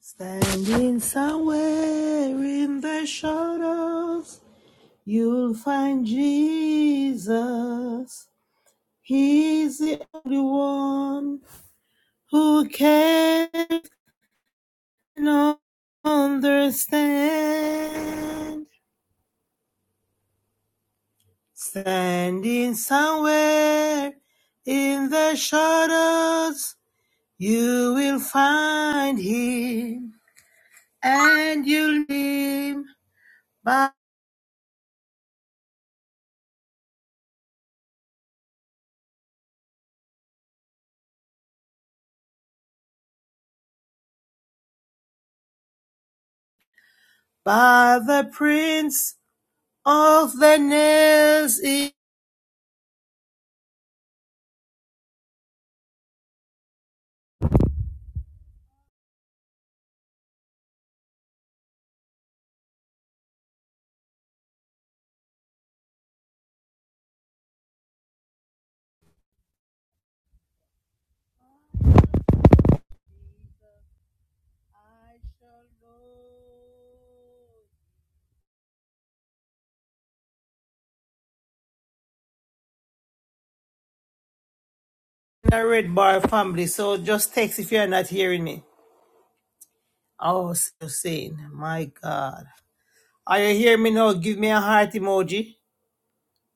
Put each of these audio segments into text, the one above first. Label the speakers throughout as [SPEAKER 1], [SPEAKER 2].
[SPEAKER 1] Standing somewhere in the shadows, you'll find Jesus. He's the only one who can understand. Standing somewhere in the shadows, you will find him and you'll meet by, by the prince of the nails in a red bar family. So just text if you're not hearing me. I was just saying, my God. Are you hearing me now? Give me a heart emoji.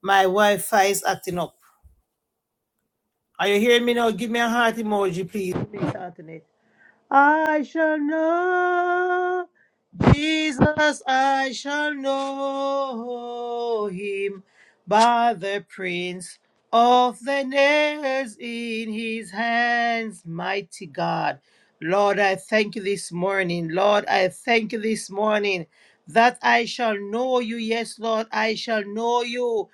[SPEAKER 1] My Wi-Fi is acting up. Are you hearing me now? Give me a heart emoji, please. Please, Anthony. I shall know Jesus, I shall know him by the prints of the nails in his hands. Mighty God, Lord, I thank you this morning. Lord, I thank you this morning that I shall know you. Yes, Lord, I shall know you.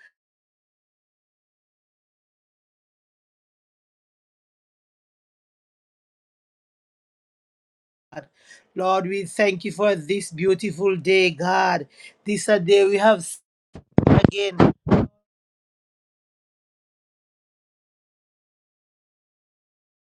[SPEAKER 1] Lord, we thank you for this beautiful day, God. This a day we have seen again.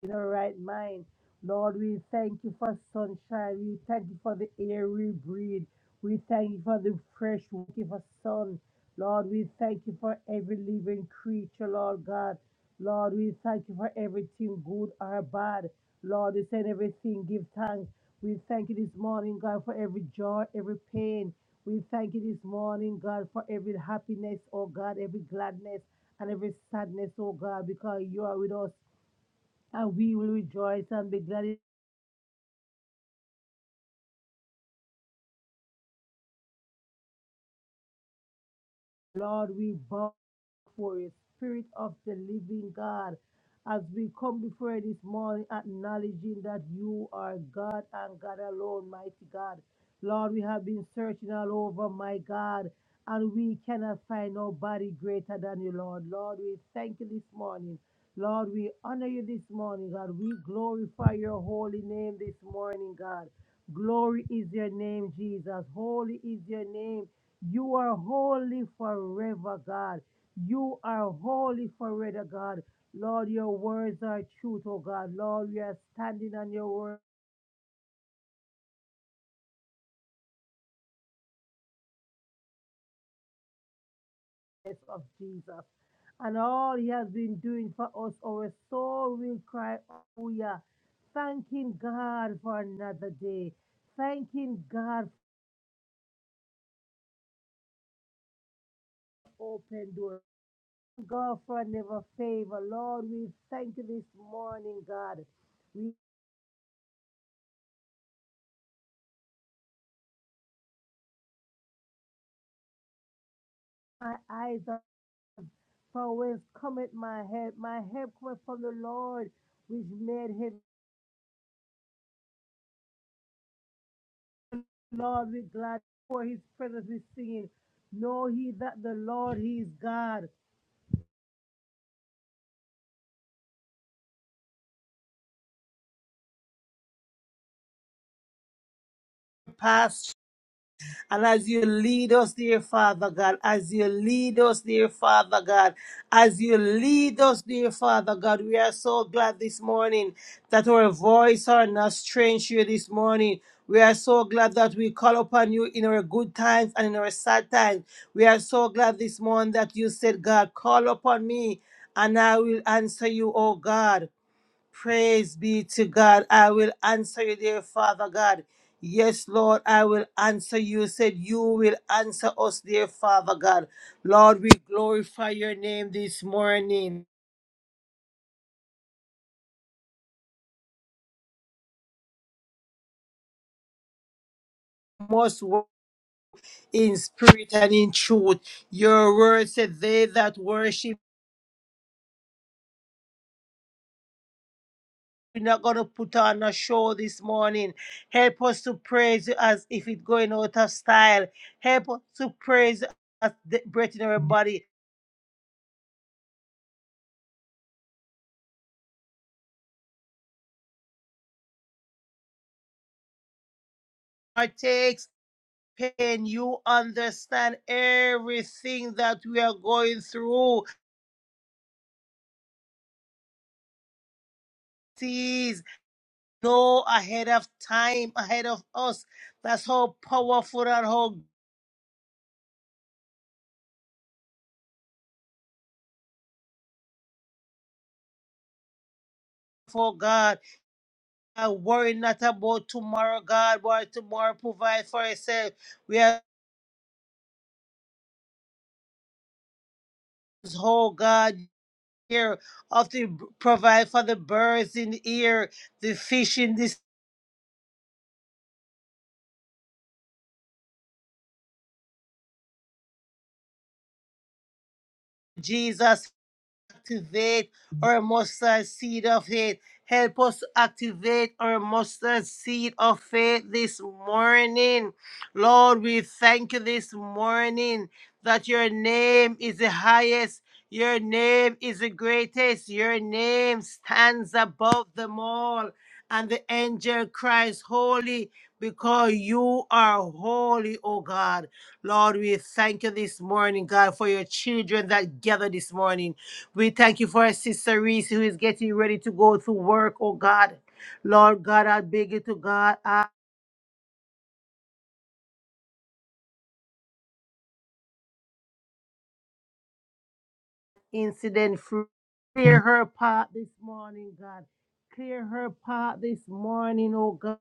[SPEAKER 1] in our right mind. Lord, we thank you for sunshine. We thank you for the air we breathe. We thank you for the fresh wind of sun. Lord, we thank you for every living creature, Lord God. Lord, we thank you for everything good or bad. Lord, we send everything, give thanks. We thank you this morning, God, for every joy, every pain. We thank you this morning, God, for every happiness, oh God, every gladness and every sadness, oh God, because you are with us and we will rejoice and be glad Lord, we bow for a spirit of the living God. As we come before you this morning, acknowledging that you are God and God alone, mighty God. Lord, we have been searching all over, my God, and we cannot find nobody greater than you, Lord. Lord, we thank you this morning. Lord, we honor you this morning, God. We glorify your holy name this morning, God. Glory is your name, Jesus. Holy is your name. You are holy forever, God. You are holy forever, God. Lord, your words are truth, oh God. Lord, we are standing on your words of Jesus. And all he has been doing for us, our soul will cry, Hallelujah. Thanking God for another day. Thanking God for open door. God for never favor. Lord, we thank you this morning, God. We my eyes are For whence cometh my help? My help cometh from the Lord, which made him Lord with glad for his presence with singing. Know ye that the Lord he is God. Past And as you lead us, dear Father God, as you lead us, dear Father God, as you lead us, dear Father God, we are so glad this morning that our voice are not strange to you this morning. We are so glad that we call upon you in our good times and in our sad times. We are so glad this morning that you said, God, call upon me and I will answer you, O God. Praise be to God. I will answer you, dear Father God. Yes, Lord, I will answer you. Said you will answer us, dear Father God. Lord, we glorify your name this morning. Most worship in spirit and in truth. Your word said, They that worship, we're not going to put on a show this morning. Help us to praise you as if it's going out of style. Help us to praise you as the breath in our body partakes pain. You understand everything that we are going through. Please know ahead of time, ahead of us. That's how powerful and how for God. I worry not about tomorrow, God, but tomorrow provide for itself. We are whole God here of the provide for the birds in the air, the fish in this Jesus activate our mustard seed of faith. Help us to activate our mustard seed of faith this morning. Lord, we thank you this morning that your name is the highest. Your name is the greatest. Your name stands above them all. And the angel cries, Holy, because you are holy, O God. Lord, we thank you this morning, God, for your children that gather this morning. We thank you for our sister Reese who is getting ready to go to work, oh God. Lord God, I beg you to God, I incident free. Clear her path this morning, God. Clear her path this morning, oh God.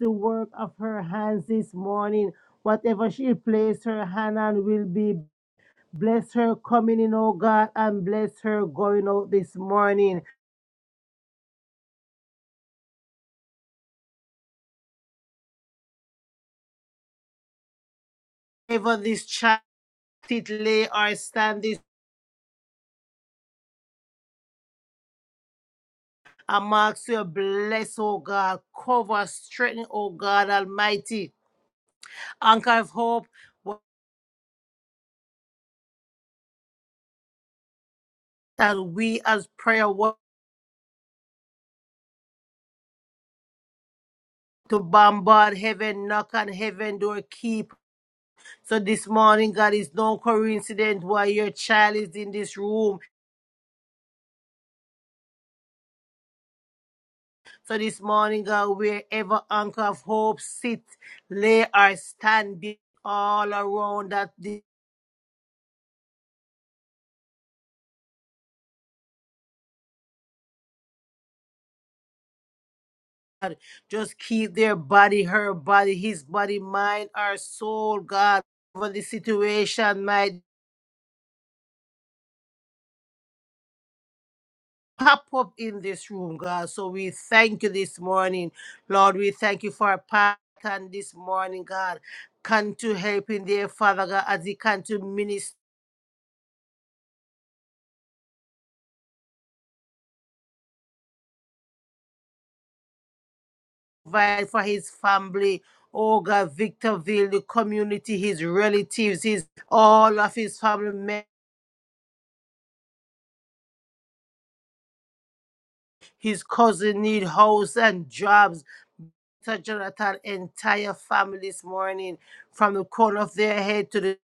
[SPEAKER 1] The work of her hands this morning. Whatever she placed her hand on will be bless her coming in, oh God, and bless her going out this morning. Even this child sit, lay or stand this. I ask you to bless, oh God, cover, strengthen, oh God Almighty. Anchor of hope that we as prayer work to bombard heaven, knock on heaven door, keep. So this morning, God, it's no coincidence why your child is in this room. So this morning, God, wherever anchor of hope sit, lay or stand, be all around that. this God. Just keep their body, her body, his body, mind, our soul, God. Whatever the situation might pop up in this room, God. So we thank you this morning, Lord. We thank you for our pattern this morning, God. Come to help in there, Father God, as he can to minister provide for his family. Oh God, Victorville, the community, his relatives, his all of his family, members, his cousin need house and jobs. Pastor Jonathan entire family this morning, from the corner of their head to the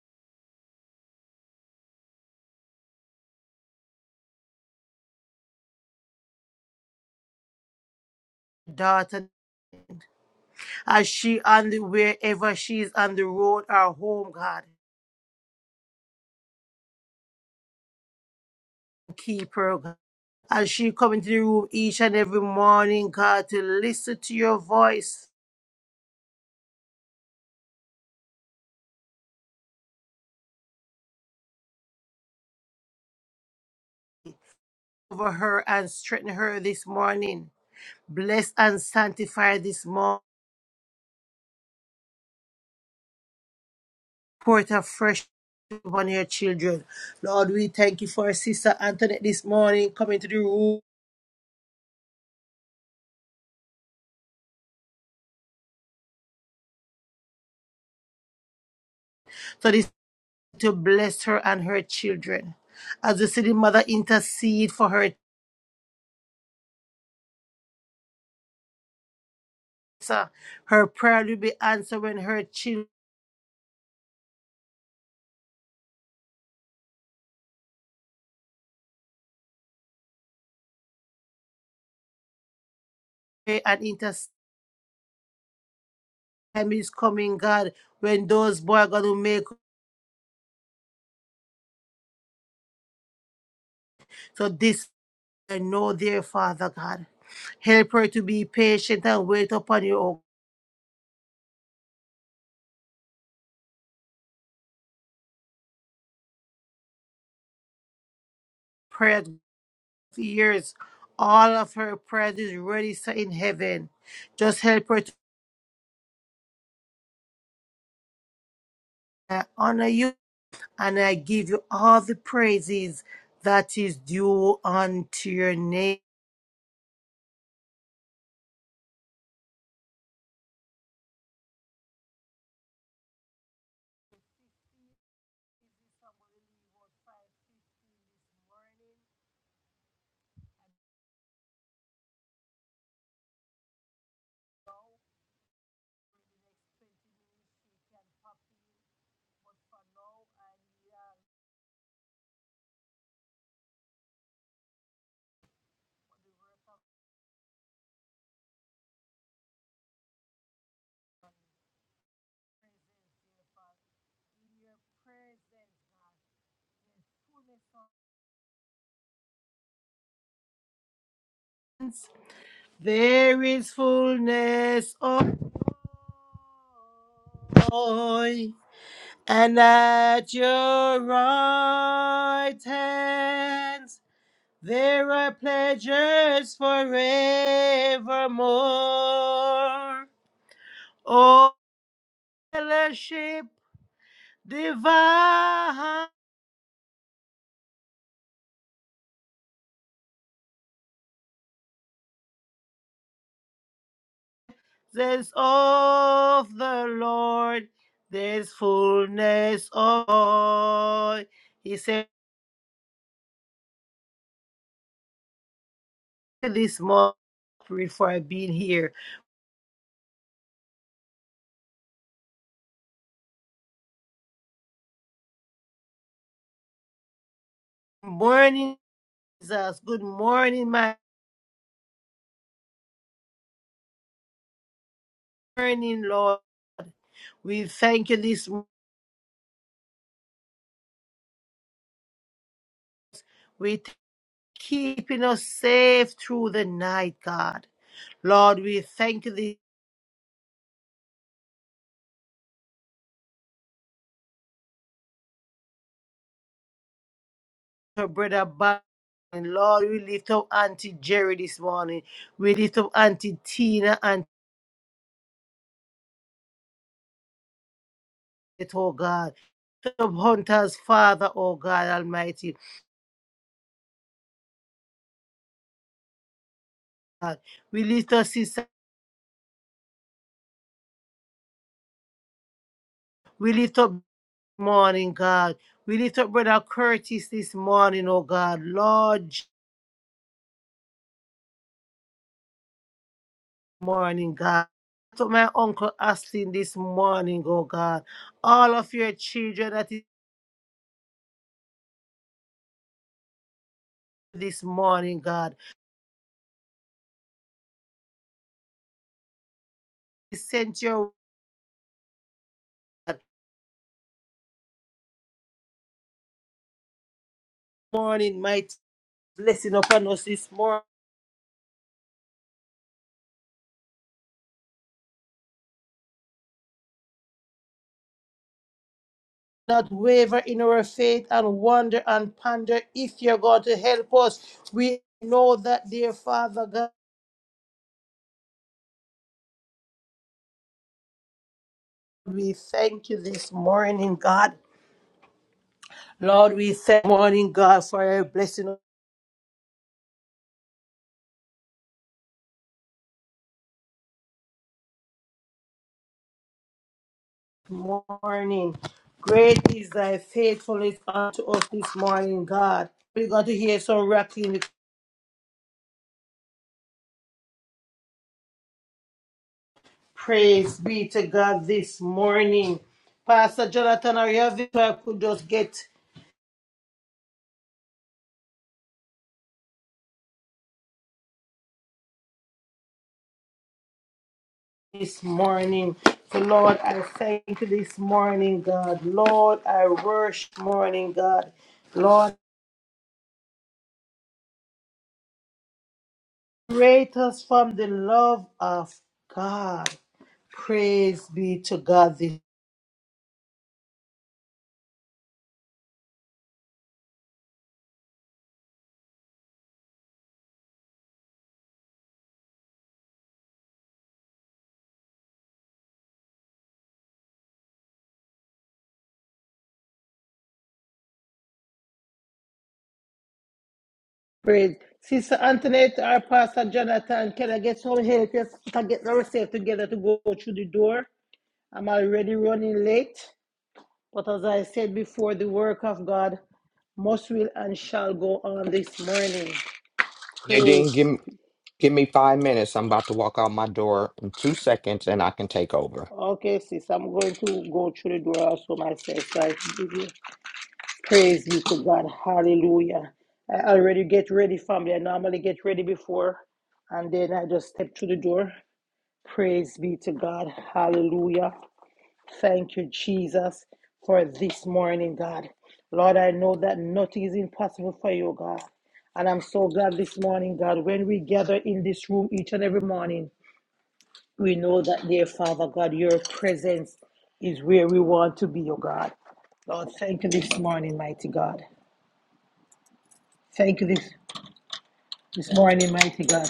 [SPEAKER 1] daughter, as she on the wherever she is on the road or home, God, keep her. God. As she come into the room each and every morning, God, to listen to your voice over her and strengthen her this morning. Bless and sanctify this morning. Pour it afresh upon your children. Lord, we thank you for Sister Antoinette this morning coming to the room. So this. to bless her and her children. As we see the mother intercede for her, daughter, her prayer will be answered when her children pray and intercede. Time is coming, God, when those boys are going to make. So this I know, dear Father God. Help her to be patient and wait upon your own prayer for years. All of her prayers is ready, sir, in heaven. Just help her to honor you and I give you all the praises that is due unto your names. There is fullness of joy, and at your right hand there are pleasures forevermore. Oh, fellowship divine. There's of the Lord, there's fullness of joy. He said this morning before I've been here. Good Morning, Jesus. Good morning, my morning, Lord. We thank you this morning. We keeping us safe through the night, God. Lord, we thank you this for brother Bob. And Lord, we lift up Auntie Jerry this morning. We lift up Auntie Tina, Auntie it, oh God. Upon us, Father, oh God Almighty, God. We lift up sister, we lift up morning, God. We lift up Brother Curtis this morning, oh God. Lord, Je- morning, God. Lift up my Uncle Austin this morning, oh God. All of your children that is this morning, God. We sent your word, morning, mighty blessing upon us this morning. not waver in our faith and wonder and ponder if you're going to help us. We know that, dear Father God, we thank you this morning, God. Lord, we thank you, morning, God, for your blessing us this morning. Great is thy faithfulness unto us this morning, God. We're going to hear some rapping. Praise be to God this morning. Pastor Jonathan, are you available? I could just get this morning. So, Lord, I thank you this morning, God. Lord, I worship morning, God. Lord, create us from the love of God. Praise be to God. This praise. Sister Antoinette our Pastor Jonathan, can I get some help? Yes, I get myself together to go through the door. I'm already running late. But as I said before, the work of God must will and shall go on this morning.
[SPEAKER 2] Nadine,
[SPEAKER 1] Praise.
[SPEAKER 2] give me, give me five minutes. I'm about to walk out my door in two seconds and I can take over.
[SPEAKER 1] Okay, sis, I'm going to go through the door also myself. So I give you praise be to God. Hallelujah. I already get ready, family. I normally get ready before, and then I just step through the door. Praise be to God. Hallelujah. Thank you, Jesus, for this morning, God. Lord, I know that nothing is impossible for you, God. And I'm so glad this morning, God, when we gather in this room each and every morning, we know that, dear Father God, your presence is where we want to be, oh God. Lord, thank you this morning, mighty God. Thank you this, this morning, mighty God.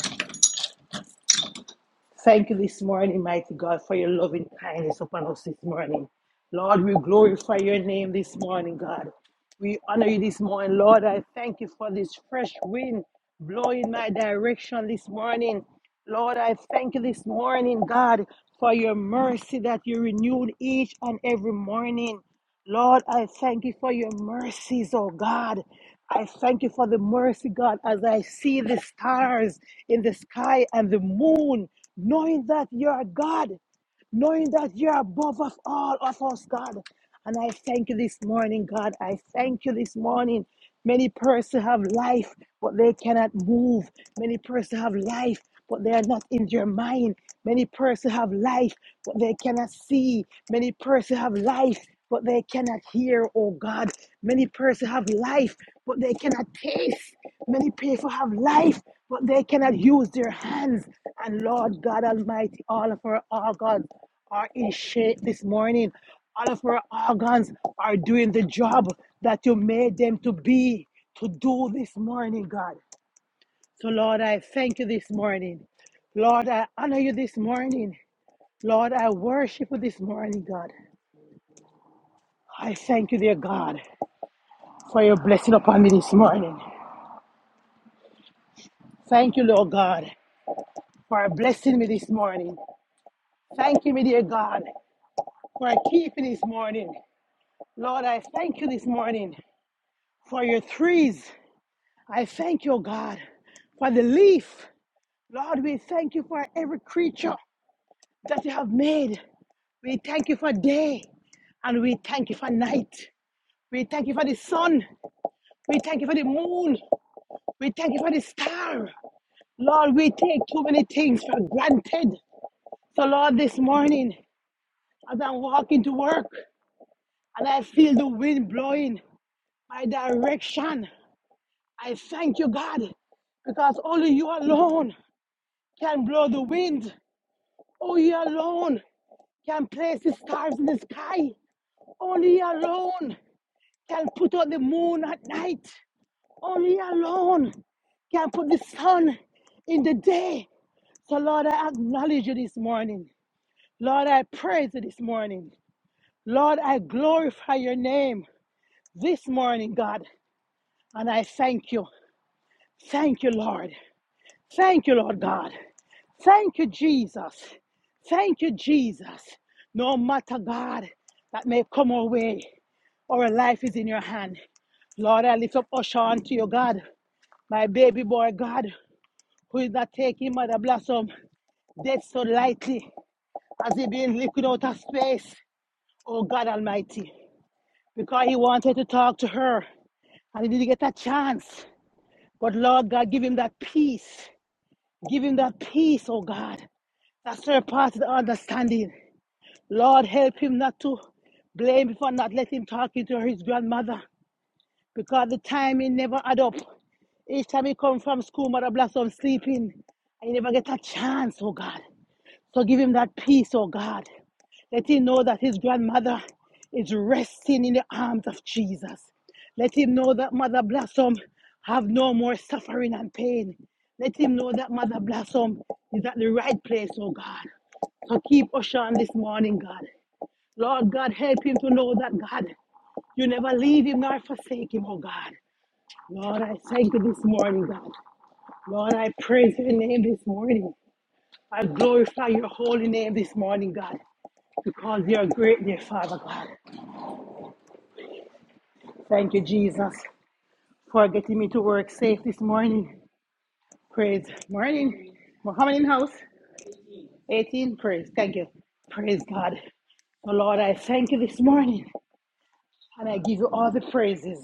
[SPEAKER 1] Thank you this morning, mighty God, for your loving kindness upon us this morning. Lord, we glorify your name this morning, God. We honor you this morning, Lord. I thank you for this fresh wind blowing my direction this morning. Lord, I thank you this morning, God, for your mercy that you renewed each and every morning. Lord, I thank you for your mercies, oh God. I thank you for the mercy, God, as I see the stars in the sky and the moon, knowing that you are God knowing that you're above of all of us, God. And I thank you this morning, God. I thank you this morning. Many persons have life, but they cannot move. Many persons have life, but they are not in your mind. Many persons have life, but they cannot see. Many persons have life, but they cannot hear, oh God. Many persons have life, but they cannot taste. Many people have life, but they cannot use their hands. And Lord God Almighty, all of our organs are in shape this morning. All of our organs are doing the job that you made them to be, to do this morning, God. So, Lord, I thank you this morning. Lord, I honor you this morning. Lord, I worship you this morning, God. I thank you, dear God, for your blessing upon me this morning. Thank you, Lord God. for blessing me this morning. Thank you, my dear God, for keeping this morning. Lord, I thank you this morning for your trees. I thank you, God, for the leaf. Lord, we thank you for every creature that you have made. We thank you for day and we thank you for night. We thank you for the sun. We thank you for the moon. We thank you for the star. Lord, we take too many things for granted. So, Lord, this morning, as I'm walking to work, and I feel the wind blowing my direction. I thank you, God, because only you alone can blow the wind. Only you alone can place the stars in the sky. Only you alone can put out the moon at night. Only you alone can put the sun in the day. So, Lord, I acknowledge you this morning. Lord, I praise you this morning. Lord, I glorify your name this morning, God, and I thank you. Thank you, Lord. Thank you, Lord God. Thank you, Jesus. Thank you, Jesus. No matter, God, that may come our way, our life is in your hand. Lord, I lift up Oshan to you, God. My baby boy, God, who is not taking Mother Blossom dead so lightly as he been liquid out of space. Oh, God Almighty. Because he wanted to talk to her and he didn't get a chance. But Lord God, give him that peace. Give him that peace, oh God. That's the part of the understanding. Lord, help him not to blame me for not letting him talk to his grandmother because the timing never add up. Each time he come from school, Mother Blossom sleeping, I never get a chance, oh God. So give him that peace, oh God. Let him know that his grandmother is resting in the arms of Jesus. Let him know that Mother Blossom have no more suffering and pain. Let him know that Mother Blossom is at the right place, oh God. So keep Oshan this morning, God. Lord God, help him to know that, God, you never leave him nor forsake him, oh God. Lord, I thank you this morning, God. Lord, I praise your name this morning. I glorify your holy name this morning, God because you're great, dear Father God. Thank you, Jesus, for getting me to work safe this morning. Praise. Morning. Muhammad in house. 18. Praise. Thank you. Praise God. So, Lord, I thank you this morning and I give you all the praises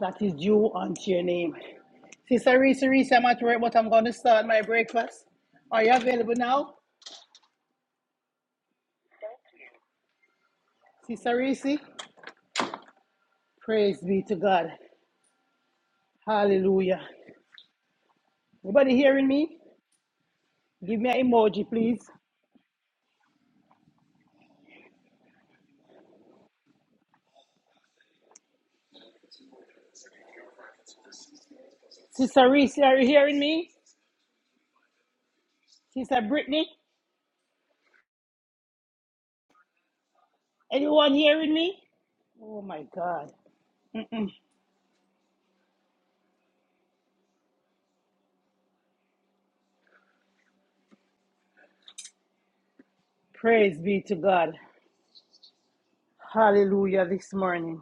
[SPEAKER 1] that is due unto your name. Sister Reese, Reese, I'm at work, but I'm going to start my breakfast. Are you available now? Sister Reese, praise be to God. Hallelujah. Everybody hearing me? Give me an emoji, please. Sister Reese, are you hearing me? Sister Brittany, anyone hearing me? Oh my God. Praise be to God. Hallelujah this morning.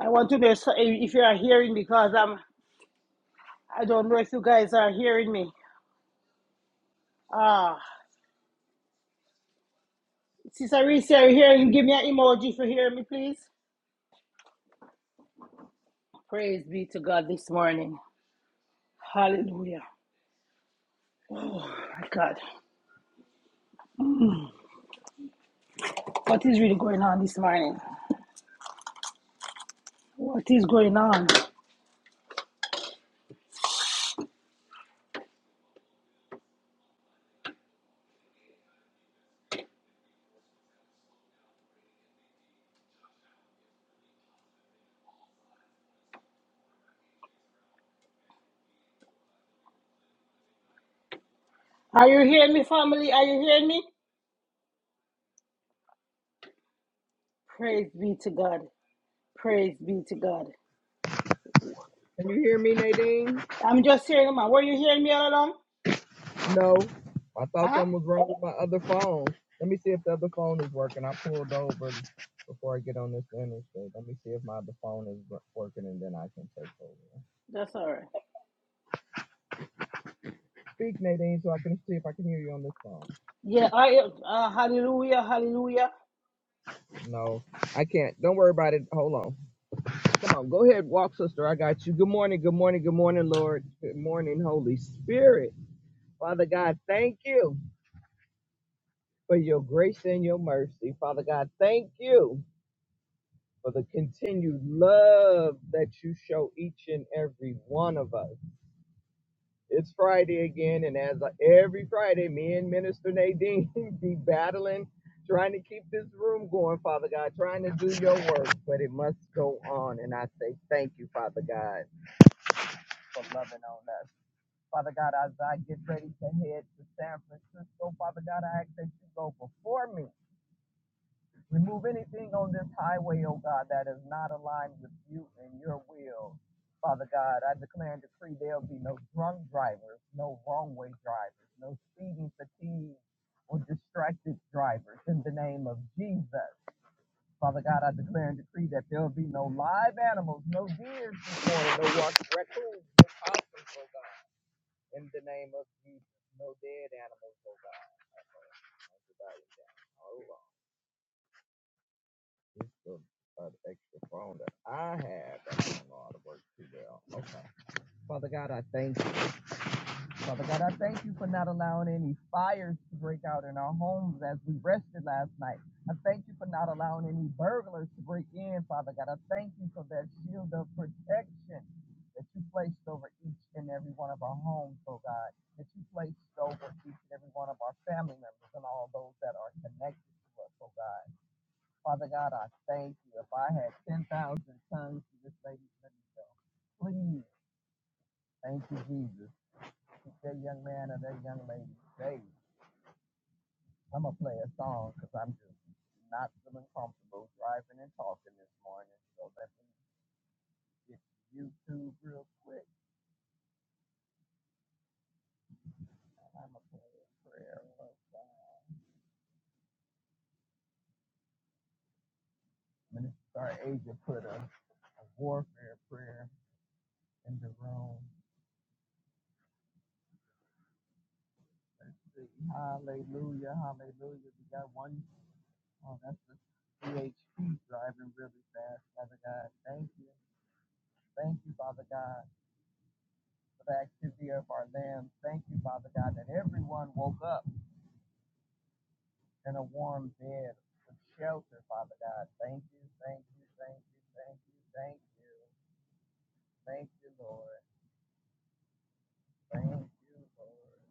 [SPEAKER 1] I want to know if if you are hearing because I'm, I don't know if you guys are hearing me. Ah, Sister Reese, are you hearing? Give me an emoji if you hear me, please. Praise be to God this morning. Hallelujah. Oh my God. What is really going on this morning? What is going on? Are you hearing me, family? Are you hearing me? Praise be to God. Praise be to God.
[SPEAKER 3] Can you hear me, Nadine?
[SPEAKER 1] I'm just hearing, man. Were you hearing me all along?
[SPEAKER 3] No. I
[SPEAKER 1] Uh
[SPEAKER 3] thought
[SPEAKER 1] huh.
[SPEAKER 3] something was wrong with my other phone. Let me see if the other phone is working. I pulled over before I get on this interstate. Let me see if my other phone is wo- working and then I can take over.
[SPEAKER 1] That's all right.
[SPEAKER 3] Speak, Nadine, so I can see if I can hear you on this phone.
[SPEAKER 1] Yeah, I uh, hallelujah, hallelujah.
[SPEAKER 3] No, I can't. Don't worry about it. Hold on. Come on. Go ahead. Walk, sister. I got you. Good morning. Good morning. Good morning, Lord. Good morning, Holy Spirit. Father God, thank you for your grace and your mercy. Father God, thank you for the continued love that you show each and every one of us. It's Friday again, and as I, every Friday, me and Minister Nadine be battling, trying to keep this room going, Father God, trying to do your work, but it must go on. And I say thank you, Father God, for loving on us. Father God, as I get ready to head to San Francisco, Father God, I ask that you go before me Remove anything on this highway, O God, that is not aligned with you and your will. Father God, I declare and decree there'll be no drunk drivers, no wrong way drivers, no speeding fatigue or distracted drivers in the name of Jesus. Father God, I declare and decree that there'll be no live animals, no deers this morning, no rock- raccoons, no possums, oh God, in the name of Jesus. No dead animals, oh God. Oh, God, I'm Oh, Lord. It's the uh, the extra phone that I have that I don't know how to work too well. Okay. Father God, I thank you. Father God, I thank you for not allowing any fires to break out in our homes as we rested last night. I thank you for not allowing any burglars to break in, Father God. I thank you for that shield of protection that you placed over each and every one of our homes, oh God, that you placed over each and every one of our family members and all those that are connected to us, oh God. Father God, I thank you. If I had 10,000 tongues to this lady's ministry, please, thank you, Jesus. Keep that young man or that young lady saved. I'm going to play a song because I'm just not feeling comfortable driving and talking this morning. So let me get YouTube real quick. I'm going to play a prayer. Lord God. Minister Asia put a, a warfare prayer in the room. Let's see. Hallelujah, hallelujah. We got one. Oh, that's the PHP driving really fast, Father God. Thank you. Thank you, Father God, for the activity of our limbs. Thank you, Father God, that everyone woke up in a warm bed with shelter, Father God. Thank you, thank you, thank you, thank you, thank you. Thank you, Lord. Thank you, Lord.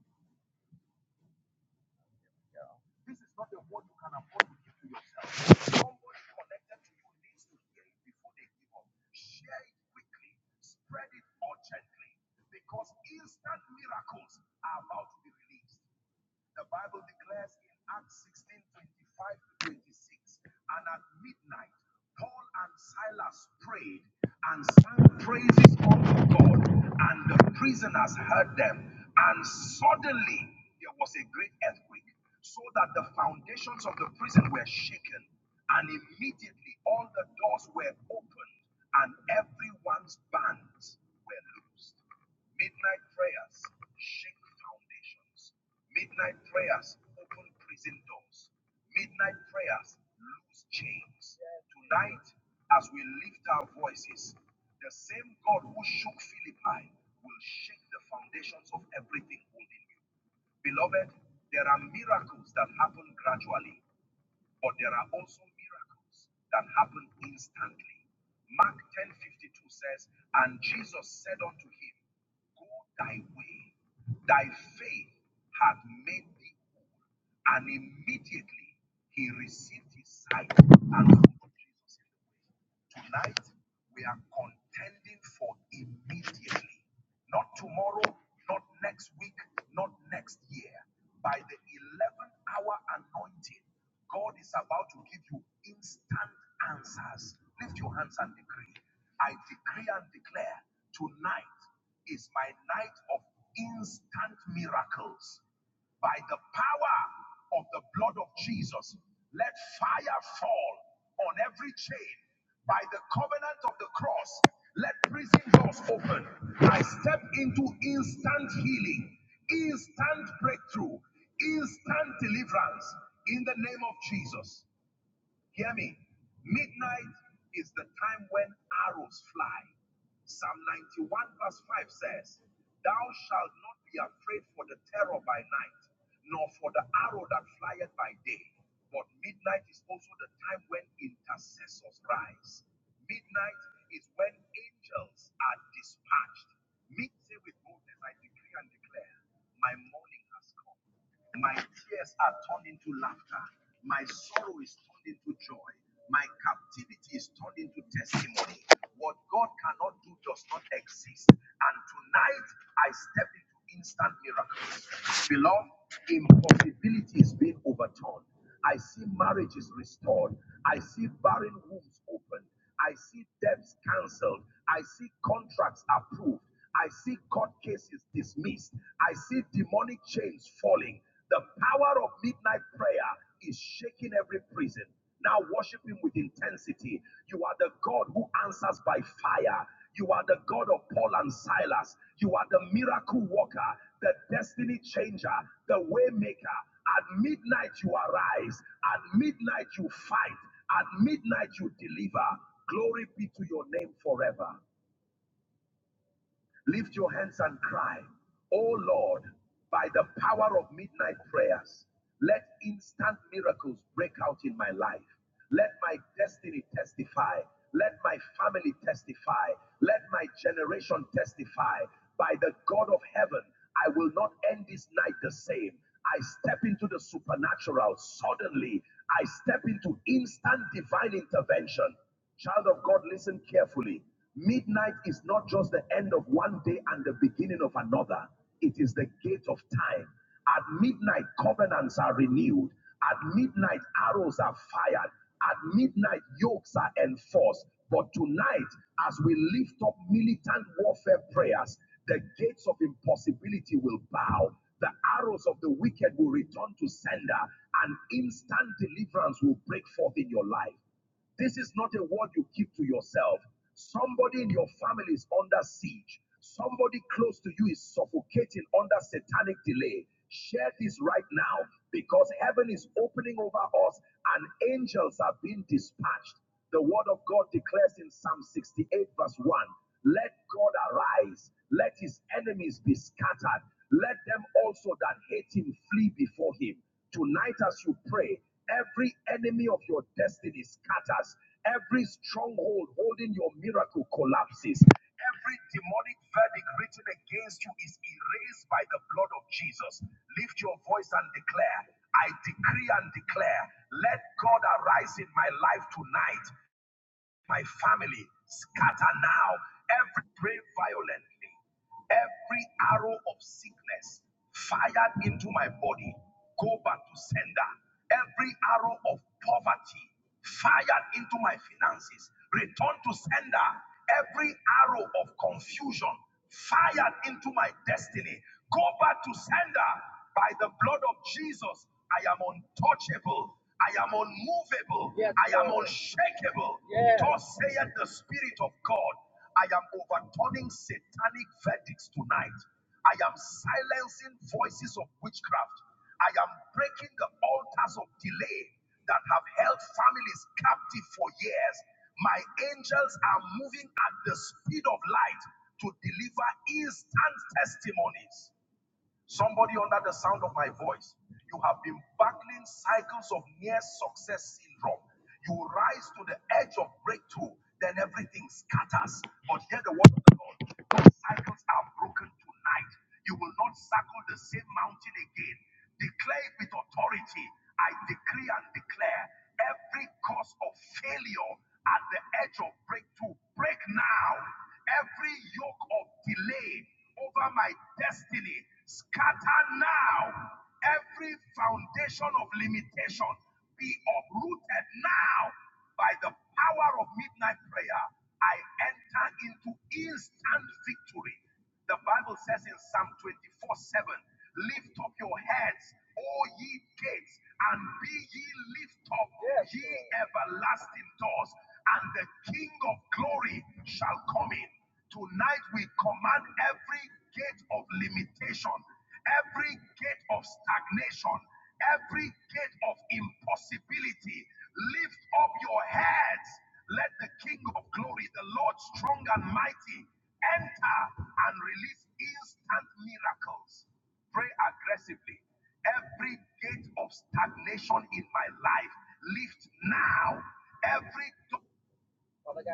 [SPEAKER 3] Father,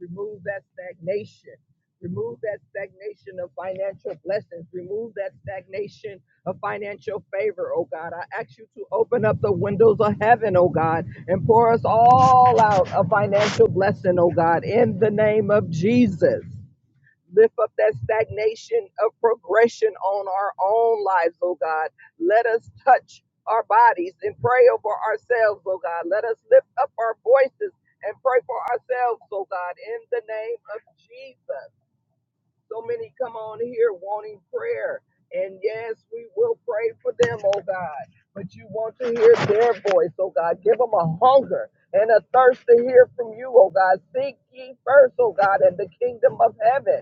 [SPEAKER 3] remove that stagnation, remove that stagnation of financial blessings, remove that stagnation of financial favor, oh God. I ask you to open up the windows of heaven, oh God, and pour us all out a financial blessing, oh God, in the name of Jesus. Lift up that stagnation of progression on our own lives, oh God. Let us touch our bodies and pray over ourselves, oh God. Let us lift up our voices and pray for ourselves, oh God, in the name of Jesus. So many come on here wanting prayer. And yes, we will pray for them, oh God. But you want to hear their voice, oh God. Give them a hunger and a thirst to hear from you, oh God. Seek ye first, oh God, and the kingdom of heaven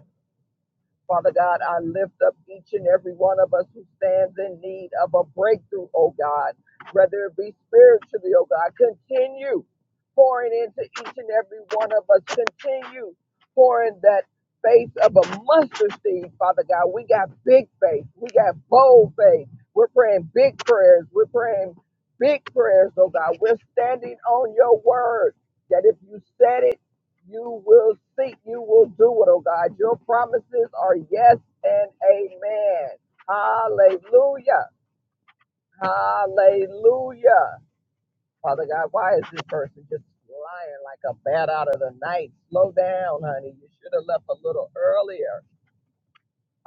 [SPEAKER 3] Father God, I lift up each and every one of us who stands in need of a breakthrough, oh God, whether it be spiritually, oh God. Continue pouring into each and every one of us. Continue pouring that faith of a mustard seed, Father God. We got big faith. We got bold faith. We're praying big prayers. We're praying big prayers, oh God. We're standing on your word that if you said it, you will see. You will do it, oh God. Your promises are yes and amen. Hallelujah. Hallelujah. Father God, why is this person just lying like a bat out of the night? Slow down, honey. You should have left a little earlier.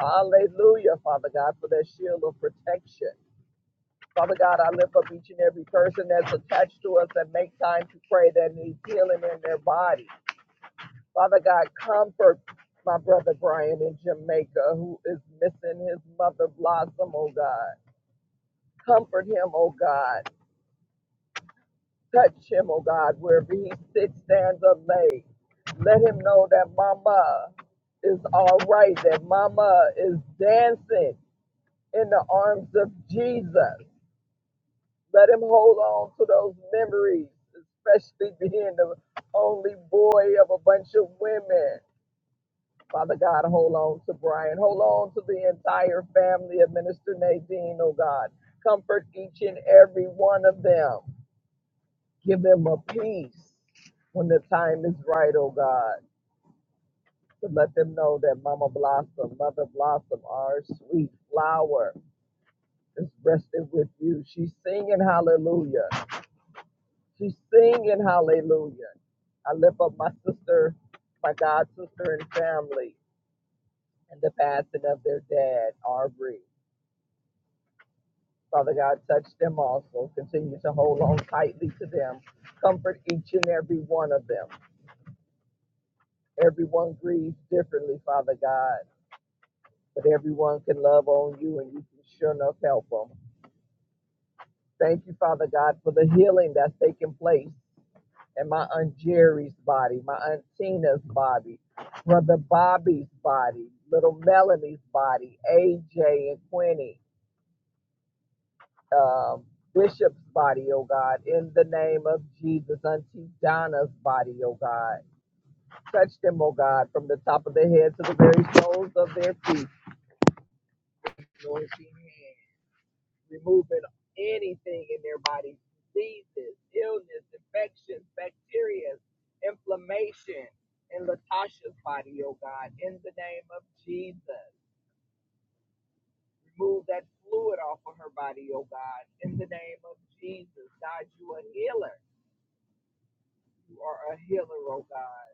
[SPEAKER 3] Hallelujah, Father God, for that shield of protection. Father God, I lift up each and every person that's attached to us that make time to pray that needs healing in their body. Father God, comfort my brother Brian in Jamaica who is missing his mother Blossom, oh God. Comfort him, oh God. Touch him, oh God, wherever he sits, stands, or lays. Let him know that Mama is all right, that Mama is dancing in the arms of Jesus. Let him hold on to those memories, especially being the only boy of a bunch of women. Father God, hold on to Brian. Hold on to the entire family of Minister Nadine, oh God. Comfort each and every one of them. Give them a peace when the time is right, oh God. To let them know that Mama Blossom, Mother Blossom, our sweet flower, is resting with you. She's singing hallelujah. She's singing hallelujah. I lift up my sister, my God sister and family, and the passing of their dad, Aubrey. Father God, touch them also. Continue to hold on tightly to them. Comfort each and every one of them. Everyone grieves differently, Father God, but everyone can love on you and you can sure enough help them. Thank you, Father God, for the healing that's taking place in my Aunt Jerry's body, my Aunt Tina's body, Brother Bobby's body, little Melanie's body, AJ and Quinny. um, Bishop's body, oh God, in the name of Jesus, unto Donna's body, oh God. Touch them, oh God, from the top of their head to the very soles of their feet. Anoint your hand, removing anything in their body, diseases, illness, infections, bacteria, inflammation in Latasha's body, oh God, in the name of Jesus. Remove that fluid off of her body, oh God, in the name of Jesus. God, you a healer You are a healer, oh God.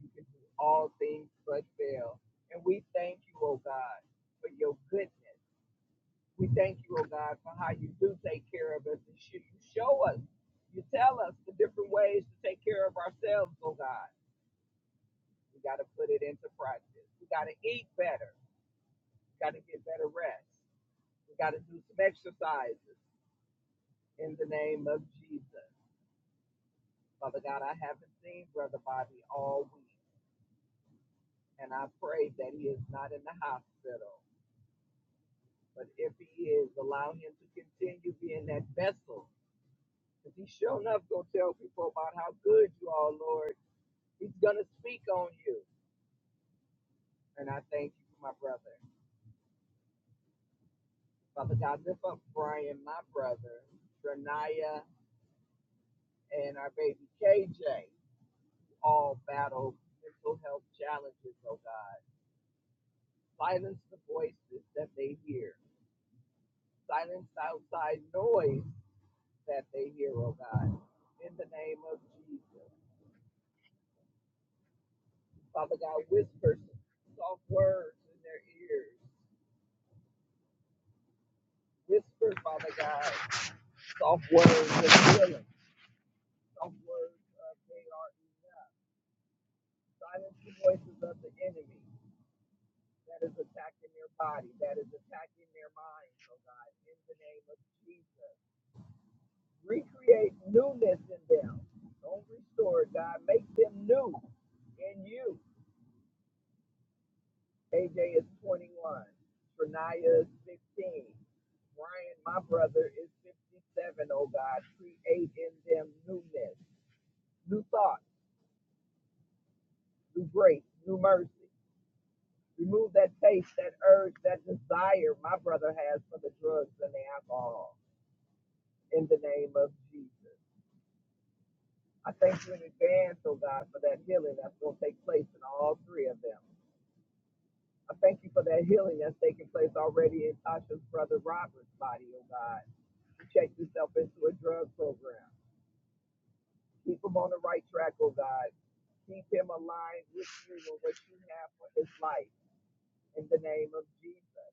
[SPEAKER 3] You can do all things but fail. And we thank you, oh God, for your goodness. We thank you, oh God, for how you do take care of us and sh- you show us. You tell us the different ways to take care of ourselves, oh God. We got to put it into practice. We got to eat better. We got to get better rest. We got to do some exercises in the name of Jesus. Father God, I haven't seen Brother Bobby all week, and I pray that he is not in the hospital. But if he is, allow him to continue being that vessel. Because he's sure enough gonna tell people about how good you are, Lord. He's gonna speak on you. And I thank you for my brother. Father God, lift up Brian, my brother, Shania, and our baby KJ, who all battle mental health challenges, oh God. Silence the voices that they hear. Silence outside noise that they hear, oh God. In the name of Jesus. Father God, whisper soft words in their ears. Whisper, Father God, soft words of healing, soft words of they are enough. Silence the voices of the enemy that is attacking their body, that is attacking their minds, oh God, in the name of Jesus. Recreate newness in them. Don't restore, it, God. Make them new in you. AJ is 21. Shania is 15. Brian, my brother, is 57. Oh God, create in them newness, new thoughts, new grace, new mercy. Remove that taste, that urge, that desire my brother has for the drugs and the alcohol in the name of Jesus. I thank you in advance, oh God, for that healing that's going to take place in all three of them. I thank you for that healing that's taking place already in Tasha's brother Robert's body, oh God. Check yourself into a drug program. Keep him on the right track, oh God. Keep him aligned with you and what you have for his life in the name of Jesus.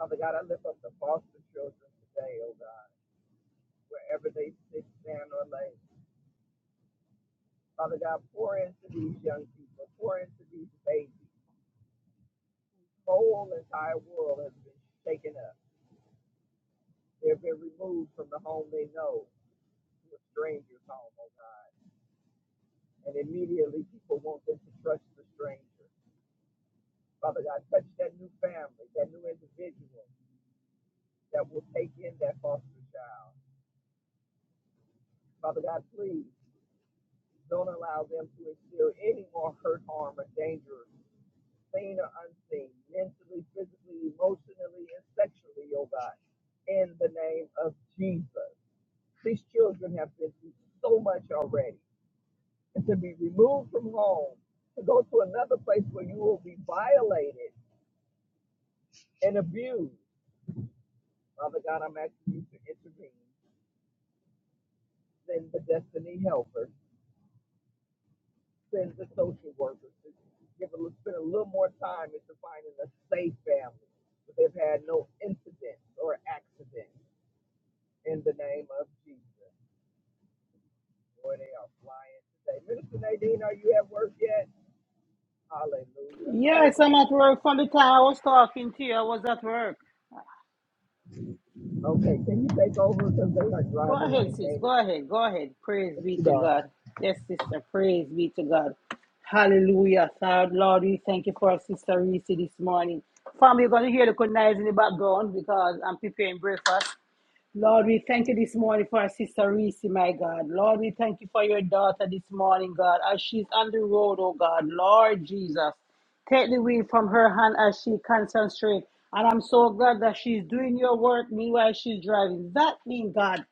[SPEAKER 3] Father God, I lift up the foster children today, oh God, wherever they sit, stand, or lay. Father God, pour into these young people, pour into these babies. The whole entire world has been shaken up. They've been removed from the home they know to a stranger's home, oh God. And immediately people want them to trust the stranger. Father God, touch that new family, that new individual that will take in that foster child. Father God, please don't allow them to instill any more hurt, harm, or danger, seen or unseen, mentally, physically, emotionally, and sexually, oh God, in the name of Jesus. These children have been through so much already. and to be removed from home, to go to another place where you will be violated and abused. Father God, I'm asking you to intervene. Send the destiny helpers, send the social workers to give a, spend a little more time into finding a safe family where they've had no incidents or accidents in the name of Jesus. Boy, they are flying today. Minister Nadine, are you at work yet? Hallelujah.
[SPEAKER 1] Yes, I'm
[SPEAKER 3] Hallelujah.
[SPEAKER 1] at work from the time I was talking to you. I was at work.
[SPEAKER 3] Okay, can you take over because they are
[SPEAKER 1] Go
[SPEAKER 3] driving like
[SPEAKER 1] ahead, sis.
[SPEAKER 3] maniacs.
[SPEAKER 1] Go ahead. Go ahead. Praise
[SPEAKER 3] Thank
[SPEAKER 1] be
[SPEAKER 3] you,
[SPEAKER 1] to
[SPEAKER 3] darling.
[SPEAKER 1] God. Yes, sister. Praise be to God. Hallelujah. Third Lord, we thank you for our sister Reese this morning. Family, you're going to hear the good noise in the background because I'm preparing breakfast. Lord, we thank you this morning for our sister Reese, my God. Lord, we thank you for your daughter this morning, God, as she's on the road, oh God. Lord Jesus, take the wheel from her hand as she concentrates. And I'm so glad that she's doing your work meanwhile she's driving. That means, God.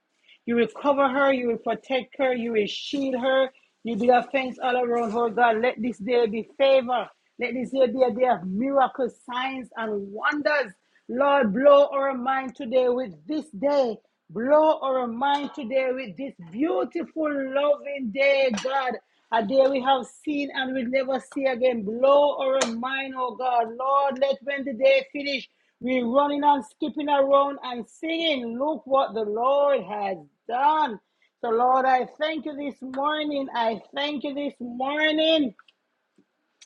[SPEAKER 1] You will cover her, you will protect her, you will shield her, you will be of thanks all around her, God. Let this day be favor. Let this day be a day of miracles, signs, and wonders. Lord, blow our mind today with this day. Blow our mind today with this beautiful, loving day, God. A day we have seen and will never see again. Blow our mind, oh God. Lord, let when the day finish, we're running and skipping around and singing. Look what the Lord has done. So, Lord, I thank you this morning. I thank you this morning.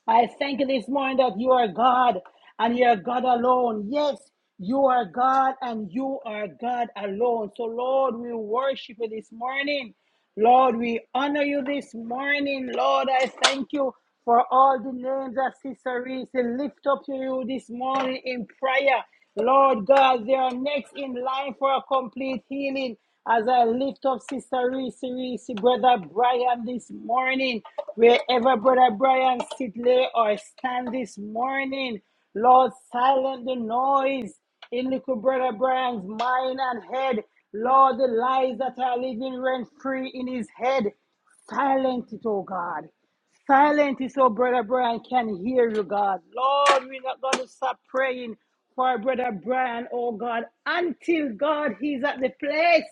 [SPEAKER 1] I thank you this morning that you are God and you are God alone. Yes, you are God and you are God alone. So, Lord, we worship you this morning. Lord, we honor you this morning. Lord, I thank you for all the names that Sister Reese lift up to you this morning in prayer. Lord God, they are next in line for a complete healing. As I lift up Sister Reese, Reese, Brother Brian this morning, wherever Brother Brian sit, lay, or stand this morning, Lord, silence the noise in little Brother Brian's mind and head. Lord, the lies that are living rent free in his head, silence it, oh God. Silent is so Brother Brian can hear you, God. Lord, we're not going to stop praying for Brother Brian, oh God, until God he's at the place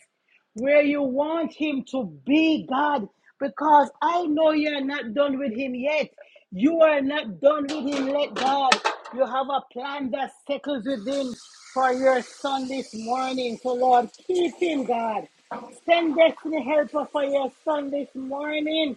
[SPEAKER 1] where you want him to be, God, because I know you're not done with him yet. You are not done with him yet, God. You have a plan that settles with Him for your son this morning. So, Lord, keep him, God. Send destiny helper for your son this morning.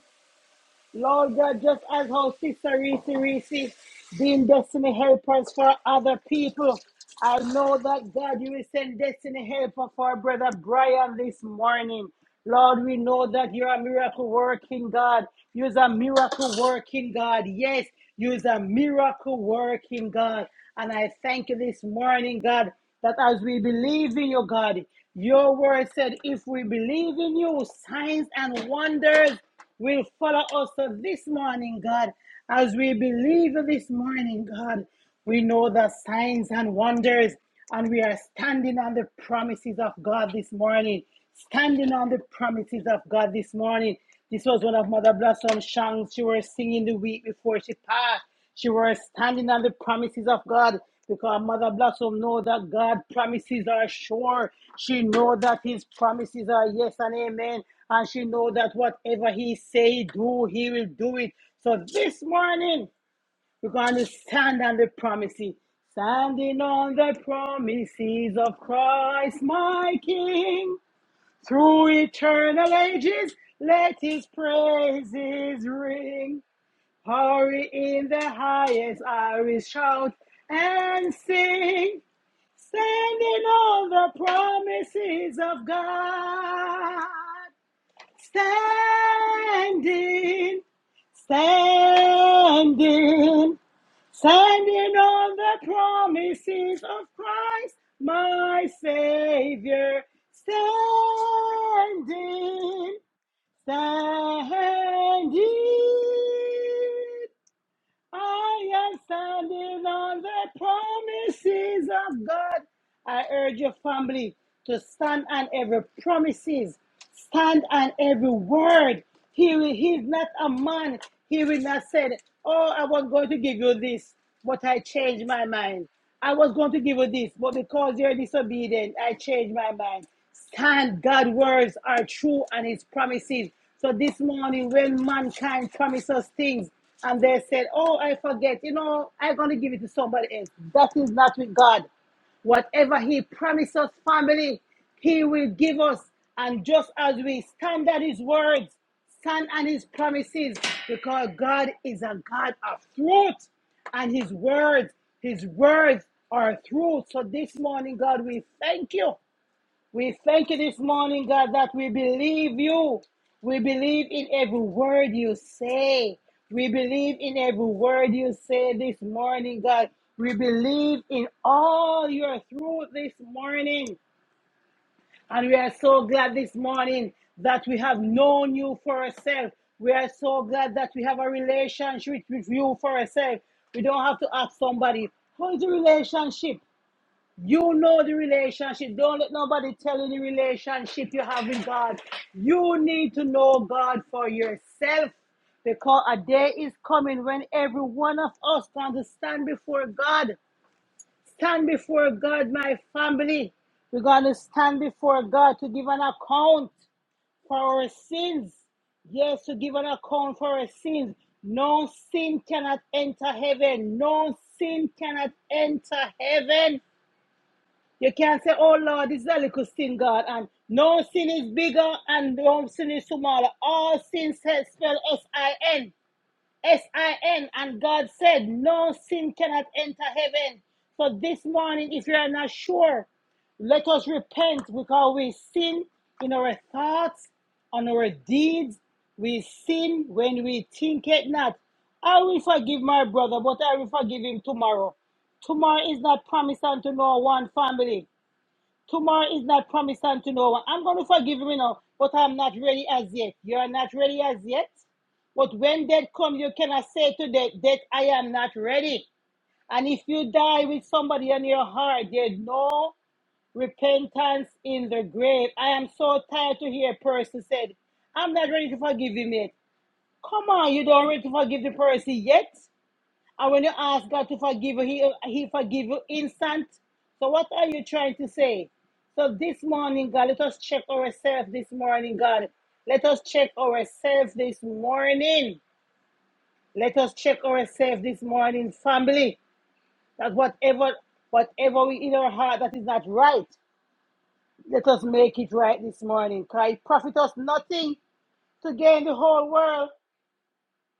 [SPEAKER 1] Lord God, just as how Sister Reese Reese being destiny helpers for other people, I know that God, you will send destiny helper for our brother Brian this morning. Lord, we know that you're a miracle working God. You're a miracle working God. Yes, you're a miracle working God. And I thank you this morning, God, that as we believe in you, God, your word said, if we believe in you, signs and wonders will follow us So this morning, God. As we believe this morning, God, we know the signs and wonders, and we are standing on the promises of God this morning. Standing on the promises of God this morning. This was one of Mother Blossom's songs she was singing the week before she passed. She was standing on the promises of God because Mother Blossom know that God promises are sure. She know that His promises are yes and amen, and she know that whatever He say do, He will do it. So this morning we're going to stand on the promises, standing on the promises of Christ, my King, through eternal ages. Let His praises ring. Glory in the highest, I will shout and sing, standing on the promises of God. Standing, standing, standing on the promises of Christ, my Savior. Standing, standing. I am standing on the promises of God. I urge your family to stand on every promises, stand on every word. He will, he's not a man. He will not say, "Oh, I was going to give you this, but I changed my mind. I was going to give you this, but because you're disobedient, I changed my mind." Stand. God's words are true, and His promises. So this morning, when mankind promises things, and they said, "Oh, I forget," you know, I'm going to give it to somebody else. That is not with God. Whatever He promised us, family, He will give us. And just as we stand at His words, stand on His promises, because God is a God of truth, and His words, His words are truth. So this morning, God, we thank you. We thank you this morning, God, that we believe you. We believe in every word you say. We believe in every word you say this morning, God. We believe in all your truth this morning. And we are so glad this morning that we have known you for ourselves. We are so glad that we have a relationship with you for ourselves. We don't have to ask somebody, how is the relationship? You know the relationship. Don't let nobody tell you the relationship you have with God. You need to know God for yourself because a day is coming when every one of us going to stand before God. Stand before God, my family. We're going to stand before God to give an account for our sins. Yes, to give an account for our sins. No sin cannot enter heaven. No sin cannot enter heaven. You can't say, oh Lord, this is a little sin, God, and no sin is bigger and no sin is smaller. All sins spell spelled S-I-N, S-I-N, and God said, no sin cannot enter heaven. So this morning, if you are not sure, let us repent because we sin in our thoughts, on our deeds. We sin when we think it not. I will forgive my brother, but I will forgive him tomorrow. Tomorrow is not promised unto no one family. Tomorrow is not promised unto no one. I'm going to forgive you now, but I'm not ready as yet. You are not ready as yet. But when death comes, you cannot say to death, death, I am not ready. And if you die with somebody on your heart, there's no repentance in the grave. I am so tired to hear a person said, I'm not ready to forgive him yet. Come on, you don't ready to forgive the person yet. And when you ask God to forgive you, He He forgive you instant. So what are you trying to say? So this morning, God, let us check ourselves this morning, God. Let us check ourselves this morning. Let us check ourselves this morning, family. That whatever whatever we in our heart that is not right, let us make it right this morning. Cause it profit us nothing to gain the whole world.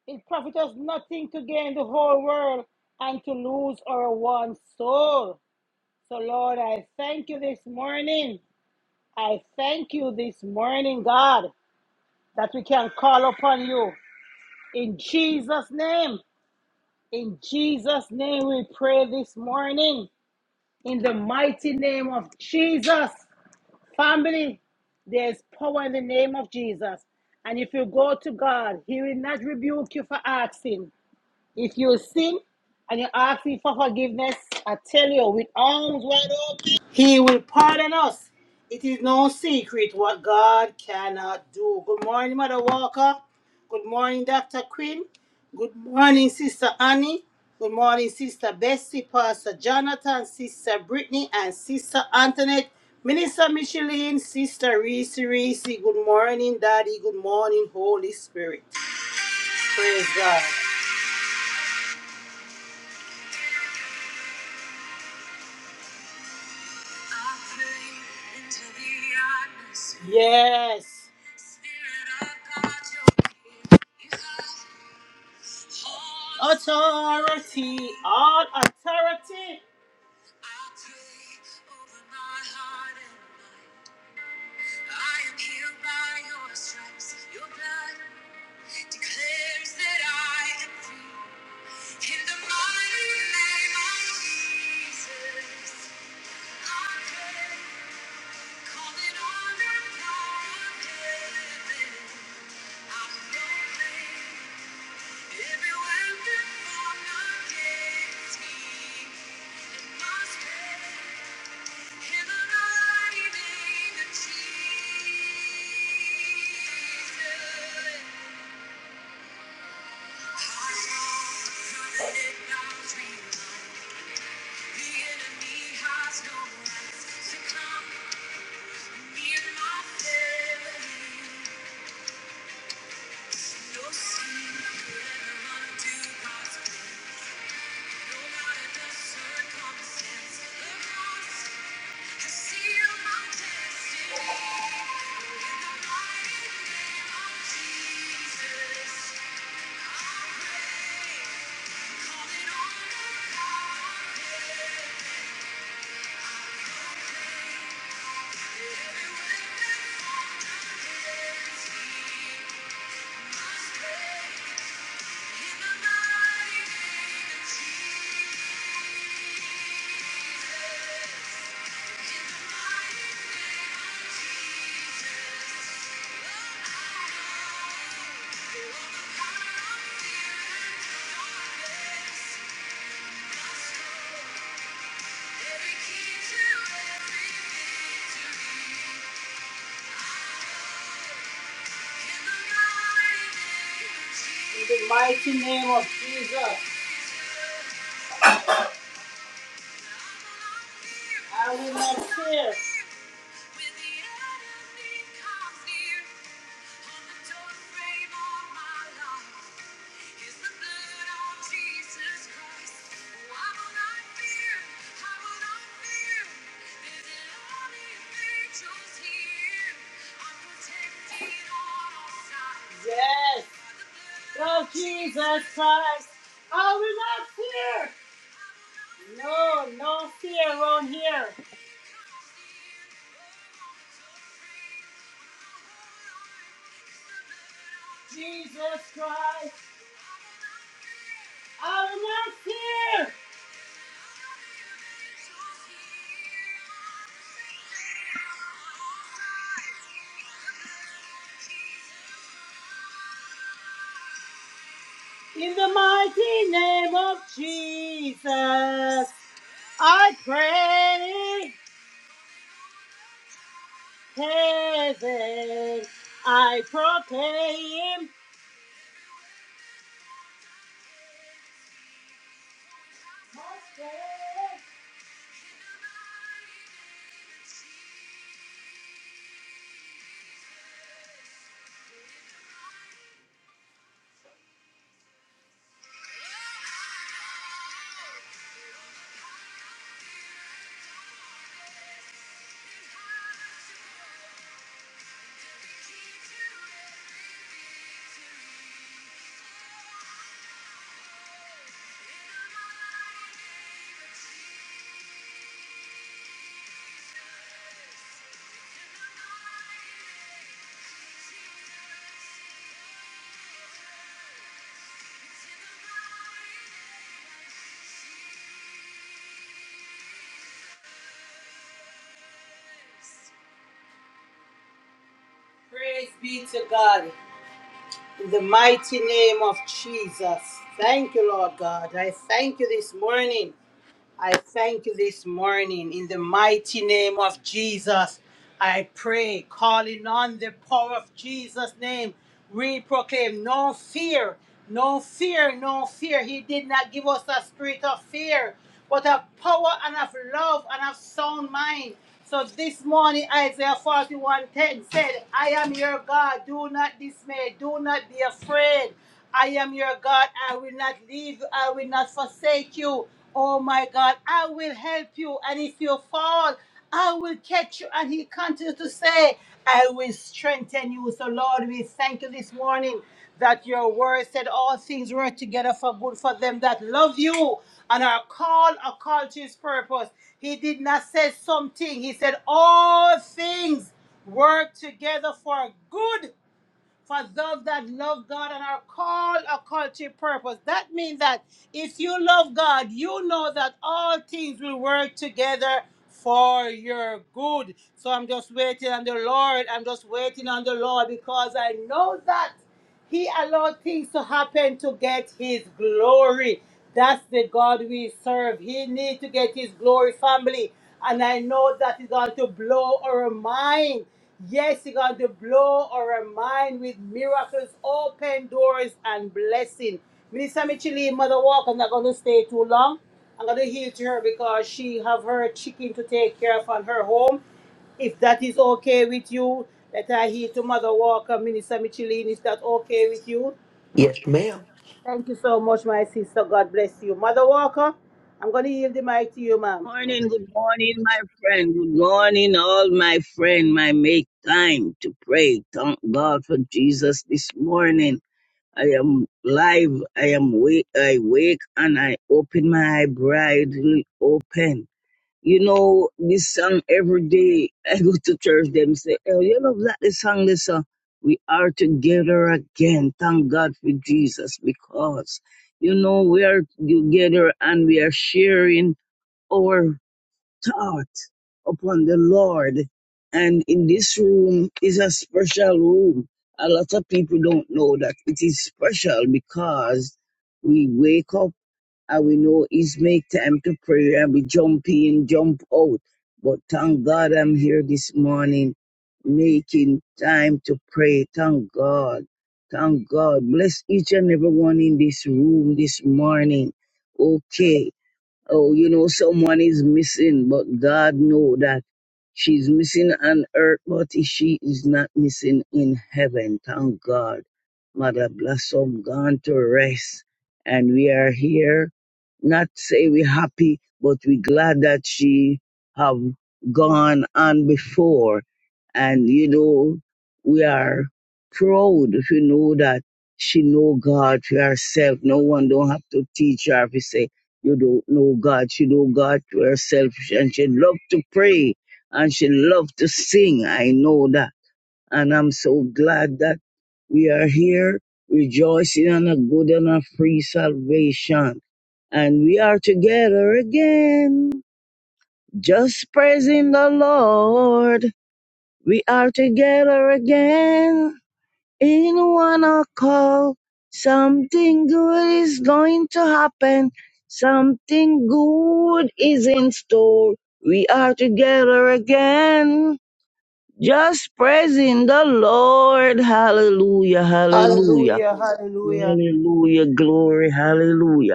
[SPEAKER 1] It profit us nothing to gain the whole world and to lose our one soul. So, Lord, I thank you this morning. I thank you this morning, God, that we can call upon you. In Jesus' name, in Jesus' name, we pray this morning. In the mighty name of Jesus, family, there's power in the name of Jesus. And if you go to God, He will not rebuke you for asking. If you sin and you ask him for forgiveness, I tell you, with arms wide open, he will pardon us. It is no secret what God cannot do. Good morning, Mother Walker. Good morning, Dr. Quinn. Good morning, Sister Annie. Good morning, Sister Bessie, Pastor Jonathan, Sister Brittany, and Sister Antoinette. Minister Micheline, Sister Reese Reese. Good morning, Daddy. Good morning, Holy Spirit. Praise God. Yes. Authority, all authority. Has no right to come near my family. Everywhere that fall down, must you. In the mighty name of Jesus. I will not fear. Yes. Oh, Jesus Christ. I will not fear. No, no fear around here. Jesus Christ, I will not fear. In the mighty name of Jesus, I pray. heaven, I proclaim. Praise be to God in the mighty name of Jesus. Thank you, Lord God. I thank you this morning. I thank you this morning in the mighty name of Jesus. I pray, calling on the power of Jesus' name, we proclaim no fear, no fear, no fear. He did not give us a spirit of fear, but of power and of love and of sound mind. So this morning, Isaiah 41:10 said, I am your God, do not dismay, do not be afraid. I am your God, I will not leave you, I will not forsake you. Oh my God, I will help you, and if you fall, I will catch you. And he continues to say, I will strengthen you. So, Lord, we thank you this morning that your word said all things work together for good for them that love you and are called according to his purpose. He did not say something, he said all things work together for good for those that love God and are called according to his purpose. That means that if you love God, you know that all things will work together for your good. So I'm just waiting on the Lord. I'm just waiting on the Lord because I know that. He allowed things to happen to get his glory. That's the God we serve. He needs to get his glory, family. And I know that is going to blow our mind. Yes, it's going to blow our mind with miracles, open doors, and blessing. Minister Michele, Mother Walk, I'm not going to stay too long. I'm going to heal to her because she have her chicken to take care of on her home. If that is okay with you, let I hear to Mother Walker, Minister Michelin. Is that okay with you?
[SPEAKER 4] Yes, ma'am.
[SPEAKER 1] Thank you so much, my sister. God bless you. Mother Walker, I'm going to yield the mic to you, ma'am.
[SPEAKER 5] morning, good morning, my friend. Good morning, all my friend. My make time to pray. Thank God for Jesus this morning. I am live. I am wake. I wake and I open my eye brightly open. You know this song every day. I go to church. Them say, "Oh, you love that the song, this song." We are together again. Thank God for Jesus because you know we are together and we are sharing. our thought upon the Lord. And in this room is a special room. A lot of people don't know that it is special because we wake up and we know it's make time to pray and we jump in, jump out. But thank God I'm here this morning making time to pray. Thank God. Thank God. Bless each and every one in this room this morning. Okay. Oh, you know, someone is missing, but God know that she's missing on earth, but she is not missing in heaven. Thank God. Mother Blossom gone to rest. And we are here, not say we happy, but we glad that she have gone on before. And, you know, we are proud if you know that she know God for herself. No one don't have to teach her if you say, you don't know God. She know God to herself. And she loved to pray. And she loved to sing. I know that. And I'm so glad that we are here rejoicing on a good and a free salvation. And we are together again. Just praising the Lord. We are together again in one o'clock, something good is going to happen. Something good is in store. We are together again. Just praising the Lord. Hallelujah, hallelujah.
[SPEAKER 1] Hallelujah, hallelujah.
[SPEAKER 5] Hallelujah, glory, hallelujah.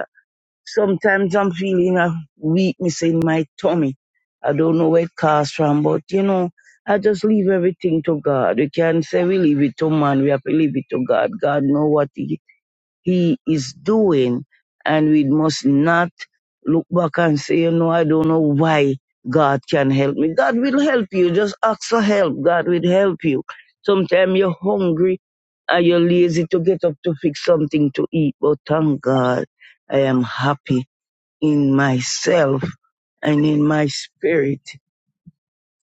[SPEAKER 5] Sometimes I'm feeling a weakness in my tummy. I don't know where it comes from, but you know, I just leave everything to God. We can not say we leave it to man, we have to leave it to God. God knows what he, he is doing, and we must not look back and say, you know, I don't know why God can help me. God will help you. Just ask for help. God will help you. Sometimes you're hungry and you're lazy to get up to fix something to eat, but thank God I am happy in myself and in my spirit.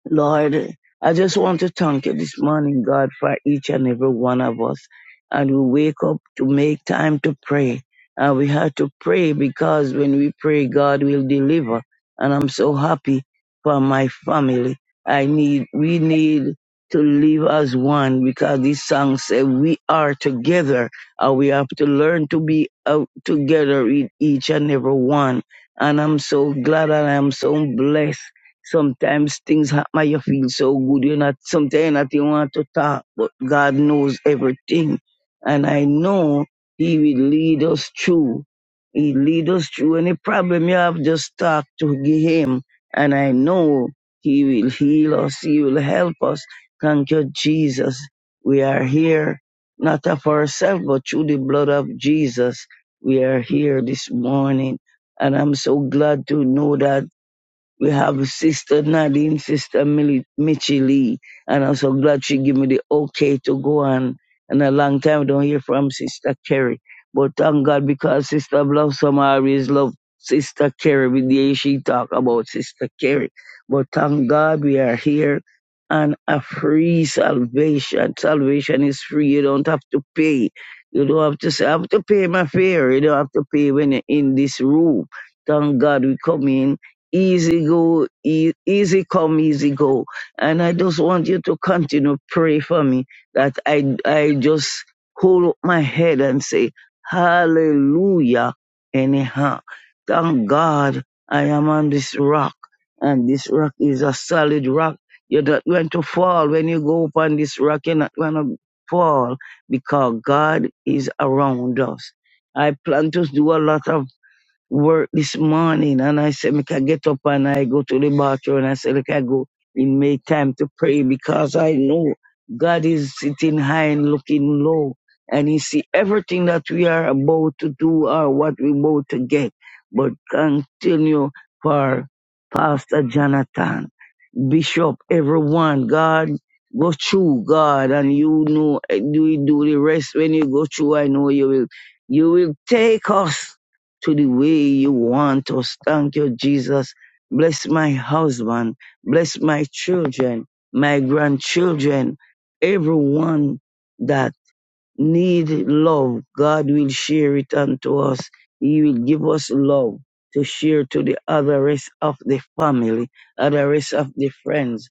[SPEAKER 5] Lord, I just want to thank you this morning, God, for each and every one of us. And we wake up to make time to pray. And we have to pray because when we pray, God will deliver. And I'm so happy for my family. I need, we need to live as one because this song says we are together and we have to learn to be out together with each and every one. And I'm so glad and I'm so blessed Sometimes things ha- might you feel so good, you're not sometimes you're not you want to talk, but God knows everything. And I know He will lead us through. He lead us through any problem you have, just talk to Him. And I know He will heal us, He will help us. Thank you, Jesus. We are here, not of ourselves, but through the blood of Jesus. We are here this morning. And I'm so glad to know that. We have Sister Nadine, Sister Millie, Mitchie Lee, and I'm so glad she gave me the okay to go on. And a long time I don't hear from Sister Carrie. But thank God because Sister Blossom always love Sister Carrie. With the she talk about Sister Carrie. But thank God we are here and a free salvation. Salvation is free. You don't have to pay. You don't have to say, I have to pay my fare. You don't have to pay when you're in this room. Thank God we come in easy go, e- easy come, easy go. And I just want you to continue pray for me that I I just hold up my head and say Hallelujah. Anyhow, thank God I am on this rock, and this rock is a solid rock. You're not going to fall when you go up on this rock. You're not going to fall because God is around us. I plan to do a lot of work this morning and I said, make I get up and I go to the bathroom and I said, look, I go in make time to pray because I know God is sitting high and looking low and he see everything that we are about to do or what we about to get. But continue for Pastor Jonathan. Bishop, everyone. God, go through, God, and you know, do do the rest when you go through. I know you will, you will take us to the way you want us. Thank you, Jesus. Bless my husband, bless my children, my grandchildren, everyone that need love, God will share it unto us. He will give us love to share to the other rest of the family, other rest of the friends.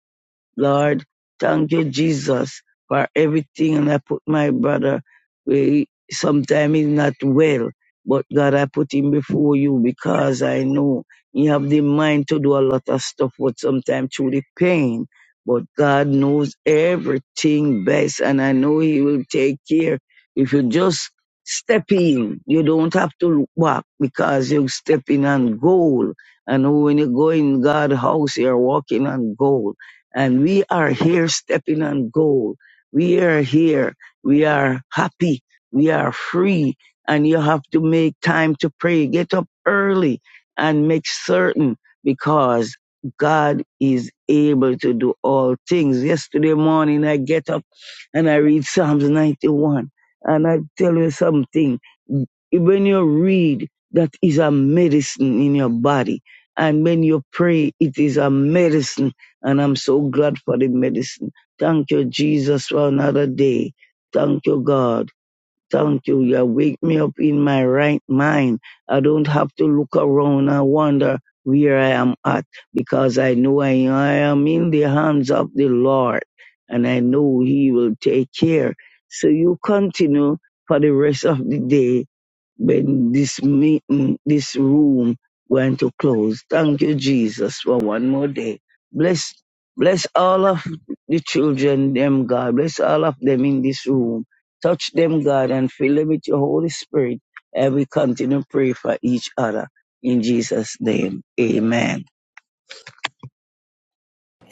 [SPEAKER 5] Lord, thank you, Jesus, for everything. And I put my brother, we sometimes he's not well, but God, I put him before you because I know he have the mind to do a lot of stuff, but sometimes through the pain. But God knows everything best, and I know He will take care. If you just step in, you don't have to look back because you step in on gold. And when you go in God's house, you're walking on gold and we are here stepping on gold. We are here. We are happy. We are free. And you have to make time to pray. Get up early and make certain because God is able to do all things. Yesterday morning, I get up and I read Psalms 91. And I tell you something. When you read, that is a medicine in your body. And when you pray, it is a medicine and I'm so glad for the medicine. Thank you, Jesus, for another day. Thank you, God. Thank you. You wake me up in my right mind. I don't have to look around and wonder where I am at because I know I, I am in the hands of the Lord and I know He will take care. So you continue for the rest of the day when this meeting, this room going to close. Thank you, Jesus, for one more day. Bless, bless all of the children, them God. Bless all of them in this room. Touch them, God, and fill them with your Holy Spirit. And we continue to pray for each other in Jesus' name. Amen.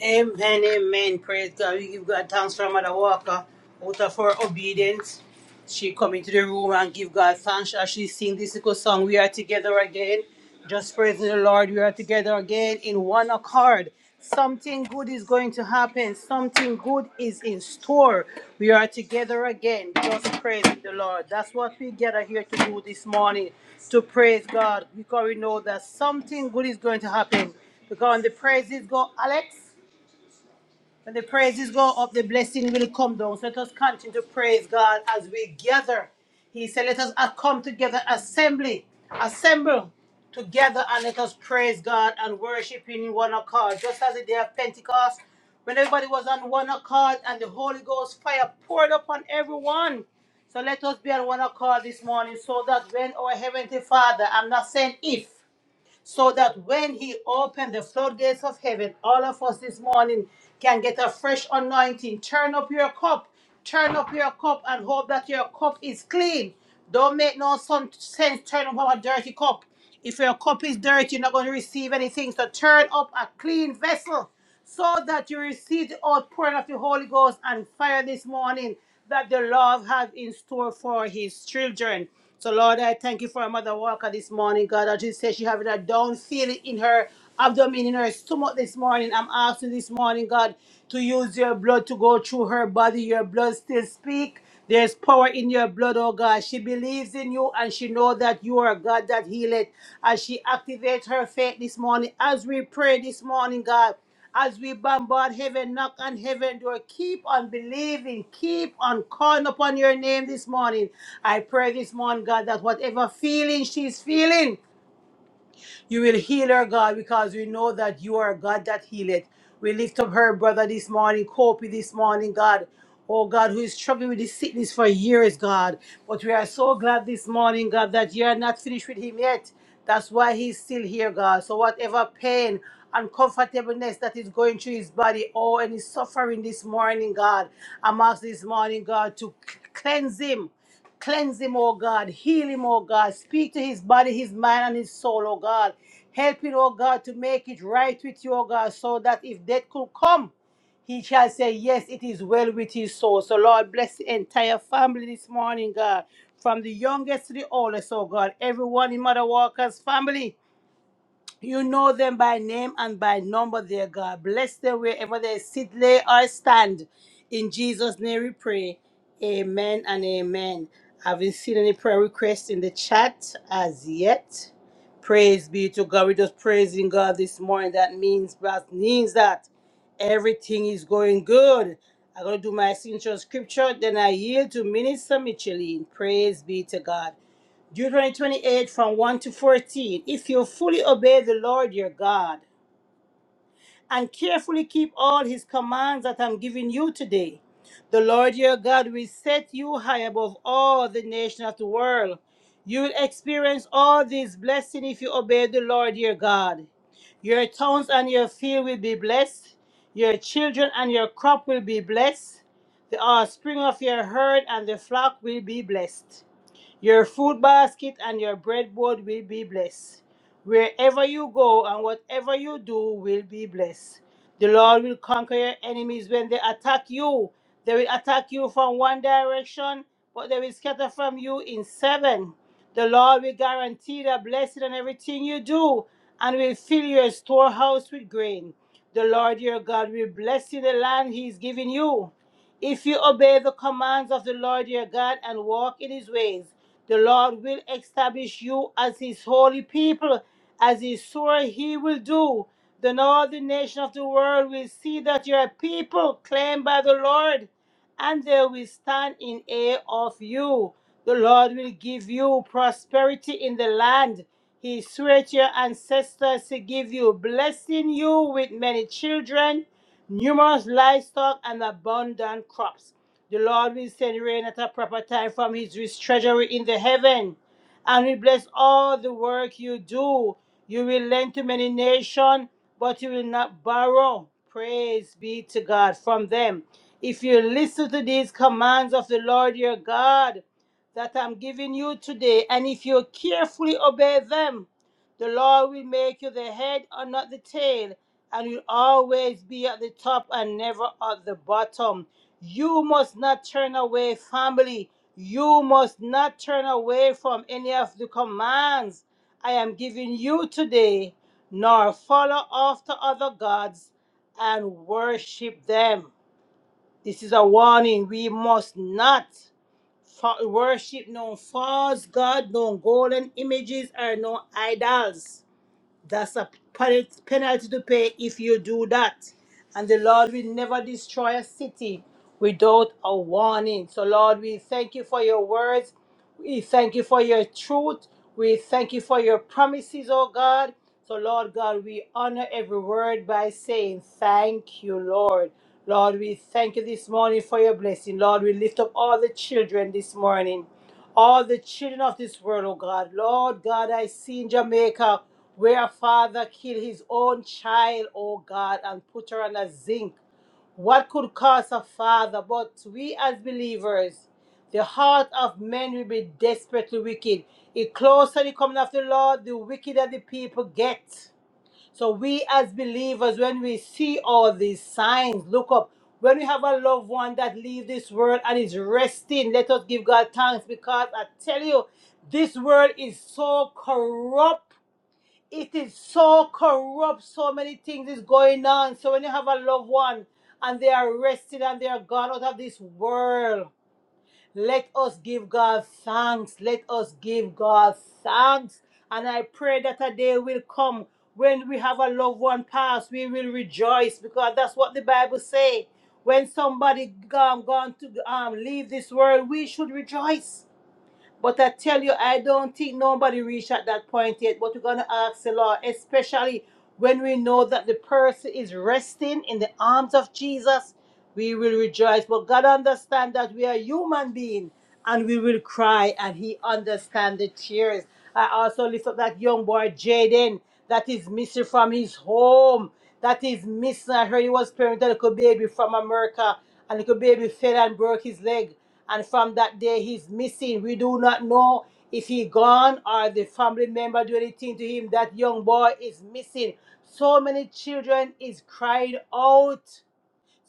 [SPEAKER 1] Amen, amen. Praise God. We give God thanks for Mother Walker. Out of her obedience, she come into the room and give God thanks as she sing this little song. We are together again. Just praising the Lord. We are together again in one accord. Something good is going to happen. Something good is in store. We are together again. Just praising the Lord. That's what we gather here to do this morning. To praise God. Because we know that something good is going to happen. Because when the praises go, Alex. When the praises go up, the blessing will come down. So let us continue to praise God as we gather. He said, Let us uh, come together, assembly, assemble together, and let us praise God and worship Him in one accord. Just as the day of Pentecost, when everybody was on one accord and the Holy Ghost fire poured upon everyone. So let us be on one accord this morning so that when our Heavenly Father, I'm not saying if, so that when He opened the floodgates of heaven, all of us this morning can get a fresh anointing. Turn up your cup, turn up your cup, and hope that your cup is clean. Don't make no sun- sense turn up a dirty cup. If your cup is dirty, you're not going to receive anything. So turn up a clean vessel so that you receive the outpouring of the Holy Ghost and fire this morning that the Lord has in store for his children. So, Lord, I thank you for Mother Walker this morning. God, I just say she having a down feeling in her abdomen, in her stomach this morning. I'm asking this morning, God, to use your blood to go through her body. Your blood still speak. There's power in your blood, oh God. She believes in you and she know that you are God that healeth. As she activates her faith this morning, as we pray this morning, God. As we bombard heaven, knock on heaven door, keep on believing, keep on calling upon your name this morning. I pray this morning, God, that whatever feeling she's feeling, you will heal her, God, because we know that you are a God that healeth. We lift up her brother this morning, Kopi this morning, God. Oh God, who is struggling with this sickness for years, God. But we are so glad this morning, God, that you are not finished with him yet. That's why he's still here, God. So whatever pain, uncomfortableness that is going through his body, oh, and his suffering this morning, God. I'm asking this morning, God, to cleanse him. Cleanse him, oh God. Heal him, oh God. Speak to his body, his mind, and his soul, oh God. Help him, oh God, to make it right with you, oh God, so that if death could come, he shall say, Yes, it is well with his soul. So, Lord, bless the entire family this morning, God. From the youngest to the oldest, oh God. Everyone in Mother Walker's family. You know them by name and by number, dear God. Bless them wherever they sit, lay, or stand. In Jesus' name we pray. Amen and amen. Haven't seen any prayer requests in the chat as yet. Praise be to God. We're just praising God this morning. That means that means that everything is going good. I'm gonna do my signature scripture, then I yield to Minister Micheline. Praise be to God. Deuteronomy 28 from 1 to 14. If you fully obey the Lord your God and carefully keep all his commands that I'm giving you today, the Lord your God will set you high above all the nations of the world. You will experience all these blessings if you obey the Lord your God. Your towns and your field will be blessed. Your children and your crop will be blessed. The offspring of your herd and the flock will be blessed. Your food basket and your breadboard will be blessed. Wherever you go and whatever you do will be blessed. The Lord will conquer your enemies when they attack you. They will attack you from one direction, but they will scatter from you in seven. The Lord will guarantee the blessing on everything you do and will fill your storehouse with grain. The Lord your God will bless you in the land he is giving you. If you obey the commands of the Lord your God and walk in his ways, the Lord will establish you as his holy people, as he swore he will do. Then all the nation of the world will see that you are a people claimed by the Lord, and they will stand in awe of you. The Lord will give you prosperity in the land. He swore to your ancestors to give you, blessing you with many children numerous livestock and abundant crops. The Lord will send rain at a proper time from his rich treasury in the heaven, and will bless all the work you do. You will lend to many nations, but you will not borrow. Praise be to God from them. If you listen to these commands of the Lord your God that I'm giving you today, and if you carefully obey them, the Lord will make you the head and not the tail and will always be at the top and never at the bottom. You must not turn away, family. You must not turn away from any of the commands I am giving you today, nor follow after other gods and worship them. This is a warning. We must not fo- worship no false god, no golden images, or no idols. That's a pen- penalty to pay if you do that. And the Lord will never destroy a city without a warning. So, Lord, we thank you for your words. We thank you for your truth. We thank you for your promises, oh God. So, Lord God, we honor every word by saying, Thank you, Lord. Lord, we thank you this morning for your blessing. Lord, we lift up all the children this morning all the children of this world, oh God. Lord God, I see in Jamaica where a father killed his own child, oh God, and put her on a zinc. What could cause a father? But we as believers, the heart of men will be desperately wicked. The closer the coming of the Lord, the wickeder the people get. So we as believers, when we see all these signs, look up. When we have a loved one that leave this world and is resting, let us give God thanks because I tell you, this world is so corrupt. It is so corrupt. So many things is going on. So when you have a loved one and they are resting and they are gone out of this world, let us give God thanks. Let us give God thanks. And I pray that a day will come when we have a loved one pass, we will rejoice because that's what the Bible say. When somebody um gone to um, leave this world, we should rejoice. But I tell you, I don't think nobody reached at that point yet. But we're going to ask the Lord, especially when we know that the person is resting in the arms of Jesus, we will rejoice. But God understands that we are human beings and we will cry, and He understands the tears. I also lift up that young boy, Jaden, that is missing from his home. That is missing. I heard he was parenting a little baby from America, and little baby fell and broke his leg and from that day he's missing. We do not know if he gone or the family member do anything to him. That young boy is missing. So many children is crying out.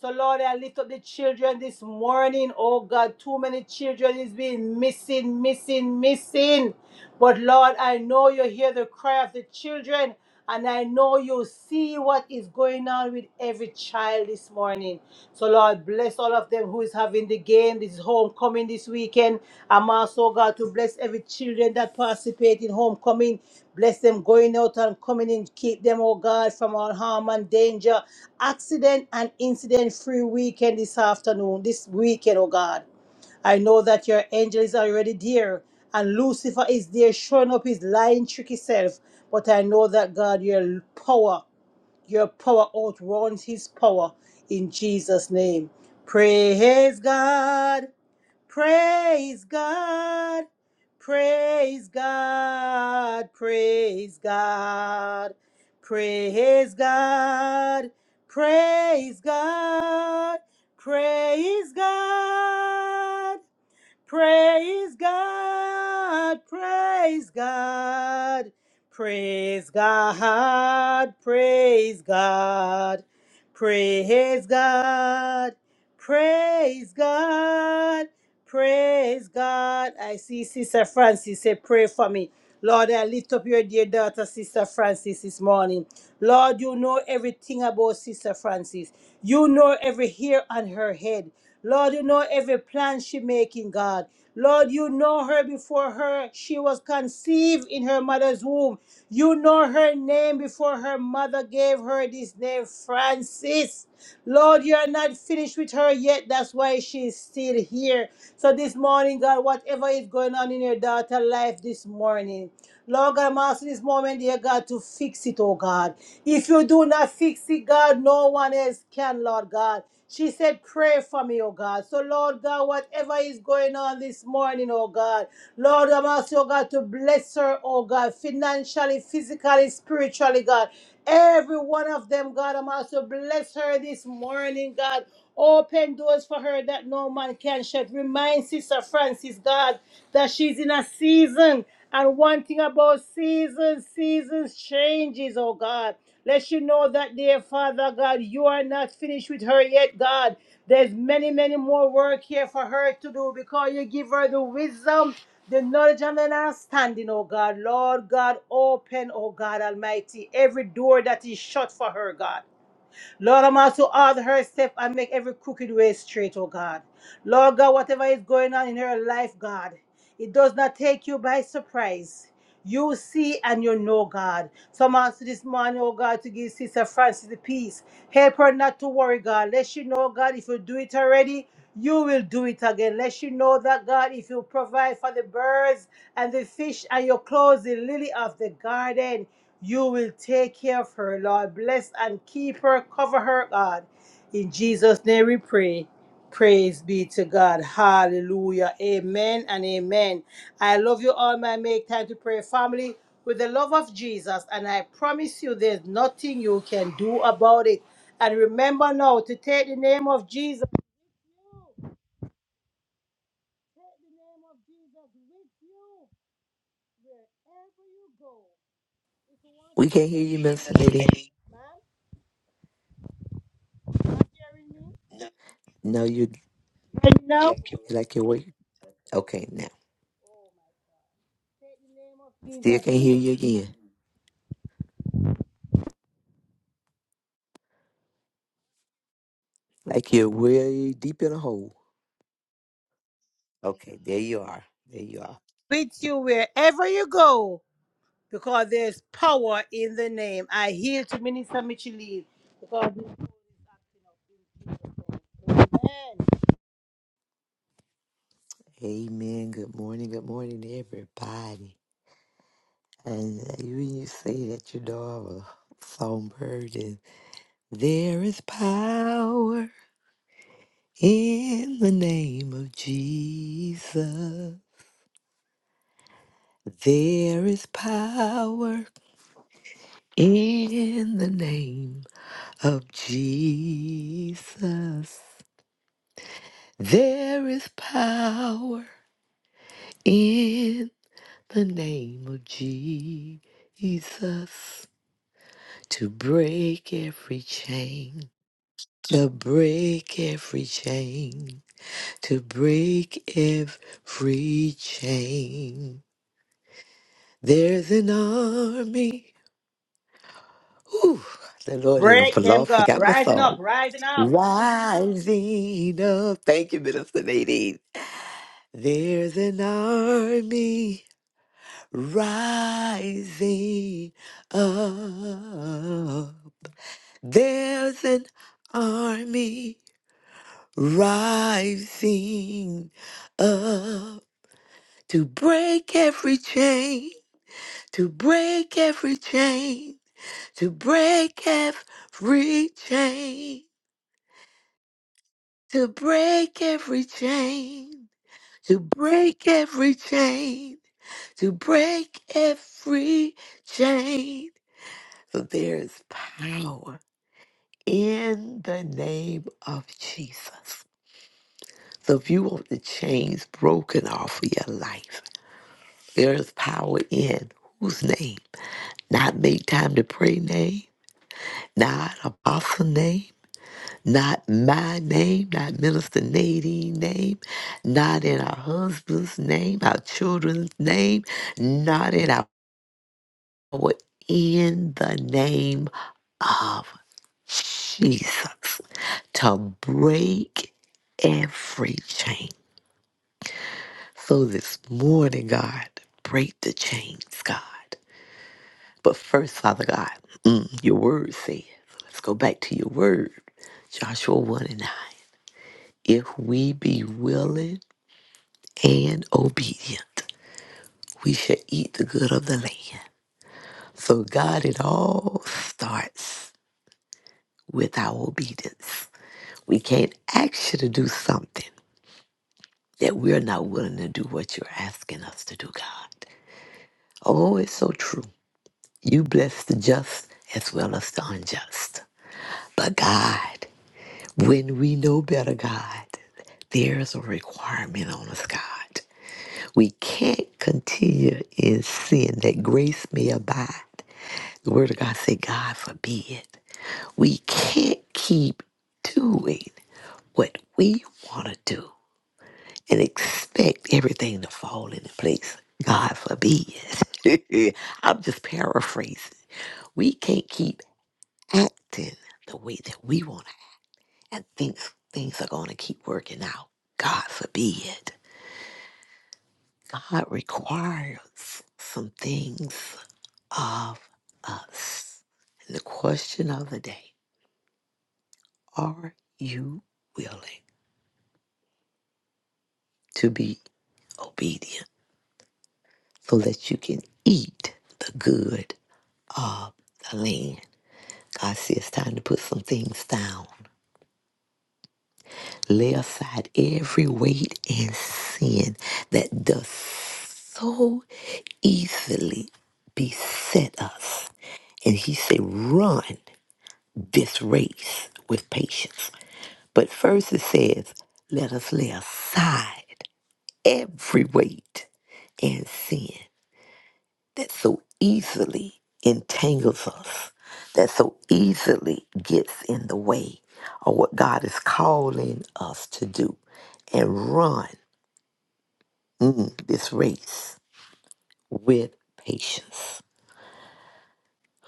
[SPEAKER 1] So Lord, I lift up the children this morning. Oh God, too many children is being missing, missing, missing. But Lord, I know you hear the cry of the children. And I know you see what is going on with every child this morning. So, Lord, bless all of of them who is having the game. This is homecoming this weekend. I'm also God to bless every children that participate in homecoming. Bless them going out and coming in. Keep them, oh God, from all harm and danger. Accident and incident free weekend this afternoon, this weekend, oh God. I know that your angel is already there, and Lucifer is there showing up his lying, tricky self. But I know that God, your power your power outruns his power in Jesus' name. Praise God. Praise God. Praise God. Praise God. Praise God. Praise God. Praise God. Praise God, praise God, praise God, praise God, praise God, praise God, praise God. I see Sister Francis say, Pray for me. Lord, I lift up your dear daughter, Sister Francis, this morning. Lord, you know everything about Sister Francis. You know every hair on her head. Lord, you know every plan she making, God. Lord, you know her before her she was conceived in her mother's womb. You know her name before her mother gave her this name, Francis. Lord, you are not finished with her yet. That's why she is still here. So this morning, God, whatever is going on in your daughter's life this morning. Lord God, I'm asking this moment, dear God, to fix it, oh God. If you do not fix it, God, no one else can, Lord God. She said, pray for me, oh God. So, Lord God, whatever is going on this morning, oh God, Lord, I'm asking, oh God, to bless her, oh God, financially, physically, spiritually, God. Every one of them, God, I'm also bless her this morning, God. Open doors for her that no man can shut. Remind Sister Francis, God, that she's in a season. And one thing about seasons, seasons changes, oh God. Let she know that, dear Father God, you are not finished with her yet, God. There's many, many more work here for her to do because you give her the wisdom, the knowledge, and the understanding, oh God. Lord God, open, oh God Almighty, every door that is shut for her, God. Lord, I'm also order her step and make every crooked way straight, oh God. Lord God, whatever is going on in her life, God, it does not take you by surprise. You see and you know, God. So I'm asking this morning, oh God, to give Sister Francis the peace. Help her not to worry, God. Let she know, God, if you do it already you will do it again. Let you know that God, if you provide for the birds and the fish and your clothes, the lily of the garden, you will take care of her, Lord. Bless and keep her, cover her, God. In Jesus' name we pray. Praise be to God. Hallelujah. Amen and amen. I love you all, my make time to pray family with the love of Jesus. And I promise you, there's nothing you can do about it. And remember now to take the name of Jesus. the name of Jesus with you. You go.
[SPEAKER 4] We can't hear you, Miss Lady. No, you
[SPEAKER 1] No.
[SPEAKER 4] you like you're way. Okay, now
[SPEAKER 1] Oh, my. Take the name
[SPEAKER 4] still
[SPEAKER 1] of
[SPEAKER 4] can't
[SPEAKER 1] Jesus
[SPEAKER 4] hear you again. Like you're way deep in a hole. Okay, there you are. There you are.
[SPEAKER 1] with you wherever you go. Because there's power in the name. I heal to Minister Micheline. Because Amen.
[SPEAKER 4] Amen. Good morning. Good morning, everybody. And you you say that your dog a songbird, and there is power in the name of Jesus. There is power in the name of Jesus. There is power in the name of Jesus to break every chain, to break every chain, to break every chain. There's an army. Ooh, the Lord help the
[SPEAKER 1] break them,
[SPEAKER 4] Lord
[SPEAKER 1] God.
[SPEAKER 4] forgot my
[SPEAKER 1] Rising up,
[SPEAKER 4] song.
[SPEAKER 1] rising up.
[SPEAKER 4] Rising up. Thank you, Minister Nadine. There's an army rising up. There's an army rising up to break every chain, to break every chain, to break every chain, to break every chain. to break every chain, to break every chain. So there is power in the name of Jesus. So if you want the chains broken off of your life, there is power in whose name? Not make time to pray name, not apostle name, not my name, not minister Nadine name, not in our husband's name, our children's name, not in our power in the name of Jesus to break every chain. So this morning, God, break the chains, God. But first, Father God, mm, your word says, let's go back to your word, Joshua 1 and 9. If we be willing and obedient, we shall eat the good of the land. So, God, it all starts with our obedience. We can't ask you to do something that we're not willing to do what you're asking us to do, God. Oh, it's so true. You bless the just as well as the unjust. But God, when we know better, God, there's a requirement on us, God. We can't continue in sin that grace may abide. The word of God say, God forbid. We can't keep doing what we want to do and expect everything to fall into place. God forbid. I'm just paraphrasing. We can't keep acting the way that we want to and think things are going to keep working out. God forbid. God requires some things of us. And the question of the day are you willing to be obedient so that you can eat the good of the land? God says it's time to put some things down. Lay aside every weight and sin that does so easily beset us. And he said, run this race with patience. But first it says, let us lay aside every weight and sin. that so easily entangles us, that so easily gets in the way of what God is calling us to do and run mm, this race with patience.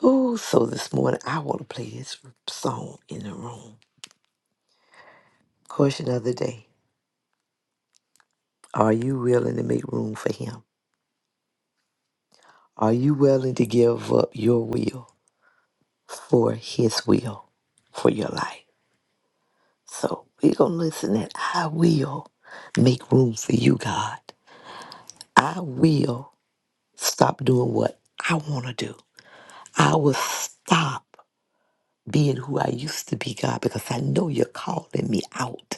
[SPEAKER 4] Oh, so this morning I want to play this song in the room. Question of the day Are you willing to make room for Him? Are you willing to give up your will for His will for your life? So we're going to listen and I will make room for you, God. I will stop doing what I want to do. I will stop being who I used to be, God, because I know you're calling me out.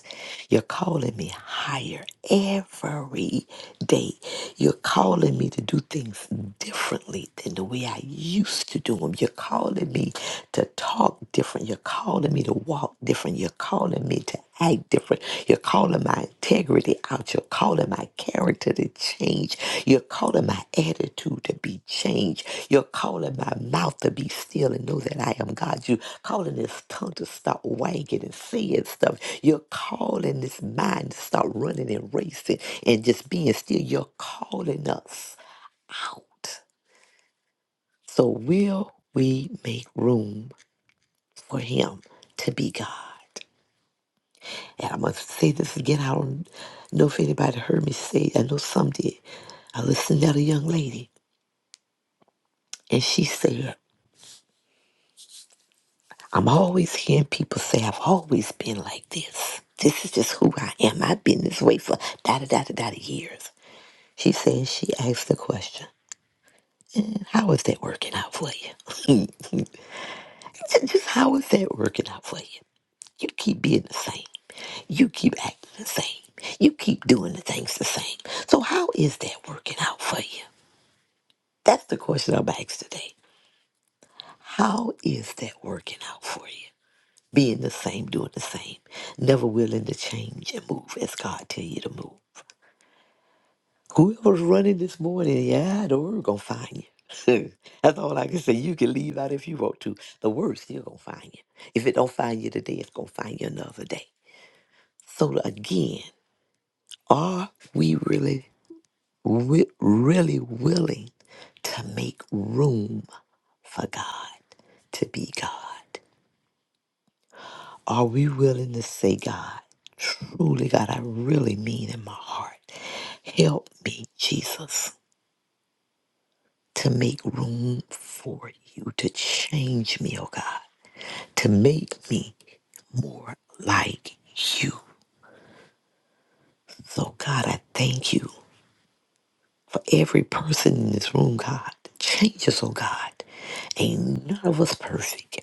[SPEAKER 4] You're calling me higher every day. You're calling me to do things differently than the way I used to do them. You're calling me to talk different. You're calling me to walk different. You're calling me to act different. You're calling my integrity out. You're calling my character to change. You're calling my attitude to be changed. You're calling my mouth to be still and know that I am God. You're calling this tongue to stop wagging and saying stuff. You're calling this mind to stop running and racing and just being still. You're calling us out. So will we make room for him to be God? And I must say this again. I don't know if anybody heard me say it. I know some did. I listened to a young lady, and she said, I'm always hearing people say, I've always been like this. This is just who I am. I've been this way for da da da da da years. She said, she asked the question, How is that working out for you? just just how is that working out for you? You keep being the same. You keep acting the same. You keep doing the things the same. So, how is that working out for you? That's the question I'm asked today. How is that working out for you? Being the same, doing the same, never willing to change and move as God tell you to move. Whoever's running this morning, yeah, the word gonna find you. That's all I can say. You can leave out if you want to. The word still gonna find you. If it don't find you today, it's gonna find you another day. So again, are we really, wi- really willing to make room for God to be God? Are we willing to say, God, truly, God, I really mean in my heart, help me, Jesus, to make room for you, to change me, oh God, to make me more like you. So, God, I thank you for every person in this room, God. Change us, oh God. Ain't none of us perfect.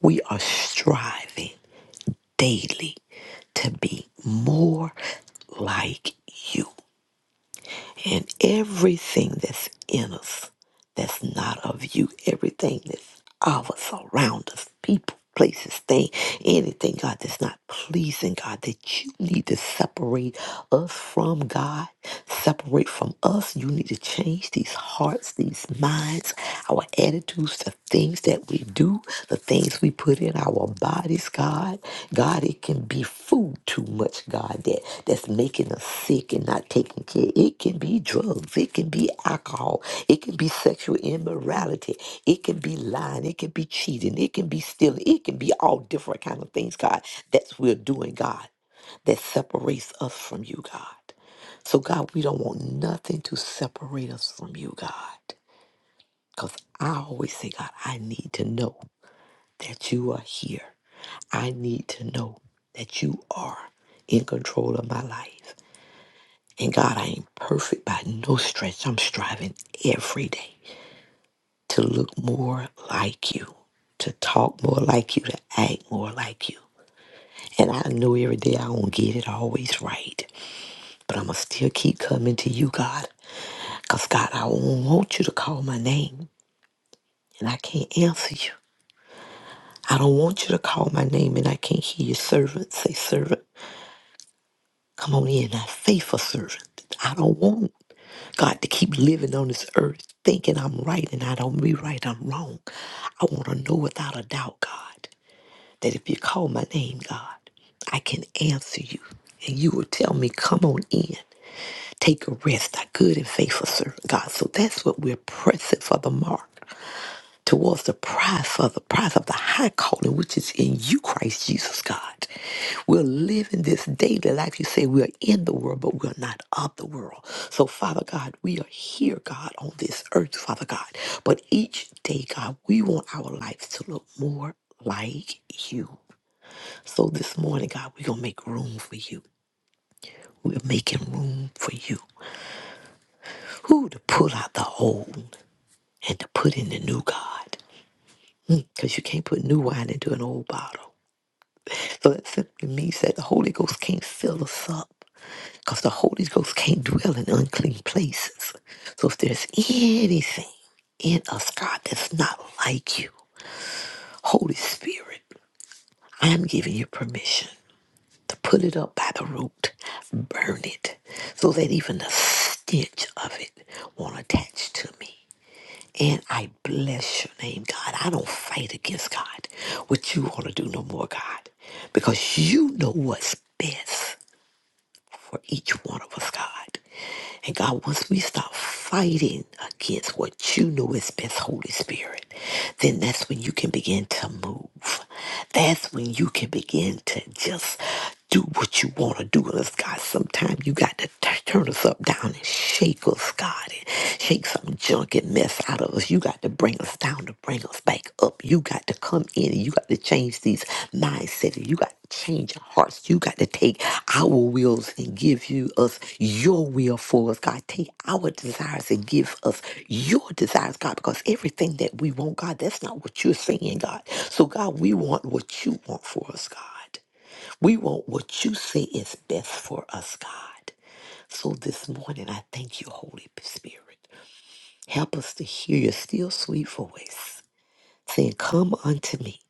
[SPEAKER 4] We are striving daily to be more like you. And everything that's in us that's not of you, everything that's of us, around us, people, places, things, anything, God, that's not pleasing, God, that you need to separate us from God, separate from us. You need to change these hearts, these minds, our attitudes, the things that we do, the things we put in our bodies, God. God, it can be food too much, God, that, that's making us sick and not taking care. It can be drugs. It can be alcohol. It can be sexual immorality. It can be lying. It can be cheating. It can be stealing. It can be all different kind of things, God. That's we're doing, God, that separates us from you, God. So, God, we don't want nothing to separate us from you, God. Because I always say, God, I need to know that you are here. I need to know that you are in control of my life. And God, I ain't perfect by no stretch. I'm striving every day to look more like you, to talk more like you, to act more like you. And I know every day I won't get it always right. But I'm going to still keep coming to you, God. Because, God, I don't want you to call my name and I can't answer you. I don't want you to call my name and I can't hear your servant say, servant. Come on in, thy faithful servant. I don't want God to keep living on this earth thinking I'm right and I don't be right, I'm wrong. I want to know without a doubt, God, that if you call my name, God, I can answer you. And you will tell me, come on in, take a rest, thy good and faithful servant, God. So that's what we're pressing for the mark towards the prize of the prize of the high calling which is in you, Christ Jesus, God. We're living this daily life. You say we're in the world, but we're not of the world. So, Father God, we are here, God, on this earth, Father God. But each day, God, we want our lives to look more like you. So this morning, God, we're going to make room for you. We're making room for you. Who to pull out the old and to put in the new, God. Because you can't put new wine into an old bottle. So that simply means that the Holy Ghost can't fill us up because the Holy Ghost can't dwell in unclean places. So if there's anything in us, God, that's not like you, Holy Spirit, I'm giving you permission to put it up by the root, burn it, so that even the stench of it won't attach to me. And I bless your name, God. I don't fight against God. What you want to do no more, God. Because you know what's best. for each one of us, God. And God, once we stop fighting against what you know is best, Holy Spirit, then that's when you can begin to move. That's when you can begin to just do what you want to do with us, God. Sometimes you got to t- turn us up down and shake us, God, and shake some junk and mess out of us. You you got to bring us down to bring us back up. You got to come in and you got to change these mindsets. You got to change our hearts. You got to take our wills and give you us your will for us. God, take our desires and give us your desires, God, because everything that we want, God, that's not what you're saying, God. So, God, we want what you want for us, God. We want what you say is best for us, God. So this morning, I thank you, Holy Spirit. Help us to hear your still sweet voice saying, Come unto me,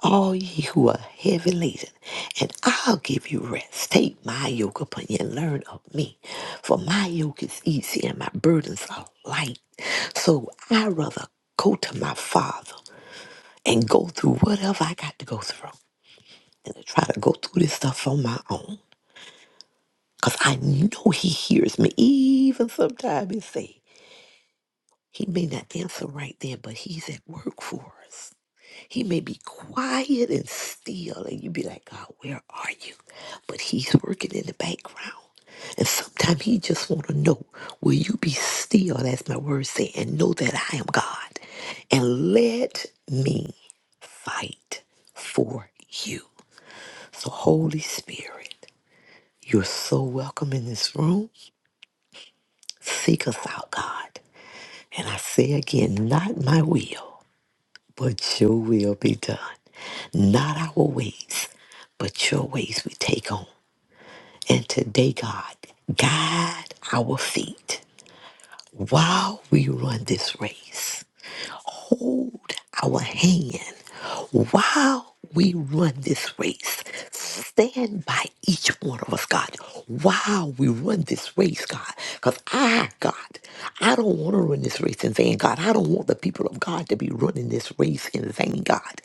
[SPEAKER 4] all ye who are heavy laden, and I'll give you rest. Take my yoke upon you and learn of me, for my yoke is easy and my burdens are light. So I rather go to my Father and go through whatever I got to go through than to try to go through this stuff on my own. Because I know He hears me, even sometimes He say, He may not answer right then, but He's at work for us. He may be quiet and still, and you be like, God, where are you? But he's working in the background. And sometimes he just want to know, will you be still, as my words say, and know that I am God? And let me fight for you. So, Holy Spirit, you're so welcome in this room. Seek us out, God. And I say again, not my will, but your will be done. Not our ways, but your ways we take on. And today, God, guide our feet while we run this race hold our hand while we run this race. Stand by each one of us, God, while we run this race, God. Because I, God, I don't want to run this race in vain, God. I don't want the people of God to be running this race in vain, God.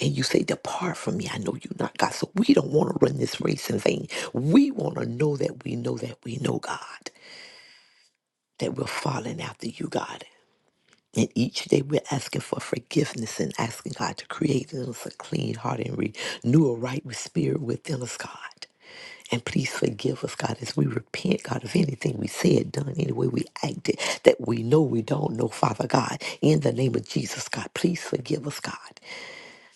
[SPEAKER 4] And you say, Depart from me. I know you not, God. So we don't want to run this race in vain. We want to know that we know that we know, God, that we're falling after you, God. And each day we're asking for forgiveness and asking God to create in us a clean heart and renew a right spirit within us, God. And please forgive us, God, as we repent, God, of anything we said, done, any way we acted that we know we don't know, Father God. In the name of Jesus, God, please forgive us, God.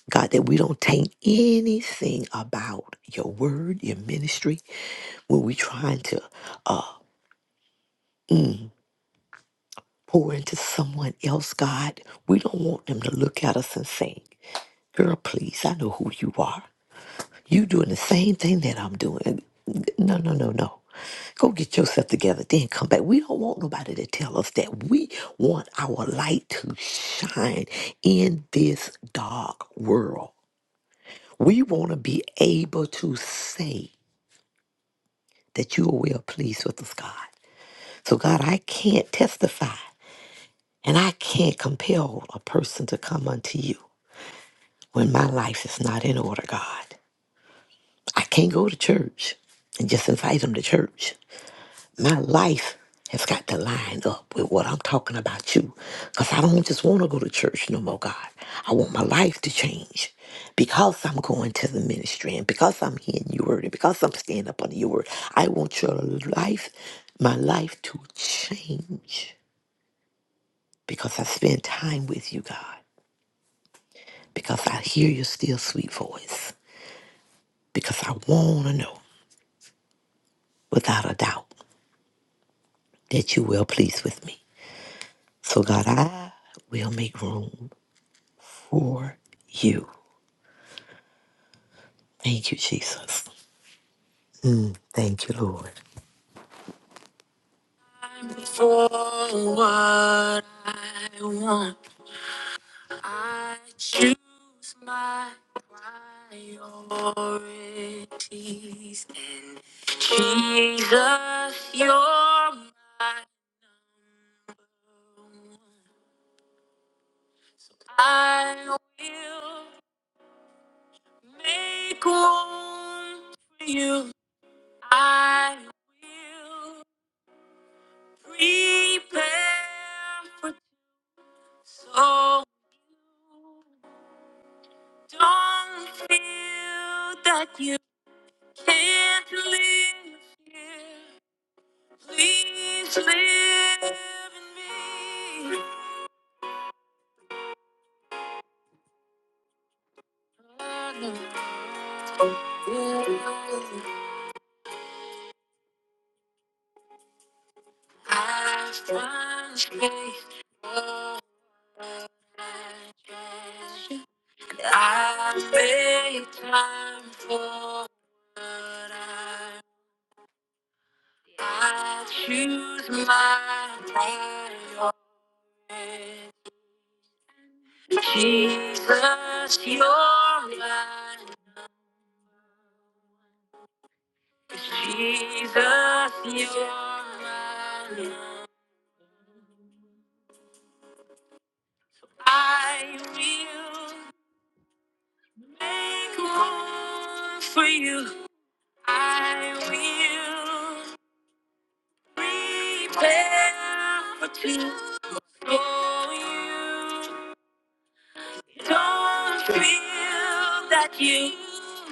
[SPEAKER 4] God, that we don't taint anything about your word, your ministry, when we're trying to uh, pour into someone else, God. We don't want them to look at us and say, Girl, please, I know who you are. You doing the same thing that I'm doing. No, no, no, no. Go get yourself together, then come back. We don't want nobody to tell us that. We want our light to shine in this dark world. We want to be able to say that you are well pleased with us, God. So, God, I can't testify and I can't compel a person to come unto you when my life is not in order, God. I can't go to church and just invite them to church. My life has got to line up with what I'm talking about you. Because I don't just want to go to church no more, God. I want my life to change because I'm going to the ministry and because I'm hearing your word and because I'm standing up under your word. I want your life, my life to change because I spend time with you, God. Because I hear your still sweet voice. Because I want to know without a doubt that you will please with me. So, God, I will make room for you. Thank you, Jesus. Thank you, Lord. I choose my priorities. And Jesus, you're my number one. I will make room for you. I will prepare So don't feel that you can't live here. Please live in me. I know I find space for my treasure. I make time for. what I'm. I choose my priority. Jesus, you're mine. Jesus, you're mine. I will make room for you. I will prepare for two. For you. Don't feel that you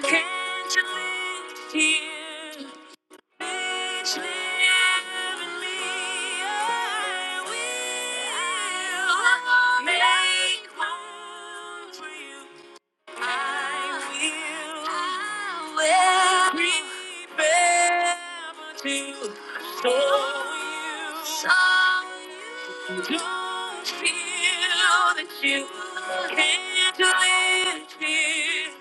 [SPEAKER 4] can't live here. Please live in me. I will make room for you. I will remember to show you. you Don't can't feel that you can't live here.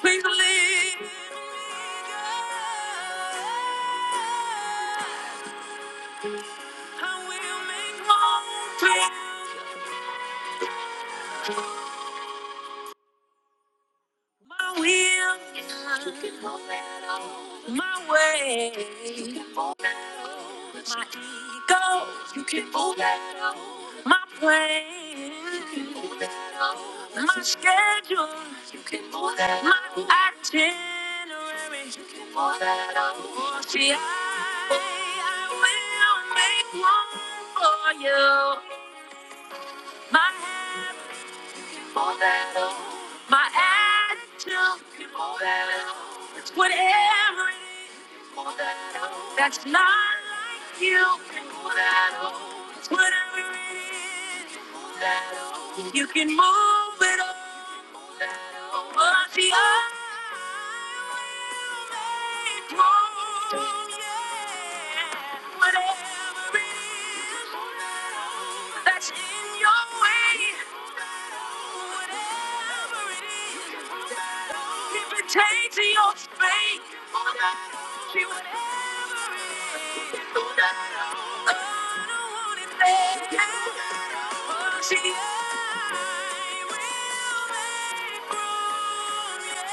[SPEAKER 4] Please believe. I will make my own plan. My will. You can hold that on. My way. You can hold that on. My ego. You can hold that on. My plan. My schedule. You can hold that on. My itinerary. You can hold that on. Oh, see, I, I will make one for you. My. more than enough. My attitude is more than enough. It's whatever it is it's more than enough. That's not like you can more than enough. It's whatever it is it's more than enough. If You can move it all. But the I will make room, yeah. Whatever it is that's in your way whatever it is. If it pertains to your faith, be whatever it is. I don't want it bad. Oh, see, I will make room, yeah.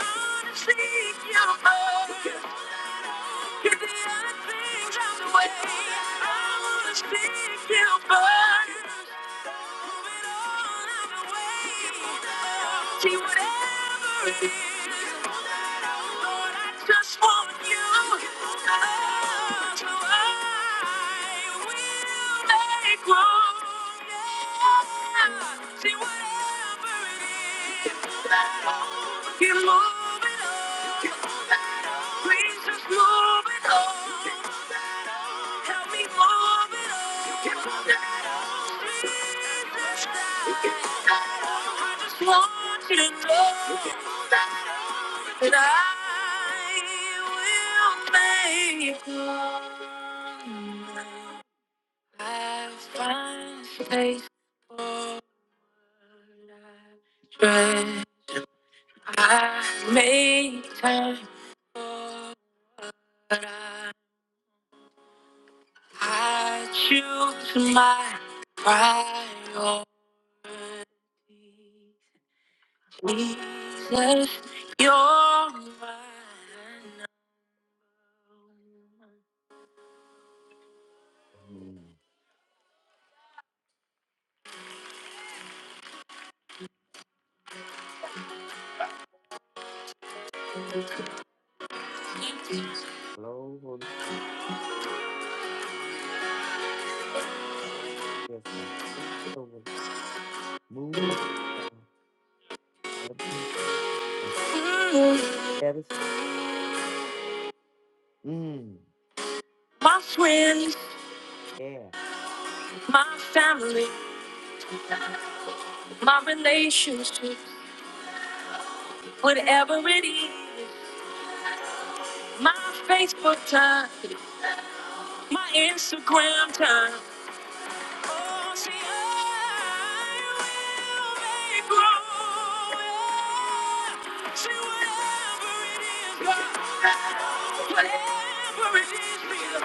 [SPEAKER 4] I'm gonna seek your heart. 'Cause the I I I wanna want see See you you. burn. Move it all out the way. See whatever it is. Lord, I just want you. Oh, So I will make room. Yeah. See whatever it is. Keep moving on. Please just move it on. Help me move it on. I just want you to know that I will make room. I find space for what I dread. I make time for what I, I choose my priority. Jesus, you're mine. Mm, My friends, my family, my relationships, whatever it is, my Facebook time, my Instagram time. Oh, see, I will make room. See, whatever it is, God, whatever it is, Jesus,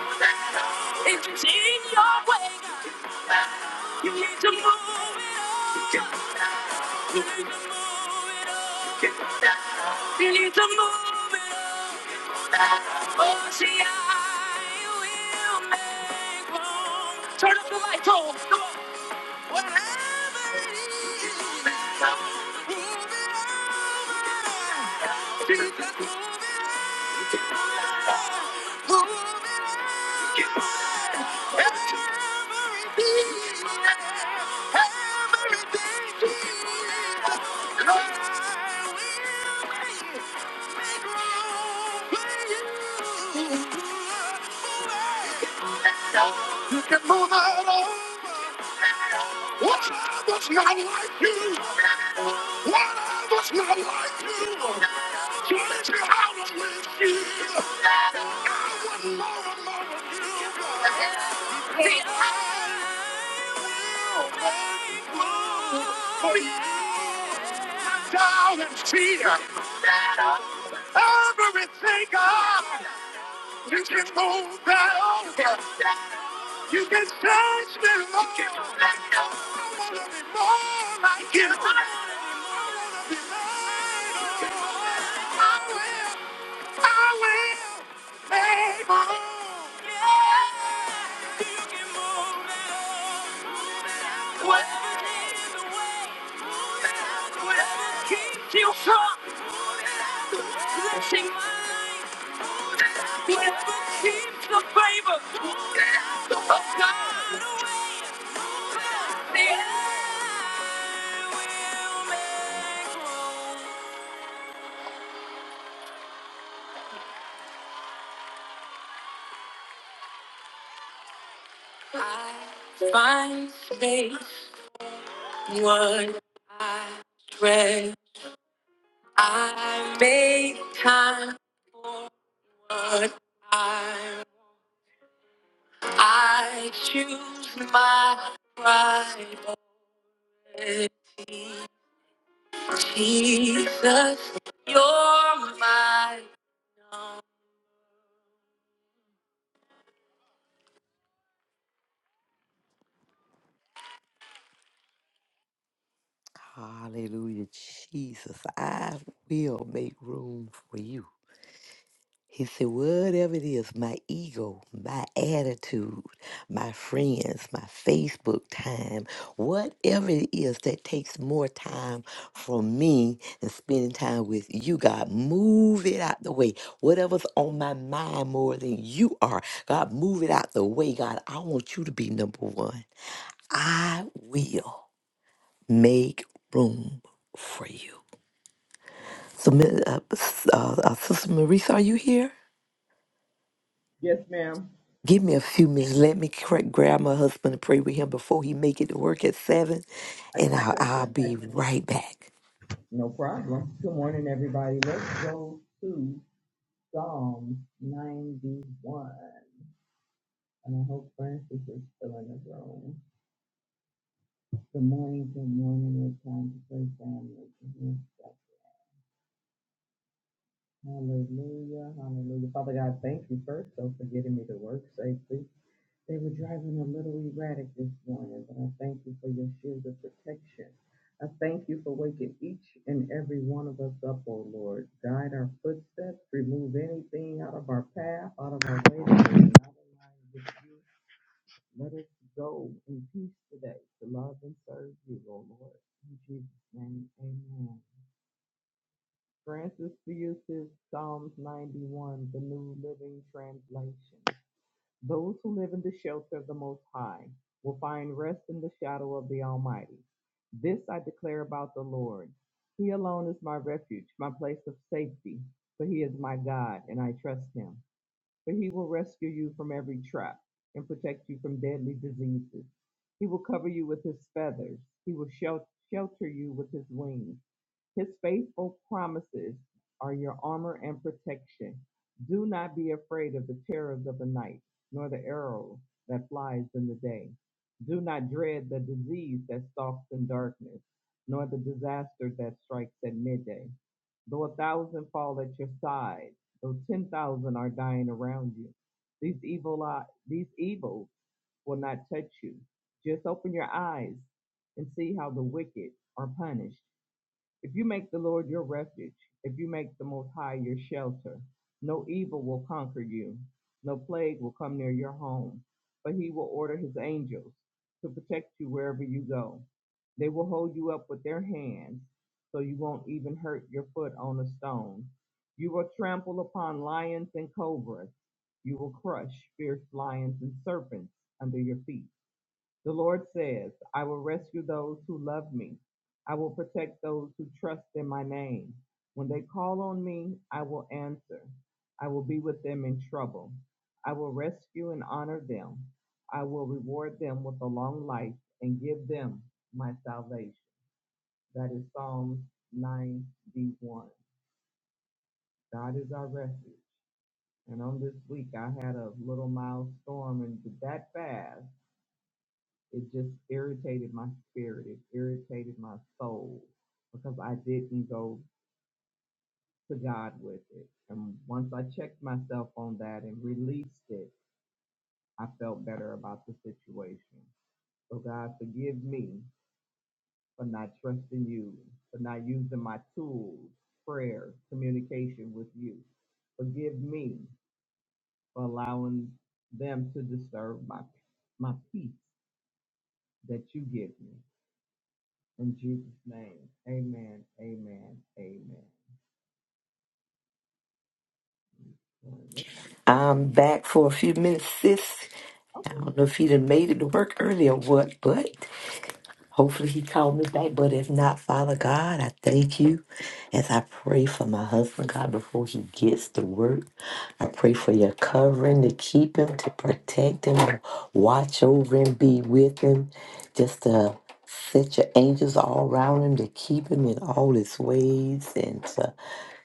[SPEAKER 4] if it's in your way, God, you need to move it up. You need to move it up. You need to move it up. Oh, see, I will make room. Turn up the lights, on. Come on. Whatever it is. You can move it over. What was not like you? What was not like you? So let me out with you. I wouldn't love another you. See, I will make room for you. Down and cheer. Everything up. You can move that over. You can touch me, more. You can touch me more. I wanna be more like you. I wanna be more. I will, I will, make more. Yeah. You can move it on, move it out, whatever is the way, move it out, whatever keeps you from, move it out, touching mine, whatever keeps the favor. Find space, what I dread. I make time, what I I choose my priority. Jesus, you're my Hallelujah, Jesus. I will make room for you. He said, whatever it is, my ego, my attitude, my friends, my Facebook time, whatever it is that takes more time from me than spending time with you, God, move it out the way. Whatever's on my mind more than you are, God, move it out the way. God, I want you to be number one. I will make room for you. Submit, uh, s- uh, uh, Sister Marisa, are you here?
[SPEAKER 3] Yes, ma'am.
[SPEAKER 4] Give me a few minutes. Let me cra- grab my husband and pray with him before he make it to work at seven,
[SPEAKER 3] I
[SPEAKER 4] and
[SPEAKER 3] got
[SPEAKER 4] I'll,
[SPEAKER 3] you.
[SPEAKER 4] I'll
[SPEAKER 3] I got
[SPEAKER 4] be
[SPEAKER 3] you.
[SPEAKER 4] right back.
[SPEAKER 3] No problem. Good morning, everybody. Let's go to Psalm 91. And I hope Francis is still in the room. Good morning, good morning. It's time to keep awake and everyone. Remove anything out of our day to love and serve you, O Lord. In Jesus' name, amen. Francis uses Psalms 91, the New Living Translation. Those who live in the shelter of the Most High will find rest in the shadow of the Almighty. This I declare about the Lord. He alone is my refuge, my place of safety, for he is my God, and I trust him. For he will rescue you from every trap and protect you from deadly diseases. He will cover you with his feathers, he will shel- shelter you with his wings. His faithful promises are your armor and protection. Do not be afraid of the terrors of the night, nor the arrow that flies in the day. Do not dread the disease that stalks in darkness, nor the disaster that strikes at midday. Though a thousand fall at your side, though ten thousand are dying around you, these evil eye, these evils will not touch you. Just open your eyes and see how the wicked are punished. If you make the Lord your refuge, if you make the Most High your shelter, no evil will conquer you, no plague will come near your home, but he will order his angels to protect you wherever you go. They will hold you up with their hands so you won't even hurt your foot on a stone. You will trample upon lions and cobras. You will crush fierce lions and serpents under your feet. The Lord says, I will rescue those who love me. I will protect those who trust in my name. When they call on me, I will answer. I will be with them in trouble. I will rescue and honor them. I will reward them with a long life and give them my salvation. That is Psalms 91. God is our refuge. And on this week, I had a little mild storm and that fast. It just irritated my spirit. It irritated my soul because I didn't go to God with it. And once I checked myself on that and released it, I felt better about the situation. So, God, forgive me for not trusting you, for not using my tools, prayer, communication with you. Forgive me for allowing them to disturb my, my peace that you give me. In Jesus' name. Amen. Amen. Amen.
[SPEAKER 4] I'm back for a few minutes, sis.
[SPEAKER 3] Oh,
[SPEAKER 4] I don't know if he done made it to work early or what, but Hopefully he called me back. But if not, Father God, I thank you as I pray for my husband, God, before he gets to work. I pray for your covering to keep him, to protect him, to watch over him, be with him, just to set your angels all around him to keep him in all his ways and to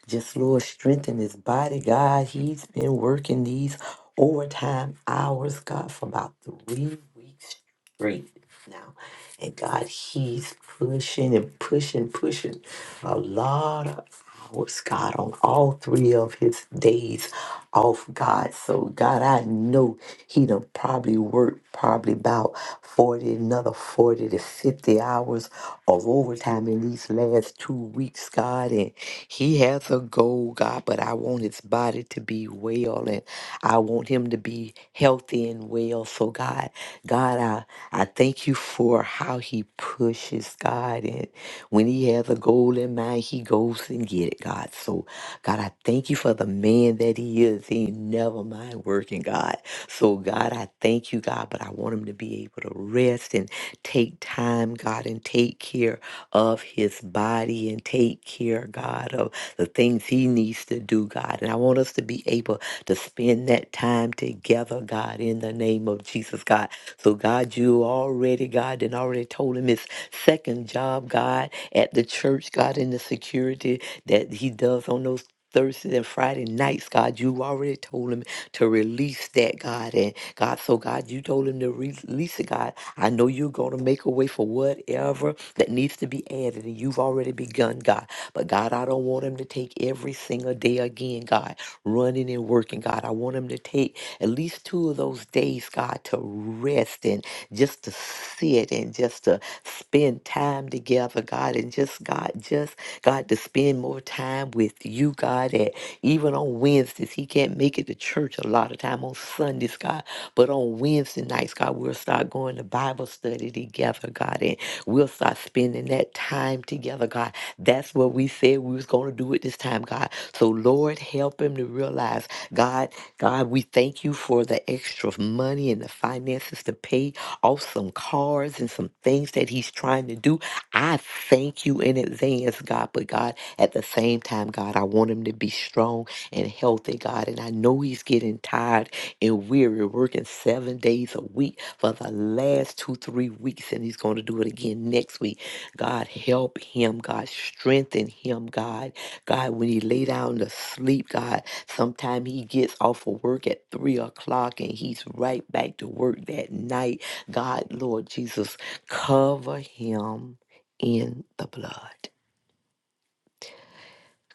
[SPEAKER 4] just Lord strengthen his body. God, he's been working these overtime hours, God, for about three weeks Great now. And God, He's pushing and pushing, pushing a lot of hours, God, on all three of His days off, God. So, God, I know He done probably worked probably about 40, another 40 to 50 hours of overtime in these last two weeks, God. And He has a goal, God, but I want His body to be well and I want Him to be healthy thin well. So God, God, I, I thank you for how he pushes God. And when he has a goal in mind, he goes and get it, God. So God, I thank you for the man that he is. He ain't never mind working, God. So God, I thank you, God, but I want him to be able to rest and take time, God, and take care of his body and take care, God, of the things he needs to do, God. And I want us to be able to to spend that time together, God, in the name of Jesus, God. So, God, you already, God, and already told him his second job, God, at the church, God, in the security that he does on those Thursday and Friday nights, God, you already told him to release that, God. And God, so God, you told him to re- release it, God. I know you're going to make a way for whatever that needs to be added, and you've already begun, God. But God, I don't want him to take every single single day again, God, running and working, God. I want them to take at least two of those days, God, to rest and just to sit and just to spend time together, God, and just, God, just, God, to spend more time with you, God, at even on Wednesdays. He can't make it to church a lot of time on Sundays, God. But on Wednesday nights, God, we'll start going to Bible study together, God, and we'll start spending that time together, God. That's that's what we said we was going to do it this time, God. So, Lord, help him to realize, God, God, we thank you for the extra money and the finances to pay off some cars and some things that he's trying to do. I thank you in advance, God. But, God, at the same time, God, I want him to be strong and healthy, God. And I know he's getting tired and weary, working seven days a week for the last two, three weeks. And he's going to do it again next week. God help him. God strengthen him. God, God, when he lay down to sleep, God, sometime he gets off of work at three o'clock and he's right back to work that night. God, Lord Jesus, cover him in the blood.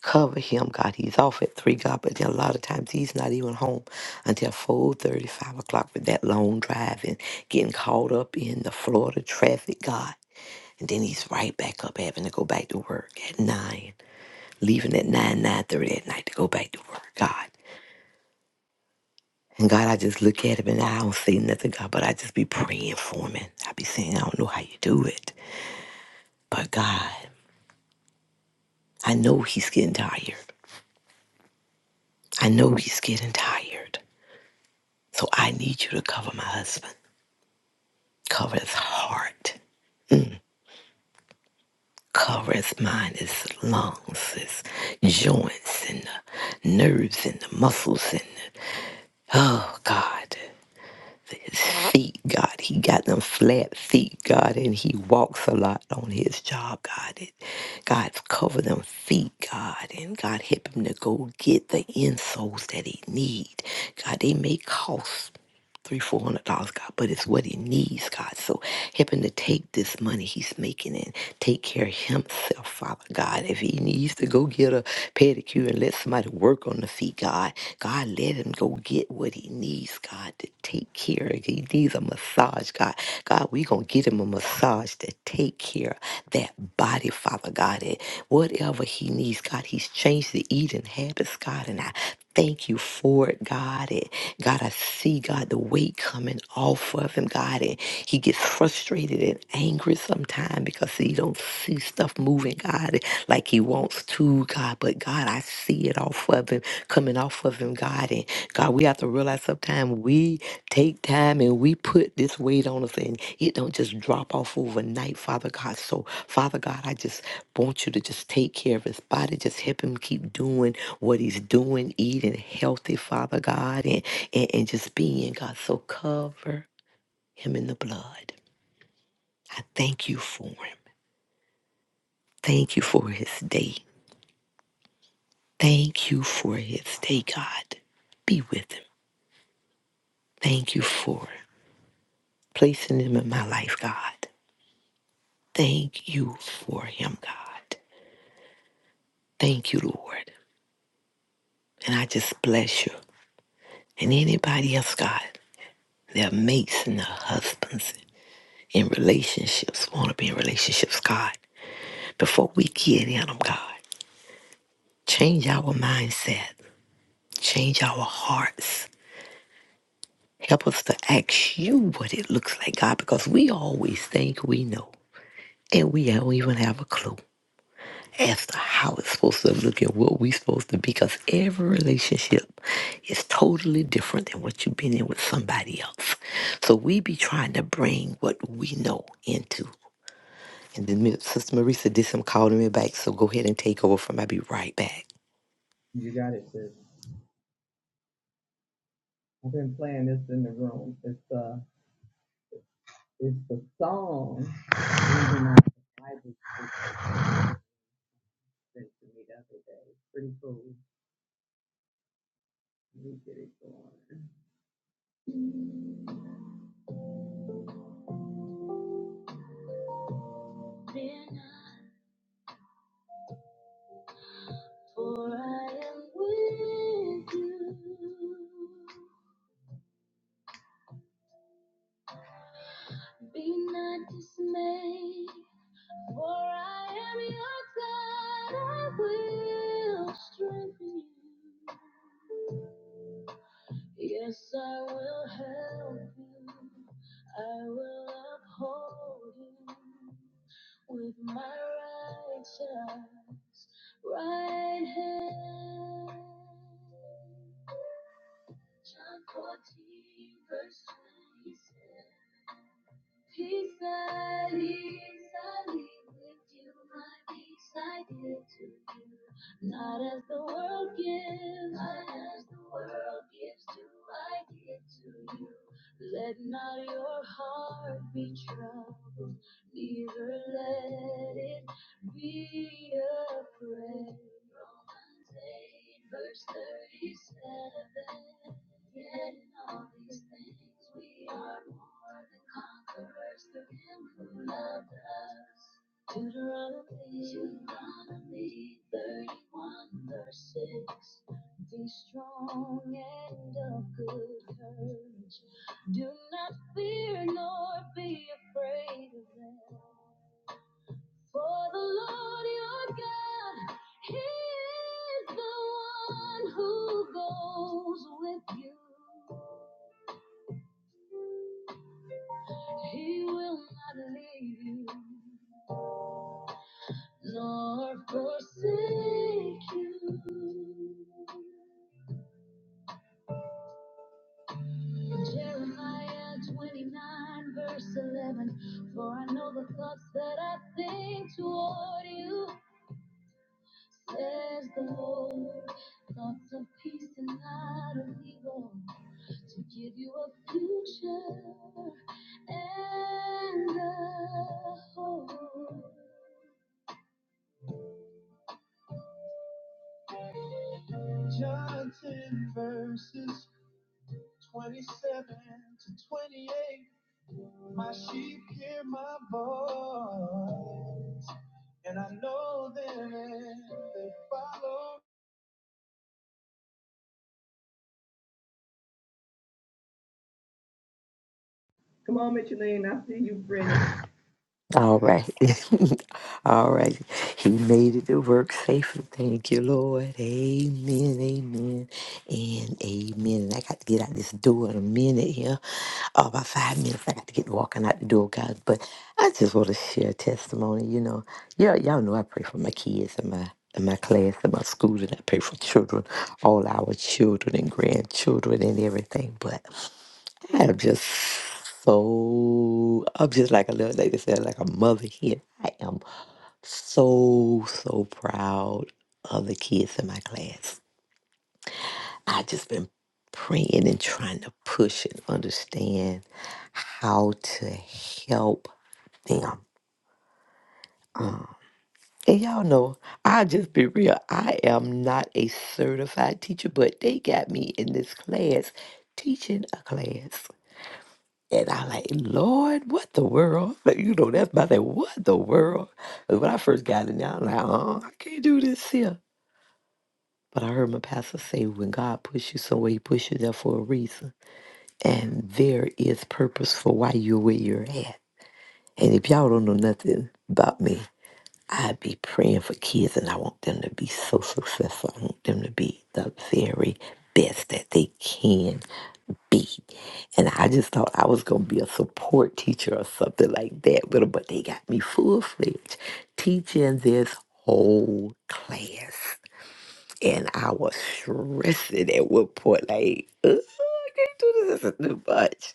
[SPEAKER 4] Cover him, God. He's off at three, God, but then a lot of times he's not even home until four thirty, five o'clock with that long drive and getting caught up in the Florida traffic, God. And then he's right back up having to go back to work at nine, leaving at nine, nine thirty at night to go back to work. God. And God, I just look at him and I don't say nothing, God, but I just be praying for him and I be saying, I don't know how you do it. But God, I know he's getting tired. I know he's getting tired. So I need you to cover my husband. Cover his heart. Cover his mind, his lungs, his joints and the nerves and the muscles and the, oh God. his feet, God. He got them flat feet, God, and he walks a lot on his job, God. It, God, cover them feet, God, and God, help him to go get the insoles that he need. God, they may cost three, four hundred dollars, God, but it's what he needs, God. So help him to take this money he's making and take care of himself, Father God. If he needs to go get a pedicure and let somebody work on the feet, God, God, let him go get what he needs, God, to take care of. He needs a massage, God. God, we gonna get him a massage to take care of that body, Father God. And whatever he needs, God, he's changed the eating habits, God. And I Thank you for it, God. And God, I see, God, the weight coming off of him, God. And he gets frustrated and angry sometimes because he don't see stuff moving, God, like he wants to, God. But God, I see it off of him, coming off of him, God. And God, we have to realize Sometimes we take time and we put this weight on us and it don't just drop off overnight, Father God. So, Father God, I just want you to just take care of his body. Just help him keep doing what he's doing, eating healthy, Father God, and, and, and just being God. So cover him in the blood. I thank you for him. Thank you for his day. Thank you for his day, God. Be with him. Thank you for placing him in my life, God. Thank you for him, God. Thank you, Lord. And I just bless you. And anybody else, God, their mates and their husbands in relationships, want to be in relationships, God. Before we get in them, God, change our mindset, change our hearts. Help us to ask you what it looks like, God, because we always think we know and we don't even have a clue. as to how it's supposed to look and what we are supposed to be because every relationship is totally different than what you've been in with somebody else. So we be trying to bring what we know into. And then Mi- Sister Marisa did some calling me back, so go ahead and take over from I'll be right back.
[SPEAKER 3] You got it, sis. I've been playing this in the room. It's uh it's the song Reading Out sent to me the other day. Pretty cool. Let me get it going. Fear not, for I am with you. Be not dismayed, for I am your God. I will strengthen you. Yes, I will help you. I will uphold you with my righteous right hand. John 14, verse 27. Peace I leave, I leave with you, my peace I give to you. Not as the world gives, not as the world gives, do I give to you. Let not your heart be troubled, neither let it be afraid. Romans 8, verse 37. Yet in all these things we are are the conquerors the hymn who loved us. the you're Deuteronomy 31 verse 6. Be strong and of good courage. Do not fear nor be afraid of them. For the Lord your God, He is the one who goes with you. He will not leave you nor forsake you. Jeremiah 29, verse 11. For I know the thoughts that I think toward you, says the Lord. Thoughts of peace and not of evil, to give you a future and a hope. John 10, verses 27.
[SPEAKER 4] All right. All right. He made it to work safely. Thank you, Lord. Amen. Amen. And amen. And I got to get out this door in a minute here. Oh, about five minutes. I got to get walking out the door, guys. But I just want to share a testimony. You know, yeah, y'all know I pray for my kids and my in my class and my school and I pray for children, all our children and grandchildren and everything. But. I am just so, I'm just like a little lady said, like a mother here. I am so, so proud of the kids in my class. I just been praying and trying to push and understand how to help them. Uh, And y'all know, i just be real. I am not a certified teacher, but they got me in this class teaching a class. And I like, Lord, what the world? You know, that's my thing. What the world? 'Cause when I first got in there, I'm like, oh, I can't do this here. But I heard my pastor say, when God puts you somewhere, he puts you there for a reason. And there is purpose for why you're where you're at. And if y'all don't know nothing about me, I be praying for kids and I want them to be so successful. I want them to be the very best that they can be. And I just thought I was going to be a support teacher or something like that with 'em, but they got me full fledged teaching this whole class. And I was stressing at one point, like, "Ugh, I can't do this, this is too much.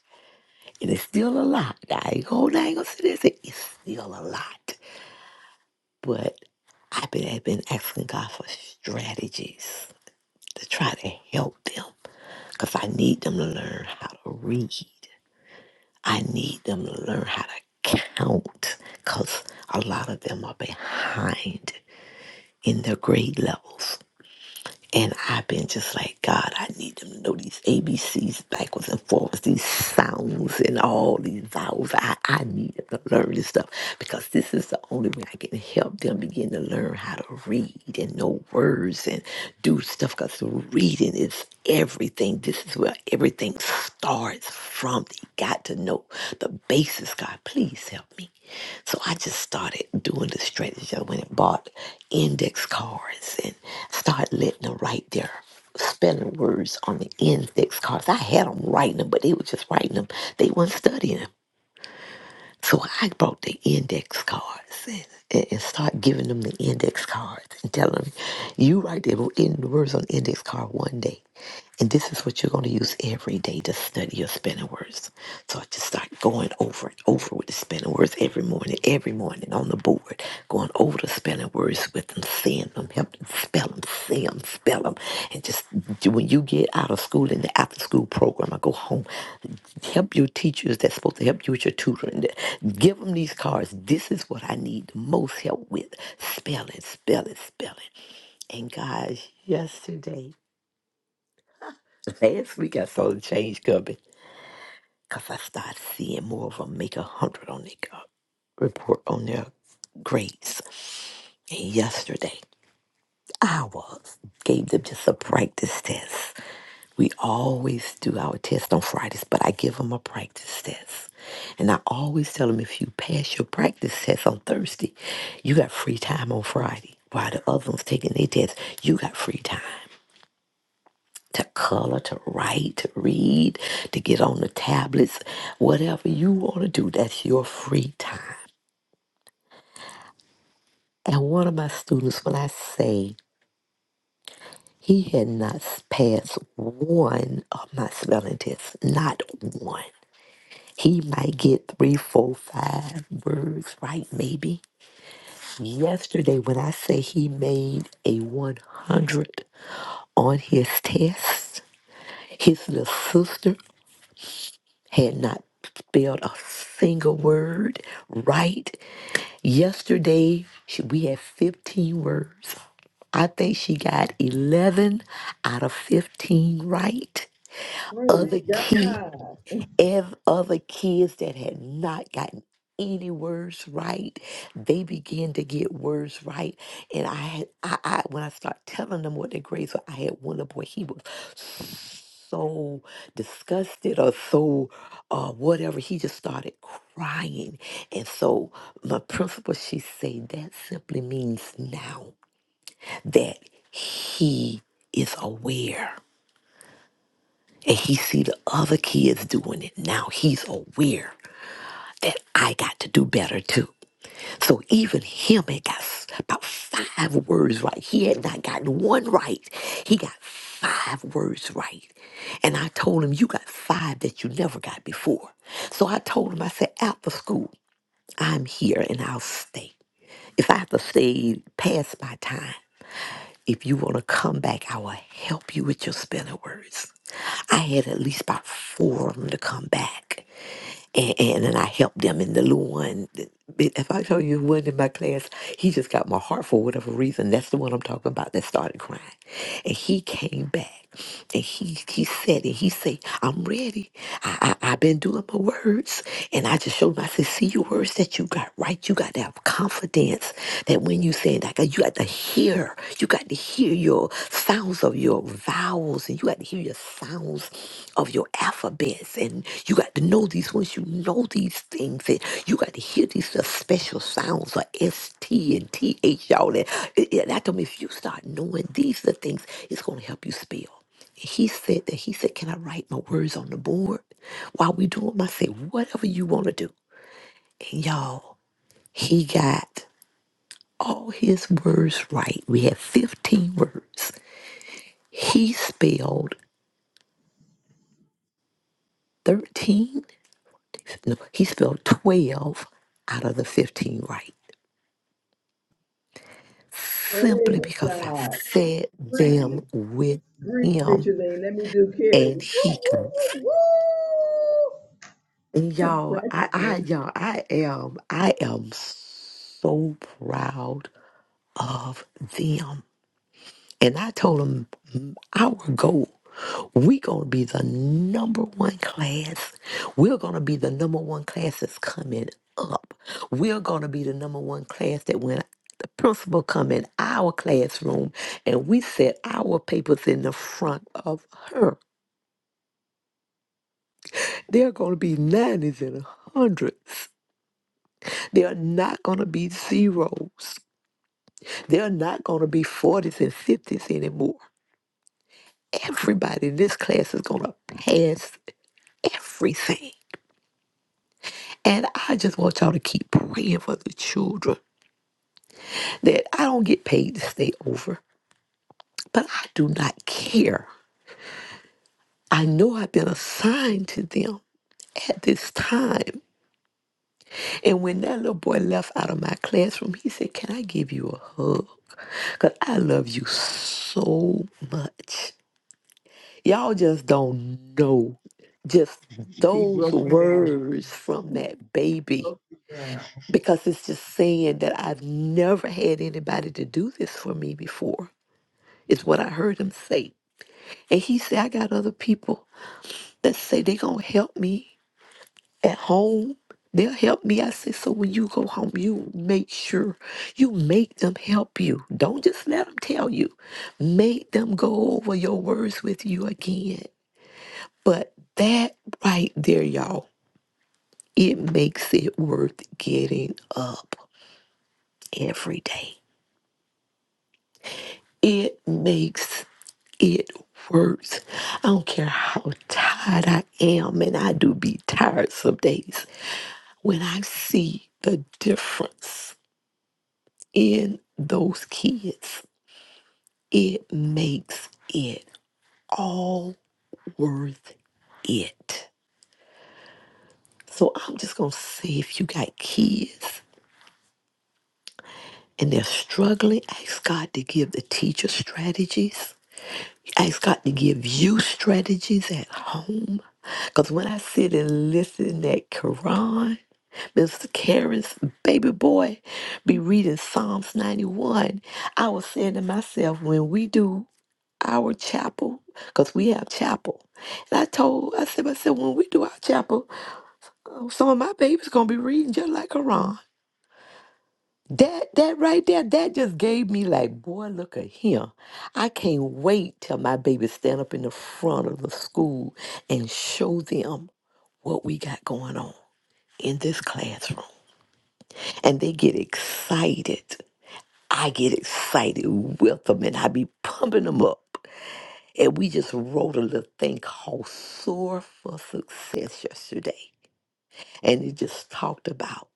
[SPEAKER 4] And it's still a lot. I ain't gonna, I ain't gonna sit there and say it's still a lot. But I've been, I've been asking God for strategies to try to help them because I need them to learn how to read. I need them to learn how to count because a lot of them are behind in their grade levels. And I've been just like, God, I need them to know these ABCs backwards and forwards, these sounds and all these vowels. I, I need them to learn this stuff because this is the only way I can help them begin to learn how to read and know words and do stuff because reading is everything. This is where everything starts from. They got to know the basis, God. Please help me. So I just started doing the strategy. I went and bought index cards and started letting them write their spelling words on the index cards. I had them writing them, but they were just writing them. They weren't studying studying. So I brought the index cards and, and, and start giving them the index cards and tell them, you write the in the words on the index card one day. And this is what you're going to use every day to study your spelling words. So I just start going over and over with the spelling words every morning, every morning on the board, going over the spelling words with them, seeing them, helping them spell them, see them, spell them. And just when you get out of school in the after school program, I go home, Help your teachers that's supposed to help you with your tutoring. Give them these cards. This is what I need the most help with. Spelling, spelling, spelling. And guys, yesterday, last week I saw the change coming because I started seeing more of them make a hundred on their co- report on their grades. And yesterday. I was. Gave them just a practice test. We always do our test on Fridays, but I give them a practice test. And I always tell them if you pass your practice test on Thursday, you got free time on Friday. While the other ones taking their test, you got free time to color, to write, to read, to get on the tablets, whatever you want to do, that's your free time. And one of my students, when I say He had not passed one of my spelling tests, not one. He might get three, four, five words right, maybe. Yesterday, when I say he made a 100 on his test, his little sister had not spelled a single word right. Yesterday, she- we had 15 words. I think she got 11 out of 15 right. Other key, ev- other kids that had not gotten any words right, they began to get words right. And I had, I, I when I start telling them what their grades were, I had one little boy. He was so disgusted or so uh, whatever. He just started crying, and so my principal, she said that simply means now that he is aware and he see the other kids doing it now he's aware that i got to do better too so even him had got s- about five words right he had not gotten one right he got five words right and i told him you got five that you never got before so i told him i said after school i'm here and i'll stay if i have to stay past my time if you want to come back, I will help you with your spelling words. I had at least about four of them to come back and and, and I helped them. And the little one, if I tell you, one in my class, he just got my heart for whatever reason. That's the one I'm talking about that started crying, and he came back, and he he said, and he said, "I'm ready. I, I I've been doing my words, and I just showed him. I said, see your words that you got right. You got to have confidence that when you say that, you got to hear. You got to hear your sounds of your vowels and you got to hear your sounds of your alphabets and you got to know these once you know these things and you got to hear these little special sounds of S T and th y'all and it, it, that told me if you start knowing these little things it's going to help you spell he said that he said can i write my words on the board while we do them i said whatever you want to do and y'all he got all his words right we had 15 words he spelled 13, no, he spelled 12 out of the 15 right simply
[SPEAKER 3] Praise
[SPEAKER 4] because I
[SPEAKER 3] God.
[SPEAKER 4] said them
[SPEAKER 3] Breathe,
[SPEAKER 4] with
[SPEAKER 3] breathe,
[SPEAKER 4] him
[SPEAKER 3] Micheline. Let me do Carrie.
[SPEAKER 4] and
[SPEAKER 3] Woo,
[SPEAKER 4] he comes.
[SPEAKER 3] woo, woo, woo.
[SPEAKER 4] And y'all,
[SPEAKER 3] Glad
[SPEAKER 4] I, I, y'all, I am, I am so proud of them. And I told them, our goal, we're going to be the number one class. We're going to be the number one class that's coming up. We're going to be the number one class that when the principal come in our classroom and we set our papers in the front of her. There are going to be 90s and 100s. There are not going to be zeros. There are not going to be 40s and 50s anymore. Everybody in this class is going to pass everything. And I just want y'all to keep praying for the children that I don't get paid to stay over, but I do not care. I know I've been assigned to them at this time. And when that little boy left out of my classroom, he said, Can I give you a hug? Because I love you so much. Y'all just don't know. Just
[SPEAKER 3] He
[SPEAKER 4] those
[SPEAKER 3] broke you down. He
[SPEAKER 4] words from that baby.
[SPEAKER 3] Broke you down
[SPEAKER 4] because it's just saying that I've never had anybody to do this for me before, is what I heard him say. And he said, I got other people that say they going to help me at home. They'll help me. I said, so when you go home, you make sure you make them help you. Don't just let them tell you. Make them go over your words with you again. But that right there, y'all, it makes it worth getting up every day. It makes it works. I don't care how tired I am, and I do be tired some days. When I see the difference in those kids, it makes it all worth it. So I'm just going to say if you got kids and they're struggling, ask God to give the teacher strategies Ask God to give you strategies at home. Because when I sit and listen at Quran, Mr. Karen's baby boy be reading Psalms 91, I was saying to myself, when we do our chapel, because we have chapel, and I told, I said, I said, when we do our chapel, uh, some of my babies going to be reading just like Quran. That that right there, that just gave me like, boy, look at him. I can't wait till my baby stand up in the front of the school and show them what we got going on in this classroom. And they get excited. I get excited with them and I be pumping them up. And we just wrote a little thing called Soar for Success yesterday. And it just talked about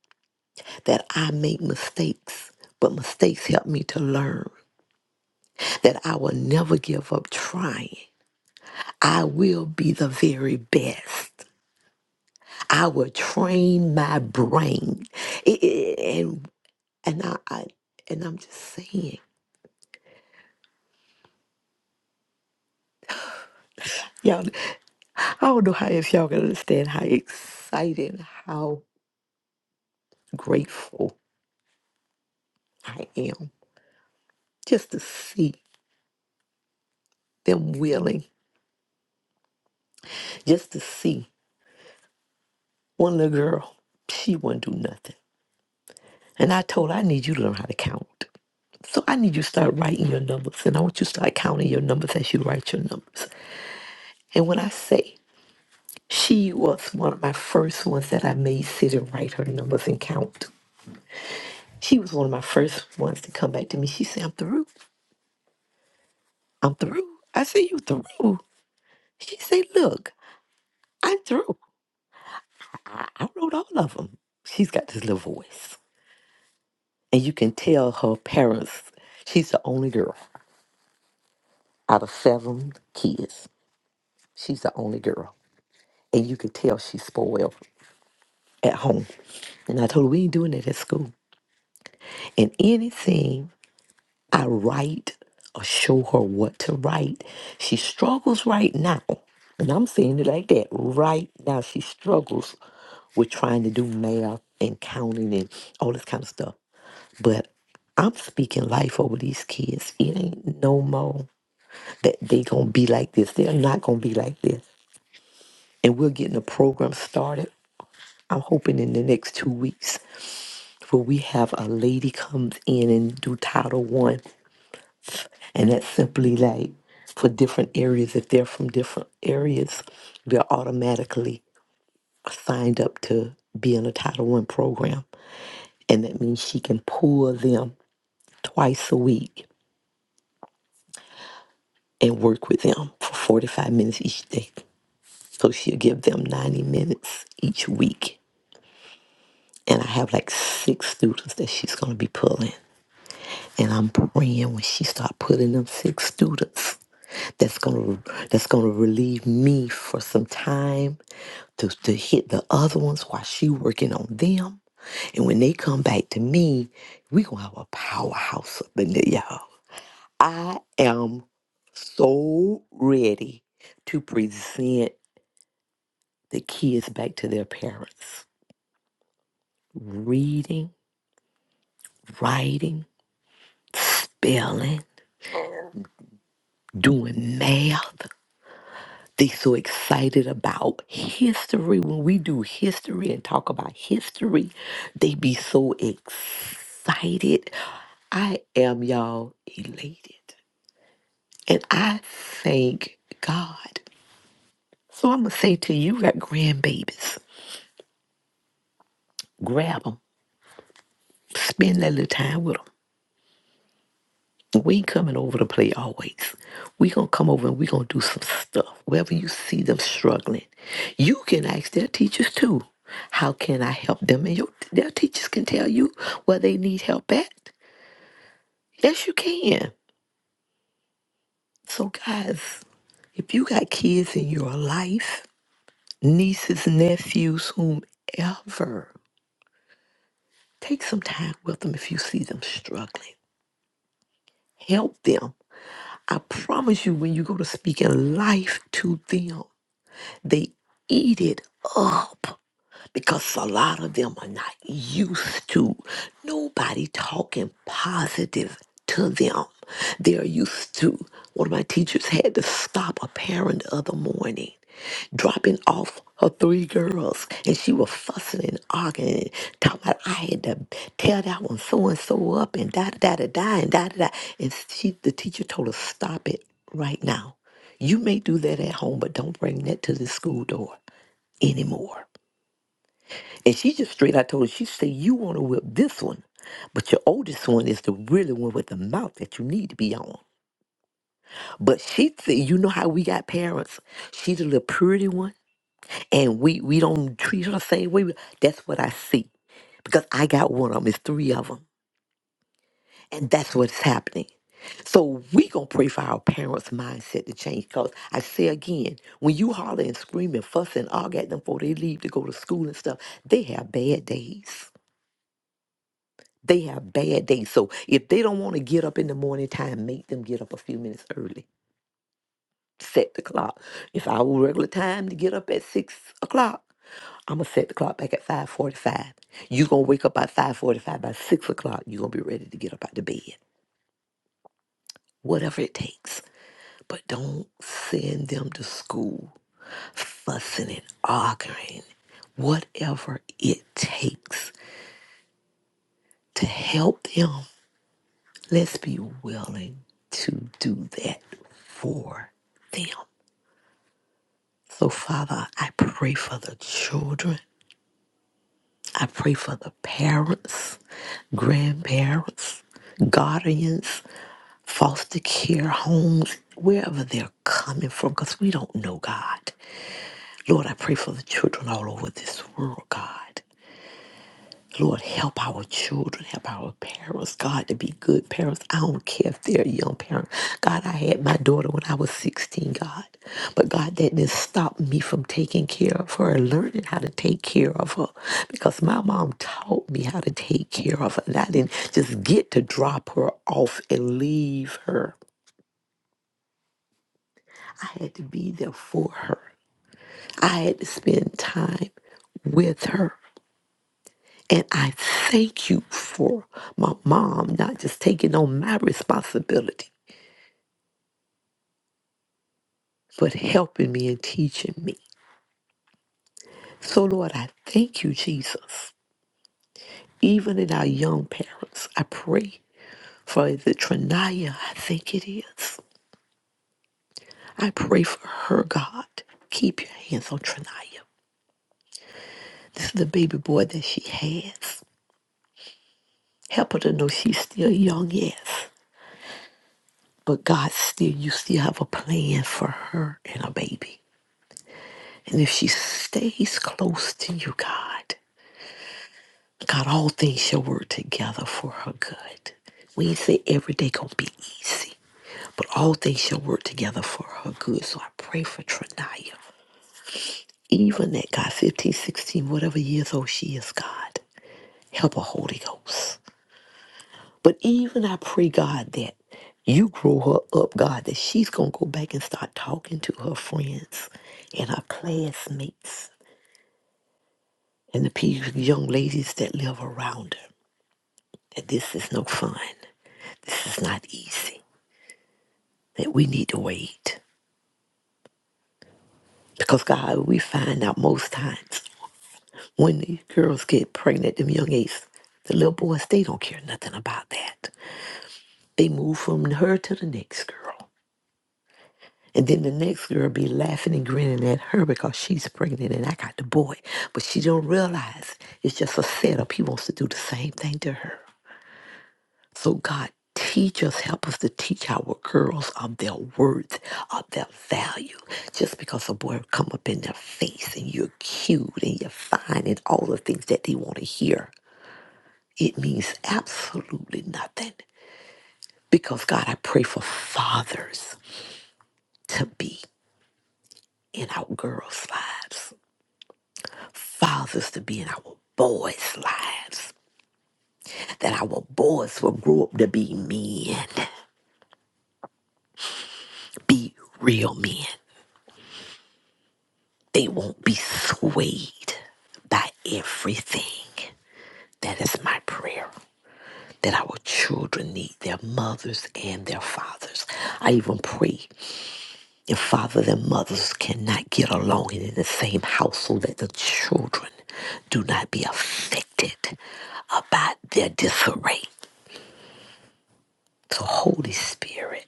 [SPEAKER 4] that I make mistakes, but mistakes help me to learn. that I will never give up trying. I will be the very best. I will train my brain. It- it- and and I, I and I'm just saying, y'all. I don't know how if y'all can understand how excited, how grateful I am just to see them willing, just to see one little girl. She wouldn't do nothing, and I told her I need you to learn how to count. So I need you to start writing your numbers, and I want you to start counting your numbers as you write your numbers. And when I say she was one of my first ones that I made sit and write her numbers and count. She was one of my first ones to come back to me. She said, "I'm through. I'm through." I said, "You through?" She said, "Look, I'm through. I, I wrote all of them." She's got this little voice, and you can tell her parents. She's the only girl out of seven kids. She's the only girl, and you can tell she's spoiled at home. And I told her, we ain't doing that at school. And anything I write or show her what to write, she struggles right now. And I'm saying it like that. Right now, she struggles with trying to do math and counting and all this kind of stuff. But I'm speaking life over these kids. It ain't no more that they gonna be like this. They're not gonna be like this. And we're getting a program started. I'm hoping in the next two weeks For we have a lady comes in and do Title One, and that's simply like for different areas. If they're from different areas, they're automatically signed up to be in a Title One program, and that means she can pull them twice a week and work with them for 45 minutes each day. So she'll give them 90 minutes each week. And I have like six students that she's going to be pulling. And I'm praying when she start putting them six students that's gonna that's gonna relieve me for some time to, to hit the other ones while she working on them. And when they come back to me, we gonna have a powerhouse up in there, y'all. I am so ready to present the kids back to their parents. Reading, writing, spelling, doing math. they so excited about history when we do history and talk about history they be so excited i am y'all elated and i thank god so i'm gonna say to you got grandbabies grab them spend that little time with 'em. We ain't coming over to play always. We gonna come over and we gonna do some stuff. Wherever you see them struggling, you can ask their teachers too. How can I help them? And your, their teachers can tell you where they need help at. Yes, you can. So, guys, if you got kids in your life, nieces, nephews, whomever, take some time with them if you see them struggling. Help them. I promise you, when you go to speak in life to them, They eat it up because a lot of them are not used to nobody talking positive to them. They're used to one of my teachers had to stop a parent the other morning dropping off her three girls and she was fussing and arguing and talking about I had to tell that one so and so up and da da da da and da da da and she the teacher told her stop it right now. You may do that at home, but don't bring that to the school door anymore and she just straight I told her, she said, You want to whip this one, but your oldest one is the really one with the mouth that you need to be on. But she said, You know how we got parents? She's the little purity one, and we, we don't treat her the same way. That's what I see because I got one of them, it's three of them. And that's what's happening. So we gonna pray for our parents' mindset to change. Cause I say again, when you holler and scream and fuss and argue at them before they leave to go to school and stuff, they have bad days. They have bad days. So if they don't want to get up in the morning time, make them get up a few minutes early. Set the clock. If our regular time to get up at six o'clock, I'm gonna set the clock back at five forty-five. You're gonna wake up by five forty-five. By six o'clock, you're gonna be ready to get up out of bed. Whatever it takes. But don't send them to school fussing and arguing. Whatever it takes to help them Let's be willing to do that for them. So, Father, I pray for the children. I pray for the parents, grandparents, guardians, foster care homes, wherever they're coming from, because we don't know God. Lord, I pray for the children all over this world, God. Lord, help our children, help our parents, God, to be good parents. I don't care if they're young parents. God, I had my daughter when I was 16, God. But God, that didn't stop me from taking care of her and learning how to take care of her because my mom taught me how to take care of her. And I didn't just get to drop her off and leave her. I had to be there for her. I had to spend time with her. And I thank you for my mom not just taking on my responsibility, but helping me and teaching me. So, Lord, I thank you, Jesus. Even in our young parents, I pray for the Trinaya, I think it is. I pray for her, God. Keep your hands on Trinaya. This is the baby boy that she has. Help her to know she's still young, yes. But God, still, you still have a plan for her and her baby. And if she stays close to you, God, God, all things shall work together for her good. We ain't say every day gonna be easy, but all things shall work together for her good. So I pray for Trinaya. Even at God 15, 16, whatever years old she is, God, help her Holy Ghost. But even I pray, God, that you grow her up, God, that she's gonna go back and start talking to her friends and her classmates and the people, young ladies that live around her. that this is no fun. This is not easy. That we need to wait. Because God, we find out most times when these girls get pregnant, them young aces, the little boys, they don't care nothing about that. They move from her to the next girl. And then the next girl be laughing and grinning at her because she's pregnant and I got the boy. But she don't realize it's just a setup. He wants to do the same thing to her. So, God, teach us, help us to teach our girls of their worth, of their value. Just because a boy come up in their face and you're cute and you're fine and all the things that they want to hear, it means absolutely nothing. Because, God, I pray for fathers to be in our girls' lives, fathers to be in our boys' lives, that our boys will grow up to be men, be real men. They won't be swayed by everything. That is my prayer. That our children need their mothers and their fathers. I even pray if fathers and mothers cannot get along and in the same household, that the children do not be affected about their disarray. So, Holy Spirit,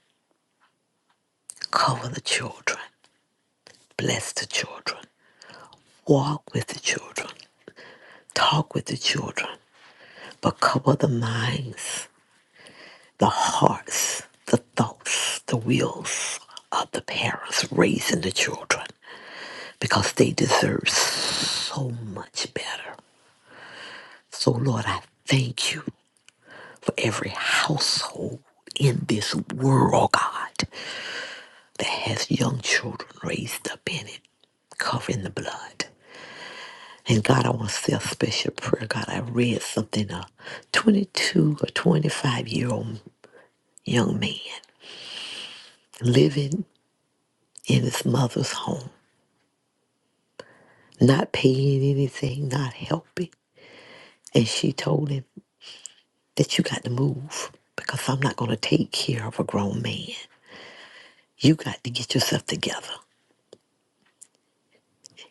[SPEAKER 4] cover the children, bless the children, walk with the children, talk with the children, but cover the minds the hearts, the thoughts, the wills of the parents raising the children because they deserve so much better. So, Lord, I thank you for every household in this world, God, that has young children raised up in it, covering the blood. And God, I want to say a special prayer. God, I read something a 22 or 25 year old young man living in his mother's home not paying anything, not helping. And she told him that you got to move because I'm not going to take care of a grown man. You got to get yourself together.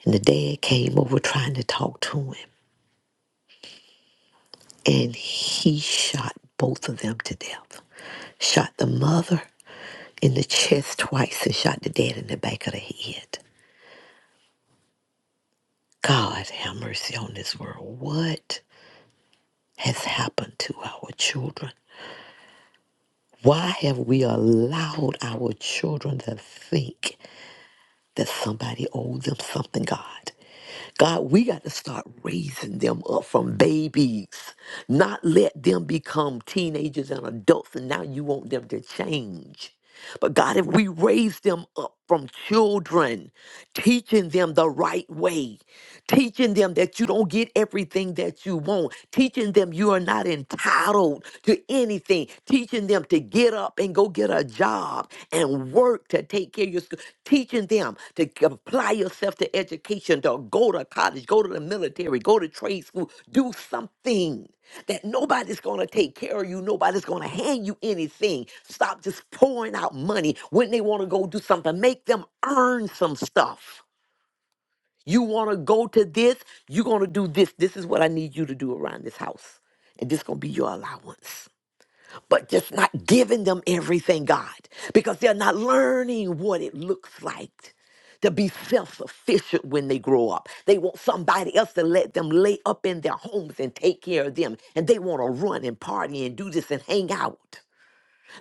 [SPEAKER 4] And the dad came over trying to talk to him, and he shot both of them to death. Shot the mother in the chest twice and shot the dad in the back of the head. God have mercy on this world. What has happened to our children? Why have we allowed our children to think that somebody owes them something, God? God, we got to start raising them up from babies, not let them become teenagers and adults, and now you want them to change. But God, if we raise them up from children, teaching them the right way, teaching them that you don't get everything that you want, teaching them you are not entitled road to anything, teaching them to get up and go get a job and work to take care of your school, teaching them to c- apply yourself to education, to go to college, go to the military, go to trade school, do something that nobody's going to take care of you, nobody's going to hand you anything. Stop just pouring out money when they want to go do something, make them earn some stuff. You want to go to this, you're going to do this. This is what I need you to do around this house. And this going to be your allowance but just not giving them everything, God, because they're not learning what it looks like to be self sufficient when they grow up. They want somebody else to let them lay up in their homes and take care of them. And they want to run and party and do this and hang out,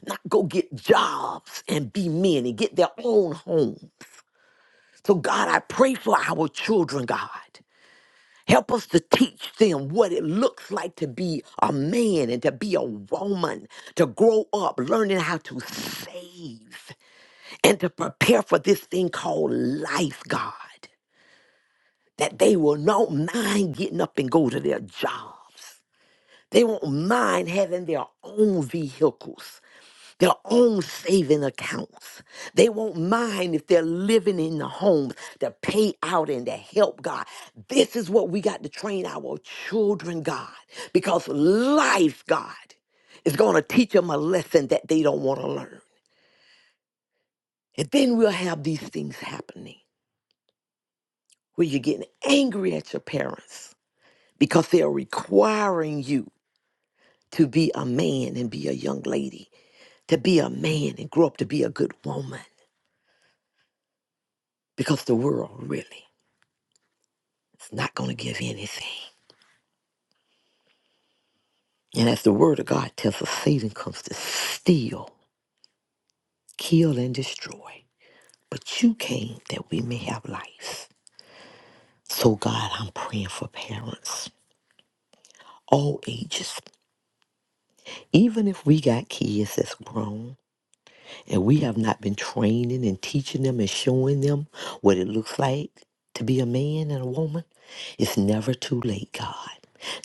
[SPEAKER 4] not go get jobs and be men and get their own home. So, God, I pray for our children, God. Help us to teach them what it looks like to be a man and to be a woman, to grow up learning how to save and to prepare for this thing called life, God. That they will not mind getting up and go to their jobs. They won't mind having their own vehicles their own saving accounts. They won't mind if they're living in the homes to pay out and to help God. This is what we got to train our children, God, because life, God, is going to teach them a lesson that they don't want to learn. And then we'll have these things happening where you're getting angry at your parents because they're requiring you to be a man and be a young lady, to be a man and grow up to be a good woman because the world really. It's not going to give anything. And as the word of God tells us, Satan comes to steal, kill, and destroy. But you came that we may have life. So, God, I'm praying for parents, all ages. Even if we got kids that's grown, and we have not been training and teaching them and showing them what it looks like to be a man and a woman, it's never too late, God.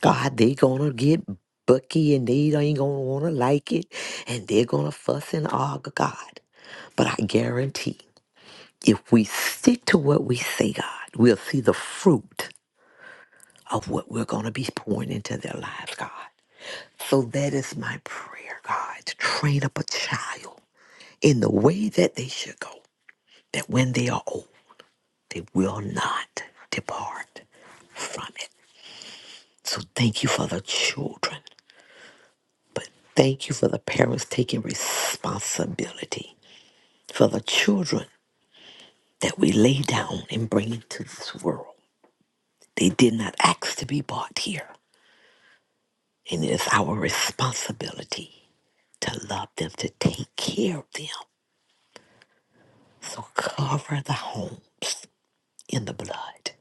[SPEAKER 4] God, they gonna get bucky and they ain't gonna wanna like it and they're gonna fuss and argue, God. But I guarantee if we stick to what we say, God, we'll see the fruit of what we're gonna be pouring into their lives, God. So that is my prayer, God, to train up a child in the way that they should go. that when they are old, they will not depart from it. So thank you for the children, but thank you for the parents taking responsibility for the children that we lay down and bring into this world. They did not ask to be brought here, and it is our responsibility to love them, to take care of them. So cover the homes in the blood,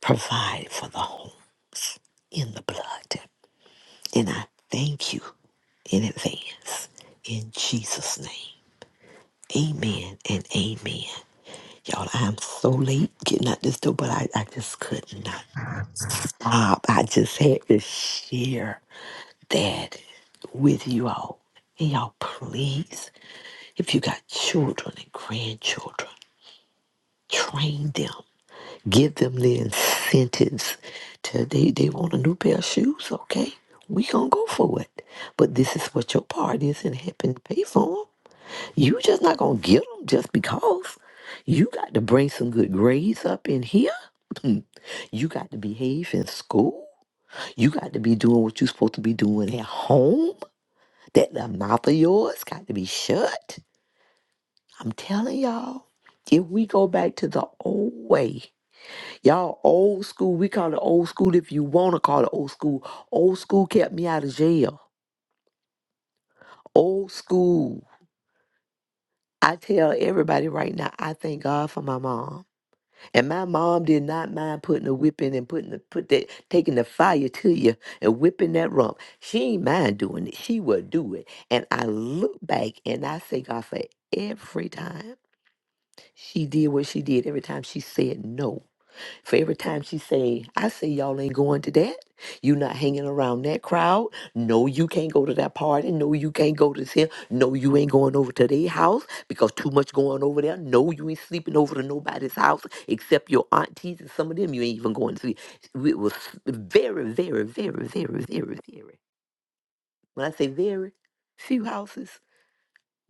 [SPEAKER 4] provide for the homes in the blood. And I thank you in advance. In Jesus' name. Amen and amen. Y'all, I'm so late getting out this door, but I, I just could not stop. I just had to share that with you all. And y'all, please, if you got children and grandchildren, train them. Give them the incentives to they, they want a new pair of shoes, okay? We gonna go for it. But this is what your part is in helping to pay for 'em. You just not gonna get them just because. You got to bring some good grades up in here. You got to behave in school. You got to be doing what you're supposed to be doing at home. That the mouth of yours got to be shut. I'm telling y'all, if we go back to the old way, y'all old school, we call it old school if you wanna call it old school. Old school kept me out of jail. Old school. I tell everybody right now, I thank God for my mom. And my mom did not mind putting a whipping and putting the put that taking the fire to you and whipping that rump. She ain't mind doing it. She will do it. And I look back and I thank God for every time she did what she did, every time she said no for every time she say, I say y'all ain't going to that. You not hanging around that crowd. No, you can't go to that party. No, you can't go to this here. No, you ain't going over to their house because too much going over there. No, you ain't sleeping over to nobody's house except your aunties and some of them you ain't even going to sleep. It was very, very, very, very, very, very. When I say very, few houses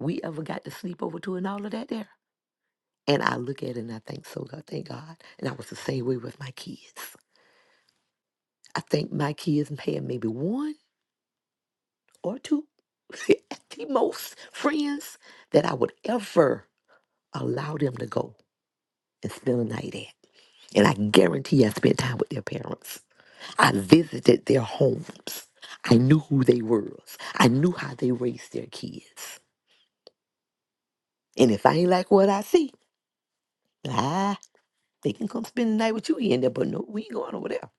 [SPEAKER 4] we ever got to sleep over to and all of that there. And I look at it and I think, so God, thank God. And I was the same way with my kids. I think my kids may have maybe one or two at the most friends that I would ever allow them to go and spend a night at. And I guarantee I spent time with their parents. I visited their homes. I knew who they were. I knew how they raised their kids. And if I ain't like what I see, ah, they can come spend the night with you in there, but no, we ain't going over there.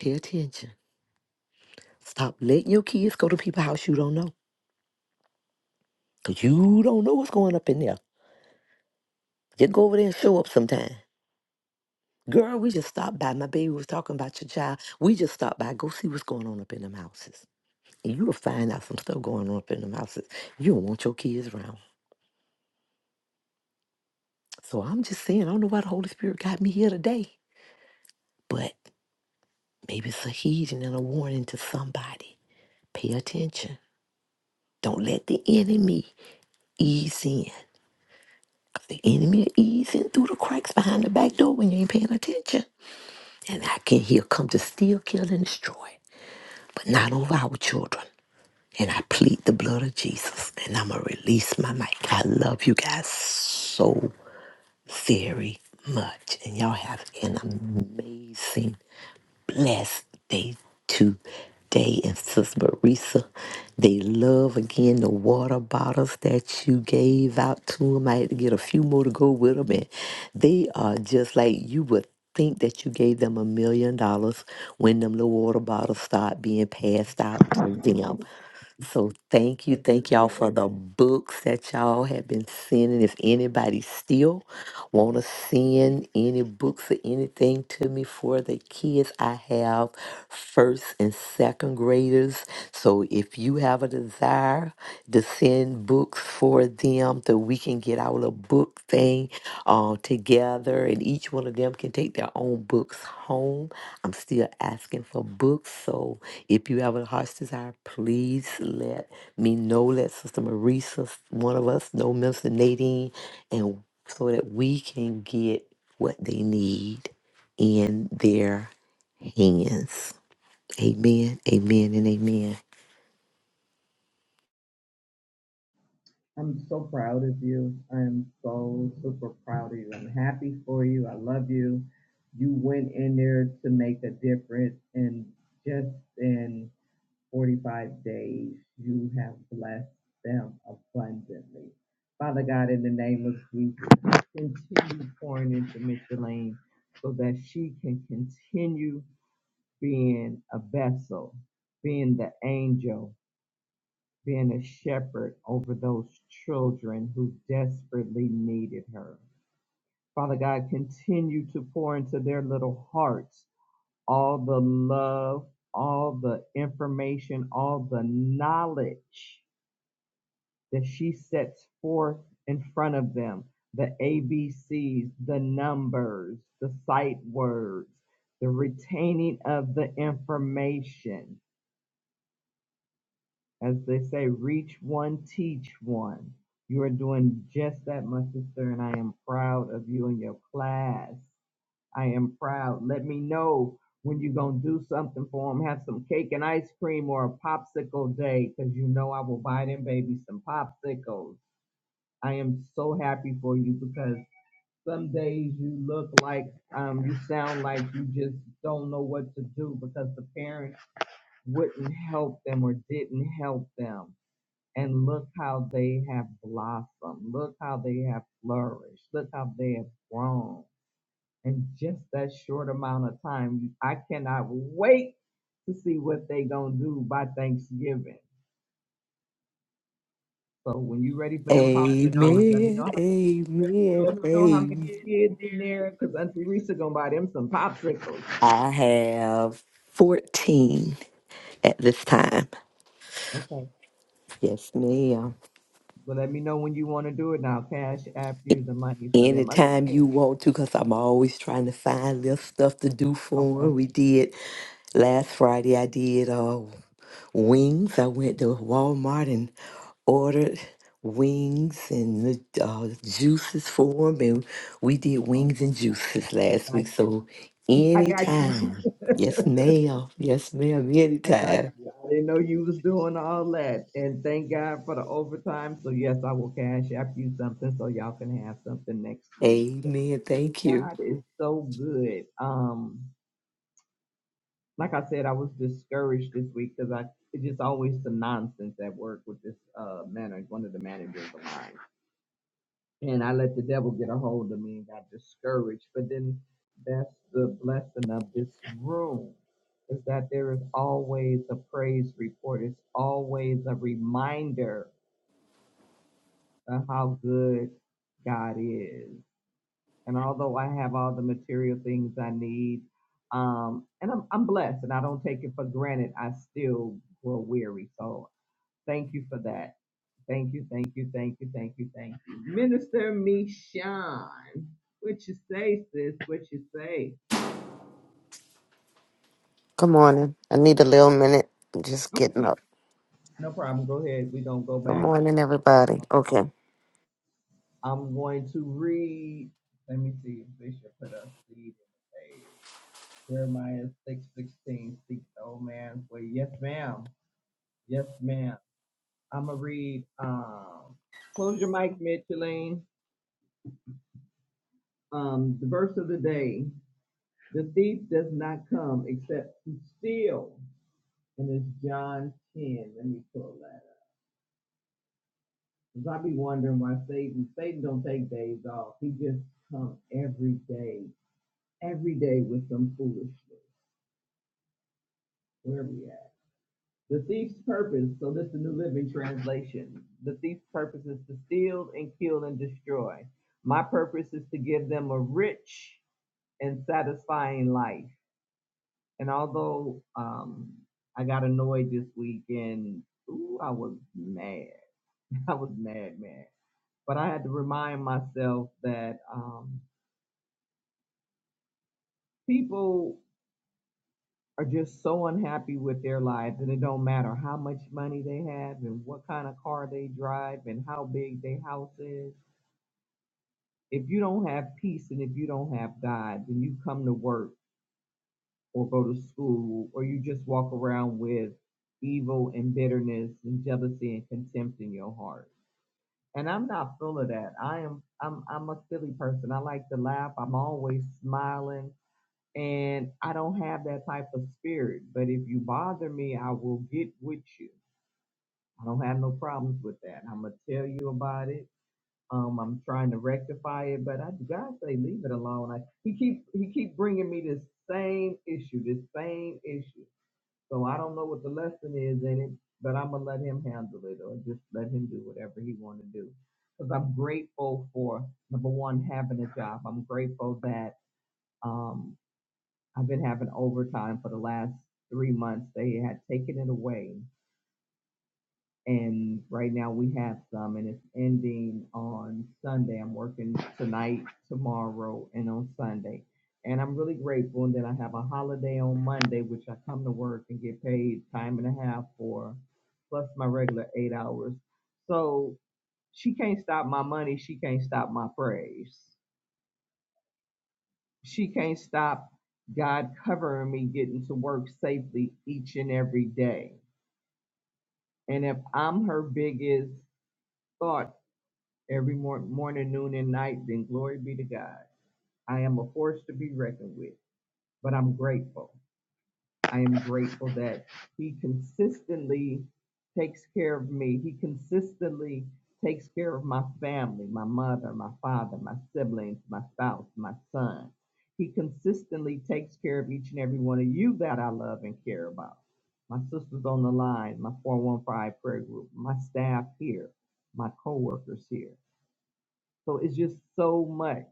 [SPEAKER 4] Pay attention. Stop letting your kids go to people's house you don't know. Cause you don't know what's going up in there. Just go over there and show up sometime. Girl, we just stopped by. My baby was talking about your child. We just stopped by. Go see what's going on up in them houses. And you'll find out some stuff going on up in them houses. You don't want your kids around. So I'm just saying, I don't know why the Holy Spirit got me here today. But maybe it's a heeding and a warning to somebody. Pay attention. Don't let the enemy ease in. 'Cause the enemy will ease in through the cracks behind the back door when you ain't paying attention. And I can hear come to steal, kill, and destroy. But not over our children. And I plead the blood of Jesus. And I'm going to release my mic. I love you guys so very much. And y'all have an amazing, blessed day today. And Sis Marisa, they love again the water bottles that you gave out to them. I had to get a few more to go with them. And they are just like you would think that you gave them a million dollars when them little water bottles start being passed out to them. So thank you. Thank y'all for the books that y'all have been sending. If anybody still want to send any books or anything to me for the kids, I have first and second graders. So if you have a desire to send books for them that we can get our little book thing uh, together, and each one of them can take their own books home. I'm still asking for books, so if you have a heart's desire, please let me know. Let Sister Marisa, one of us, know Minister Nadine, and so that we can get what they need in their hands. Amen, amen, and amen.
[SPEAKER 3] for you. I love you. You went in there to make a difference, and just in 45 days, you have blessed them abundantly. Father God, in the name of Jesus, continue pouring into Micheline so that she can continue being a vessel, being the angel been a shepherd over those children who desperately needed her. Father God, continue to pour into their little hearts all the love, all the information, all the knowledge that she sets forth in front of them the ABCs, the numbers, the sight words, the retaining of the information. as they say, reach one, teach one. You are doing just that, my sister, and I am proud of you and your class. I am proud. Let me know when you're going to do something for them. Have some cake and ice cream or a popsicle day because you know I will buy them babies some popsicles. I am so happy for you because some days you look like, um, you sound like you just don't know what to do because the parents wouldn't help them or didn't help them and look how they have blossomed. Look how they have flourished. Look how they have grown in just that short amount of time. I cannot wait to see what they gonna do by Thanksgiving. So when you ready for them popsicles, let me
[SPEAKER 4] Amen,
[SPEAKER 3] know. How, let
[SPEAKER 4] amen,
[SPEAKER 3] me know how many
[SPEAKER 4] amen,
[SPEAKER 3] kids in there, cause Auntie Risa gonna buy them some popsicles.
[SPEAKER 4] I have 14 at this time.
[SPEAKER 3] Okay.
[SPEAKER 4] Yes, ma'am.
[SPEAKER 3] So let me know when you want to do it now. Cash after you
[SPEAKER 4] A-
[SPEAKER 3] the money for them
[SPEAKER 4] Anytime you
[SPEAKER 3] again.
[SPEAKER 4] want to, because I'm always trying to find little stuff to do for
[SPEAKER 3] Okay.
[SPEAKER 4] 'em. We did last Friday, I did uh, wings. I went to Walmart and ordered wings and uh, juices for 'em, And we did
[SPEAKER 3] Oh,
[SPEAKER 4] wings and
[SPEAKER 3] God.
[SPEAKER 4] juices
[SPEAKER 3] I
[SPEAKER 4] last
[SPEAKER 3] got
[SPEAKER 4] week.
[SPEAKER 3] you.
[SPEAKER 4] So
[SPEAKER 3] I got
[SPEAKER 4] anytime. Yes,
[SPEAKER 3] you.
[SPEAKER 4] ma'am. Yes, ma'am.
[SPEAKER 3] I got
[SPEAKER 4] Anytime.
[SPEAKER 3] you. I didn't know you was doing all that. And thank God for the overtime. So yes, I will cash app you something so y'all can have something next week.
[SPEAKER 4] Amen. Thank you.
[SPEAKER 3] God is so good. Um, like I said, I was discouraged this week because I it's just always some nonsense at work with this uh manager, one of the managers of mine. and I let the devil get a hold of me and got discouraged. But then that's the blessing of this room is that there is always a praise report. It's always a reminder of how good God is. And although I have all the material things I need, um, and I'm, I'm blessed and I don't take it for granted, I still grow weary. So Thank you for that. Thank you, thank you, thank you, thank you, thank you. Minister Mishan, what you say, sis? What you say?
[SPEAKER 6] Good morning. I need a little minute. I'm just getting
[SPEAKER 3] Okay,
[SPEAKER 6] up.
[SPEAKER 3] no problem. Go ahead. We don't go
[SPEAKER 6] Good
[SPEAKER 3] back.
[SPEAKER 6] morning, everybody. Okay.
[SPEAKER 3] I'm going to read. Let me see. Bishop put a seed in the page. Jeremiah six sixteen. Seek the old man's way. Yes, ma'am. Yes, ma'am. I'm gonna read. Um, close your mic, Micheline. Um, the verse of the day. The thief does not come except to steal. And it's John 10. Let me pull that up. Because I be wondering why Satan, Satan don't take days off. He just come every day, every day with some foolishness. Where are we at? The thief's purpose, so this is the New Living Translation. The thief's purpose is to steal and kill and destroy. My purpose is to give them a rich and satisfying life. And although um, I got annoyed this weekend, ooh, I was mad. I was mad, mad. But I had to remind myself that um, people are just so unhappy with their lives, and it don't matter how much money they have, and what kind of car they drive, and how big their house is. If you don't have peace, and if you don't have God, then you come to work or go to school, or you just walk around with evil and bitterness and jealousy and contempt in your heart. And I'm not full of that. I am I'm I'm a silly person. I like to laugh. I'm always smiling. And I don't have that type of spirit. But if you bother me, I will get with you. I don't have no problems with that. I'm gonna tell you about it. Um, I'm trying to rectify it, but I God say leave it alone. I, he keep he keep bringing me this same issue, this same issue. So I don't know what the lesson is in it, but I'm gonna let him handle it or just let him do whatever he wanna do. Because I'm grateful for number one, having a job. I'm grateful that um I've been having overtime for the last three months. They had taken it away and right now we have some and it's ending on Sunday. I'm working tonight, tomorrow, and on Sunday. And I'm really grateful. And then I have a holiday on Monday, which I come to work and get paid time and a half for, plus my regular eight hours. So she can't stop my money. She can't stop my praise. She can't stop God covering me getting to work safely each and every day. And if I'm her biggest thought every mor- morning, noon, and night, then glory be to God. I am a force to be reckoned with, but I'm grateful. I am grateful that He consistently takes care of me. He consistently takes care of my family, my mother, my father, my siblings, my spouse, my son. He consistently takes care of each and every one of you that I love and care about. My sisters on the line, my 415 prayer group, my staff here, my coworkers here. So it's just so much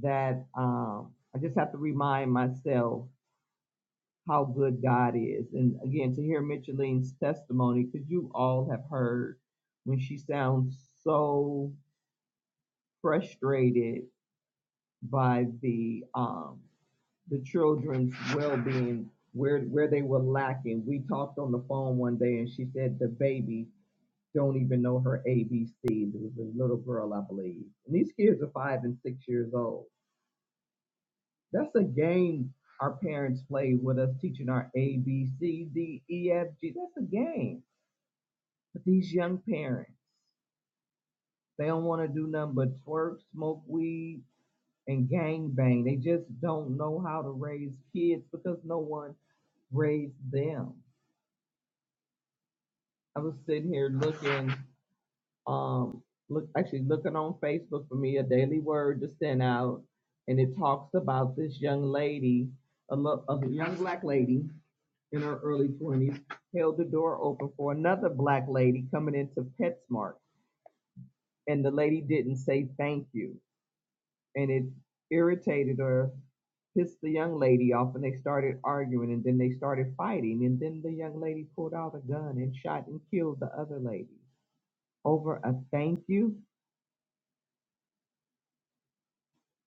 [SPEAKER 3] that um, I just have to remind myself how good God is. And again, to hear Micheline's testimony, because you all have heard when she sounds so frustrated by the um, the children's well-being, where where they were lacking. We talked on the phone one day, and she said the baby don't even know her ABCs. It was a little girl, I believe. And these kids are five and six years old That's a game our parents played with us, teaching our A, B, C, D, E, F, G. That's a game. But these young parents, they don't want to do nothing but twerk, smoke weed, and gang bang. They just don't know how to raise kids because no one raised them. I was sitting here looking, um, look actually looking on Facebook for me a daily word to send out, and it talks about this young lady, a, lo- a young black lady in her early twenties held the door open for another black lady coming into PetSmart, and the lady didn't say thank you, and it irritated her, pissed the young lady off, and they started arguing, and then they started fighting, and then the young lady pulled out a gun and shot and killed the other lady over a thank you.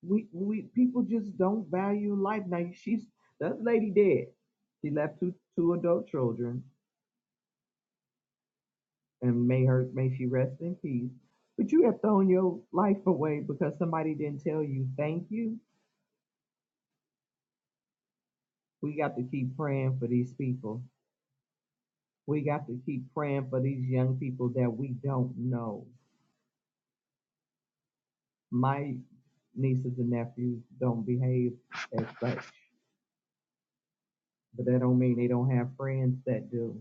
[SPEAKER 3] We we people just don't value life. Now she's that lady dead. She left two two adult children and may her may she rest in peace. But you have thrown your life away because somebody didn't tell you thank you. We got to keep praying for these people. We got to keep praying for these young people that we don't know. My nieces and nephews don't behave as such, but that don't mean they don't have friends that do.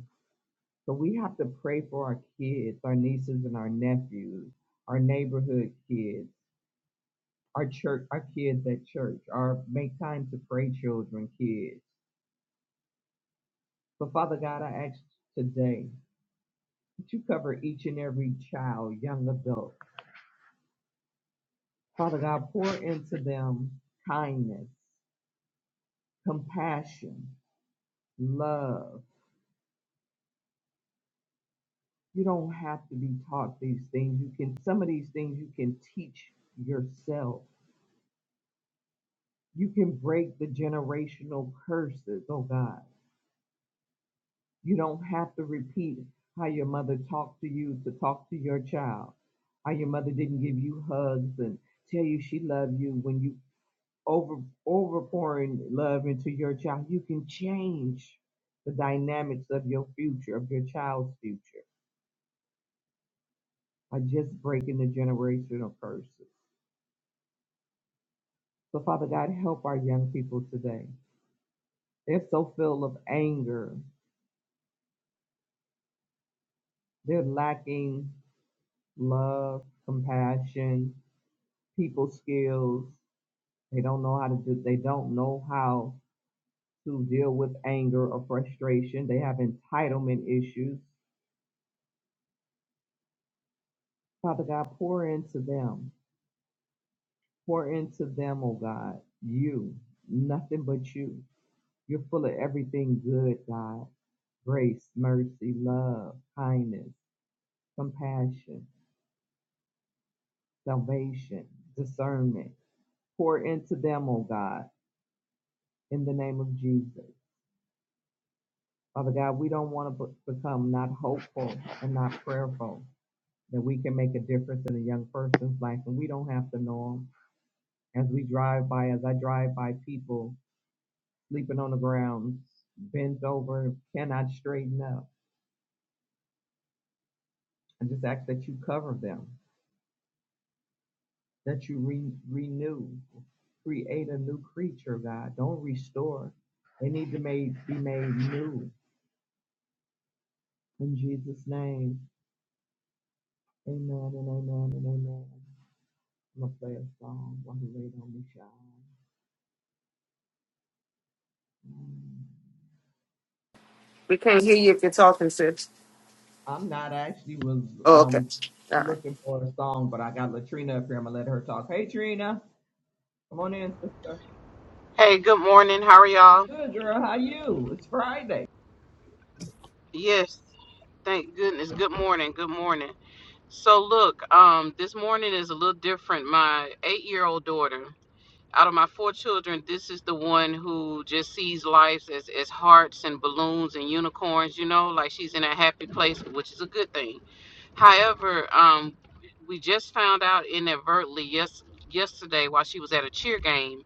[SPEAKER 3] So we have to pray for our kids, our nieces and our nephews, our neighborhood kids our church, our kids at church, our make time to pray children, kids. But Father God, I ask today that you cover each and every child, young adult. Father God, pour into them kindness, compassion, love. You don't have to be taught these things. You can some of these things you can teach yourself. You can break the generational curses, oh God. You don't have to repeat how your mother talked to you to talk to your child. How your mother didn't give you hugs and tell you she loved you when you over over pouring love into your child. You can change the dynamics of your future, of your child's future, by just breaking the generational curses. So Father God, help our young people today. They're so full of anger. They're lacking love, compassion, people skills. They don't know how to do, they don't know how to deal with anger or frustration. They have entitlement issues. Father God, pour into them. Pour into them, oh God, you, nothing but you. You're full of everything good, God grace, mercy, love, kindness, compassion, salvation, discernment. Pour into them, oh God, in the name of Jesus. Father God, we don't want to become not hopeful and not prayerful. that we can make a difference in a young person's life and we don't have to know them. As we drive by, as I drive by people sleeping on the ground, bent over, cannot straighten up, I just ask that you cover them, that you re- renew, create a new creature, God. Don't restore. They need to made, be made new. In Jesus' name, amen and amen and amen. I'm going to play a song while you wait on me, child.
[SPEAKER 6] We can't hear you if you're talking, sis.
[SPEAKER 3] I'm not. I actually was
[SPEAKER 6] Oh, okay.
[SPEAKER 3] um
[SPEAKER 6] All right.
[SPEAKER 3] looking for a song, but I got Latrina up here. I'm gonna let her talk. Hey Trina, come on in, sister.
[SPEAKER 7] Hey, good morning. How are y'all?
[SPEAKER 3] Good girl, how you? It's Friday.
[SPEAKER 7] Yes, thank goodness. Good morning. Good morning. So look, um, this morning is a little different. My eight-year-old daughter, out of my four children, this is the one who just sees life as, as hearts and balloons and unicorns, you know, like she's in a happy place, which is a good thing. However, um, we just found out inadvertently yes yesterday while she was at a cheer game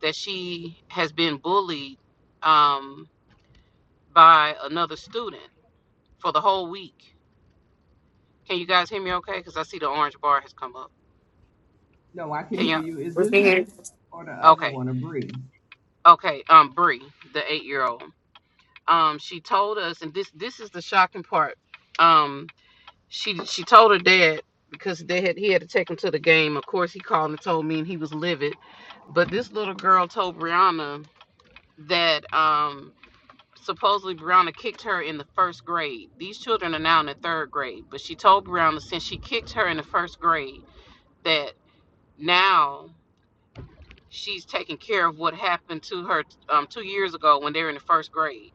[SPEAKER 7] that she has been bullied. Um, by another student for the whole week. Can you guys hear me okay? Because I see the orange bar has come up.
[SPEAKER 3] No, I can
[SPEAKER 7] Can you?
[SPEAKER 3] hear you. Is
[SPEAKER 6] We
[SPEAKER 3] this
[SPEAKER 6] can hear
[SPEAKER 3] Hannah
[SPEAKER 6] you.
[SPEAKER 3] or the other
[SPEAKER 7] Okay,
[SPEAKER 3] one, a Bree?
[SPEAKER 7] okay. Um, Bree, the eight-year-old, um, she told us, and this this is the shocking part. Um, she she told her dad because they had he had to take him to the game. Of course, he called and told me, and he was livid. But this little girl told Brianna that. um Supposedly, Brianna kicked her in the first grade. These children are now in the third grade, but she told Brianna since she kicked her in the first grade that now she's taking care of what happened to her um, two years ago when they were in the first grade.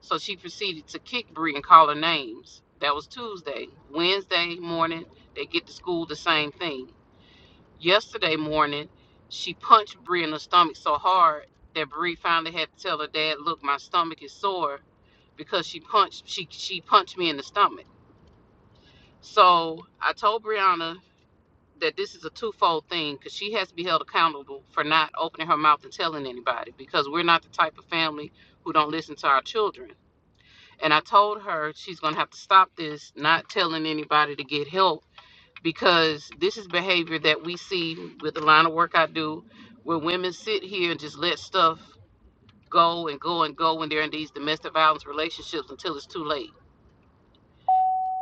[SPEAKER 7] So she proceeded to kick Bree and call her names. That was Tuesday. Wednesday morning, they get to school the same thing. Yesterday morning, she punched Bree in the stomach so hard that Bree finally had to tell her dad, "Look, my stomach is sore because she punched she she punched me in the stomach." So I told Brianna that this is a twofold thing because she has to be held accountable for not opening her mouth and telling anybody because we're not the type of family who don't listen to our children. And I told her she's gonna have to stop this, not telling anybody to get help because this is behavior that we see with the line of work I do, where women sit here and just let stuff go and go and go when they're in these domestic violence relationships until it's too late.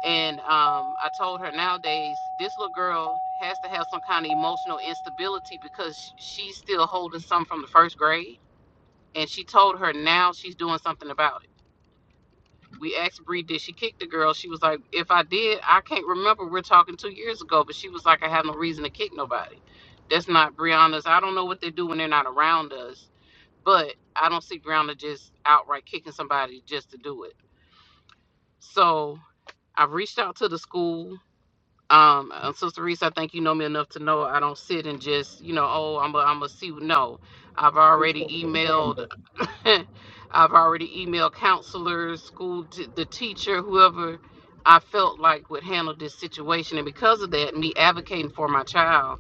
[SPEAKER 7] And um, I told her nowadays, this little girl has to have some kind of emotional instability because she's still holding some from the first grade. And she told her now she's doing something about it We asked Bree, did she kick the girl? She was like, if I did, I can't remember. We're talking two years ago, but she was like, I have no reason to kick nobody. That's not Brianna's. I don't know what they do when they're not around us, but I don't see Brianna just outright kicking somebody just to do it. So I've reached out to the school. Um, uh, Sister Reese, I think you know me enough to know I don't sit and just, you know, oh, I'm a, I'm a see. No, I've already emailed I've already emailed counselors, school, t- the teacher, whoever I felt like would handle this situation. And because of that, me advocating for my child,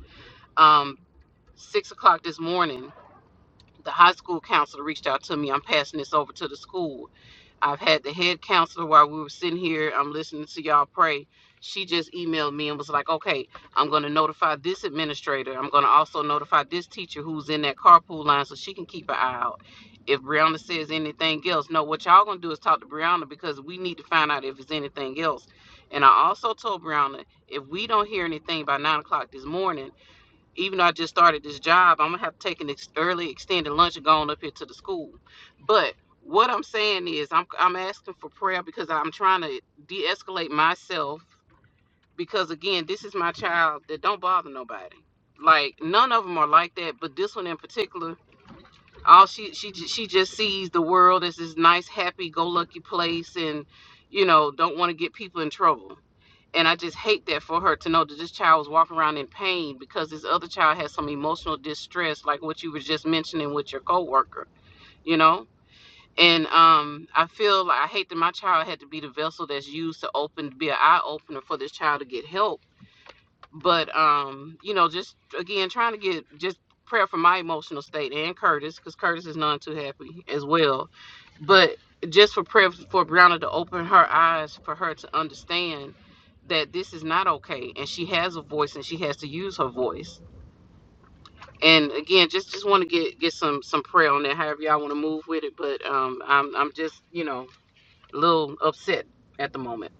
[SPEAKER 7] um, six o'clock this morning, the high school counselor reached out to me. I'm passing this over to the school I've had the head counselor while we were sitting here. I'm listening to y'all pray. She just emailed me and was like, okay, I'm going to notify this administrator. I'm going to also notify this teacher who's in that carpool line so she can keep an eye out. If Brianna says anything else, no, what y'all going to do is talk to Brianna because we need to find out if it's anything else. And I also told Brianna, if we don't hear anything by nine o'clock this morning, even though I just started this job, I'm gonna have to take an ex- early extended lunch and go on up here to the school. But what I'm saying is, I'm I'm asking for prayer because I'm trying to de-escalate myself because again, this is my child that don't bother nobody. Like none of them are like that, but this one in particular, all she she ju- she just sees the world as this nice, happy, go lucky place, and you know don't want to get people in trouble and I just hate that for her to know that this child was walking around in pain because this other child had some emotional distress, like what you were just mentioning with your coworker, you know. And um, I feel like I hate that my child had to be the vessel that's used to open, to be an eye opener for this child to get help but um you know just again trying to get just prayer for my emotional state and curtis because curtis is none too happy as well but just for prayer for brianna to open her eyes for her to understand that this is not okay and she has a voice and she has to use her voice and again just just want to get get some some prayer on that however y'all want to move with it but um i'm i'm just you know a little upset at the moment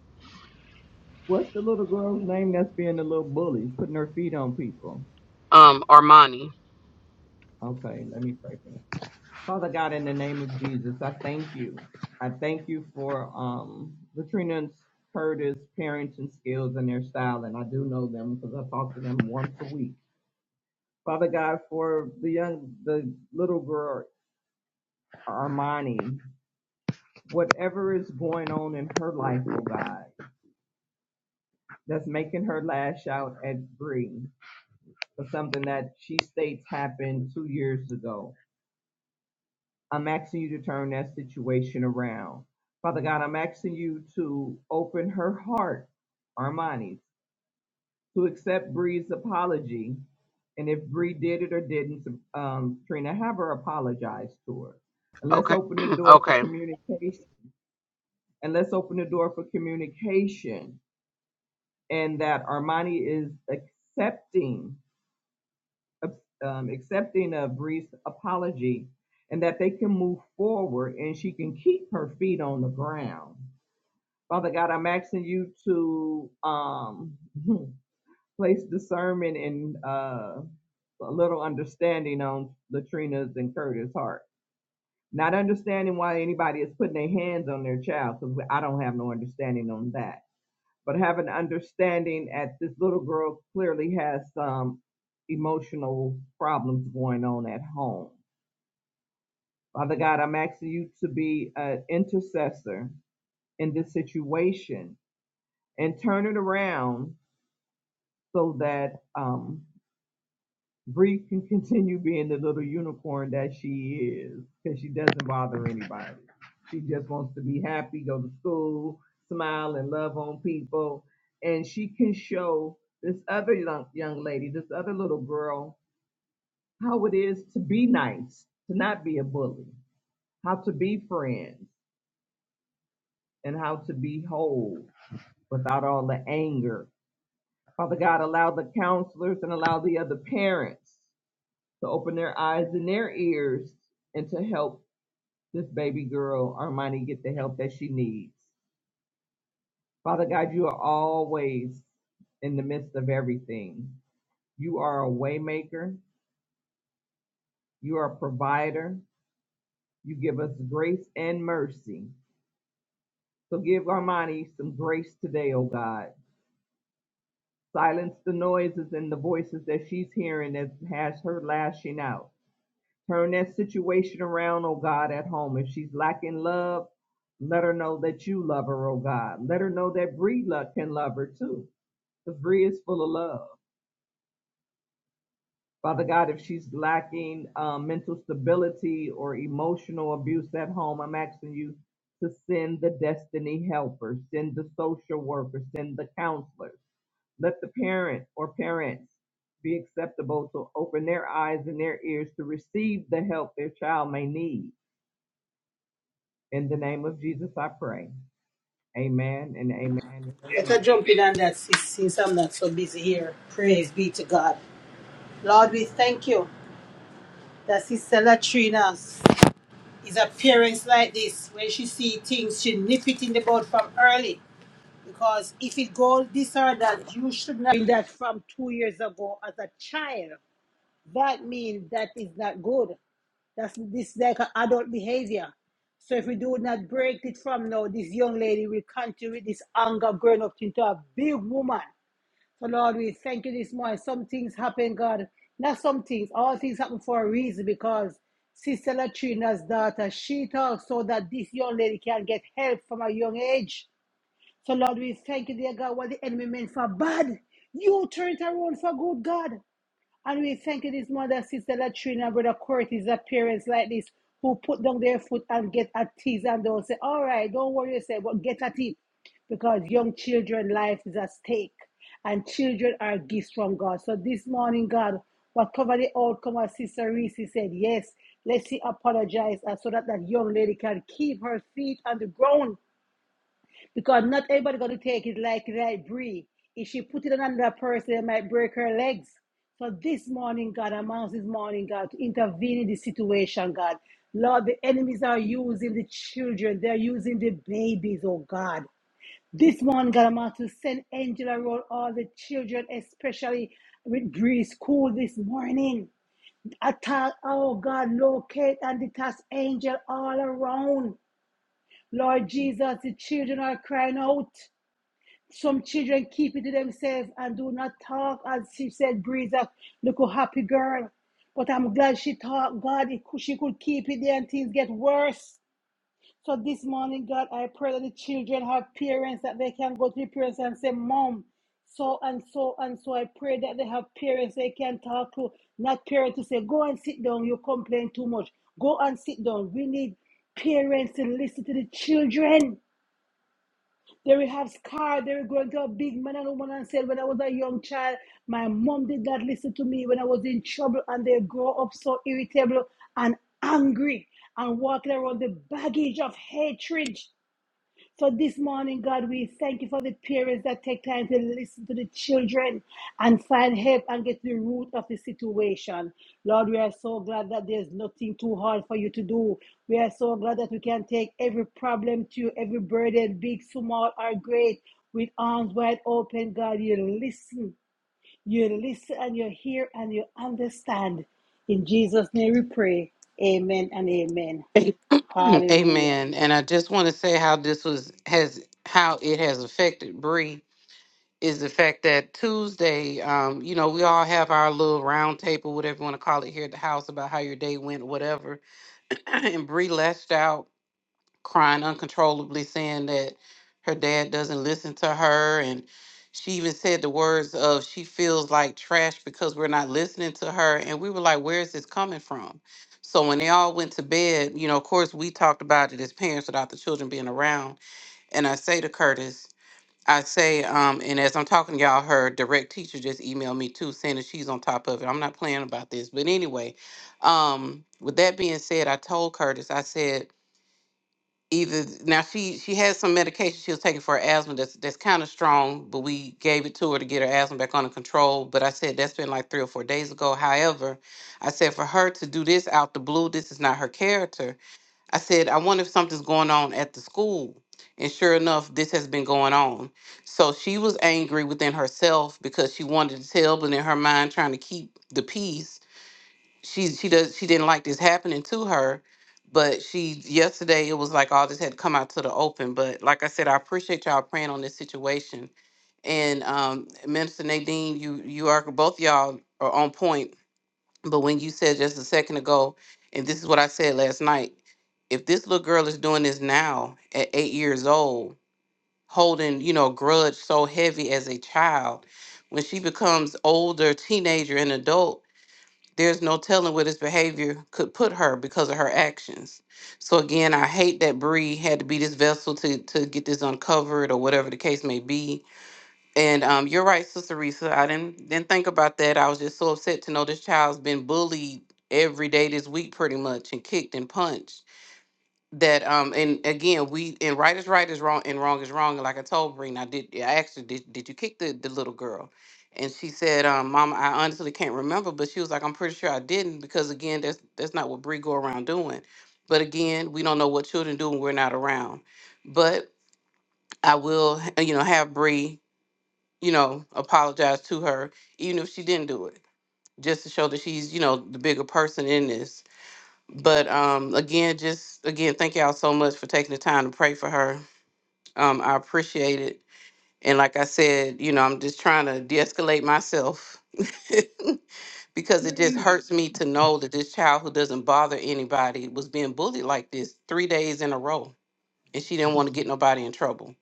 [SPEAKER 3] What's the little girl's name that's being a little bully, putting her feet on people?
[SPEAKER 7] um armani
[SPEAKER 3] Okay, let me pray for that. Father God, in the name of Jesus, I thank you. I thank you for um Latrina and Curtis' parenting skills and their style, and I do know them because I talk to them once a week. Father God, for the young, the little girl Armani, whatever is going on in her life, oh God, that's making her lash out at Bree for something that she states happened two years ago. I'm asking you to turn that situation around. Father God, I'm asking you to open her heart, Armani's. to accept Bree's apology. And if Bree did it or didn't, um, Trina, have her apologize to her. And let's
[SPEAKER 7] okay
[SPEAKER 3] open the door for
[SPEAKER 7] okay
[SPEAKER 3] communication. And let's open the door for communication. And that Armani is accepting, um, accepting of Bree's apology, and that they can move forward, and she can keep her feet on the ground. Father God, I'm asking you to um, hmm, place discernment and uh, a little understanding on Latrina's and Curtis' heart. Not understanding why anybody is putting their hands on their child, because I don't have no understanding on that. But have an understanding that this little girl clearly has some emotional problems going on at home. Father God, I'm asking you to be an intercessor in this situation and turn it around so that um, Bree can continue being the little unicorn that she is because she doesn't bother anybody. She just wants to be happy, go to school, smile, and love on people. And she can show this other young, young lady, this other little girl, how it is to be nice, to not be a bully, how to be friends, and how to be whole without all the anger. Father God, allow the counselors and allow the other parents to open their eyes and their ears and to help this baby girl, Armani, get the help that she needs. Father God, you are always in the midst of everything. You are a waymaker. You are a provider. You give us grace and mercy. So give Armani some grace today, oh God. Silence the noises and the voices that she's hearing that has her lashing out. Turn that situation around, oh God, at home. If she's lacking love, let her know that you love her, oh God. Let her know that Bree lo- can love her too, because Bree is full of love. Father God, if she's lacking um, mental stability or emotional abuse at home, I'm asking you to send the destiny helpers, send the social workers, send the counselors. Let the parent or parents be acceptable to open their eyes and their ears to receive the help their child may need. In the name of Jesus, I pray. Amen and amen and
[SPEAKER 1] Let her
[SPEAKER 3] amen.
[SPEAKER 1] jump in on that, sis, since I'm not so busy here. Praise be to God. Lord, we thank you that Sister Latrina is appearance like this. When she see things, she nip it in the bud from early. Because if it goes this or that, you should not do that from two years ago as a child. That means that is not good. That's this like an adult behavior. So if we do not break it from now, this young lady will continue with this anger growing up into a big woman. So Lord, we thank you this morning. Some things happen, God. Not some things. All things happen for a reason because Sister Latrina's daughter, she talks so that this young lady can get help from a young age. So, Lord, we thank you, dear God, what the enemy meant for bad. You turn it around for good, God. And we thank you, this mother, sister Latrina, and brother Curtis, that parents like this who put down their foot and get at teeth and they'll say, All right, don't worry yourself, but get at it. Because young children' life is at stake. And children are gifts from God. So this morning, God, whatever the outcome, as Sister Reese said, yes, let's see apologize and so that that young lady can keep her feet on the ground because not everybody gonna take it like like Bree. If she put it on another person, it might break her legs. So this morning, God, I'm asking this morning, God, to intervene in this situation, God. Lord, the enemies are using the children, they're using the babies, oh God. This morning, God, I'm asking to send angel around all the children, especially with Bree's school this morning. Attack, oh God, locate and detach angel all around. Lord Jesus, the children are crying out. Some children keep it to themselves and do not talk. As she said, Breeza, look a happy girl. But I'm glad she talked. God, it, she could keep it there and things get worse. So this morning, God, I pray that the children have parents that they can go to the parents and say, Mom, so and so and so. I pray that they have parents they can talk to, not parents to say, Go and sit down, you complain too much. Go and sit down. We need parents to listen to the children. They will have scar. They will grow into a big man and woman and say, When I was a young child, my mom did not listen to me when I was in trouble. And they grow up so irritable and angry and walking around the baggage of hatred so this morning, God, we thank you for the parents that take time to listen to the children and find help and get to the root of the situation. Lord, we are so glad that there's nothing too hard for you to do. We are so glad that we can take every problem to you, every burden, big, small, or great, with arms wide open. God, you listen. You listen and you hear and you understand. In Jesus' name we pray. Amen and amen.
[SPEAKER 7] A-
[SPEAKER 1] Hallelujah.
[SPEAKER 7] Amen. And I just want to say how this was has how it has affected Bree is the fact that Tuesday, um, you know, we all have our little round table, whatever you want to call it here at the house about how your day went, whatever. and Bree lashed out crying uncontrollably, saying that her dad doesn't listen to her. And she even said the words of, she feels like trash because we're not listening to her. And we were like, where is this coming from? So when they all went to bed, you know, of course, we talked about it as parents without the children being around. And I say to Curtis, I say, um, and as I'm talking to y'all, her direct teacher just emailed me too, saying that she's on top of it. I'm not playing about this. But anyway, um, with that being said, I told Curtis, I said, either now she she had some medication she was taking for her asthma that's that's kind of strong but we gave it to her to get her asthma back under control but i said that's been like three or four days ago however i said for her to do this out the blue this is not her character i said i wonder if something's going on at the school and sure enough this has been going on so she was angry within herself because she wanted to tell but in her mind trying to keep the peace she she does she didn't like this happening to her but she yesterday it was like all this had to come out to the open but like i said i appreciate y'all praying on this situation and um minister nadine you you are both y'all are on point but when you said just a second ago and this is what i said last night if this little girl is doing this now at eight years old holding you know a grudge so heavy as a child when she becomes older teenager and adult there's no telling what his behavior could put her because of her actions. So again, I hate that Bree had to be this vessel to to get this uncovered or whatever the case may be. And um, you're right, Sister Risa. I didn't didn't think about that. I was just so upset to know this child's been bullied every day this week, pretty much, and kicked and punched that um and again we and right is right is wrong and wrong is wrong and like i told Breen, i did i asked her did, did you kick the, the little girl and she said um mom i honestly can't remember but she was like i'm pretty sure i didn't because again that's that's not what Bree go around doing but again we don't know what children do when we're not around but i will uh, you know have Bree, you know apologize to her even if she didn't do it just to show that she's you know the bigger person in this but um, again, just again, thank y'all so much for taking the time to pray for her. Um, I appreciate it. And like I said, you know, I'm just trying to de escalate myself because it just hurts me to know that this child who doesn't bother anybody was being bullied like this three days in a row. And she didn't want to get nobody in trouble,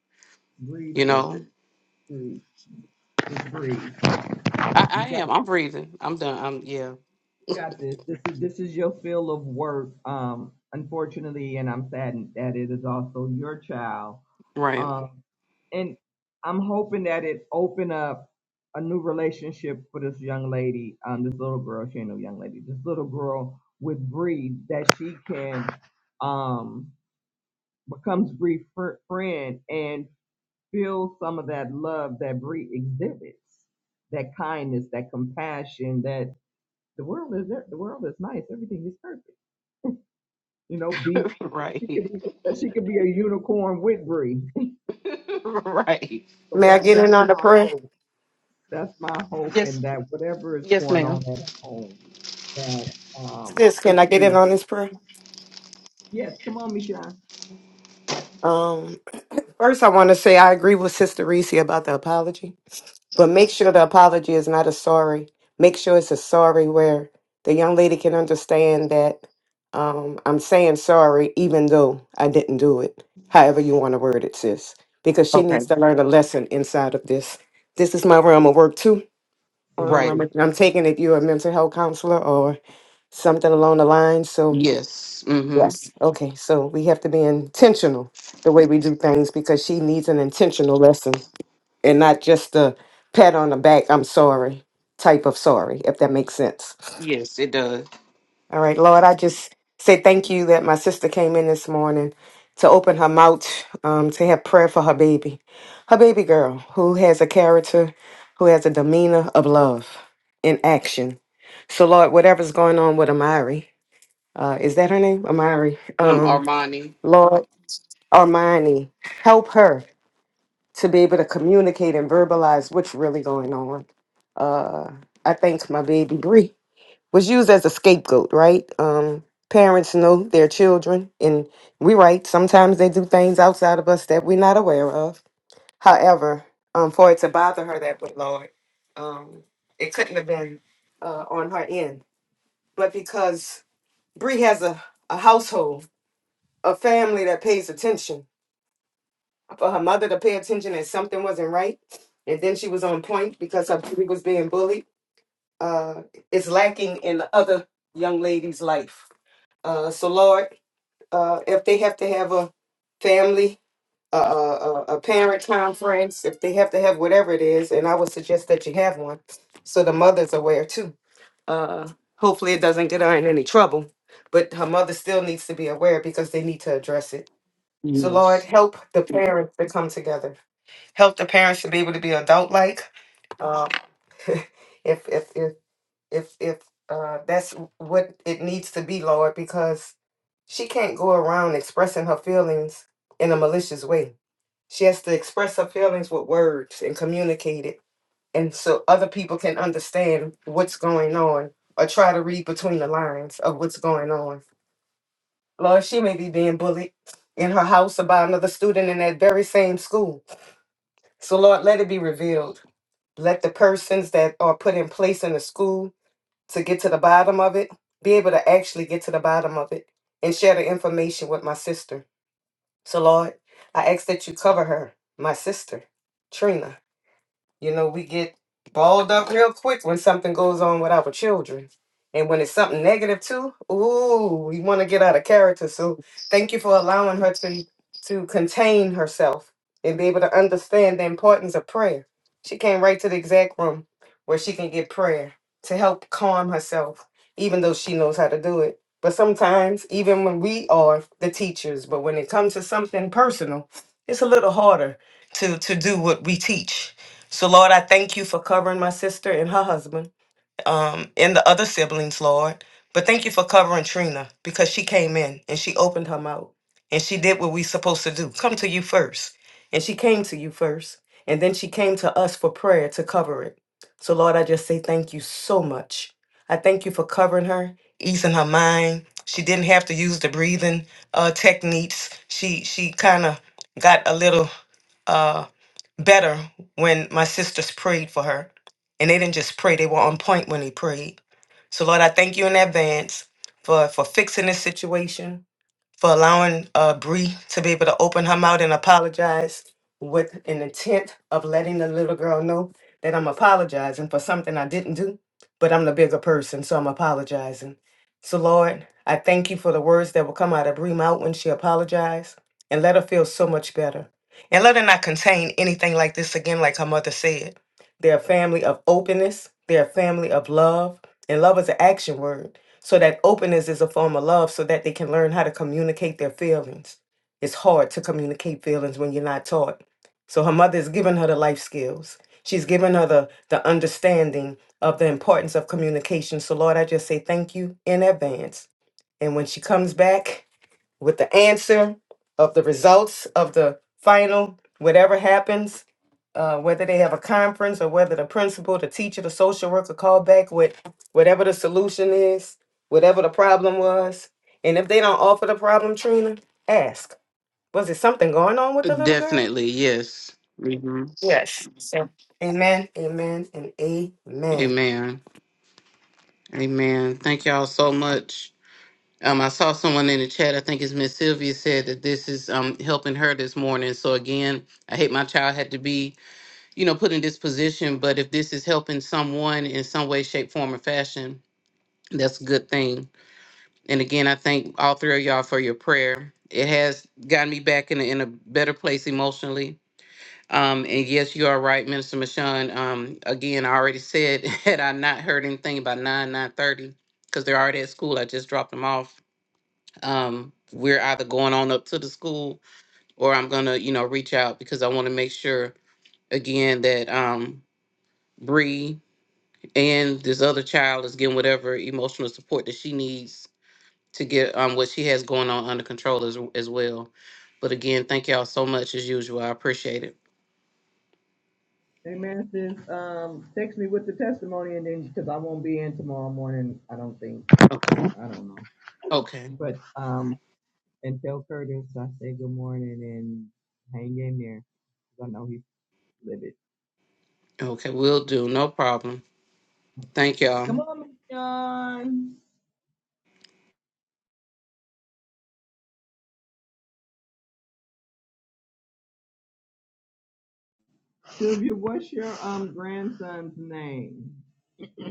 [SPEAKER 3] Breathe,
[SPEAKER 7] you
[SPEAKER 3] sis.
[SPEAKER 7] know?
[SPEAKER 3] Breathe. Just breathe.
[SPEAKER 7] I, I
[SPEAKER 3] You got,
[SPEAKER 7] am. I'm breathing. I'm done. I'm, yeah.
[SPEAKER 3] you got this. This is this is your field of work. Um, unfortunately, and I'm saddened that it is also your child.
[SPEAKER 7] Right.
[SPEAKER 3] Um, and I'm hoping that it open up a new relationship for this young lady. Um, this little girl. She ain't no young lady. This little girl with Bree that she can um becomes brief friend and feel some of that love that Bree exhibits, that kindness, that compassion, that the world is there, the world is nice, everything is perfect. You know, be she could
[SPEAKER 7] right.
[SPEAKER 3] be that she could be a unicorn with Bree.
[SPEAKER 7] right.
[SPEAKER 3] so
[SPEAKER 6] May I
[SPEAKER 3] that
[SPEAKER 6] get
[SPEAKER 3] that's
[SPEAKER 6] in on the
[SPEAKER 3] my
[SPEAKER 6] prayer?
[SPEAKER 3] hope. That's my hope,
[SPEAKER 7] Yes.
[SPEAKER 3] and that whatever is
[SPEAKER 7] Yes,
[SPEAKER 3] going
[SPEAKER 7] ma'am.
[SPEAKER 3] on at home, that um,
[SPEAKER 6] Sis, can
[SPEAKER 3] it
[SPEAKER 6] I
[SPEAKER 3] can
[SPEAKER 6] get
[SPEAKER 3] be.
[SPEAKER 6] in on
[SPEAKER 3] right.
[SPEAKER 6] this prayer?
[SPEAKER 3] Yes, come on, Michelle.
[SPEAKER 6] Um, first I want to say I agree with Sister Reese about the apology. But make sure the apology is not a sorry. Make sure it's a sorry where the young lady can understand that um, I'm saying sorry even though I didn't do it. However you want to word it, sis, because she needs
[SPEAKER 7] Okay.
[SPEAKER 6] to learn a lesson inside of this. This is my realm of work too. Um,
[SPEAKER 7] Right.
[SPEAKER 6] I'm, I'm taking it you're a mental health counselor or something along the line. So
[SPEAKER 7] Yes. Mm-hmm.
[SPEAKER 6] yes, okay. So we have to be intentional the way we do things because she needs an intentional lesson and not just a pat on the back, I'm sorry type of sorry, if that makes sense.
[SPEAKER 7] Yes, it does.
[SPEAKER 6] All right, Lord, I just say thank you that my sister came in this morning to open her mouth um, to have prayer for her baby, her baby girl who has a character, who has a demeanor of love in action. So, Lord, whatever's going on with Amari, uh, is that her name? Amari.
[SPEAKER 7] Um,
[SPEAKER 6] Um,
[SPEAKER 7] Armani.
[SPEAKER 6] Lord, Armani, help her to be able to communicate and verbalize what's really going on. Uh, I think my baby Bree was used as a scapegoat, right? Um, parents know their children, and we right. Sometimes they do things outside of us that we're not aware of. However, um, for it to bother her that way, Lord, um, it couldn't have been uh, on her end. But because Bree has a, a household, a family that pays attention, for her mother to pay attention that something wasn't right, and then she was on point because her baby was being bullied. Uh, it's lacking in the other young lady's life. Uh, so Lord, uh, if they have to have a family, a, a, a a parent conference, if they have to have whatever it is, and I would suggest that you have one, so the mother's aware too. Uh, hopefully, it doesn't get her in any trouble, but her mother still needs to be aware because they need to address it. So Lord,
[SPEAKER 7] Yes,
[SPEAKER 6] help the parents to come together help the parents to be able to be adult like. Um, if if if if if uh, that's what it needs to be, Lord, because she can't go around expressing her feelings in a malicious way. She has to express her feelings with words and communicate it, and so other people can understand what's going on or try to read between the lines of what's going on. Lord, she may be being bullied in her house or by another student in that very same school. So, Lord, let it be revealed let the persons that are put in place in the school to get to the bottom of it be able to actually get to the bottom of it and share the information with my sister. So, Lord, I ask that you cover her, my sister, Trina. You know, we get balled up real quick when something goes on with our children. And when it's something negative too, ooh, we want to get out of character. So thank you for allowing her to to contain herself and be able to understand the importance of prayer. She came right to the exact room where she can get prayer to help calm herself, even though she knows how to do it. But sometimes, even when we are the teachers, but when it comes to something personal, it's a little harder to to do what we teach so, Lord, I thank you for covering my sister and her husband um, and the other siblings, Lord. But thank you for covering Trina because she came in and she opened her mouth and she did what we supposed to do come to you first. And she came to you first. And then she came to us for prayer to cover it. So, Lord, I just say thank you so much. I thank you for covering her, easing her mind. She didn't have to use the breathing uh, techniques. She she kind of got a little. uh, better when my sisters prayed for her. And they didn't just pray, they were on point when they prayed. So, Lord, I thank you in advance for, for fixing this situation for allowing uh, Bree to be able to open her mouth and apologize with an intent of letting the little girl know that I'm apologizing for something I didn't do, but I'm the bigger person, so I'm apologizing. So, Lord, I thank you for the words that will come out of Bree mouth when she apologized and let her feel so much better. And let her not contain anything like this again, like her mother said. They're a family of openness, they're a family of love, and love is an action word. So that openness is a form of love so that they can learn how to communicate their feelings. It's hard to communicate feelings when you're not taught. So her mother is giving her the life skills. She's giving her the, the understanding of the importance of communication. So Lord, I just say thank you in advance. And when she comes back, with the answer of the results of the final, whatever happens, uh, whether they have a conference or whether the principal, the teacher, the social worker call back with whatever the solution is, whatever the problem was. And if they don't offer the problem, Trina, ask. Was there something going on with the little girl?
[SPEAKER 7] definitely. Yes. hmm
[SPEAKER 6] Yes. Amen, amen, and amen.
[SPEAKER 7] Amen. Amen. Thank y'all so much. Um, I saw someone in the chat. I think it's Miss Sylvia said that this is um helping her this morning. So again, I hate my child had to be, you know, put in this position. But if this is helping someone in some way, shape, form, or fashion, that's a good thing. And again, I thank all three of y'all for your prayer. It has gotten me back in a, in a better place emotionally Um, and yes, you are right, Minister Michon. Um, again, I already said had I not heard anything by nine nine thirty, because they're already at school. I just dropped them off. Um, we're either going on up to the school, or I'm gonna, you know, reach out because I want to make sure again that um Bree and this other child is getting whatever emotional support that she needs to get um what she has going on under control as as well. But again, thank y'all so much as usual. I appreciate it.
[SPEAKER 3] Amen. man, sis, um, text me with the testimony, and then because I won't be in tomorrow morning, I don't think.
[SPEAKER 7] Okay.
[SPEAKER 3] I don't know.
[SPEAKER 7] Okay.
[SPEAKER 3] But um, And tell Curtis I say good morning and hang in there. 'cause I know he's livid.
[SPEAKER 7] Okay, will do. No problem.
[SPEAKER 3] He
[SPEAKER 7] Thank
[SPEAKER 3] says,
[SPEAKER 7] y'all.
[SPEAKER 3] Come on, Miss John. Sylvia, what's your um grandson's name? so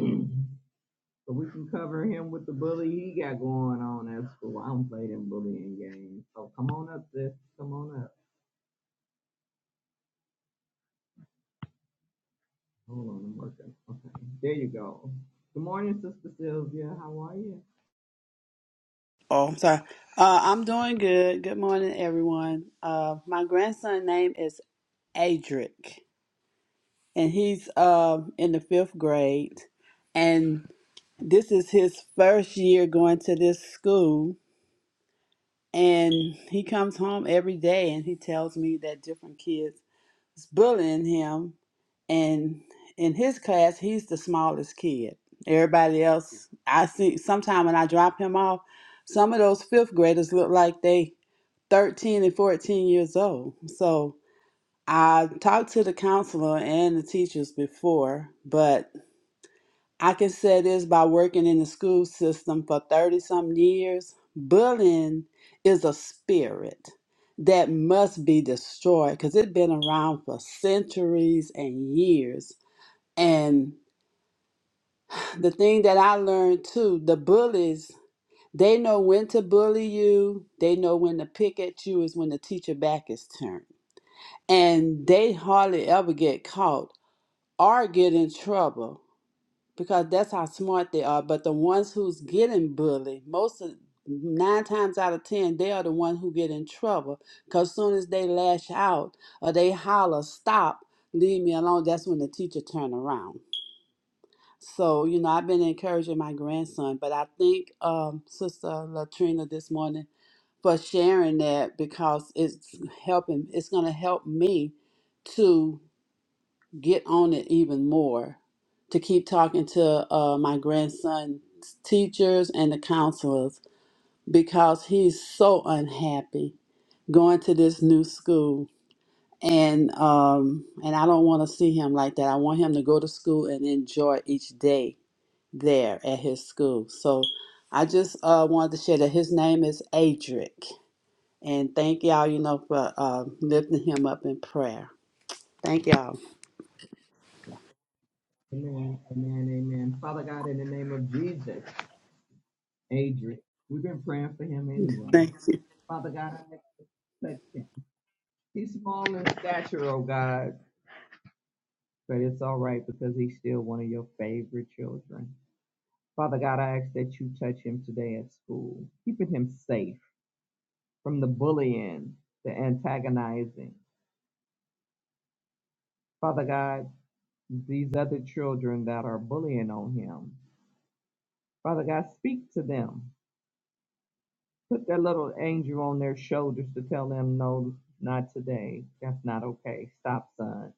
[SPEAKER 3] we can cover him with the bully he got going on at school. I don't play them bullying games. So come on up, sis. Come on up. Hold on, I'm working. Okay. There you go. Good morning, Sister Sylvia. How are you?
[SPEAKER 8] Oh, I'm sorry. Uh, I'm doing good. Good morning, everyone. Uh, my grandson's name is Adric, and he's um, in the fifth grade. And this is his first year going to this school. And he comes home every day and he tells me that different kids is bullying him. And in his class, he's the smallest kid. Everybody else, I see, sometime when I drop him off, some of those fifth graders look like they 13 and 14 years old. So I talked to the counselor and the teachers before, but I can say this by working in the school system for 30 some years bullying is a spirit that must be destroyed because it's been around for centuries and years. And the thing that I learned too the bullies, they know when to bully you, they know when to pick at you, is when the teacher back is turned and they hardly ever get caught or get in trouble because that's how smart they are. But the ones who's getting bullied, most of nine times out of ten, they are the one who get in trouble because soon as they lash out or they holler, "Stop, leave me alone," that's when the teacher turn around. So you know, I've been encouraging my grandson, but I think um, Sister Latrina this morning for sharing that because it's helping. It's gonna help me. to get on it even more to keep talking to uh, my grandson's teachers and the counselors because he's so unhappy going to this new school and um and I don't want to see him like that. I want him to go to school and enjoy each day there at his school. So I just uh wanted to share that his name is Adric and thank y'all you know for uh, lifting him up in prayer. Thank y'all.
[SPEAKER 3] Amen. Amen. Amen. Father God, in the name of Jesus. Adrian. We've been praying for him anyway.
[SPEAKER 8] Thank.
[SPEAKER 3] Father God, I thank you for touching him. He's small in stature, oh God, but it's all right because he's still one of your favorite children. Father God, I ask that you touch him today at school, keeping him safe from the bullying, the antagonizing. Father God, these other children that are bullying on him, Father God, speak to them. Put that little angel on their shoulders to tell them, no, not today. That's not okay. Stop, son.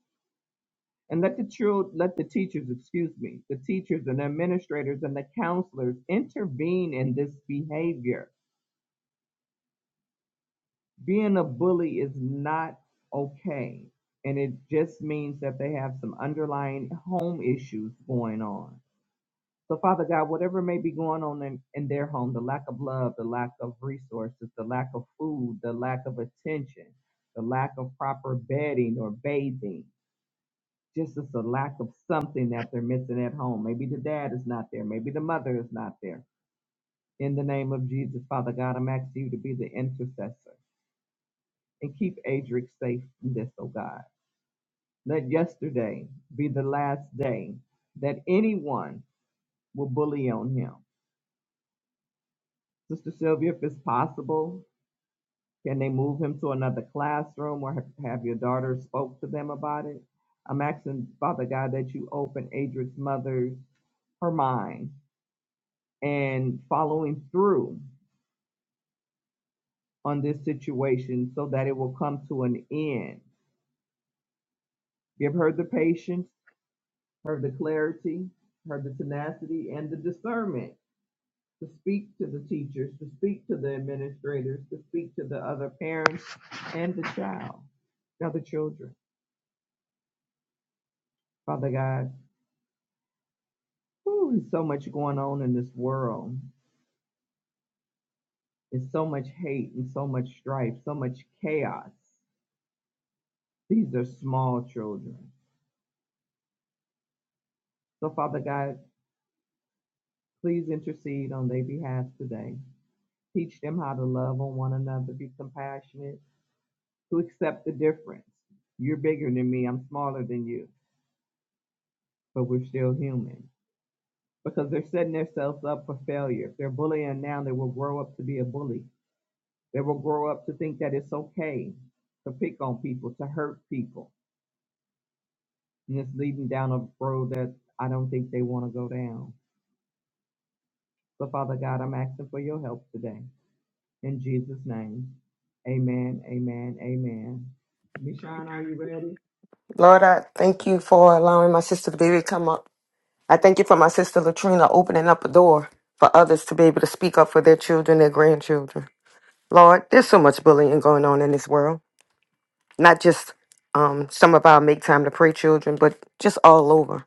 [SPEAKER 3] And let the children, let the teachers, excuse me, the teachers and administrators and the counselors intervene in this behavior. Being a bully is not okay. And it just means that they have some underlying home issues going on. So, Father God, whatever may be going on in, in their home, the lack of love, the lack of resources, the lack of food, the lack of attention, the lack of proper bedding or bathing, just as a lack of something that they're missing at home. Maybe the dad is not there. Maybe the mother is not there. In the name of Jesus, Father God, I'm asking you to be the intercessor and keep Adric safe from this, oh God. Let yesterday be the last day that anyone will bully on him. Sister Sylvia, if it's possible, can they move him to another classroom or ha- have your daughter spoke to them about it? I'm asking, Father God, that you open Adric's mother's her mind and following through on this situation so that it will come to an end. Give her the patience, her the clarity, her the tenacity, and the discernment to speak to the teachers, to speak to the administrators, to speak to the other parents and the child, the other children. Father God, whew, there's so much going on in this world. It's so much hate and so much strife, so much chaos. These are small children. So, Father God, Please intercede on their behalf today. Teach them how to love on one another, be compassionate, to accept the difference. You're bigger than me, I'm smaller than you, but we're still human. Because they're setting themselves up for failure. If they're bullying now, they will grow up to be a bully. They will grow up to think that it's okay to pick on people, to hurt people. And it's leading down a road that I don't think they want to go down. So, Father God, I'm asking for your help today. In Jesus' name. Amen. Amen. Amen. Michonne, are you ready?
[SPEAKER 6] Lord, I thank you for allowing my sister to baby come up I thank you for my sister Latrina opening up a door for others to be able to speak up for their children, their grandchildren. Lord, there's so much bullying going on in this world. Not just um, some of our make time to pray children, but just all over.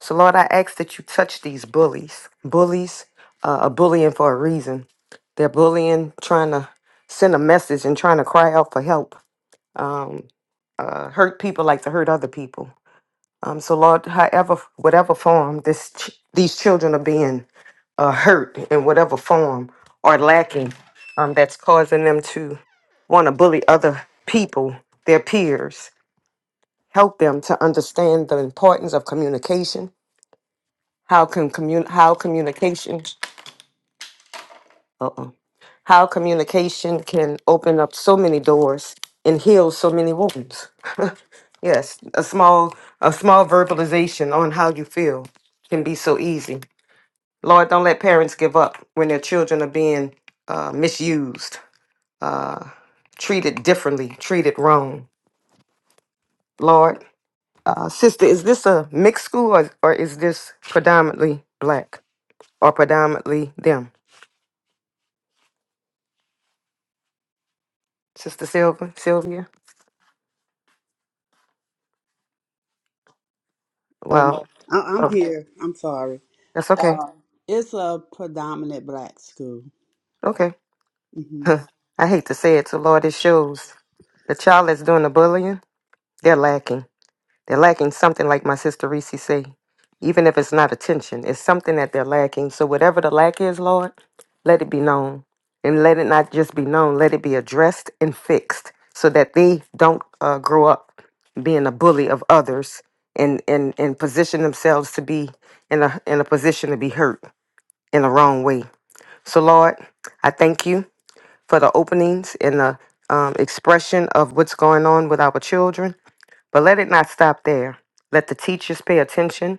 [SPEAKER 6] So, Lord, I ask that you touch these bullies. Bullies uh, are bullying for a reason. They're bullying, trying to send a message and trying to cry out for help. Um, uh, hurt people like to hurt other people. Um, so, Lord, however, whatever form this ch- these children are being uh, hurt in whatever form or lacking um, that's causing them to want to bully other people, their peers. Help them to understand the importance of communication. How can commun- how communication uh-oh, how communication can open up so many doors and heal so many wounds. yes, a small a small verbalization on how you feel can be so easy. Lord, don't let parents give up when their children are being uh, misused uh, treated differently, treated wrong. Lord, uh, sister, is this a mixed school or, or is this predominantly black or predominantly them? Sister Sylvia, Sylvia.
[SPEAKER 8] Um,
[SPEAKER 6] Well,
[SPEAKER 8] I- I'm
[SPEAKER 6] oh,
[SPEAKER 8] here. I'm sorry.
[SPEAKER 6] that's okay.
[SPEAKER 8] Uh, it's a predominant black school.
[SPEAKER 6] Okay.
[SPEAKER 8] Mm-hmm.
[SPEAKER 6] I hate to say it, so Lord, it shows the child that's doing the bullying, they're lacking. They're lacking something, like my sister Reese say, even if it's not attention, it's something that they're lacking. So whatever the lack is, Lord, let it be known, and let it not just be known. Let it be addressed and fixed, so that they don't uh, grow up being a bully of others and and and position themselves to be in a in a position to be hurt in the wrong way. So Lord, I thank you for the openings and the um, expression of what's going on with our children. But let it not stop there. Let the teachers pay attention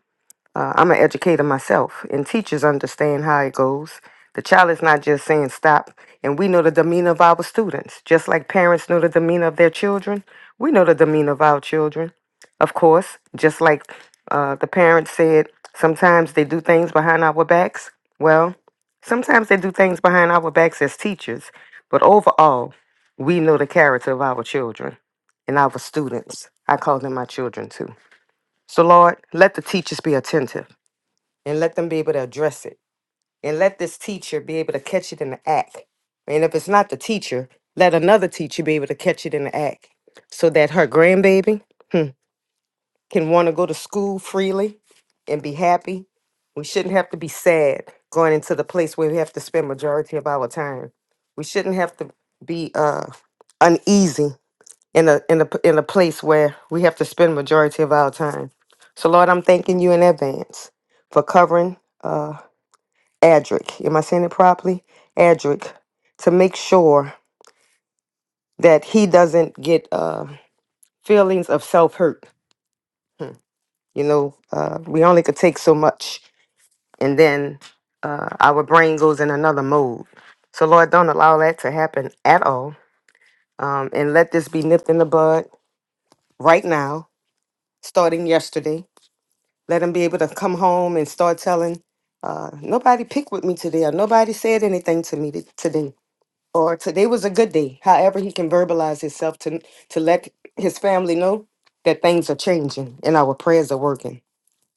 [SPEAKER 6] uh, I'm an educator myself, and teachers understand how it goes. The child is not just saying stop, and we know the demeanor of our students. Just like parents know the demeanor of their children, we know the demeanor of our children. Of course, just like uh, the parents said, sometimes they do things behind our backs. Well, sometimes they do things behind our backs as teachers, but overall, we know the character of our children and our students. I call them my children too. So, Lord, let the teachers be attentive and let them be able to address it and let this teacher be able to catch it in the act and if it's not the teacher let another teacher be able to catch it in the act so that her grandbaby can want to go to school freely and be happy we shouldn't have to be sad going into the place where we have to spend majority of our time we shouldn't have to be uh uneasy in a in a p- in a place where we have to spend majority of our time so lord i'm thanking you in advance for covering uh, Adric, am I saying it properly? Adric, to make sure that he doesn't get uh, feelings of self hurt. You know, uh, we only could take so much, and then uh, our brain goes in another mode. So, Lord, don't allow that to happen at all. Um, and let this be nipped in the bud right now, starting yesterday. Let him be able to come home and start telling. Uh, nobody picked with me today, or nobody said anything to me t- today or today was a good day. However, he can verbalize himself to to let his family know that things are changing and our prayers are working.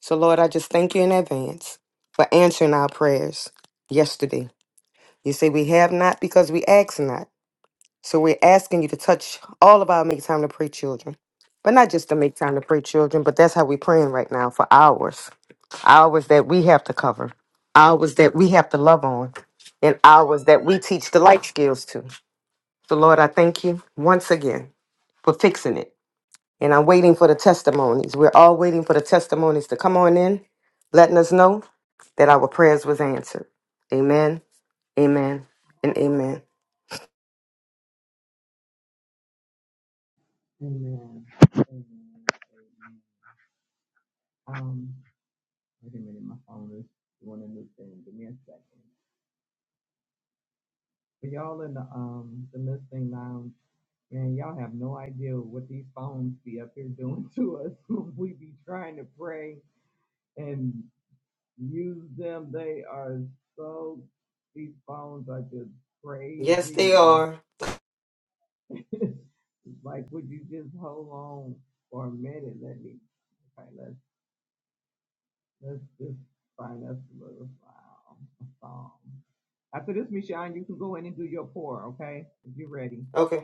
[SPEAKER 6] So, Lord, I just thank you in advance for answering our prayers yesterday. You say we have not because we ask not. So we're asking you to touch all of our make time to pray children. But not just to make time to pray children, but that's how we're praying right now for hours. Hours that we have to cover. Hours that we have to love on. And hours that we teach the life skills to. So, Lord, I thank you once again for fixing it. And I'm waiting for the testimonies. We're all waiting for the testimonies to come on in, letting us know that our prayers was answered. Amen, amen, and amen.
[SPEAKER 3] Amen. Amen. Amen. Um, wait a minute, my phone is doing a new thing. Give me a second. For y'all in the um the listening lounge, man, y'all have no idea what these phones be up here doing to us. When we be trying to pray and use them. They are so these phones are just
[SPEAKER 6] Yes, they
[SPEAKER 3] crazy.
[SPEAKER 6] are.
[SPEAKER 3] It's Like, would you just hold on for a minute? Let me, okay, let's, let's just find us a little file, a song. After this, Michelle, you can go in and do your pour, okay? If you're ready.
[SPEAKER 6] Okay.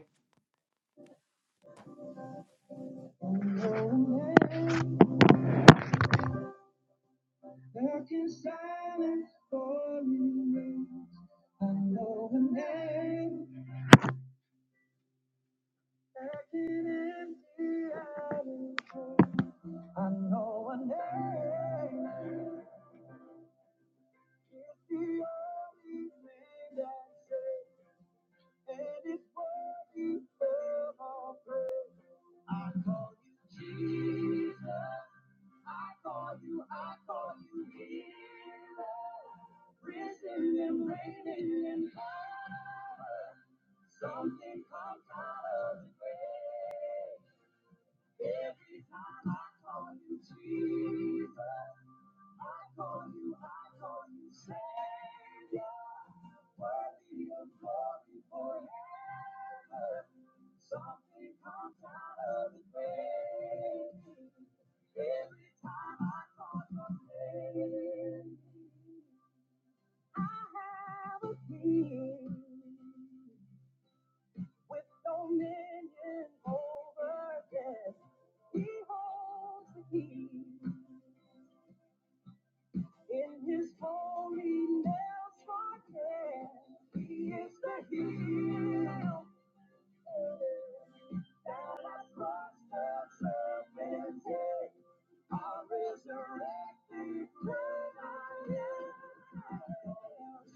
[SPEAKER 3] Something comes out of the grave. Every time I call you Jesus, I call you, I call you Savior, worthy of glory forever. Something comes out of the grave. Something comes out of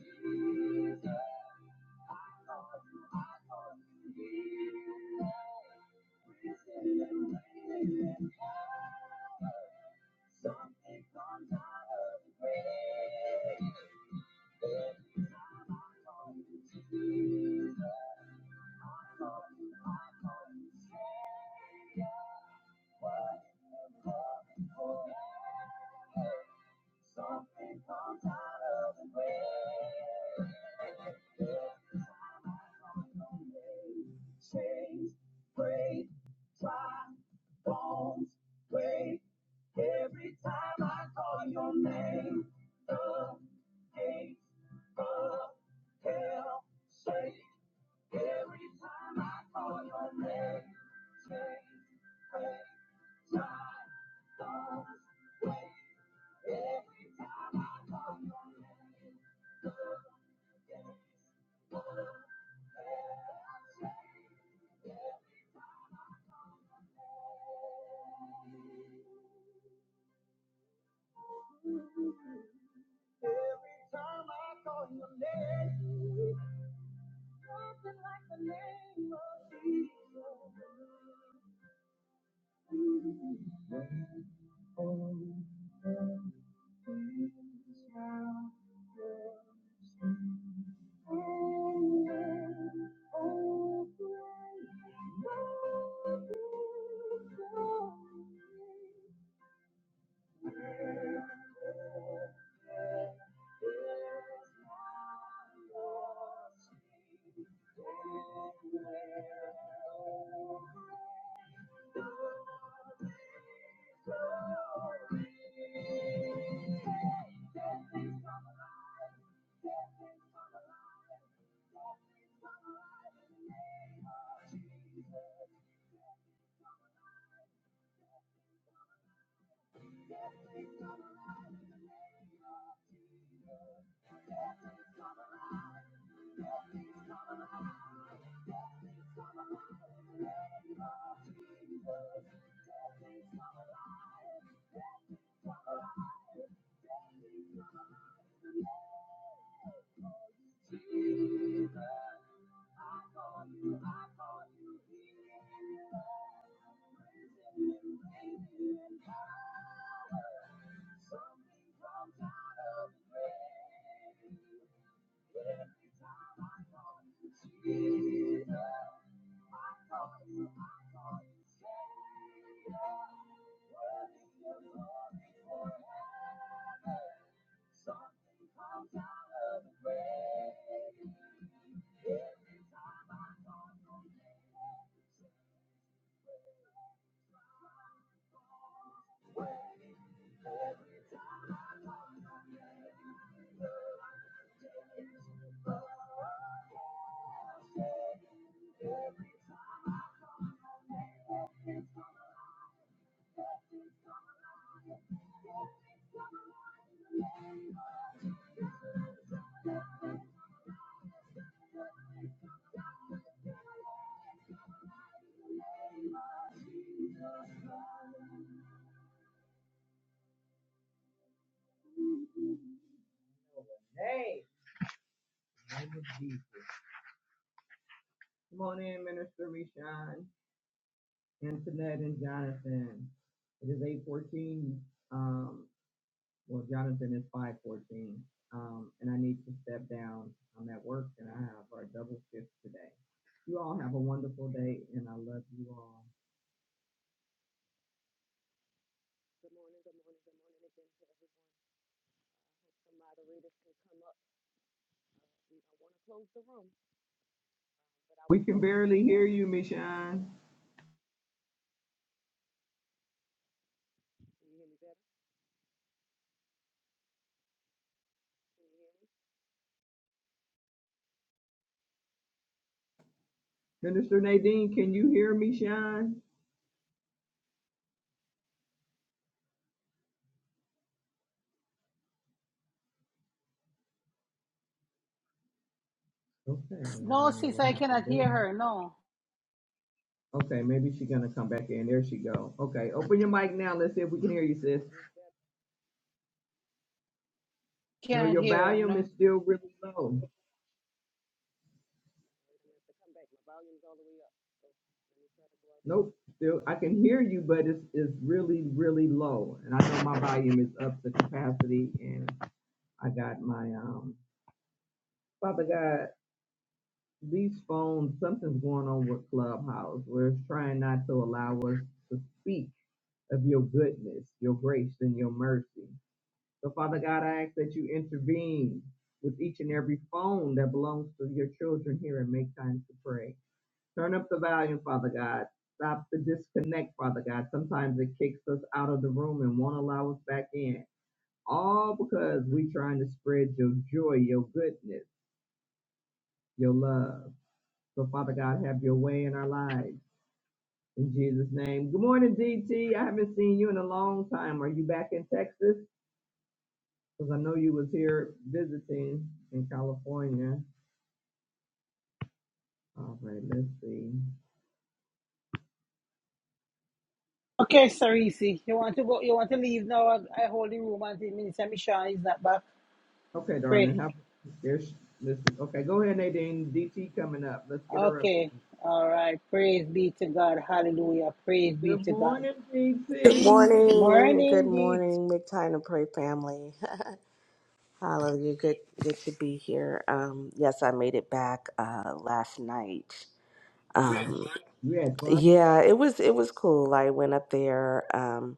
[SPEAKER 3] the grave. Come on in, Minister Rishon. Um, well, Jonathan is 514, um, and I need to step down. I'm at work and I have our double shift today. You all have a wonderful day, and I love you all. We can barely hear you, Michonne.
[SPEAKER 1] No, sis, I cannot hear her. No.
[SPEAKER 3] Okay, maybe she's gonna come back in. There she go. Okay, open your mic now. Let's see if we can hear you, sis. No,
[SPEAKER 1] Can't
[SPEAKER 3] your
[SPEAKER 1] hear.
[SPEAKER 3] volume
[SPEAKER 1] No.
[SPEAKER 3] is still really low. Nope, still I can hear you, but it's it's really really low. And I know my volume is up to capacity, and I got my um. Father God, these phones, something's going on with Clubhouse. We're trying not to allow us to speak of your goodness, your grace, and your mercy. So, Father God, I ask that you intervene with each and every phone that belongs to your children here and make time to pray. Turn up the volume, Father God. Stop the disconnect, Father God. Sometimes it kicks us out of the room and won't allow us back in. All because we're trying to spread your joy, your goodness, your love. So, Father God, have your way in our lives. In Jesus' name. Good morning, DT. I haven't seen you in a long time. Are you back in Texas? Because I know you was here visiting in California. All right, let's see.
[SPEAKER 1] Okay, Sarisi. You want to go you want to leave now? I, I hold the room until Minister Michon is not back.
[SPEAKER 3] Okay,
[SPEAKER 1] Pray.
[SPEAKER 3] darling, how, there's, this is, okay, go ahead, Nadine. DT coming up. Let's get her up.
[SPEAKER 1] Okay. All right. Praise be to God. Hallelujah. Praise
[SPEAKER 3] here.
[SPEAKER 1] be
[SPEAKER 3] Good
[SPEAKER 1] to God.
[SPEAKER 3] morning,
[SPEAKER 9] Good
[SPEAKER 3] DT.
[SPEAKER 9] morning. Good
[SPEAKER 1] Morning deep.
[SPEAKER 9] morning. Make time to pray, family. Hallelujah. Good, good to be here. Um, yes, I made it back uh, last night. Um,
[SPEAKER 3] You had fun?
[SPEAKER 9] yeah, it was it was cool. I went up there um,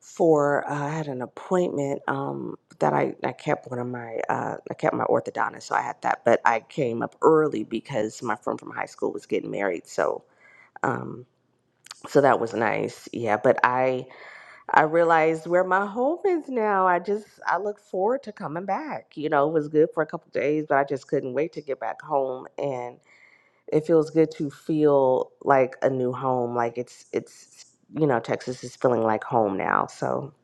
[SPEAKER 9] for uh, I had an appointment um, that I, I kept one of my uh, I kept my orthodontist, so I had that. But I came up early because my friend from high school was getting married, so um, so that was nice. Yeah, but I. I realized where my home is now. I just I look forward to coming back. You know, it was good for a couple days, but I just couldn't wait to get back home and it feels good to feel like a new home. Like it's it's you know, Texas is feeling like home now. So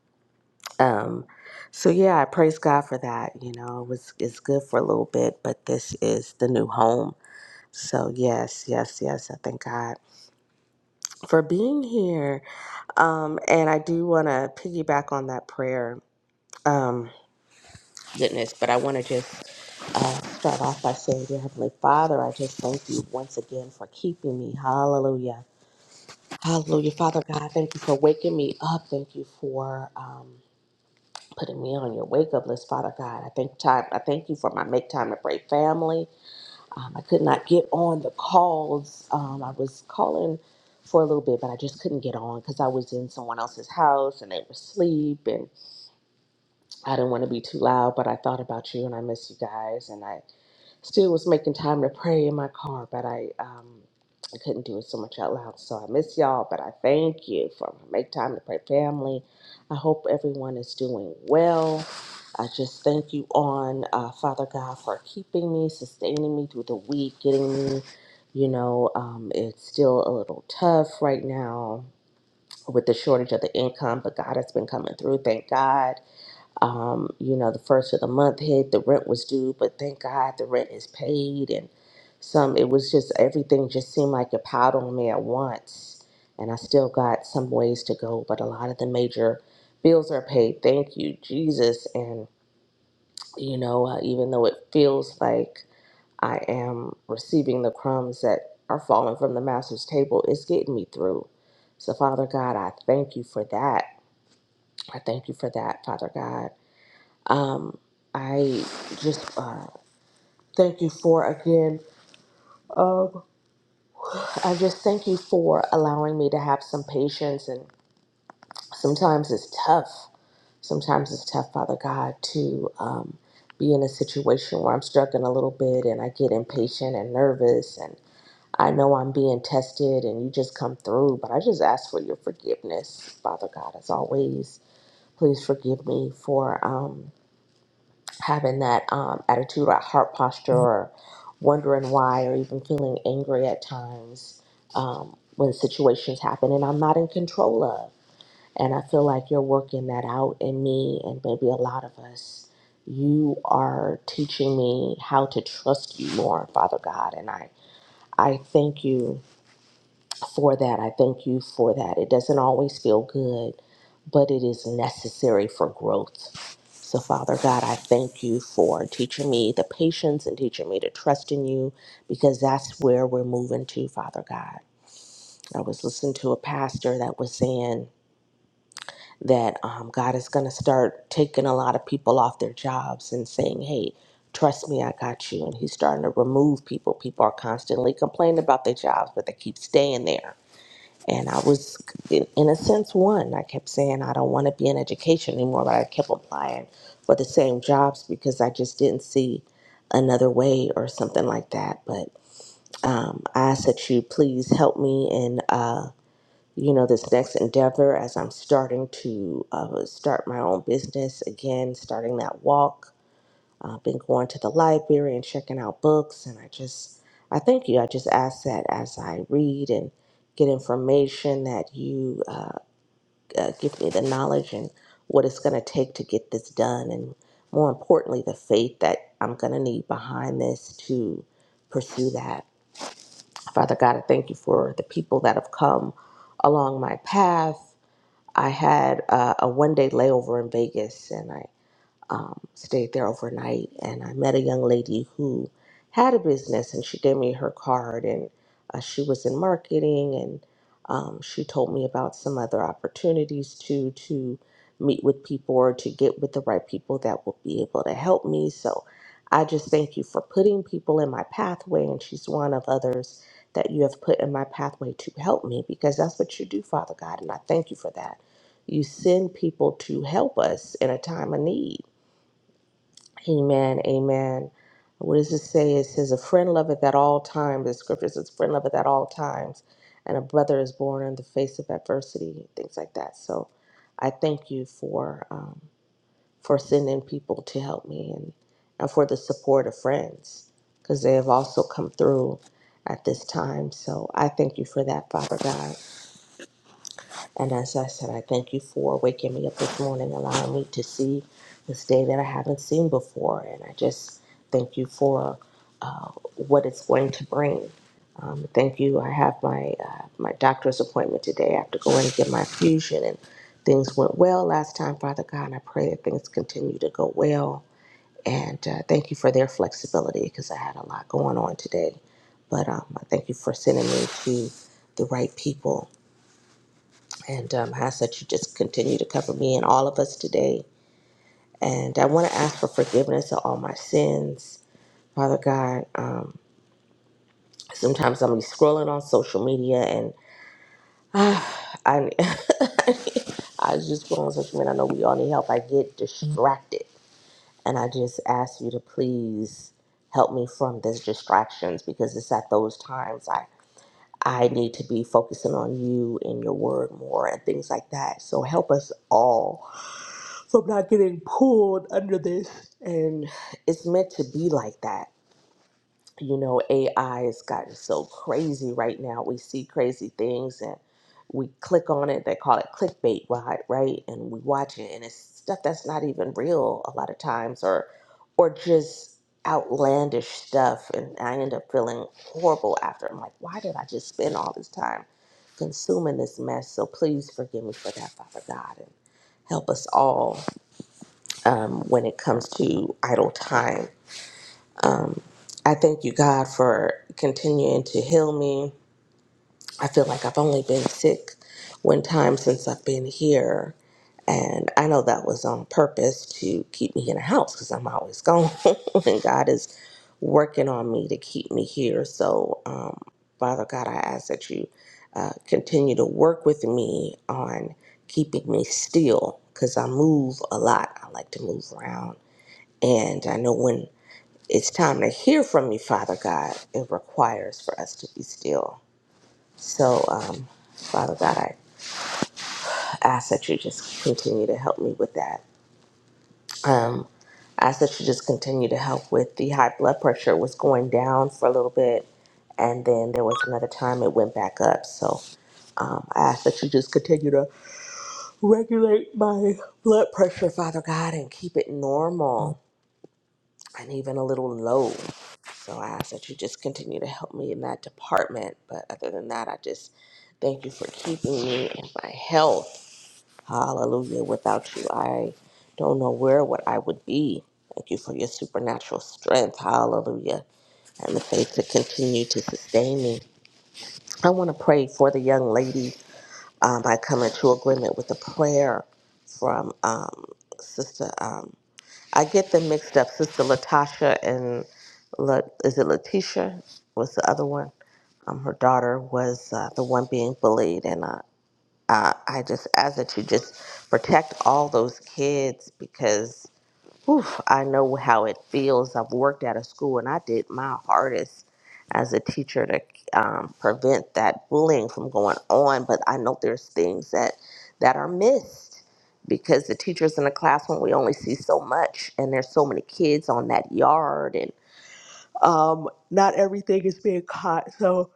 [SPEAKER 9] um so yeah, I praise God for that. You know, it was it's good for a little bit, but this is the new home. So yes, yes, yes, I thank God for being here. Um and I do wanna piggyback on that prayer. Um goodness, but I want to just uh, start off by saying, Dear Heavenly Father, I just thank you once again for keeping me. Hallelujah. Hallelujah. Father God, thank you for waking me up. Thank you for. Um, Putting me on your wake up list, Father God. I thank time. I thank you for my make time to pray family. Um, I could not get on the calls. Um, I was calling for a little bit, but I just couldn't get on because I was in someone else's house and they were asleep. And I didn't want to be too loud, but I thought about you and I miss you guys. And I still was making time to pray in my car, but I um, I couldn't do it so much out loud. So I miss y'all, but I thank you for my make time to pray family. I hope everyone is doing well. I just thank you on uh, Father God for keeping me, sustaining me through the week, getting me. You know, um, it's still a little tough right now with the shortage of the income, but God has been coming through. Thank God. Um, you know, the first of the month hit, the rent was due, but thank God the rent is paid. And some, it was just everything just seemed like it piled on me at once. And I still got some ways to go, but a lot of the major bills are paid. Thank you, Jesus. And, you know, uh, even though it feels like I am receiving the crumbs that are falling from the master's table, it's getting me through. So, Father God, I thank you for that. I thank you for that, Father God. Um, I just uh, thank you for again. Um, I just thank you for allowing me to have some patience, and sometimes it's tough. Sometimes it's tough, Father God, to um, be in a situation where I'm struggling a little bit, and I get impatient and nervous, and I know I'm being tested, and you just come through. But I just ask for your forgiveness, Father God, as always. Please forgive me for. Um, having that um, attitude or heart posture or wondering why or even feeling angry at times um, when situations happen and I'm not in control of. And I feel like you're working that out in me and maybe a lot of us. You are teaching me how to trust you more, Father God. And I, I thank you for that. I thank you for that. It doesn't always feel good, but it is necessary for growth. So, Father God, I thank you for teaching me the patience and teaching me to trust in you because that's where we're moving to, Father God. I was listening to a pastor that was saying that um, God is going to start taking a lot of people off their jobs and saying, hey, trust me, I got you. And he's starting to remove people. People are constantly complaining about their jobs, but they keep staying there and I was, in in a sense, one. I kept saying, I don't want to be in education anymore, but I kept applying for the same jobs because I just didn't see another way or something like that. But um, I ask that you please help me in, uh, you know, this next endeavor as I'm starting to uh, start my own business again, starting that walk i been going to the library and checking out books, and I just, I thank you. I just ask that as I read and get information, that you uh, uh, give me the knowledge and what it's going to take to get this done, and more importantly, the faith that I'm going to need behind this to pursue that. Father God, I thank you for the people that have come along my path. I had uh, a one day layover in Vegas, and I um, stayed there overnight and I met a young lady who had a business and she gave me her card and uh, she was in marketing and um, she told me about some other opportunities to to meet with people or to get with the right people that will be able to help me so I just thank you for putting people in my pathway and she's one of others that you have put in my pathway to help me because that's what you do Father God and I thank you for that you send people to help us in a time of need Amen. Amen. What does it say? It says, A friend loveth at all times. The scripture says, A friend loveth at all times. And a brother is born in the face of adversity, things like that. So I thank you for um, for sending people to help me and, and for the support of friends because they have also come through at this time. So I thank you for that, Father God. And as I said, I thank you for waking me up this morning, allowing me to see this day that I haven't seen before. And I just thank you for uh, what it's going to bring. Um, thank you. I have my uh, my doctor's appointment today. I have to go in and get my infusion, and things went well last time, Father God. And I pray that things continue to go well. And uh, thank you for their flexibility because I had a lot going on today. But um, I thank you for sending me to the right people and um, ask that you just continue to cover me and all of us today. And I want to ask for forgiveness of all my sins, Father God. Um, sometimes I'm be scrolling on social media, and I I was just scroll on social media. I know we all need help. I get distracted, and I just ask you to please help me from these distractions because it's at those times I. I need to be focusing on you and your word more and things like that. So help us all from not getting pulled under this. And it's meant to be like that. You know, AI has gotten so crazy right now. We see crazy things and we click on it. They call it clickbait, right? Right? And we watch it, and it's stuff that's not even real a lot of times, or or just outlandish stuff. And I end up feeling horrible after. I'm like, why did I just spend all this time consuming this mess? So please forgive me for that, Father God, and help us all um, when it comes to idle time. Um, I thank you, God, for continuing to heal me. I feel like I've only been sick one time since I've been here. And I know that was on purpose to keep me in the house because I'm always gone. and God is working on me to keep me here. So, um, Father God, I ask that you uh, continue to work with me on keeping me still because I move a lot. I like to move around and I know when it's time to hear from you, Father God, it requires for us to be still. So, um, Father God, I ask that you just continue to help me with that. Um, I ask that you just continue to help with the high blood pressure. It was going down for a little bit, and then there was another time it went back up. So, um, I ask that you just continue to regulate my blood pressure, Father God, and keep it normal and even a little low. So I ask that you just continue to help me in that department. But other than that, I just thank you for keeping me in my health. Hallelujah. Without you, I don't know where what I would be. Thank you for your supernatural strength. Hallelujah. And the faith to continue to sustain me. I want to pray for the young lady. Um, I come into agreement with a prayer from um, Sister. um, I get them mixed up. Sister Latasha and La, is it Letitia? Was the other one? Um, her daughter was uh, the one being bullied, and uh, uh, I just ask that you just protect all those kids because Oof, I know how it feels. I've worked at a school and I did my hardest as a teacher to um, prevent that bullying from going on, but I know there's things that, that are missed because the teachers in the classroom, we only see so much and there's so many kids on that yard and um, not everything is being caught. So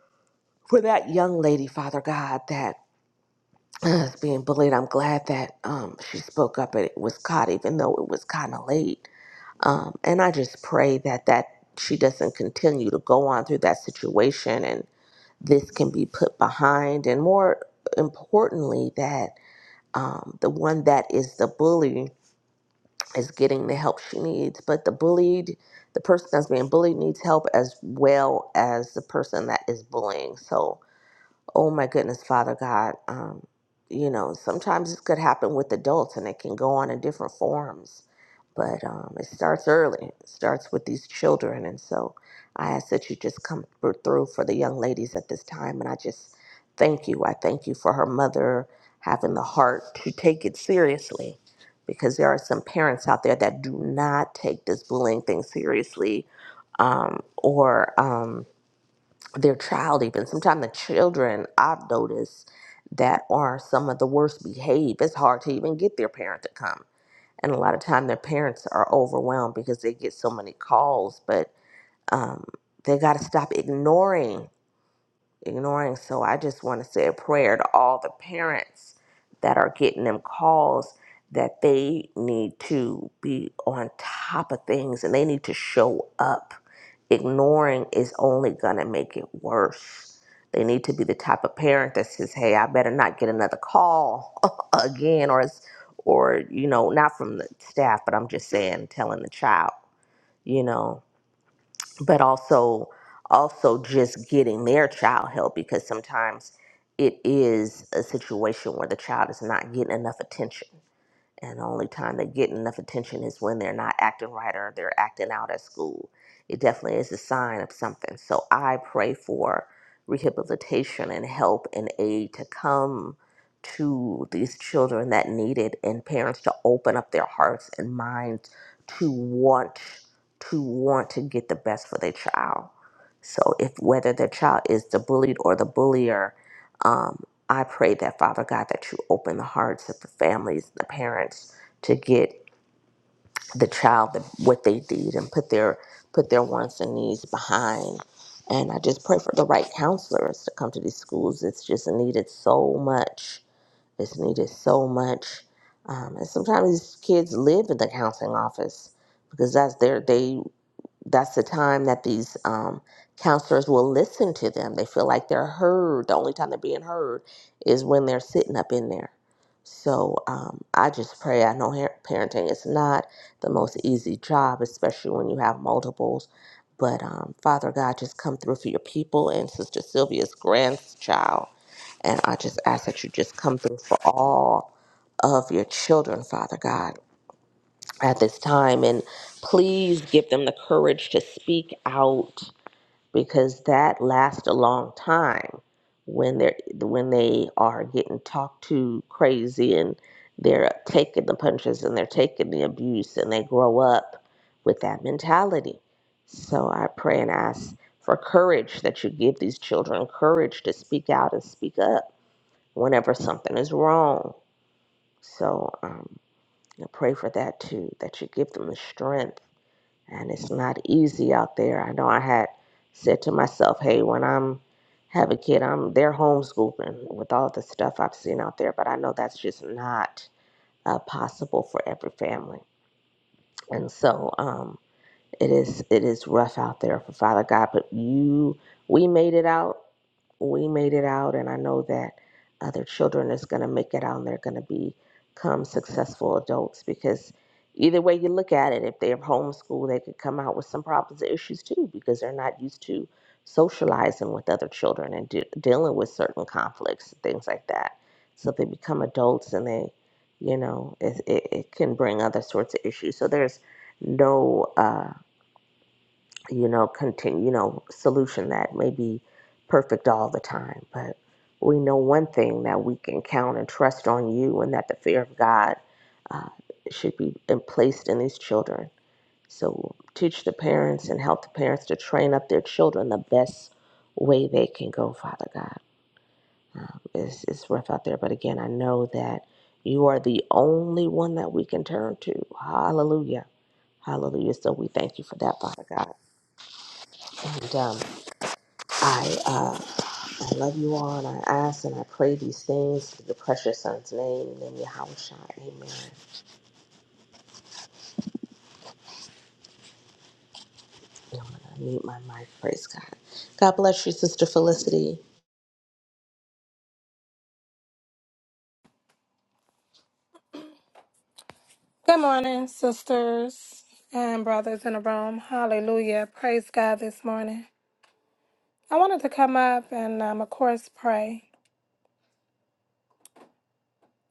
[SPEAKER 9] for that young lady, Father God, that is being bullied, I'm glad that um, she spoke up and it was caught, even though it was kind of late um, and I just pray that that she doesn't continue to go on through that situation and this can be put behind. And more importantly, that um, the one that is the bully is getting the help she needs, but the bullied, the person that's being bullied needs help as well as the person that is bullying. So oh my goodness, Father God, um, you know, sometimes this could happen with adults and it can go on in different forms. But um, it starts early, it starts with these children. And so I ask that you just come thr- through for the young ladies at this time. And I just thank you. I thank you for her mother having the heart to take it seriously because there are some parents out there that do not take this bullying thing seriously um, or. Um, their child even sometimes the children i've noticed that are some of the worst behaved it's hard to even get their parent to come and a lot of time their parents are overwhelmed because they get so many calls but um, they got to stop ignoring ignoring. So I just want to say a prayer to all the parents that are getting them calls that they need to be on top of things and they need to show up. Ignoring is only going to make it worse. They need to be the type of parent that says, "Hey, I better not get another call again," or, it's- or you know, not from the staff, but I'm just saying, telling the child, you know but also also just getting their child help because sometimes it is a situation where the child is not getting enough attention and the only time they get enough attention is when they're not acting right or they're acting out at school. It definitely is a sign of something. So I pray for rehabilitation and help and aid to come to these children that need it and parents to open up their hearts and minds to want to want to get the best for their child. So if whether their child is the bullied or the bullier, um, I pray that, Father God, that you open the hearts of the families, the parents, to get the child the, what they need and put their put their wants and needs behind. And I just pray for the right counselors to come to these schools. It's just needed so much. It's needed so much. Um, and sometimes these kids live in the counseling office because that's their they that's the time that these um, counselors will listen to them. They feel like they're heard. The only time they're being heard is when they're sitting up in there. So um, I just pray. I know her- parenting is not the most easy job, especially when you have multiples. But um, Father God, just come through for your people and Sister Sylvia's grandchild. And I just ask that you just come through for all of your children, Father God at this time. And please give them the courage to speak out because that lasts a long time when they're when they are getting talked to crazy and they're taking the punches and they're taking the abuse and they grow up with that mentality. So I pray and ask for courage that you give these children courage to speak out and speak up whenever something is wrong. So um, I pray for that too, that you give them the strength and it's not easy out there. I know I had said to myself, "Hey, when I'm have a kid, I'm they're homeschooling with all the stuff I've seen out there." But I know that's just not uh, possible for every family, and so um, it is it is rough out there for Father God. But you, we made it out we made it out and i know that other children is going to make it out and they're going to become successful adults because either way you look at it if they're homeschooled they could come out with some problems and issues too because they're not used to socializing with other children and de- dealing with certain conflicts and things like that so if they become adults and they you know it, it, it can bring other sorts of issues so there's no uh, you know, continue, you know, solution that may be perfect all the time. But we know one thing that we can count and trust on you, and that the fear of God uh, should be in- placed in these children. So teach the parents and help the parents to train up their children the best way they can go, Father God. Um, it's, it's rough out there, but again, I know that you are the only one that we can turn to. Hallelujah. Hallelujah. So we thank you for that, Father God. and. um, I uh, I love you all, and I ask and I pray these things in the precious Son's name, and in Yahweh Shai. Amen. I'm gonna mute my mic. Praise God. God bless you, Sister Felicity.
[SPEAKER 10] Good morning, sisters and brothers in the room. Hallelujah. Praise God this morning. I wanted to come up and, um, of course, pray.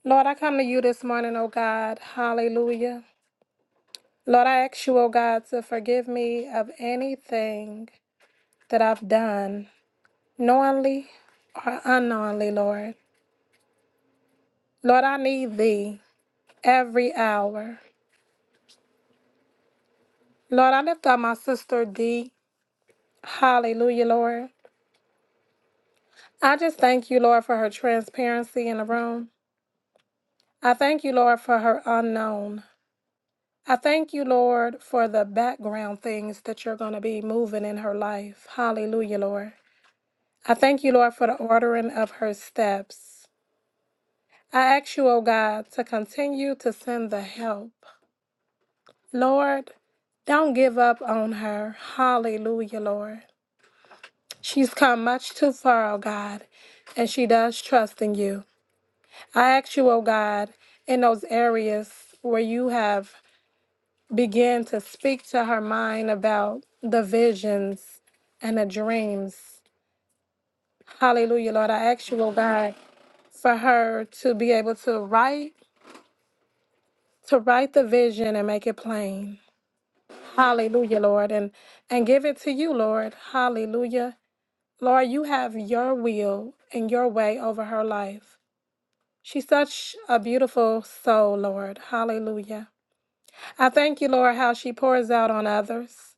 [SPEAKER 10] Lord, I come to you this morning, O God. Hallelujah. Lord, I ask you, O God, to forgive me of anything that I've done, knowingly or unknowingly, Lord. Lord, I need thee every hour. Lord, I lift up my sister D. Hallelujah, Lord. I just thank you, Lord, for her transparency in the room. I thank you, Lord, for her unknown. I thank you, Lord, for the background things that you're going to be moving in her life. Hallelujah, Lord. I thank you, Lord, for the ordering of her steps. I ask you, oh God, to continue to send the help. Lord, don't give up on her. Hallelujah, Lord. She's come much too far, oh God, and she does trust in you. I ask you, oh God, in those areas where you have began to speak to her mind about the visions and the dreams. Hallelujah, Lord. I ask you, oh God, for her to be able to write, to write the vision and make it plain. Hallelujah, Lord. And and give it to you, Lord. Hallelujah. Lord, you have your will and your way over her life. She's such a beautiful soul, Lord. Hallelujah. I thank you, Lord, how she pours out on others.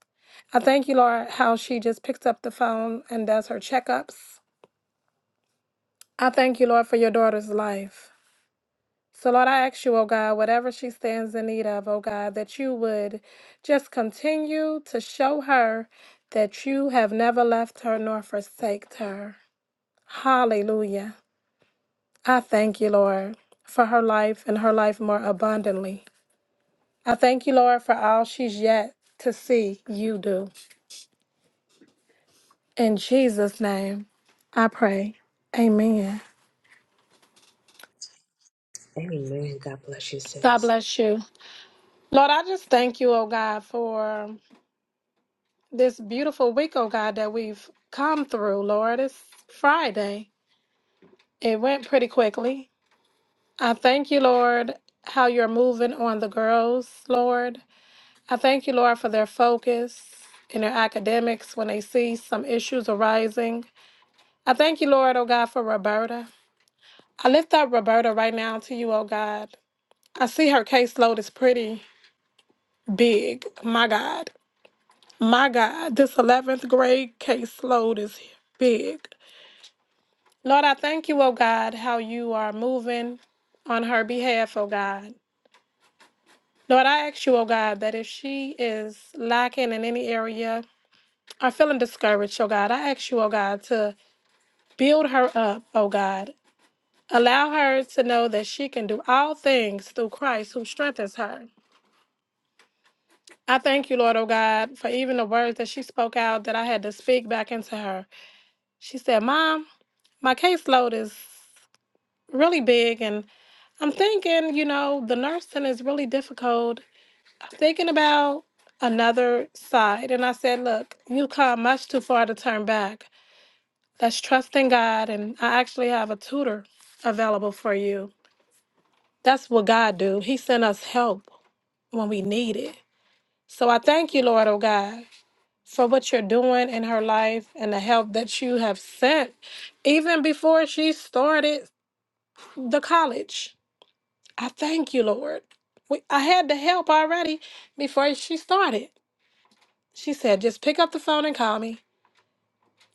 [SPEAKER 10] I thank you, Lord, how she just picks up the phone and does her checkups. I thank you, Lord, for your daughter's life. So, Lord, I ask you, oh God, whatever she stands in need of, oh God, that you would just continue to show her that you have never left her nor forsaked her. Hallelujah. I thank you, Lord, for her life and her life more abundantly. I thank you, Lord, for all she's yet to see you do. In Jesus' name, I pray. Amen.
[SPEAKER 9] Amen. God bless you,
[SPEAKER 10] God
[SPEAKER 9] sis.
[SPEAKER 10] bless you. Lord, I just thank you, oh God, for this beautiful week, oh God, that we've come through, Lord. It's Friday. It went pretty quickly. I thank you, Lord, how you're moving on the girls, Lord. I thank you, Lord, for their focus in their academics when they see some issues arising. I thank you, Lord, oh God, for Roberta. I lift up Roberta right now to you, oh God. I see her caseload is pretty big, my God. My God, this 11th grade case load is big. Lord, I thank you, oh God, how you are moving on her behalf, oh God. Lord, I ask you, oh God, that if she is lacking in any area or feeling discouraged, oh God, I ask you, oh God, to build her up, oh God. Allow her to know that she can do all things through Christ who strengthens her. I thank you, Lord, oh God, for even the words that she spoke out that I had to speak back into her. She said, Mom, my caseload is really big and i'm thinking you know the nursing is really difficult thinking about another side and i said look you come much too far to turn back that's trusting god and i actually have a tutor available for you that's what god do he sent us help when we need it so i thank you lord oh god for what you're doing in her life and the help that you have sent even before she started the college I thank you, Lord. We, I had the help already before she started. She said, just pick up the phone and call me.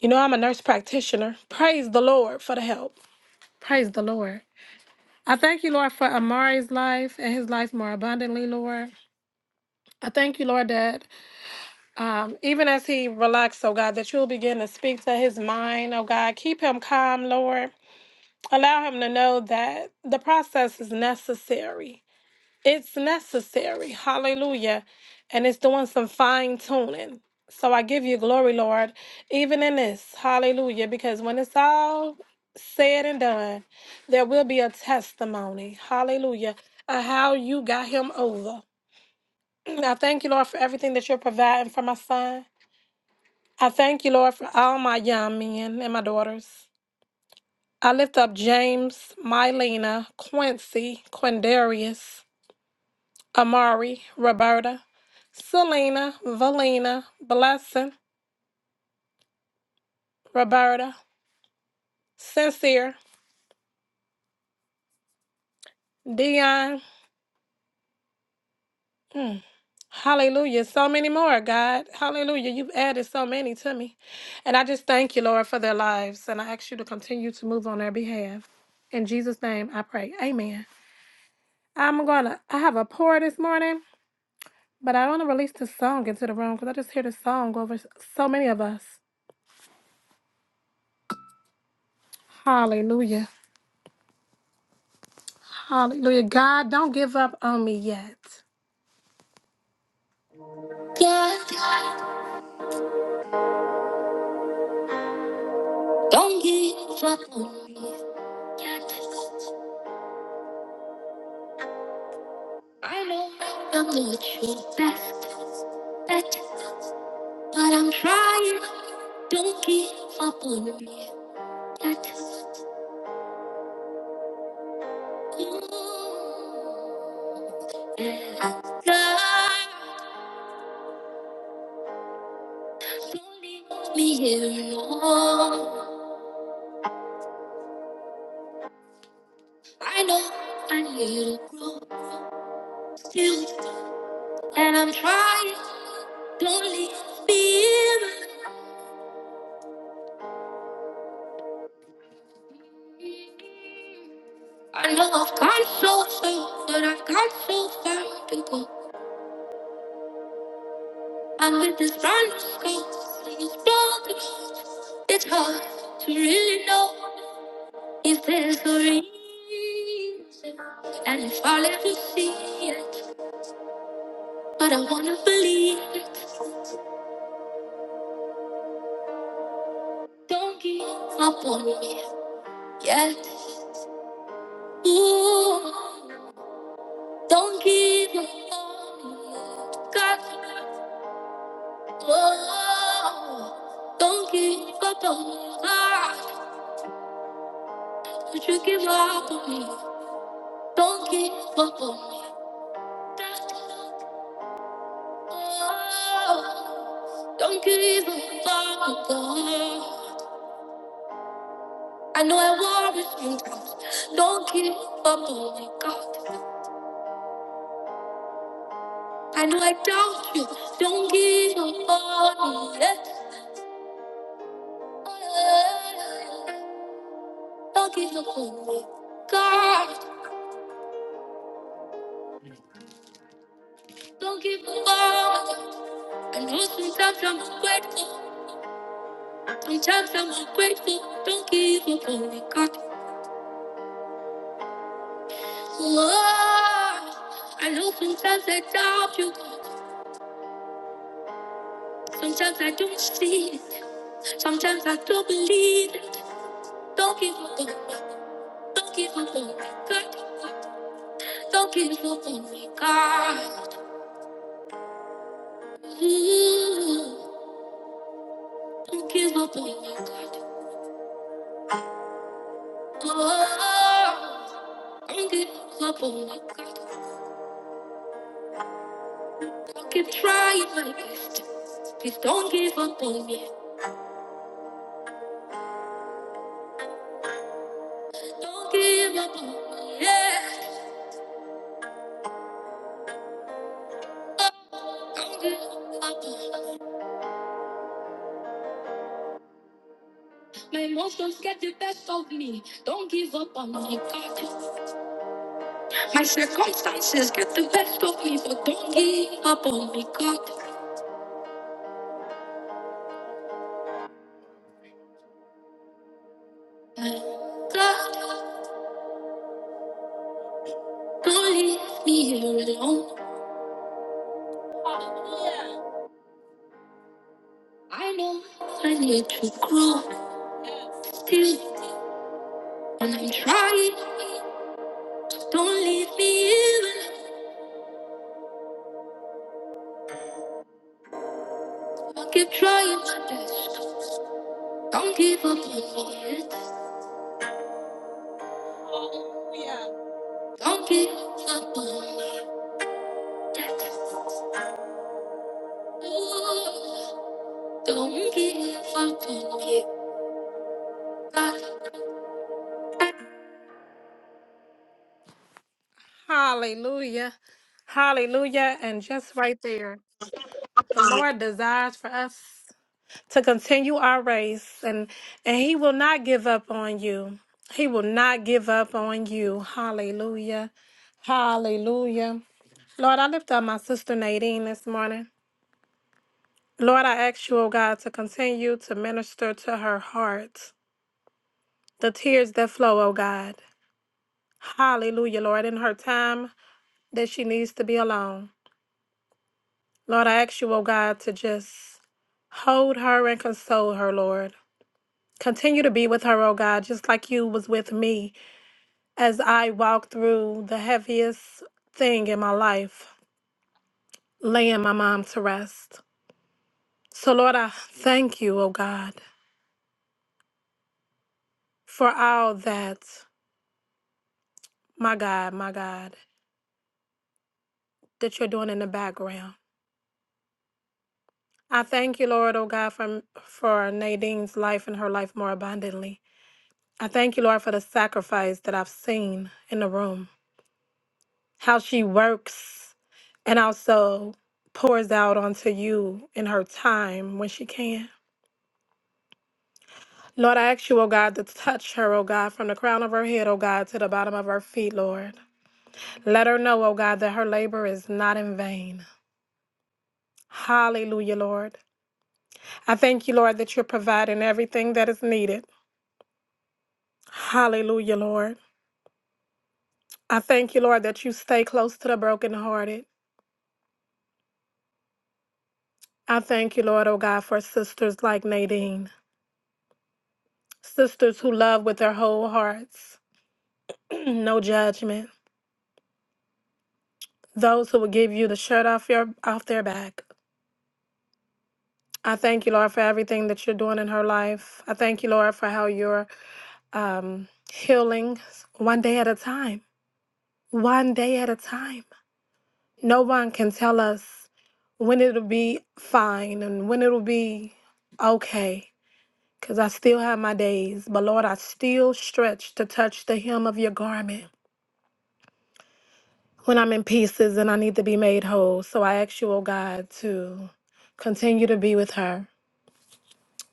[SPEAKER 10] You know, I'm a nurse practitioner. Praise the Lord for the help. Praise the Lord. I thank you, Lord, for Amari's life and his life more abundantly, Lord. I thank you, Lord, that um, even as he relaxes, oh God, that you'll begin to speak to his mind, oh God. Keep him calm, Lord. Allow him to know that the process is necessary It's necessary. Hallelujah. And it's doing some fine tuning. So I give you glory, Lord, even in this. Hallelujah. Because when it's all said and done, there will be a testimony. Hallelujah. Of how you got him over. I thank you, Lord, for everything that you're providing for my son. I thank you, Lord, for all my young men and my daughters. I lift up James, Mylena, Quincy, Quindarius. Amari, Roberta, Selena, Valina, Blessing, Roberta, Sincere, Dion. Hallelujah. So many more, God. Hallelujah. You've added so many to me. And I just thank you, Lord, for their lives. And I ask you to continue to move on their behalf. In Jesus' name, I pray. Amen. I'm going to, I have a pour this morning, but I want to release this song into the room because I just hear this song over s- so many of us. Hallelujah. Hallelujah. God, don't give up on me yet. God, don't give up on me. I know I'm not your best bet, but I'm trying. Don't give up on me. Yeah, God, don't leave me here alone. I know I need to grow. still. And I'm trying, don't leave me here. I know I've gone so far, but I've got so far to go. I'm with this brand new scope, and broken broken. It's hard to really know if there's a reason. And if I'll ever see it, but I wanna believe it. Don't give up on me yet. Ooh. Don't give your love, God. Oh, Don't give up on me, God. Don't you give up on me. Don't give up on me. Oh, Don't give up on God. I know I worry sometimes. Don't give up on me, God. I know I doubt you. Don't give up on me. yeah. Don't give up on me. God, don't give up. I know sometimes I'm ungrateful. Sometimes I'm ungrateful. Don't give up on me, God. Lord, I know sometimes I doubt you, God. Sometimes I don't see it. Sometimes I don't believe it. Don't give up on me. Don't give up on me, God. Don't give up on me, God. Ooh, don't give up on me, God. Oh. Don't give up on me. I keep trying my best. Please don't give up on me. Don't give up on me. Yeah. Don't give up on me. My emotions get the best of me. Don't give up on me, God. My circumstances get the best of me, but don't give up on me, God. God, don't leave me here alone. I know I need to grow still. And I'm trying, don't leave me here. I keep trying my best. Don't give up on me yet. Don't give up on me yet. Don't give up on me. Hallelujah. Hallelujah. And just right there, the Lord desires for us. to continue our race and and he will not give up on you he will not give up on you hallelujah hallelujah lord i lift up my sister nadine this morning lord i ask you oh god to continue to minister to her heart the tears that flow oh god hallelujah lord in her time that she needs to be alone lord i ask you oh god to just Hold her and console her, Lord. Continue to be with her, oh God, just like you was with me. as I walked through the heaviest thing in my life, laying my mom to rest. So, Lord, I thank you, oh God, for all that, my God, my God, that you're doing in the background. I thank you, Lord, oh God, for, for Nadine's life and her life more abundantly. I thank you, Lord, for the sacrifice that I've seen in the room, how she works and also pours out onto you in her time when she can. Lord, I ask you, O God, to touch her, O God, from the crown of her head, O God, to the bottom of her feet, Lord. Let her know, O God, that her labor is not in vain. Hallelujah, Lord. I thank you, Lord, that you're providing everything that is needed. Hallelujah, Lord. I thank you, Lord, that you stay close to the brokenhearted. I thank you, Lord, O God, for sisters like Nadine, sisters who love with their whole hearts, no judgment, those who will give you the shirt off your off their back. I thank you, Lord, for everything that you're doing in her life. I thank you, Lord, for how you're um, healing one day at a time. One day at a time. No one can tell us when it'll be fine and when it'll be okay, because I still have my days. But Lord, I still stretch to touch the hem of your garment when I'm in pieces and I need to be made whole. So I ask you, oh God, to continue to be with her.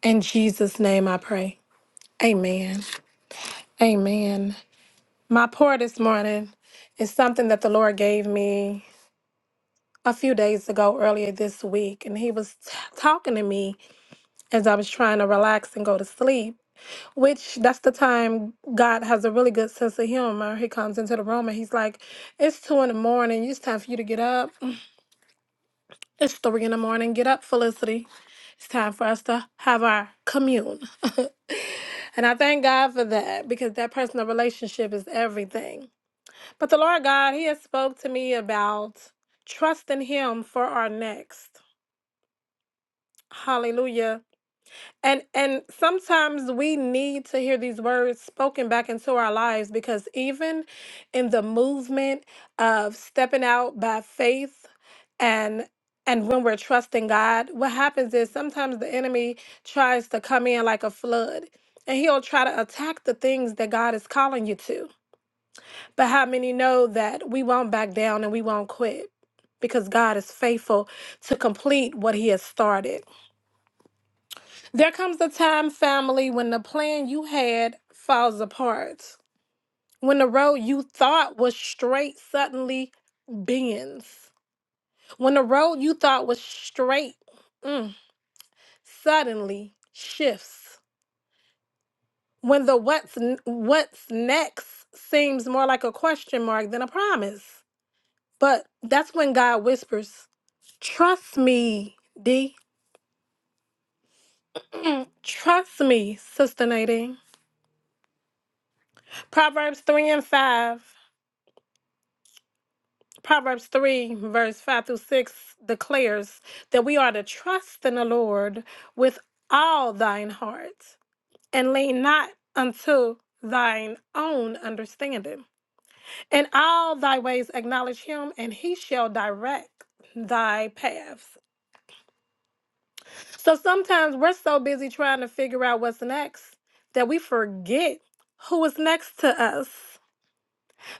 [SPEAKER 10] In Jesus' name I pray. Amen. Amen. My prayer this morning is something that the Lord gave me a few days ago, earlier this week. And He was t- talking to me as I was trying to relax and go to sleep, which that's the time God has a really good sense of humor. He comes into the room and He's like, It's two in the morning. It's time for you to get up. It's three in the morning. Get up, Felicity. It's time for us to have our commune. and I thank God for that because that personal relationship is everything. But the Lord God, He has spoke to me about trusting Him for our next. Hallelujah. And and sometimes we need to hear these words spoken back into our lives because even in the movement of stepping out by faith and and when we're trusting God, what happens is sometimes the enemy tries to come in like a flood and he'll try to attack the things that God is calling you to. But how many know that we won't back down and we won't quit? Because God is faithful to complete what He has started. There comes a time, family, when the plan you had falls apart, when the road you thought was straight suddenly bends, when the road you thought was straight mm, suddenly shifts, when the what's n- what's next seems more like a question mark than a promise. But that's when God whispers. Trust me, D. Mm, Trust me, Sister Nadine. Proverbs 3 and 5, Proverbs 3, verse 5 through 6 declares that we are to trust in the Lord with all thine heart and lean not unto thine own understanding. In all thy ways acknowledge him, and he shall direct thy paths. So sometimes we're so busy trying to figure out what's next that we forget who is next to us.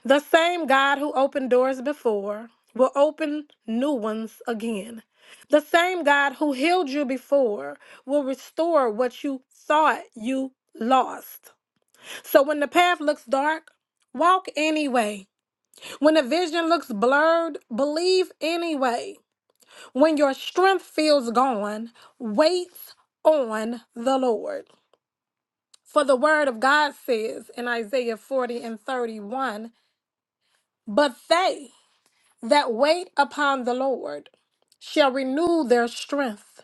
[SPEAKER 10] The same God who opened doors before will open new ones again. The same God who healed you before will restore what you thought you lost. So when the path looks dark, walk anyway. When the vision looks blurred, believe anyway. When your strength feels gone, wait on the Lord. For the word of God says in Isaiah 40 and 31 But they that wait upon the Lord shall renew their strength.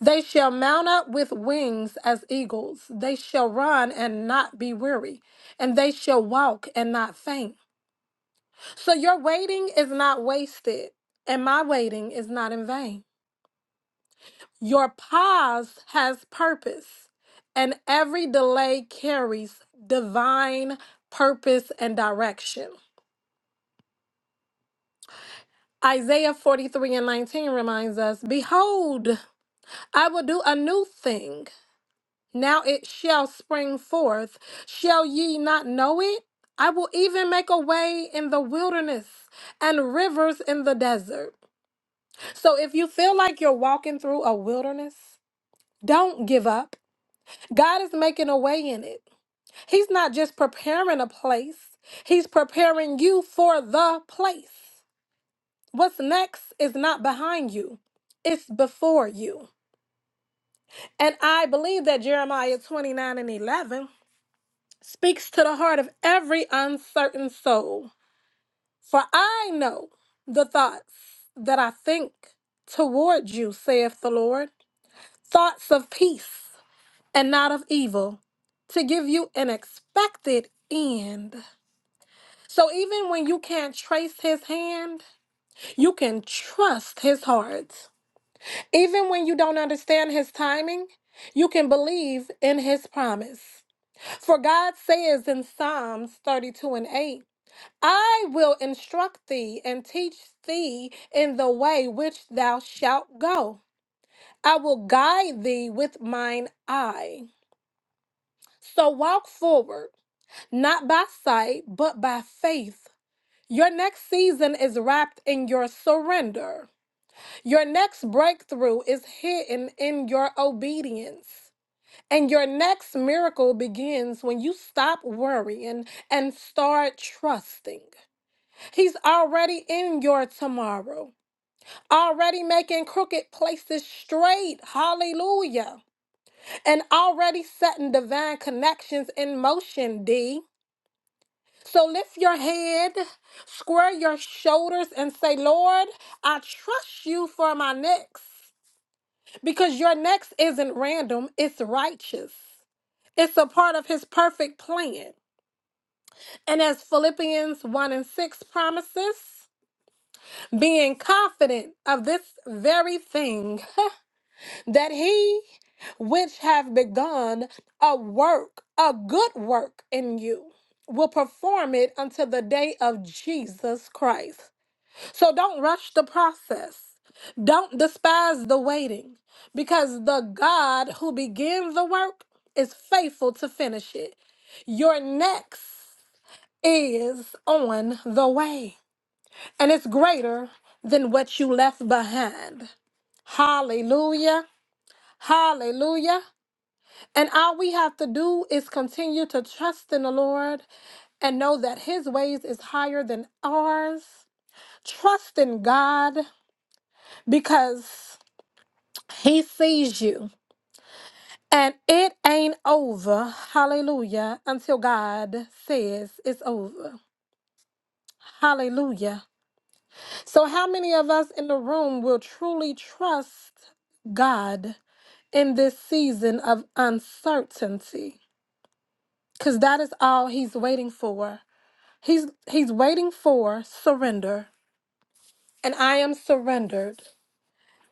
[SPEAKER 10] They shall mount up with wings as eagles. They shall run and not be weary, and they shall walk and not faint. So your waiting is not wasted, and my waiting is not in vain. Your pause has purpose, and every delay carries divine purpose and direction. Isaiah 43 and 19 reminds us Behold, I will do a new thing. Now it shall spring forth. Shall ye not know it? I will even make a way in the wilderness and rivers in the desert. So if you feel like you're walking through a wilderness, don't give up. God is making a way in it. He's not just preparing a place, He's preparing you for the place. What's next is not behind you, it's before you. And I believe that Jeremiah 29 and 11 speaks to the heart of every uncertain soul. For I know the thoughts that I think toward you, saith the Lord, thoughts of peace and not of evil, to give you an expected end. So even when you can't trace his hand, you can trust his heart. Even when you don't understand his timing, you can believe in his promise. For God says in Psalms 32 and 8, I will instruct thee and teach thee in the way which thou shalt go. I will guide thee with mine eye. So walk forward, not by sight, but by faith Your next season is wrapped in your surrender. Your next breakthrough is hidden in your obedience. And your next miracle begins when you stop worrying and start trusting. He's already in your tomorrow, already making crooked places straight. Hallelujah. And already setting divine connections in motion, D. So lift your head, square your shoulders, and say, Lord, I trust you for my next. Because your next isn't random, it's righteous. It's a part of his perfect plan. And as Philippians 1 and 6 promises, being confident of this very thing, that he which have begun a work, a good work in you, will perform it until the day of Jesus Christ. So don't rush the process. Don't despise the waiting because the God who begins the work is faithful to finish it. Your next is on the way and it's greater than what you left behind. Hallelujah. Hallelujah. And all we have to do is continue to trust in the Lord and know that his ways is higher than ours. Trust in God because He sees you. And it ain't over, hallelujah, until God says it's over, hallelujah. So, how many of us in the room will truly trust God in this season of uncertainty? Because that is all He's waiting for. He's, he's waiting for surrender. And I am surrendered.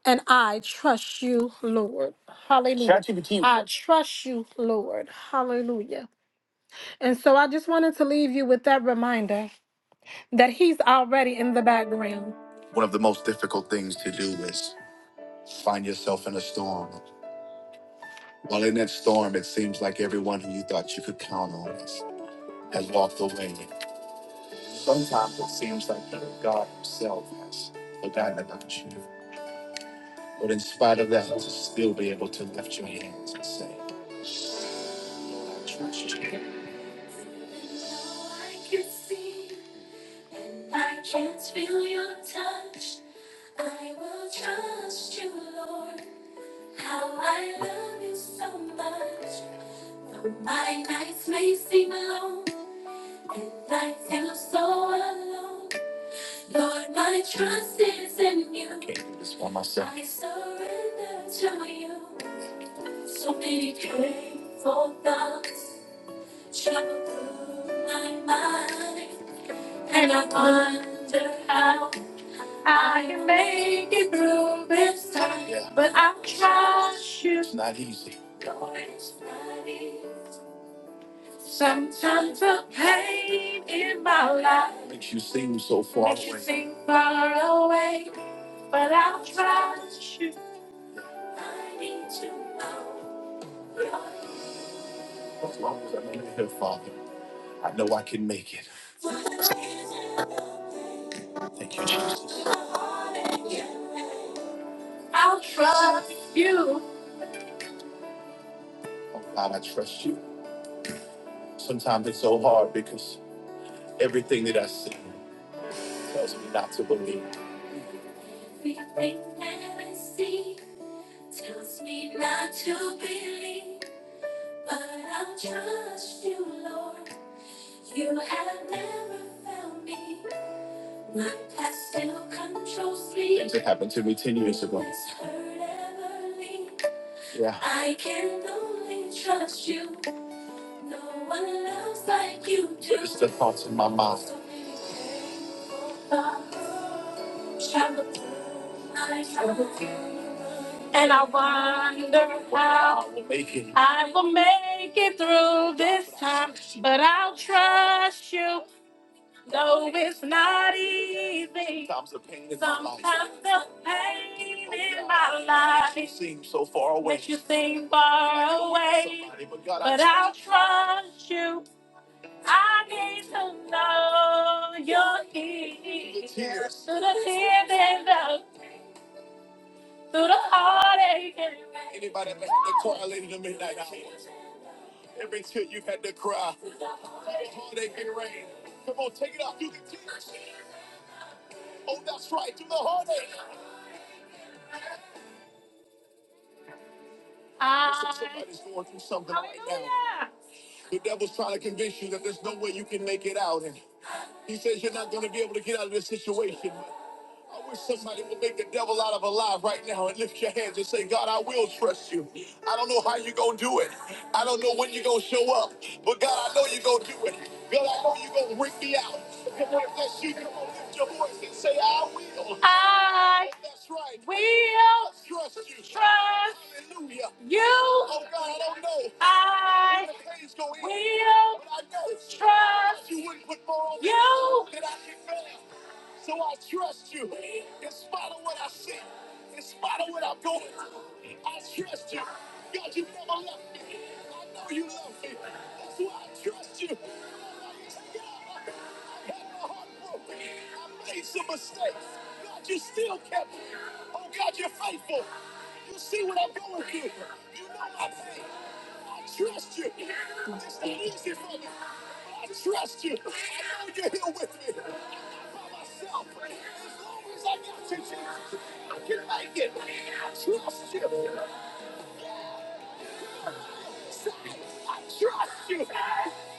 [SPEAKER 10] And I trust you, Lord. Hallelujah. ChatGPT. I trust you, Lord. Hallelujah. And so I just wanted to leave you with that reminder that He's already in the background. Even though I can see and I can't feel your touch, I will trust you, Lord. How I love you so much. Though my nights may seem long and I feel so alone, Lord, my trust is in you. I surrender to you. So many painful thoughts travel through my mind, and I wonder how I can make it through this time. But I trust you, Lord, is mighty. Sometimes the pain in my life seems far away, but I trust you. I need to know Lord, what is it? I'll trust. Everything that I see tells me not to believe, but I'll trust you, Lord. You have never found me. My past still controls me. Hurt ever leave. I can only trust you. No one loves like you do. So many And I wonder how I'll I will make it through this time, but I'll trust you, though it's not easy. The pain in my life seems far. Trust you, I need to know you're here. Through the tears and the, through the heartache Uh, Hallelujah. will You. Oh, I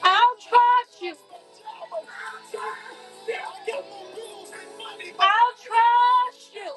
[SPEAKER 10] I'll trust you. I'll trust you.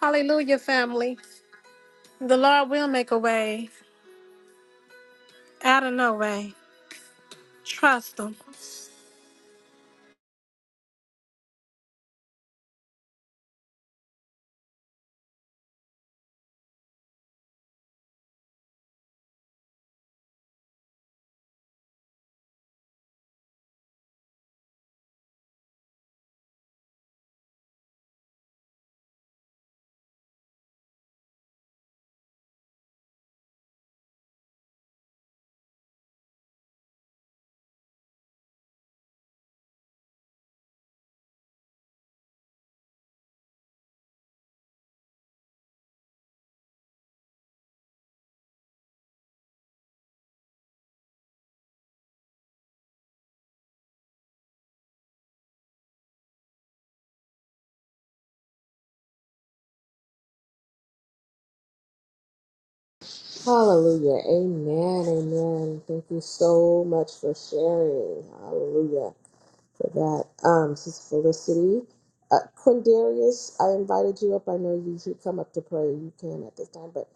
[SPEAKER 10] Hallelujah, family. The Lord will make a way out of no way. Trust Him.
[SPEAKER 9] Hallelujah. Amen. Amen. Thank you so much for sharing. Hallelujah. for that. Um, Sister Felicity, uh, Quindarius, I invited you up. I know you should come up to pray. You can at this time, but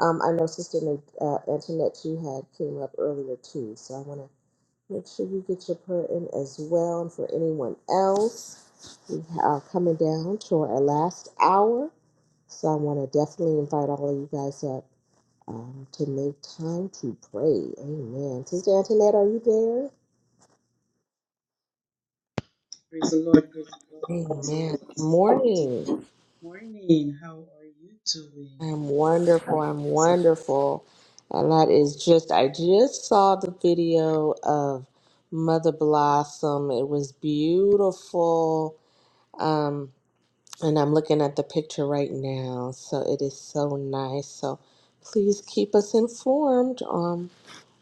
[SPEAKER 9] um, I know Sister Na- uh, Antoinette, you had came up earlier too, so I want to make sure you get your prayer in as well. And for anyone else, we are coming down to our last hour, so I want to definitely invite all of you guys up. Um, to make time to pray. Amen. Sister Antoinette, are you
[SPEAKER 11] Praise the Lord, praise the Lord,
[SPEAKER 9] there?
[SPEAKER 11] praise the Lord.
[SPEAKER 9] Amen.
[SPEAKER 11] Sister, Good
[SPEAKER 9] Morning.
[SPEAKER 11] morning, how are you doing?
[SPEAKER 9] I'm wonderful. I'm
[SPEAKER 11] So, mighty
[SPEAKER 9] wonderful. And that is just, I just saw the video of Mother Blossom. It was beautiful. Um, and I'm looking at the picture right now. So it is so nice. So please keep us informed on,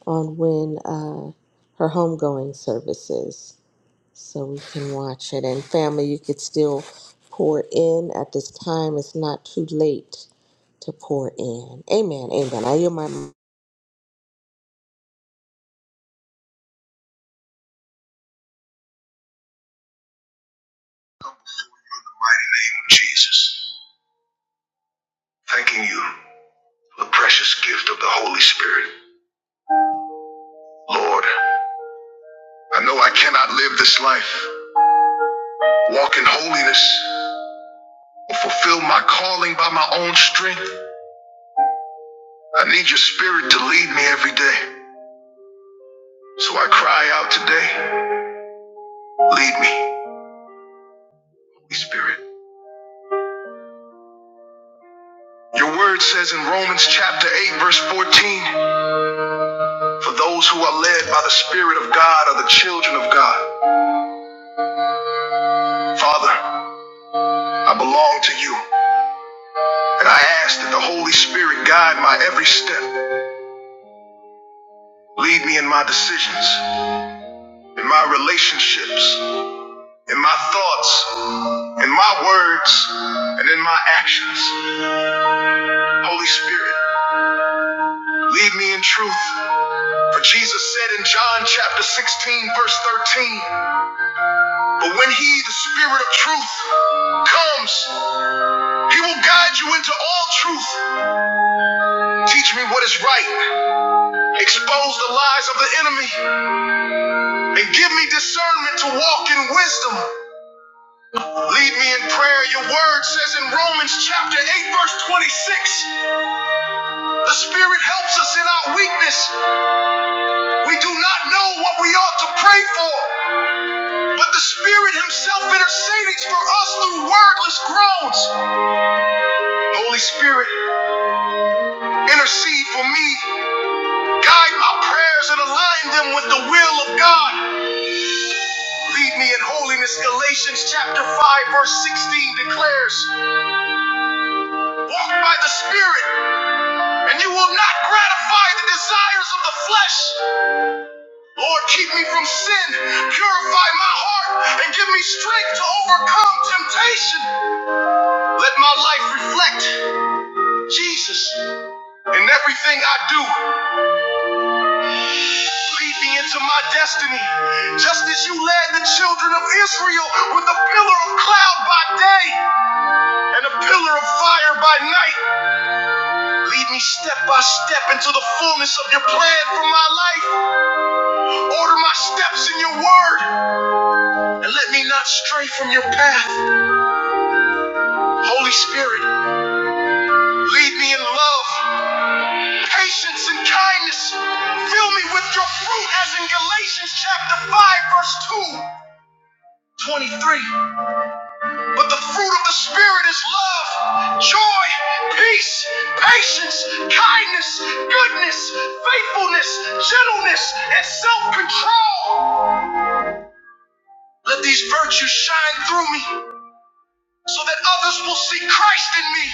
[SPEAKER 9] on when uh, her homegoing services so we can watch it. And family, you could still pour in at this time. It's not too late to pour in. Amen. Amen. I yield my
[SPEAKER 11] name of Jesus, thanking you for the precious gift of the Holy Spirit. Lord, I know I cannot live this life, walk in holiness, or fulfill my calling by my own strength. I need your spirit to lead me every day. So I cry out today, lead me, Holy Spirit. Your word says in Romans chapter 8, verse 14. For those who are led by the Spirit of God are the children of God. Father, I belong to you, and I ask that the Holy Spirit guide my every step. Lead me in my decisions, in my relationships, in my thoughts, in my words, and in my actions. Holy Spirit, lead me in truth. For Jesus said in John chapter 16, verse 13, But when he, the Spirit of truth, comes, he will guide you into all truth. Teach me what is right. Expose the lies of the enemy. And give me discernment to walk in wisdom. Lead me in prayer. Your word says in Romans chapter 8, verse 26, the Spirit helps us in our weakness. We do not know what we ought to pray for, but the Spirit Himself intercedes for us through wordless groans. Holy Spirit, intercede for me. Guide my prayers and align them with the will of God. Lead me in holiness. Galatians chapter 5, verse 16 declares, Walk by the Spirit, and you will not gratify the desires of the flesh. Lord, keep me from sin, purify my heart, and give me strength to overcome temptation. Let my life reflect Jesus in everything I do. Lead me into my destiny, just as you led the children of Israel with a pillar of cloud by day and a pillar of fire by night. Lead me step by step into the fullness of your plan for my life. Order my steps in your word and let me not stray from your path. Holy Spirit, lead me in love, patience, and kindness. Fill me with your fruit as in Galatians chapter 5, verse 2, 23. But the fruit of the Spirit is love, joy, peace, patience, kindness, goodness, faithfulness, gentleness, and self control. Let these virtues shine through me so that others will see Christ in me.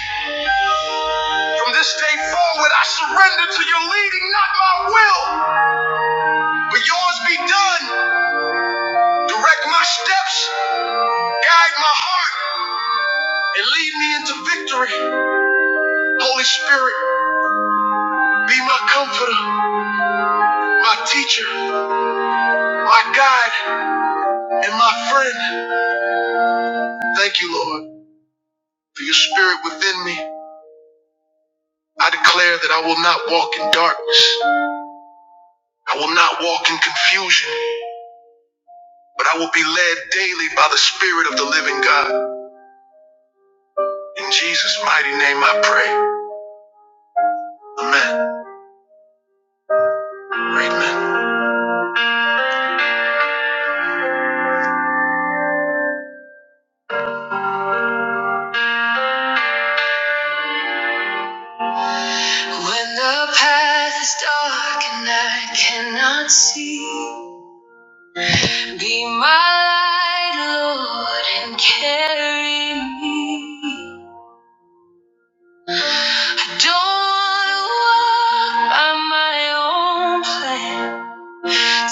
[SPEAKER 11] From this day forward, I surrender to your leading, not my will, but yours be done. Direct my steps, guide my heart, and lead me into victory. Holy Spirit, be my comforter, my teacher my God and my friend. Thank you, Lord, for your spirit within me. I declare that I will not walk in darkness. I will not walk in confusion, but I will be led daily by the spirit of the living God. In Jesus' mighty name I pray. Amen. Amen. When the path is dark and I cannot see, be my light, Lord, and carry me. Don't walk by my own plan.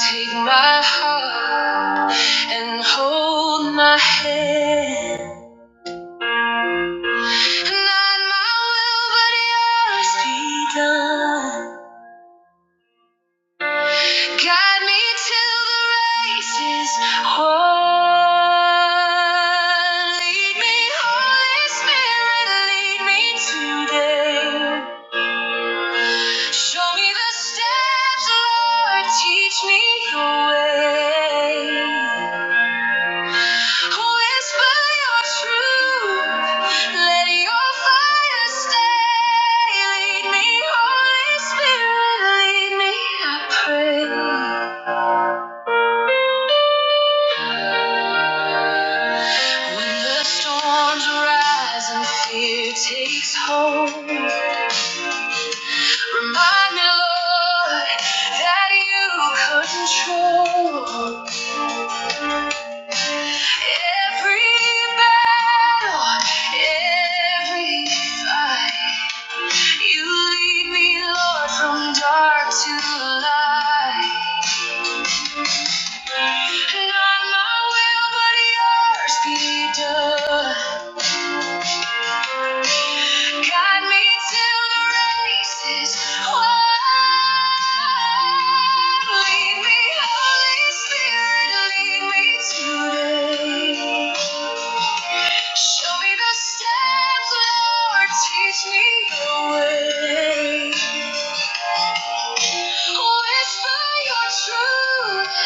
[SPEAKER 11] Take my heart and hold my hand. Not my will, but yours be done. Guide me to the races. Oh, lead me, Holy Spirit, lead me today. Show me the steps, Lord, teach me your way. Whisper your truth, let your fire stay. Lead me, Holy Spirit, lead me, I pray. When the storms rise and fear takes hold, remind me, Lord, that you control every battle, every fight. You lead me, Lord, from dark to light. Not my will, but yours be done. Guide me till the race is won. Lead me, Holy Spirit, lead me today. Show me the steps, Lord, teach me your way. Whisper your truth,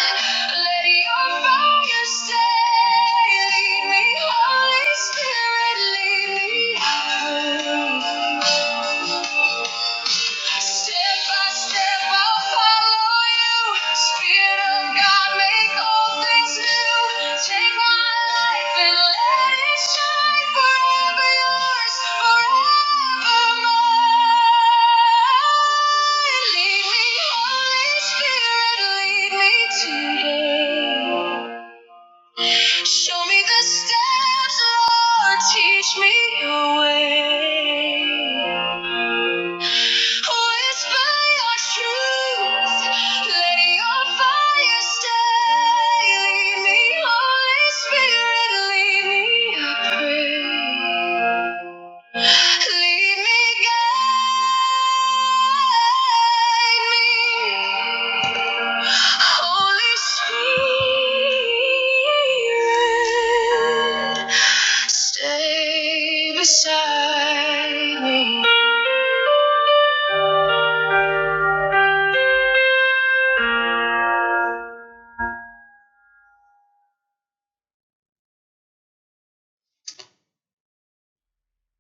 [SPEAKER 11] let your fire stay. Lead me, Holy Spirit, lead me. through. Step by Show me the steps, Lord, teach me your way. Whisper your truth. Let your fire stay. Holy Spirit, lead me, I pray. Lead me, guide me. Holy Spirit, stay beside me.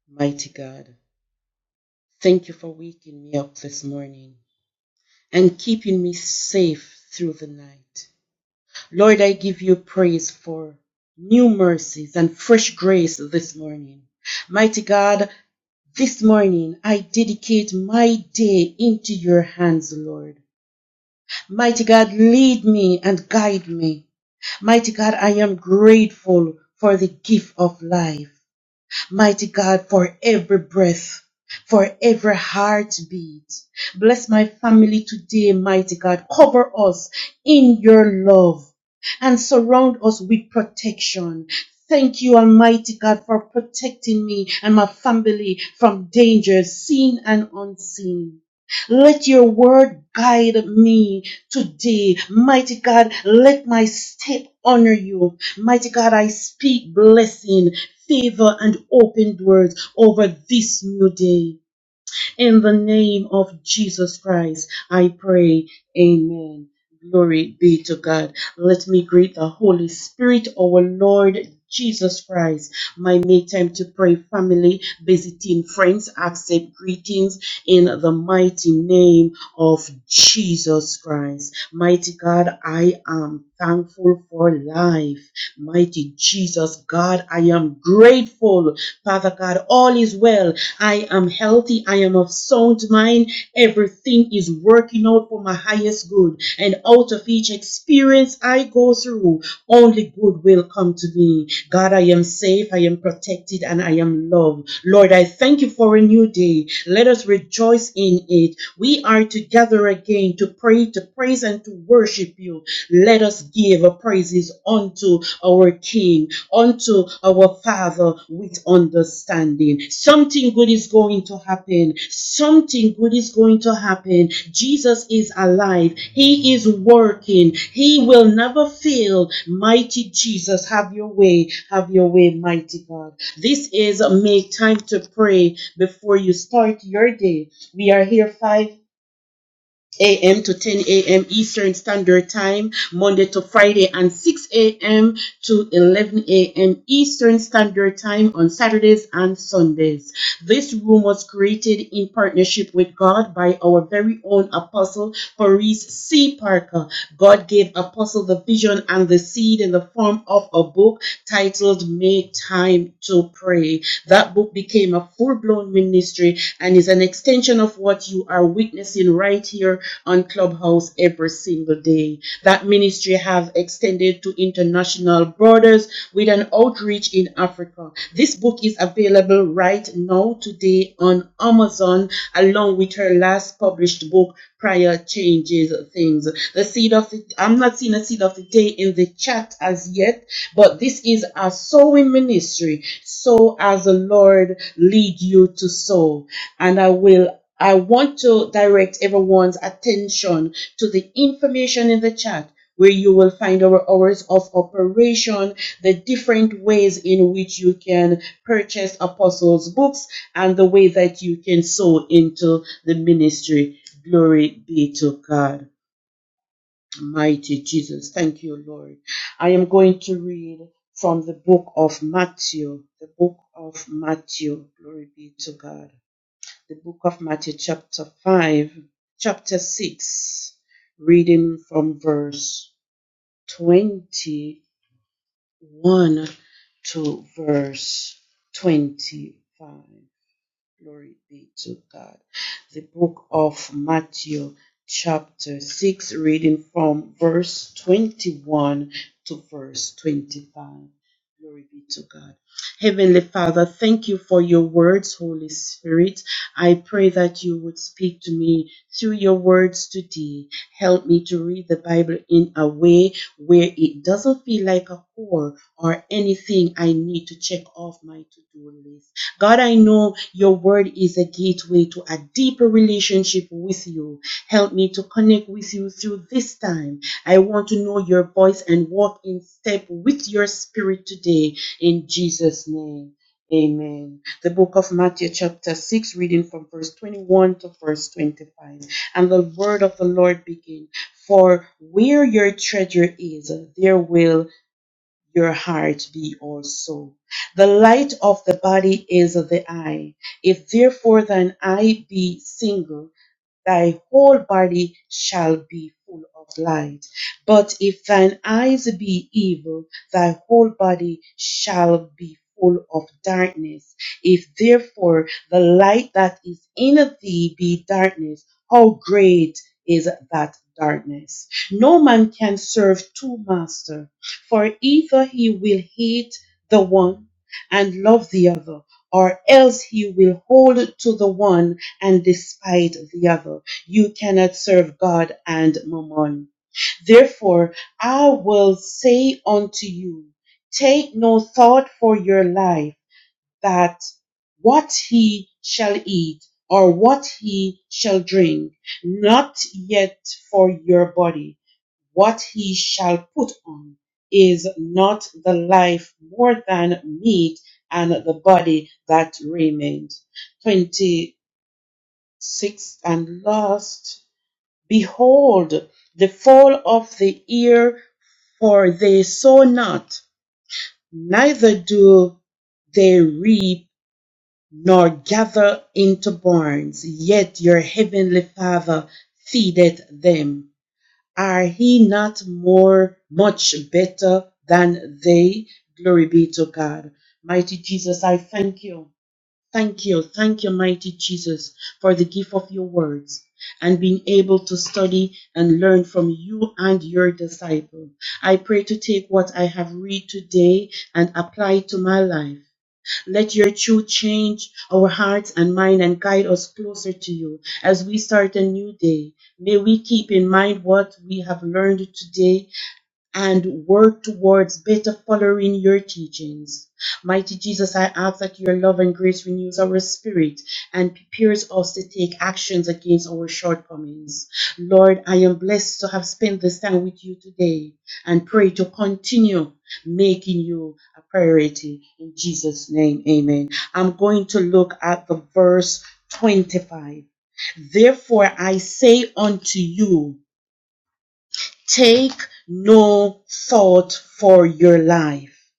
[SPEAKER 11] Mighty God, thank you for waking me up this morning and keeping me safe through the night. Lord, I give you praise for new mercies and fresh grace this morning. Mighty God, this morning I dedicate my day into your hands, Lord. Mighty God, lead me and guide me. Mighty God, I am grateful for the gift of life. Mighty God, for every breath, for every heartbeat. Bless my family today, mighty God. Cover us in your love and surround us with protection. Thank you, Almighty God, for protecting me and my family from dangers, seen and unseen. Let your word guide me today. Mighty God, let my step honor you. Mighty God, I speak blessing favor and open doors over this new day. In the name of Jesus Christ, I pray. Amen. Glory be to God. Let me greet the Holy Spirit, our Lord Jesus Christ. My make time to pray, family, visiting friends, accept greetings in the mighty name of Jesus Christ. Mighty God, I am thankful for life. Mighty Jesus, God, I am grateful. Father God, all is well I am healthy. I am of sound mind. Everything is working out for my highest good. And out of each experience I go through, only good will come to me. God, I am safe. I am protected and I am loved. Lord, I thank you for a new day. Let us rejoice in it. We are together again to pray, to praise, and to worship you. Let us give praises unto our King, unto our Father with understanding. Something good is going to happen. Something good is going to happen. Jesus is alive. He is working. He will never fail. Mighty Jesus, have your way. Have your way, mighty God. This is Make Time to Pray before you start your day. We are here 5 a.m. to 10 a.m. Eastern Standard Time, Monday to Friday, and 6 a.m. to 11 a.m. Eastern Standard Time on Saturdays and Sundays. This room was created in partnership with God by our very own Apostle Paris C. Parker. God gave Apostle the vision and the seed in the form of a book titled Make Time to Pray. That book became a full blown ministry and is an extension of what you are witnessing right here on on Clubhouse every single day. That ministry have extended to international borders with an outreach in Africa. This book is available right now today on Amazon along with her last published book Prior Changes Things. The seed of the I'm not seeing a seed of the day in the chat as yet, but this is a sowing ministry. Sow as the Lord lead you to sow. And I will I want to direct everyone's attention to the information in the chat where you will find our hours of operation, the different ways in which you can purchase apostles' books, and the way that you can sow into the ministry. Glory be to God, mighty Jesus. Thank you, Lord. I am going to read from the book of Matthew, the book of Matthew. Glory be to God the book of Matthew, chapter 5, chapter 6, reading from verse 21 to verse 25. Glory be to God. The book of Matthew, chapter 6, reading from verse 21 to verse 25. Glory be to God. Heavenly Father, thank you for your words, Holy Spirit. I pray that you would speak to me through your words today. Help me to read the Bible in a way where it doesn't feel like a chore or anything I need to check off my to do list God, I know your word is a gateway to a deeper relationship with you. Help me to connect with you through this time. I want to know your voice and walk in step with your spirit today. In Jesus' name. Amen. The book of Matthew, chapter 6, reading from verse 21 to verse 25. And the word of the Lord began For where your treasure is, there will your heart be also. The light of the body is the eye. If therefore thine eye be single, thy whole body shall be full of light. But if thine eyes be evil, thy whole body shall be full of darkness. If therefore the light that is in thee be darkness, how great is that darkness? No man can serve two masters, for either he will hate the one and love the other, or else he will hold to the one and despite the other. You cannot serve God and mammon. Therefore, I will say unto you, take no thought for your life that what he shall eat or what he shall drink, not yet for your body, what he shall put on. Is not the life more than meat and the body that remained? 20 sixth and last. Behold, the fall of the ear, for they sow not, neither do they reap, nor gather into barns, yet your heavenly Father feedeth them. Are he not more, much better than they? Glory be to God. Mighty Jesus, I thank you. Thank you. Thank you, mighty Jesus, for the gift of your words and being able to study and learn from you and your disciple. I pray to take what I have read today and apply it to my life. Let your truth change our hearts and mind and guide us closer to you as we start a new day. May we keep in mind what we have learned today and work towards better following your teachings. Mighty Jesus, I ask that your love and grace renews our spirit and prepares us to take actions against our shortcomings. Lord, I am blessed to have spent this time with you today and pray to continue making you a priority. In Jesus' name, amen. I'm going to look at the verse 25. Therefore, I say unto you, Take no thought for your life,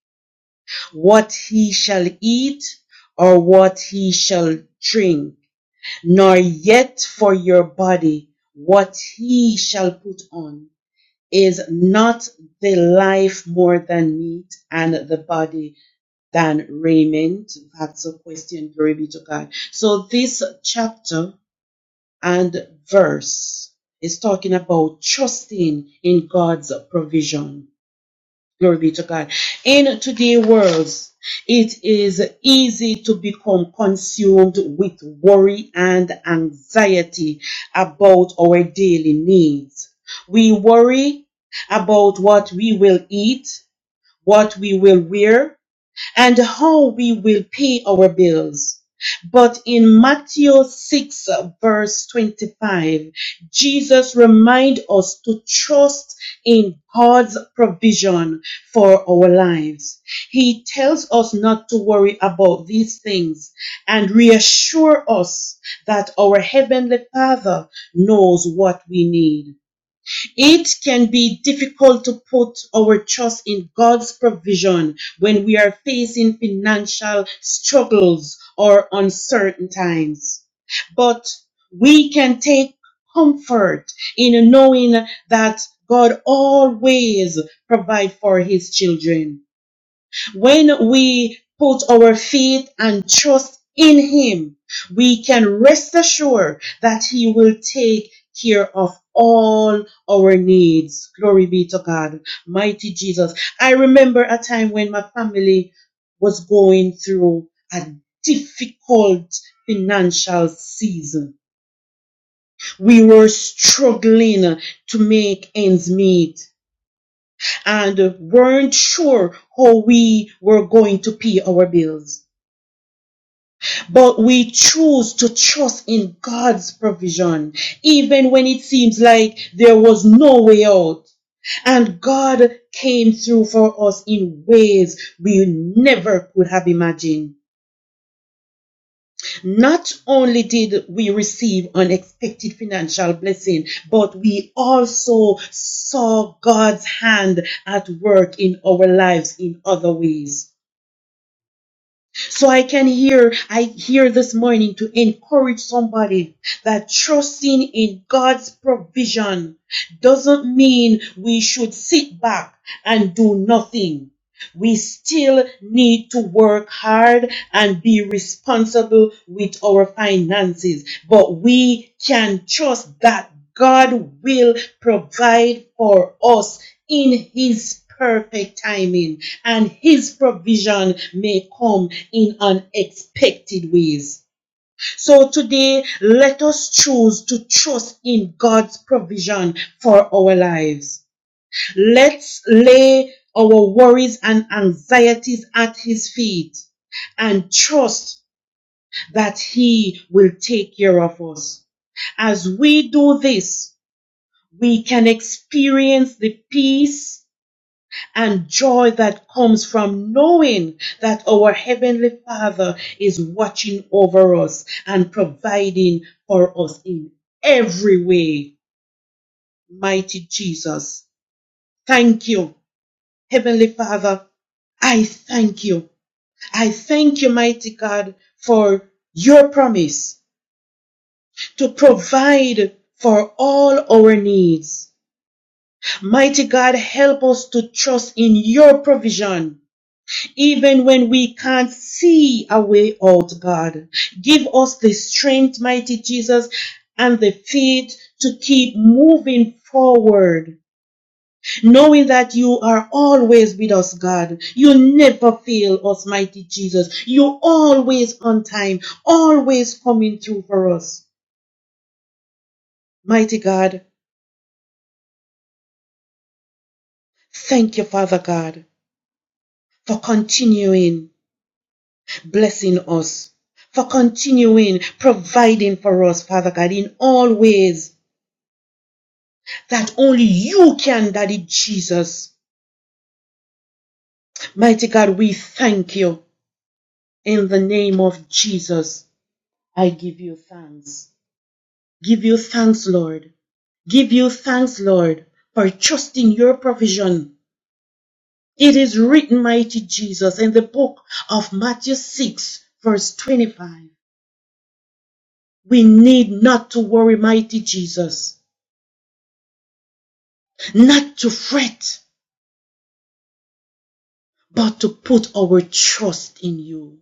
[SPEAKER 11] what he shall eat or what he shall drink, nor yet for your body, what he shall put on. Is not the life more than meat and the body than raiment? That's a question. Glory be to God. So this chapter and verse is talking about trusting in God's provision Glory be to God. In today's world, it is easy to become consumed with worry and anxiety about our daily needs. We worry about what we will eat, what we will wear, and how we will pay our bills. But in Matthew 6 uh, verse 25, Jesus reminds us to trust in God's provision for our lives. He tells us not to worry about these things and reassure us that our Heavenly Father knows what we need. It can be difficult to put our trust in God's provision when we are facing financial struggles or uncertain times. But we can take comfort in knowing that God always provides for his children. When we put our faith and trust in Him, we can rest assured that He will take care of all our needs. Glory be to God, mighty Jesus. I remember a time when my family was going through a difficult financial season. We were struggling to make ends meet and weren't sure how we were going to pay our bills. But we choose to trust in God's provision, even when it seems like there was no way out. And God came through for us in ways we never could have imagined. Not only did we receive unexpected financial blessing, but we also saw God's hand at work in our lives in other ways. So I can hear, I hear this morning to encourage somebody that trusting in God's provision doesn't mean we should sit back and do nothing. We still need to work hard and be responsible with our finances, but we can trust that God will provide for us in His perfect timing, and His provision may come in unexpected ways. So today, let us choose to trust in God's provision for our lives. Let's lay our worries and anxieties at His feet and trust that He will take care of us. As we do this, we can experience the peace and joy that comes from knowing that our Heavenly Father is watching over us and providing for us in every way. Mighty Jesus, thank you Heavenly Father, I thank you. I thank you, mighty God, for your promise to provide for all our needs. Mighty God, help us to trust in your provision, even when we can't see a way out, God. Give us the strength, mighty Jesus, and the faith to keep moving forward knowing that you are always with us, God. You never fail us, mighty Jesus. You're always on time, always coming through for us. Mighty God, thank you, Father God, for continuing blessing us, for continuing providing for us, Father God, in all ways that only you can, Daddy Jesus. Mighty God, we thank you. In the name of Jesus, I give you thanks. Give you thanks, Lord. Give you thanks, Lord, for trusting your provision. It is written, mighty Jesus, in the book of Matthew 6, verse 25. We need not to worry, mighty Jesus, not to fret, but to put our trust in you.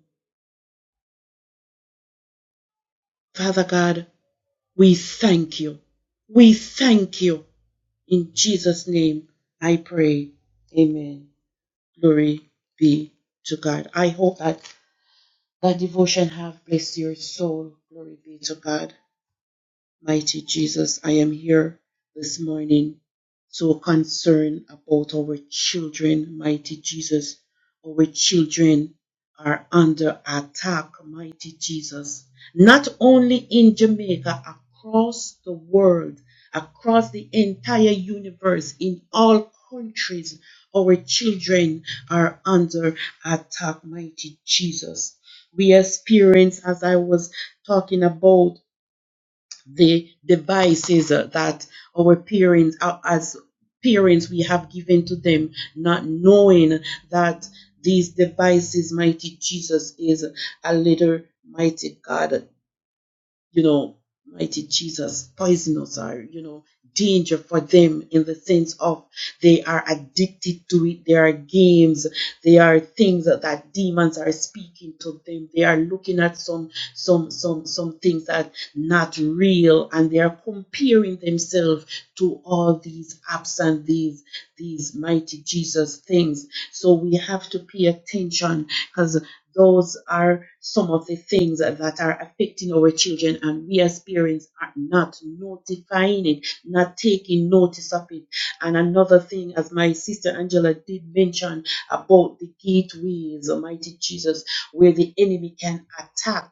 [SPEAKER 11] Father God, we thank you. We thank you. In Jesus' name, I pray. Amen. Glory be to God. I hope that That devotion have blessed your soul. Glory be to God. Mighty Jesus, I am here this morning so concerned about our children. Mighty Jesus, our children are under attack. Mighty Jesus, not only in Jamaica, across the world, across the entire universe, in all countries, our children are under attack. Mighty Jesus. We experience, as I was talking about, the devices uh, that our parents, uh, as parents, we have given to them, not knowing that these devices, mighty Jesus, is a little mighty God you know, mighty Jesus, poisonous are, you know, danger for them in the sense of they are addicted to it. There are games, there are things that, that demons are speaking to them. They are looking at some some some some things that are not real and they are comparing themselves to all these apps and these these mighty Jesus things. So we have to pay attention cause. Those are some of the things that are affecting our children, and we as parents are not notifying it, not taking notice of it. And another thing, as my sister Angela did mention about the gateways, Almighty Jesus, where the enemy can attack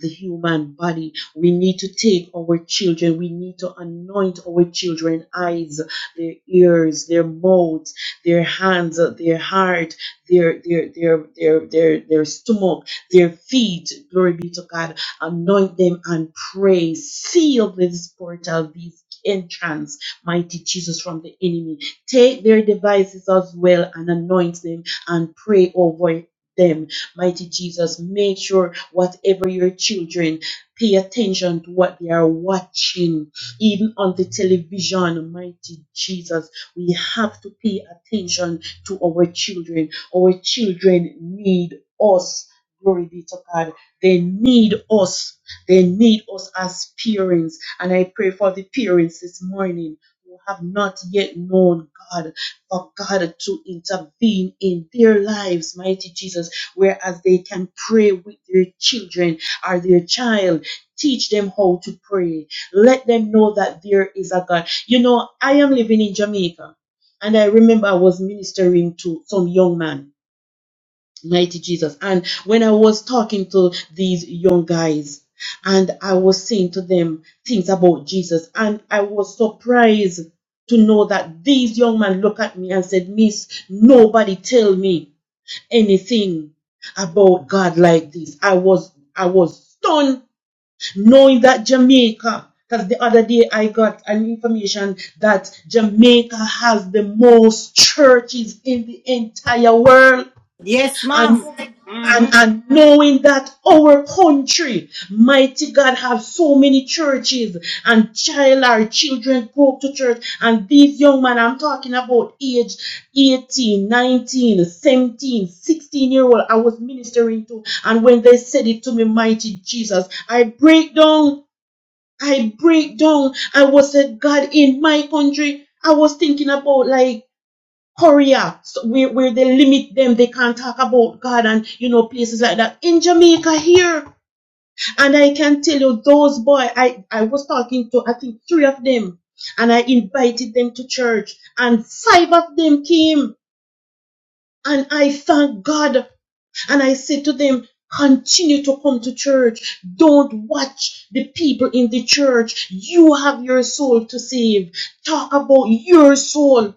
[SPEAKER 11] the human body, we need to take our children, we need to anoint our children' eyes, their ears, their mouths, their hands, their heart their their their their their their stomach, their feet. Glory be to God. Anoint them and pray. Seal this portal, these entrance, mighty Jesus, from the enemy. Take their devices as well and anoint them and pray over them. Mighty Jesus, make sure whatever your children pay attention to what they are watching, even on the television, mighty Jesus. We have to pay attention to our children our children need us. Glory be to God. They need us. They need us as parents. And I pray for the parents this morning who have not yet known God, for God to intervene in their lives, mighty Jesus, whereas they can pray with their children or their child. Teach them how to pray. Let them know that there is a God. You know, I am living in Jamaica and I remember I was ministering to some young man Mighty Jesus. And when I was talking to these young guys, and I was saying to them things about Jesus, and I was surprised to know that these young men looked at me and said, Miss, nobody tell me anything about God like this. I was I was stunned knowing that Jamaica, because the other day I got an information that Jamaica has the most churches in the entire world
[SPEAKER 1] Yes,
[SPEAKER 11] and
[SPEAKER 1] ma'am.
[SPEAKER 11] and,
[SPEAKER 1] Mm-hmm.
[SPEAKER 11] and knowing that our country, mighty God, have so many churches and child our children go up to church and these young men, I'm talking about age 18, 19, 17, sixteen year old I was ministering to and when they said it to me, mighty Jesus, I break down, I break down. I was said, God, in my country, I was thinking about like Korea, so where, where they limit them, they can't talk about God and you know places like that. In Jamaica here, and I can tell you those boy, I I was talking to I think three of them, and I invited them to church, and five of them came, and I thank God and I said to them, continue to come to church. Don't watch the people in the church. You have your soul to save. Talk about your soul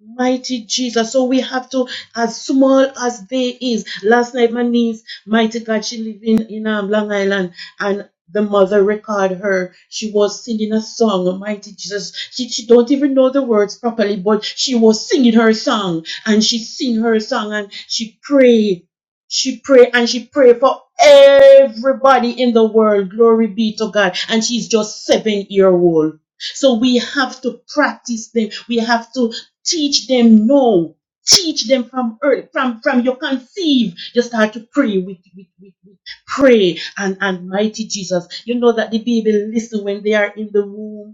[SPEAKER 11] Mighty Jesus. So we have to, as small as they is. Last night, my niece, mighty God, she live in, in um, Long Island and the mother record her. She was singing a song, Mighty Jesus. She, she don't even know the words properly, but she was singing her song and she sing her song and she pray. She pray and she pray for everybody in the world. Glory be to God. And she's just seven year old. So we have to practice them. We have to Teach them now. Teach them from early, from from your conceive. You start to pray with with with, with pray and and mighty Jesus. You know that the baby listen when they are in the womb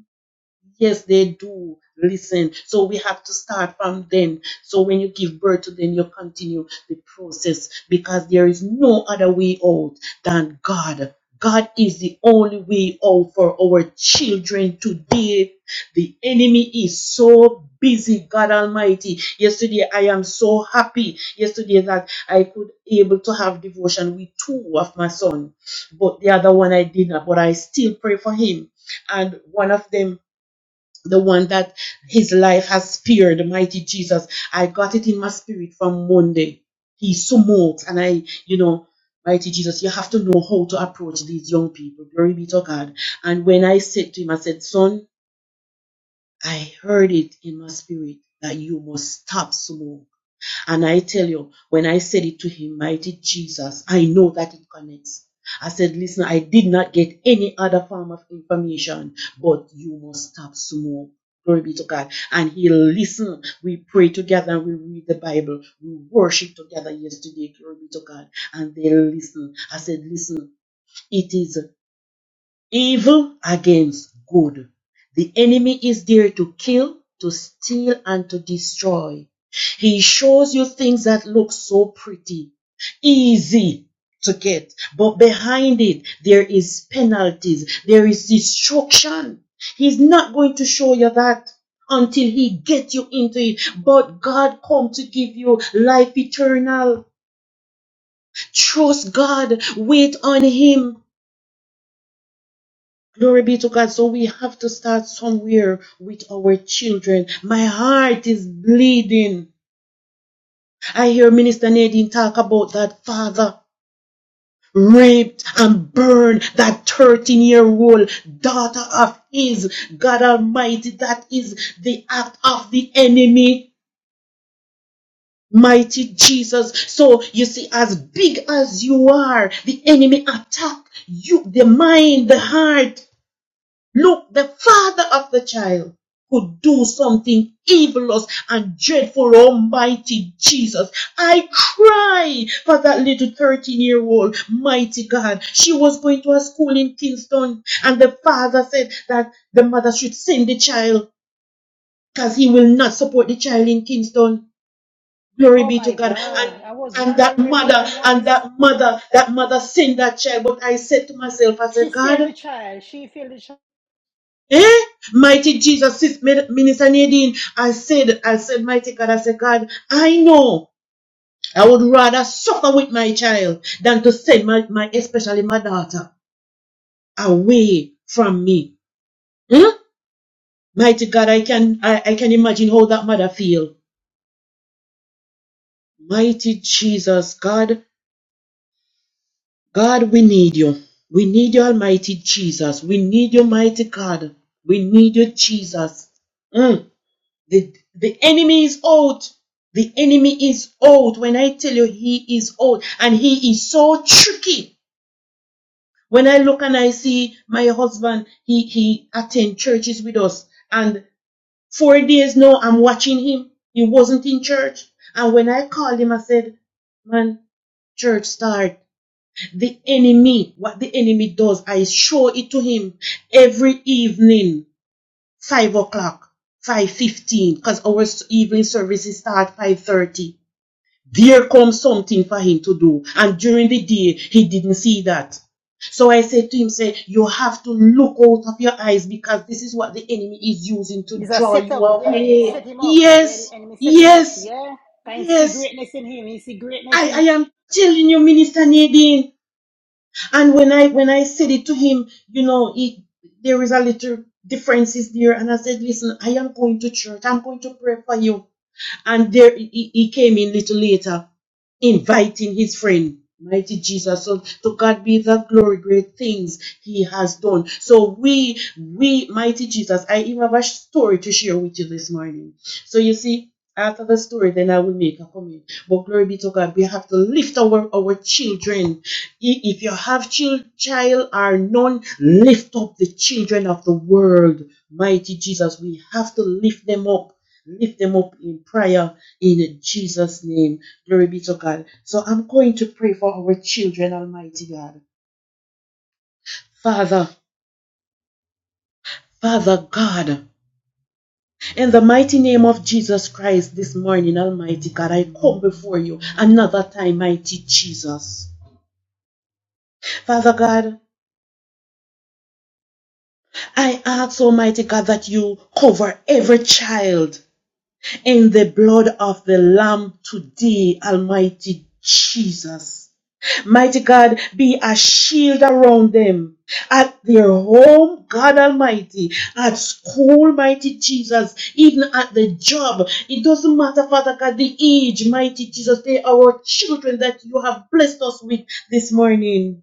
[SPEAKER 11] Yes, they do listen. So we have to start from them. So when you give birth to them, you continue the process because there is no other way out than God. God is the only way out for our children today. The enemy is so busy, God Almighty. Yesterday, I am so happy. Yesterday, that I could able to have devotion with two of my son, but the other one I did not. But I still pray for him. And one of them the one that his life has spared, mighty Jesus. I got it in my spirit from Monday. He smokes, and I, you know, mighty Jesus, you have to know how to approach these young people. Glory be to God. And when I said to him, I said, son, I heard it in my spirit that you must stop smoke. And I tell you, when I said it to him, mighty Jesus, I know that it connects. I said, listen, I did not get any other form of information, but you must stop smoke. Glory be to God. And he listened. We pray together and we read the Bible. We worship together yesterday. Glory be to God. And they listen. I said, listen, it is evil against good. The enemy is there to kill, to steal, and to destroy. He shows you things that look so pretty, easy to get, but behind it, there is penalties, there is destruction. He's not going to show you that until he gets you into it. But God come to give you life eternal. Trust God, wait on him. Glory be to God. So we have to start somewhere with our children. My heart is bleeding. I hear Minister Nadine talk about that father raped and burned that 13 year old daughter of his. God Almighty, that is the act of the enemy. Mighty Jesus. So you see, as big as you are, the enemy attack you, the mind, the heart, Look, the father of the child could do something evilous and dreadful, Almighty Jesus. I cry for that little 13 year old, mighty God. She was going to a school in Kingston, and the father said that the mother should send the child because he will not support the child in Kingston. Glory
[SPEAKER 1] Oh
[SPEAKER 11] be to
[SPEAKER 1] my
[SPEAKER 11] God. And
[SPEAKER 1] God. I was
[SPEAKER 11] and that
[SPEAKER 1] wondering where the
[SPEAKER 11] mother,
[SPEAKER 1] mom
[SPEAKER 11] and
[SPEAKER 1] was.
[SPEAKER 11] that mother, that mother sent that child. But I said to myself, I
[SPEAKER 1] She
[SPEAKER 11] said, God,
[SPEAKER 1] failed the child. She failed the child.
[SPEAKER 11] Eh? Mighty Jesus, sis, Minister Nadine, I said, I said, mighty God, I said, God, I know I would rather suffer with my child than to send my, my especially my daughter away from me. Hmm? Mighty God, I can, I, I can imagine how that mother feel. Mighty Jesus, God, God, we need you. We need you, Almighty Jesus. We need you, mighty God. We need you, Jesus. Hmm. The, the enemy is old. The enemy is old. When I tell you he is old and he is so tricky. When I look and I see my husband, he, he attend churches with us and four days now I'm watching him. He wasn't in church. And when I called him, I said, man, church start. The enemy, what the enemy does, I show it to him every evening five o'clock, five fifteen, cause our evening services start five thirty. There comes something for him to do, and during the day he didn't see that. So I said to him, say, you have to look out of your eyes because this is what the enemy is using to
[SPEAKER 1] It's a
[SPEAKER 11] draw you
[SPEAKER 1] setup. Yeah, he
[SPEAKER 11] away.
[SPEAKER 1] set him up. Yeah,
[SPEAKER 11] Yes,
[SPEAKER 1] the enemy set him up.
[SPEAKER 11] yes,
[SPEAKER 1] Yeah. Can see
[SPEAKER 11] yes.
[SPEAKER 1] greatness in him. He see greatness
[SPEAKER 11] I, I
[SPEAKER 1] in
[SPEAKER 11] am telling you, Minister Nadine. And when I when I said it to him, you know, he, there is a little differences there. And I said, listen, I am going to church. I'm going to pray for you. And there he, he came in little later, inviting his friend. Mighty Jesus, so to God be the glory, great things He has done. So we, we, mighty Jesus, I even have a story to share with you this morning. So you see, after the story, then I will make a comment. But glory be to God, we have to lift our our children I- if you have child, child or none, lift up the children of the world. Mighty Jesus, we have to lift them up lift them up in prayer in Jesus' name. Glory be to God. So I'm going to pray for our children, Almighty God. Father, Father God, in the mighty name of Jesus Christ this morning, Almighty God, I come before you another time, mighty Jesus. Father God, I ask Almighty God that you cover every child in the blood of the Lamb today, Almighty Jesus. Mighty God, be a shield around them at their home, God Almighty, at school, mighty Jesus, even at the job. It doesn't matter, Father God, the age, mighty Jesus. They are our children that you have blessed us with this morning.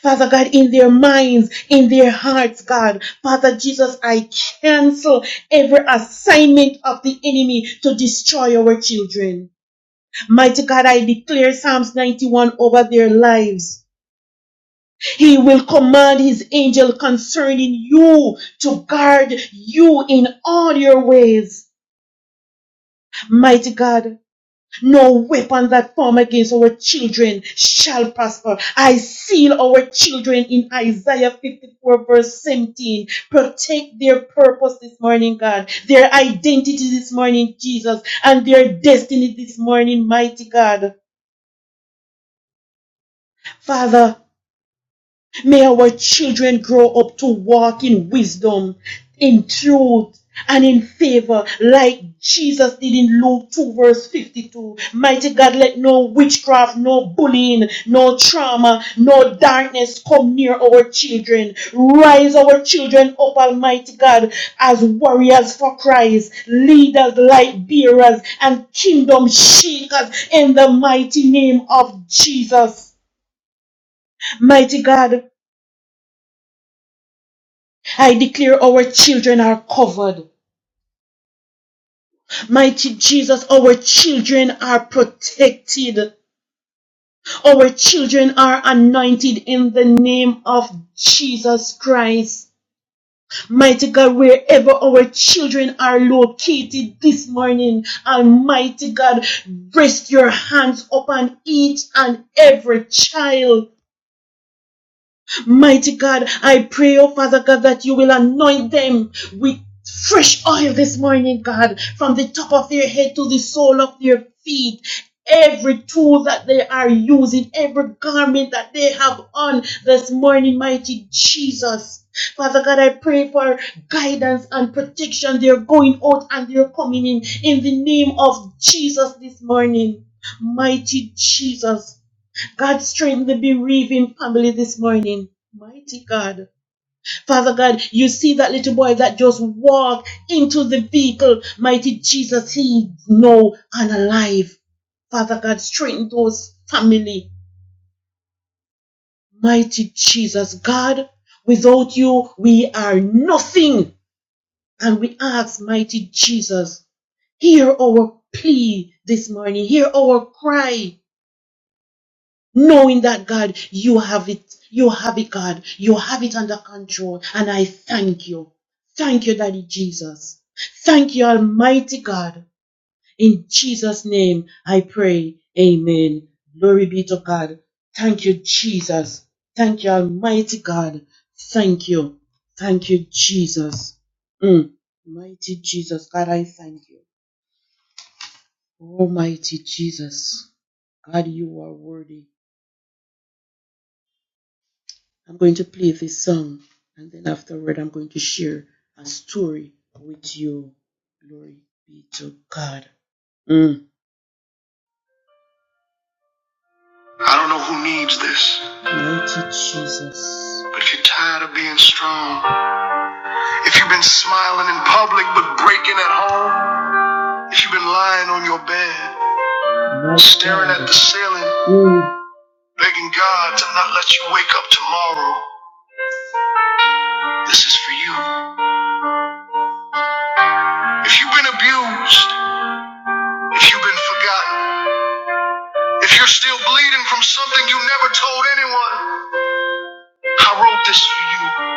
[SPEAKER 11] Father God, in their minds, in their hearts, God. Father Jesus, I cancel every assignment of the enemy to destroy our children. Mighty God, I declare Psalms 91 over their lives. He will command his angel concerning you to guard you in all your ways. Mighty God, no weapon that form against our children shall prosper. I seal our children in Isaiah 54 verse 17. Protect their purpose this morning, God, their identity this morning, Jesus, and their destiny this morning, mighty God. Father, May our children grow up to walk in wisdom, in truth, and in favor, like Jesus did in Luke 2, verse 52. Mighty God, let no witchcraft, no bullying, no trauma, no darkness come near our children. Rise our children up, Almighty God, as warriors for Christ, leaders, light bearers, and kingdom shakers in the mighty name of Jesus. Mighty God, I declare our children are covered. Mighty Jesus, our children are protected. Our children are anointed in the name of Jesus Christ. Mighty God, wherever our children are located this morning, Almighty God, rest your hands upon each and every child. Mighty God, I pray, oh Father God, that you will anoint them with fresh oil this morning, God, from the top of their head to the sole of their feet. Every tool that they are using, every garment that they have on this morning, mighty Jesus. Father God, I pray for guidance and protection. They're going out and they're coming in in the name of Jesus this morning. Mighty Jesus. God, strengthen the bereaving family this morning. Mighty God. Father God, you see that little boy that just walked into the vehicle. Mighty Jesus, he no and alive. Father God, strengthen those family. Mighty Jesus, God, without you, we are nothing. And we ask, mighty Jesus, hear our plea this morning. Hear our cry. knowing that God, you have it, you have it, God, you have it under control. And I thank you. Thank you, Daddy Jesus. Thank you, Almighty God. In Jesus' name I pray. Amen. Glory be to God. Thank you, Jesus. Thank you, Almighty God. Thank you. Thank you, Jesus. Mm. Mighty Jesus, God, I thank you. Almighty Jesus, God, you are worthy. I'm going to play this song, and then afterward, I'm going to share a story with you. Glory be to God. Mm. I don't know who needs this. Mighty Jesus. But if you're tired of being strong, if you've been smiling in public but breaking at home, if you've been lying on your bed, My staring God. at the ceiling, Mm. begging God to not let you wake up tomorrow, this is for you. If you've been abused, if you've been forgotten, If you're still bleeding from something you never told anyone, I wrote this for you.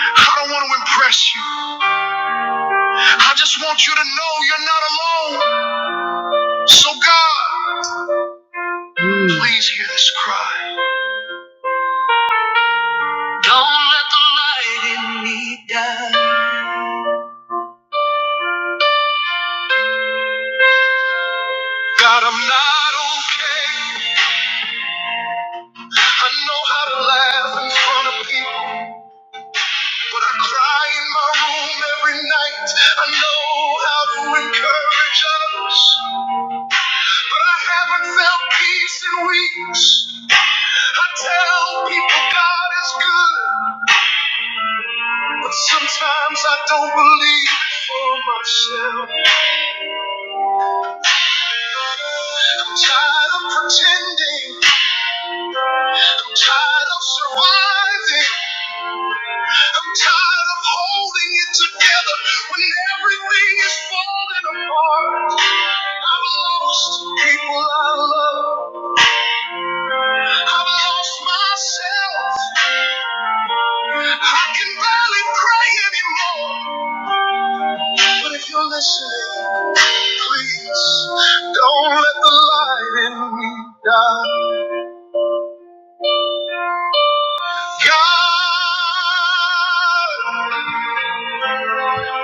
[SPEAKER 11] I don't want to impress you. I just want you to know you're not alone. So, God, Mm. please hear this cry. Don't let the light in me die. God, I'm not okay. I know how to laugh in front of people, but I cry in my room every night. I know how to encourage others. But I haven't felt peace in weeks. I tell people God is good, but sometimes I don't believe it for myself. I'm tired of pretending. I'm tired of surviving. I'm tired of holding it together when everything is falling apart. I've lost people I love. I've lost myself. I can barely pray anymore. But if you're listening, please don't let the light in me die. God,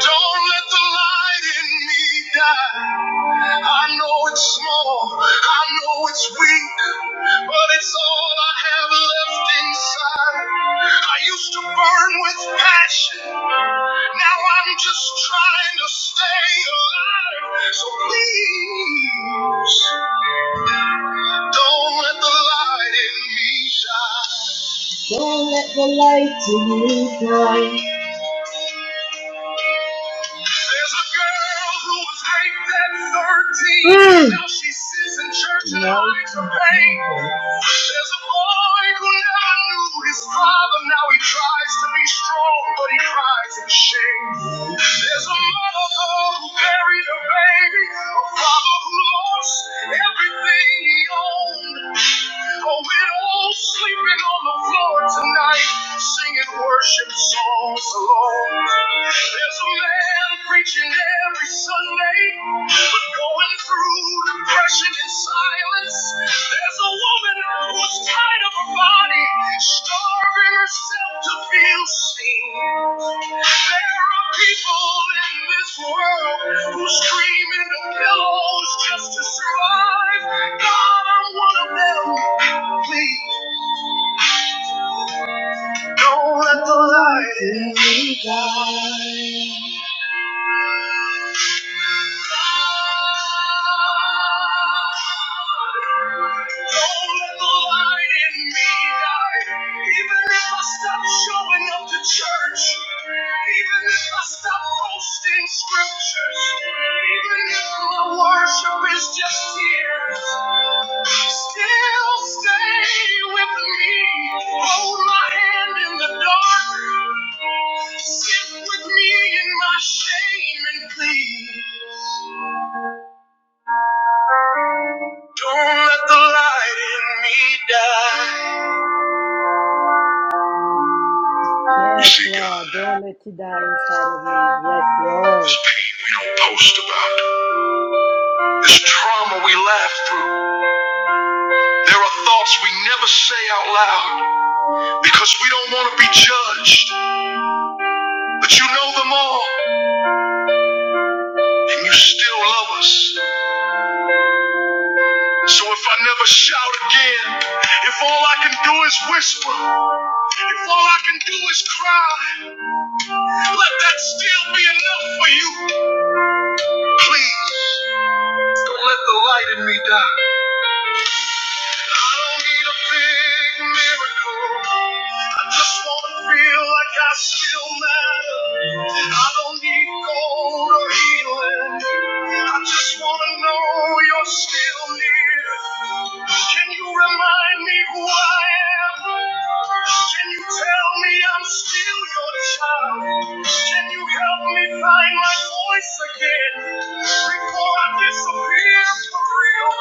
[SPEAKER 11] Don't let the light in me die. I know it's small, I know it's weak, but it's all I have left inside. I used to burn with passion, now I'm just trying to stay alive. So please, don't let the light in me shine. Don't let the light in me die. There's a girl who was raped at 13. Mm. Now she sits in church and no. hides her pain. There's a boy who never knew his father. Now he tries to be strong, but he cries in shame. There's a mother who buried her baby. A father who lost everything he owned. A widow sleeping on the floor tonight, singing worship songs alone. There's a man preaching every Sunday, but going through depression in silence. There's a woman who's tired of her body, starving herself to feel seen. There are people in this world who scream into pillows just to survive. God, I'm one of them. Please. Don't let the light in me die. Don't let the light in me die. Even if I stop showing up to church. even if. Stop posting scriptures, even if the worship is just here. Still stay with me. Hold my hand in the dark. Sit with me in my shame and plead. Don't let the light in me die. You
[SPEAKER 1] Yes,
[SPEAKER 11] see,
[SPEAKER 1] Lord.
[SPEAKER 11] God,
[SPEAKER 1] Don't let it die inside of me. Yes,
[SPEAKER 11] this
[SPEAKER 1] Lord.
[SPEAKER 11] pain we don't post about, this trauma we laugh through, there are thoughts we never say out loud. because we don't want to be judged. But you know them all, and you still love us. So if I never shout again, if all I can do is whisper, if all I can do is cry, let that still be enough for you. Please, don't let the light in me die. I don't need a big miracle. I just want to feel like I still matter. I don't need gold or healing. I just want to know you're still near. Can you remind me who I am. Can you tell me I'm still your child? Can you help me find my voice again before I disappear for real?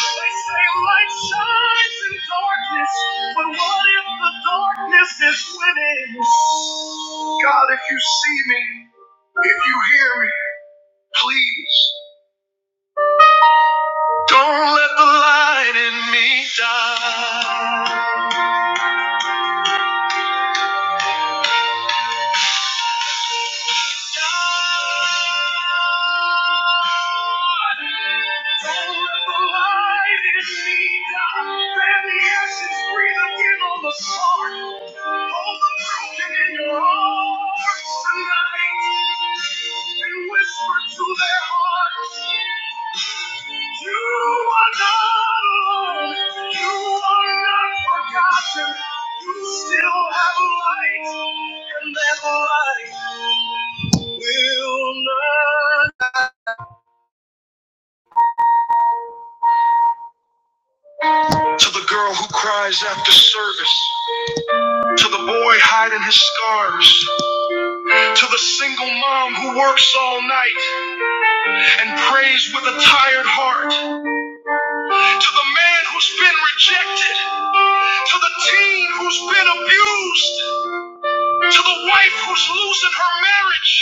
[SPEAKER 11] They say light shines in darkness, but what if the darkness is winning? God, if you see me, if you hear me, please don't let the light in me die. You still have light, and that light to the girl who cries after service. To the boy hiding his scars. To the single mom who works all night and prays with a tired heart. To the man who's been rejected. To the teen who's been abused. To the wife who's losing her marriage.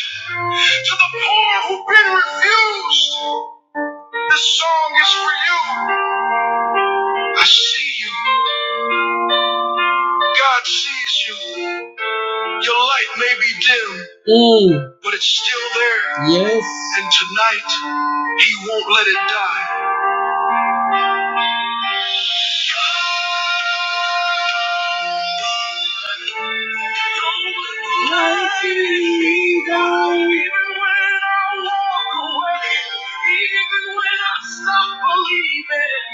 [SPEAKER 11] To the poor who've been refused. This song is for you. I see you. God sees you. Your light may be dim, Mm. but it's still there. Yes. And tonight, He won't let it die. Like me down. Even when I walk away, even when I stop believing,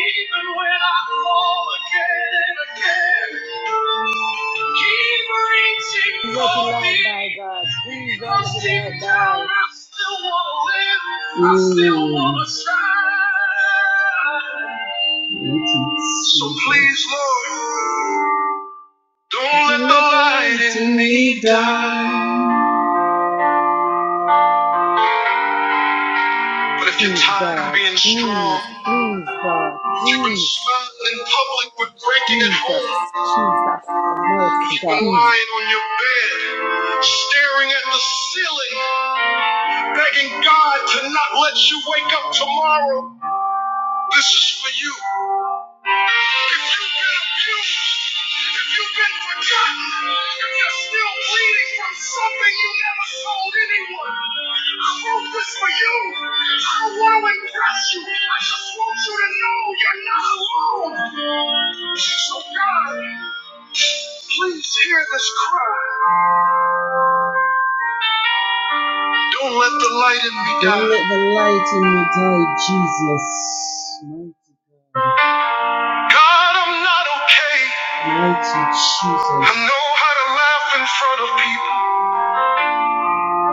[SPEAKER 11] even when I fall again and again, keep reaching
[SPEAKER 1] Don't let the
[SPEAKER 11] for me.
[SPEAKER 1] light die, God. Please don't
[SPEAKER 11] Because
[SPEAKER 1] let the
[SPEAKER 11] deep
[SPEAKER 1] light
[SPEAKER 11] down
[SPEAKER 1] die.
[SPEAKER 11] I still wanna live, I still Mm. wanna shine. That's it. So please, Lord. Don't let the light in me. But if you're
[SPEAKER 1] Please,
[SPEAKER 11] tired of
[SPEAKER 1] God.
[SPEAKER 11] being strong,
[SPEAKER 1] Please, please, God.
[SPEAKER 11] if you've been
[SPEAKER 1] Please.
[SPEAKER 11] smiling in public but breaking at
[SPEAKER 1] Jesus,
[SPEAKER 11] home,
[SPEAKER 1] Jesus, have
[SPEAKER 11] if
[SPEAKER 1] mercy,
[SPEAKER 11] you've
[SPEAKER 1] God.
[SPEAKER 11] been
[SPEAKER 1] Please.
[SPEAKER 11] lying on your bed, staring at the ceiling, begging God to not let you wake up tomorrow, this is for you. If you've been abused, if you've been forgotten, if you're still bleeding from something you never told anyone, I wrote this for you. I don't want to impress you. I just want you to know you're not alone. So God, please hear this cry. Don't let the light in me die. Don't let the light in me die, Jesus. Mighty God. God, I'm not okay. Mighty Jesus. I know how to laugh in front of people,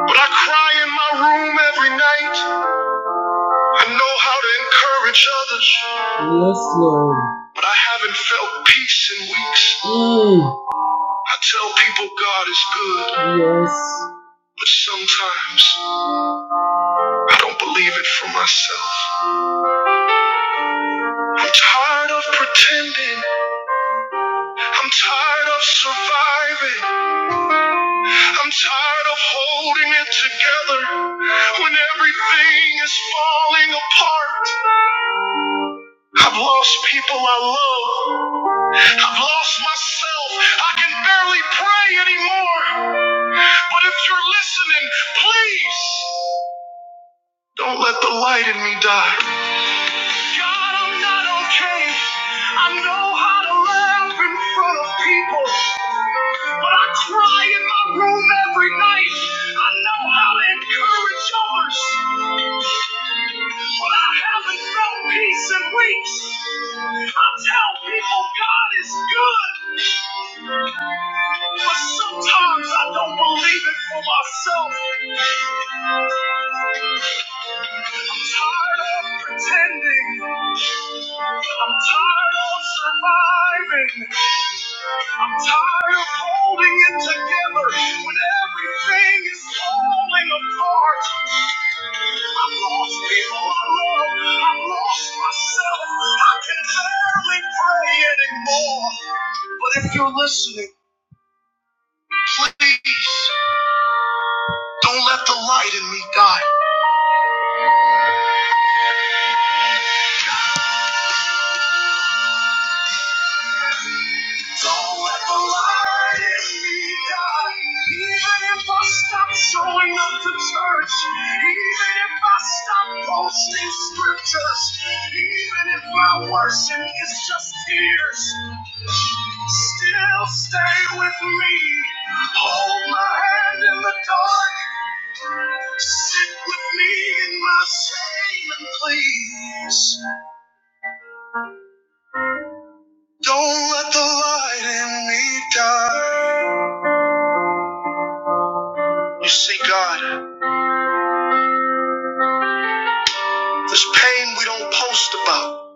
[SPEAKER 11] but I cry in my room every night. I know how to encourage others. Yes, Lord. But I haven't felt peace in weeks. Mm. I tell people God is good. Yes. But sometimes I don't believe it for myself. I'm tired of pretending. I'm tired of surviving. I'm tired of holding it together when everything is falling apart. I've lost people I love. I've lost myself. I can barely pray anymore. But if you're listening, please don't let the light in me die. God, I'm not okay. I know how to laugh in front of people. But I try in my room every night. I know how to encourage others, but I haven't felt peace in weeks. I tell people God is good, but sometimes I don't believe it for myself. I'm tired of pretending. I'm tired of surviving. I'm tired of holding it together when everything is falling apart. I've lost people I love. I've lost myself. I can barely pray anymore. But if you're listening, please don't let the light in me die. Don't let the light in me die. Even if I stop showing up to church, even if I stop posting scriptures, even if my worship is just tears, still stay with me. Hold my hand in the dark. Sit with me in my shame and please. Don't let the light in me die. You see, God. There's pain we don't post about.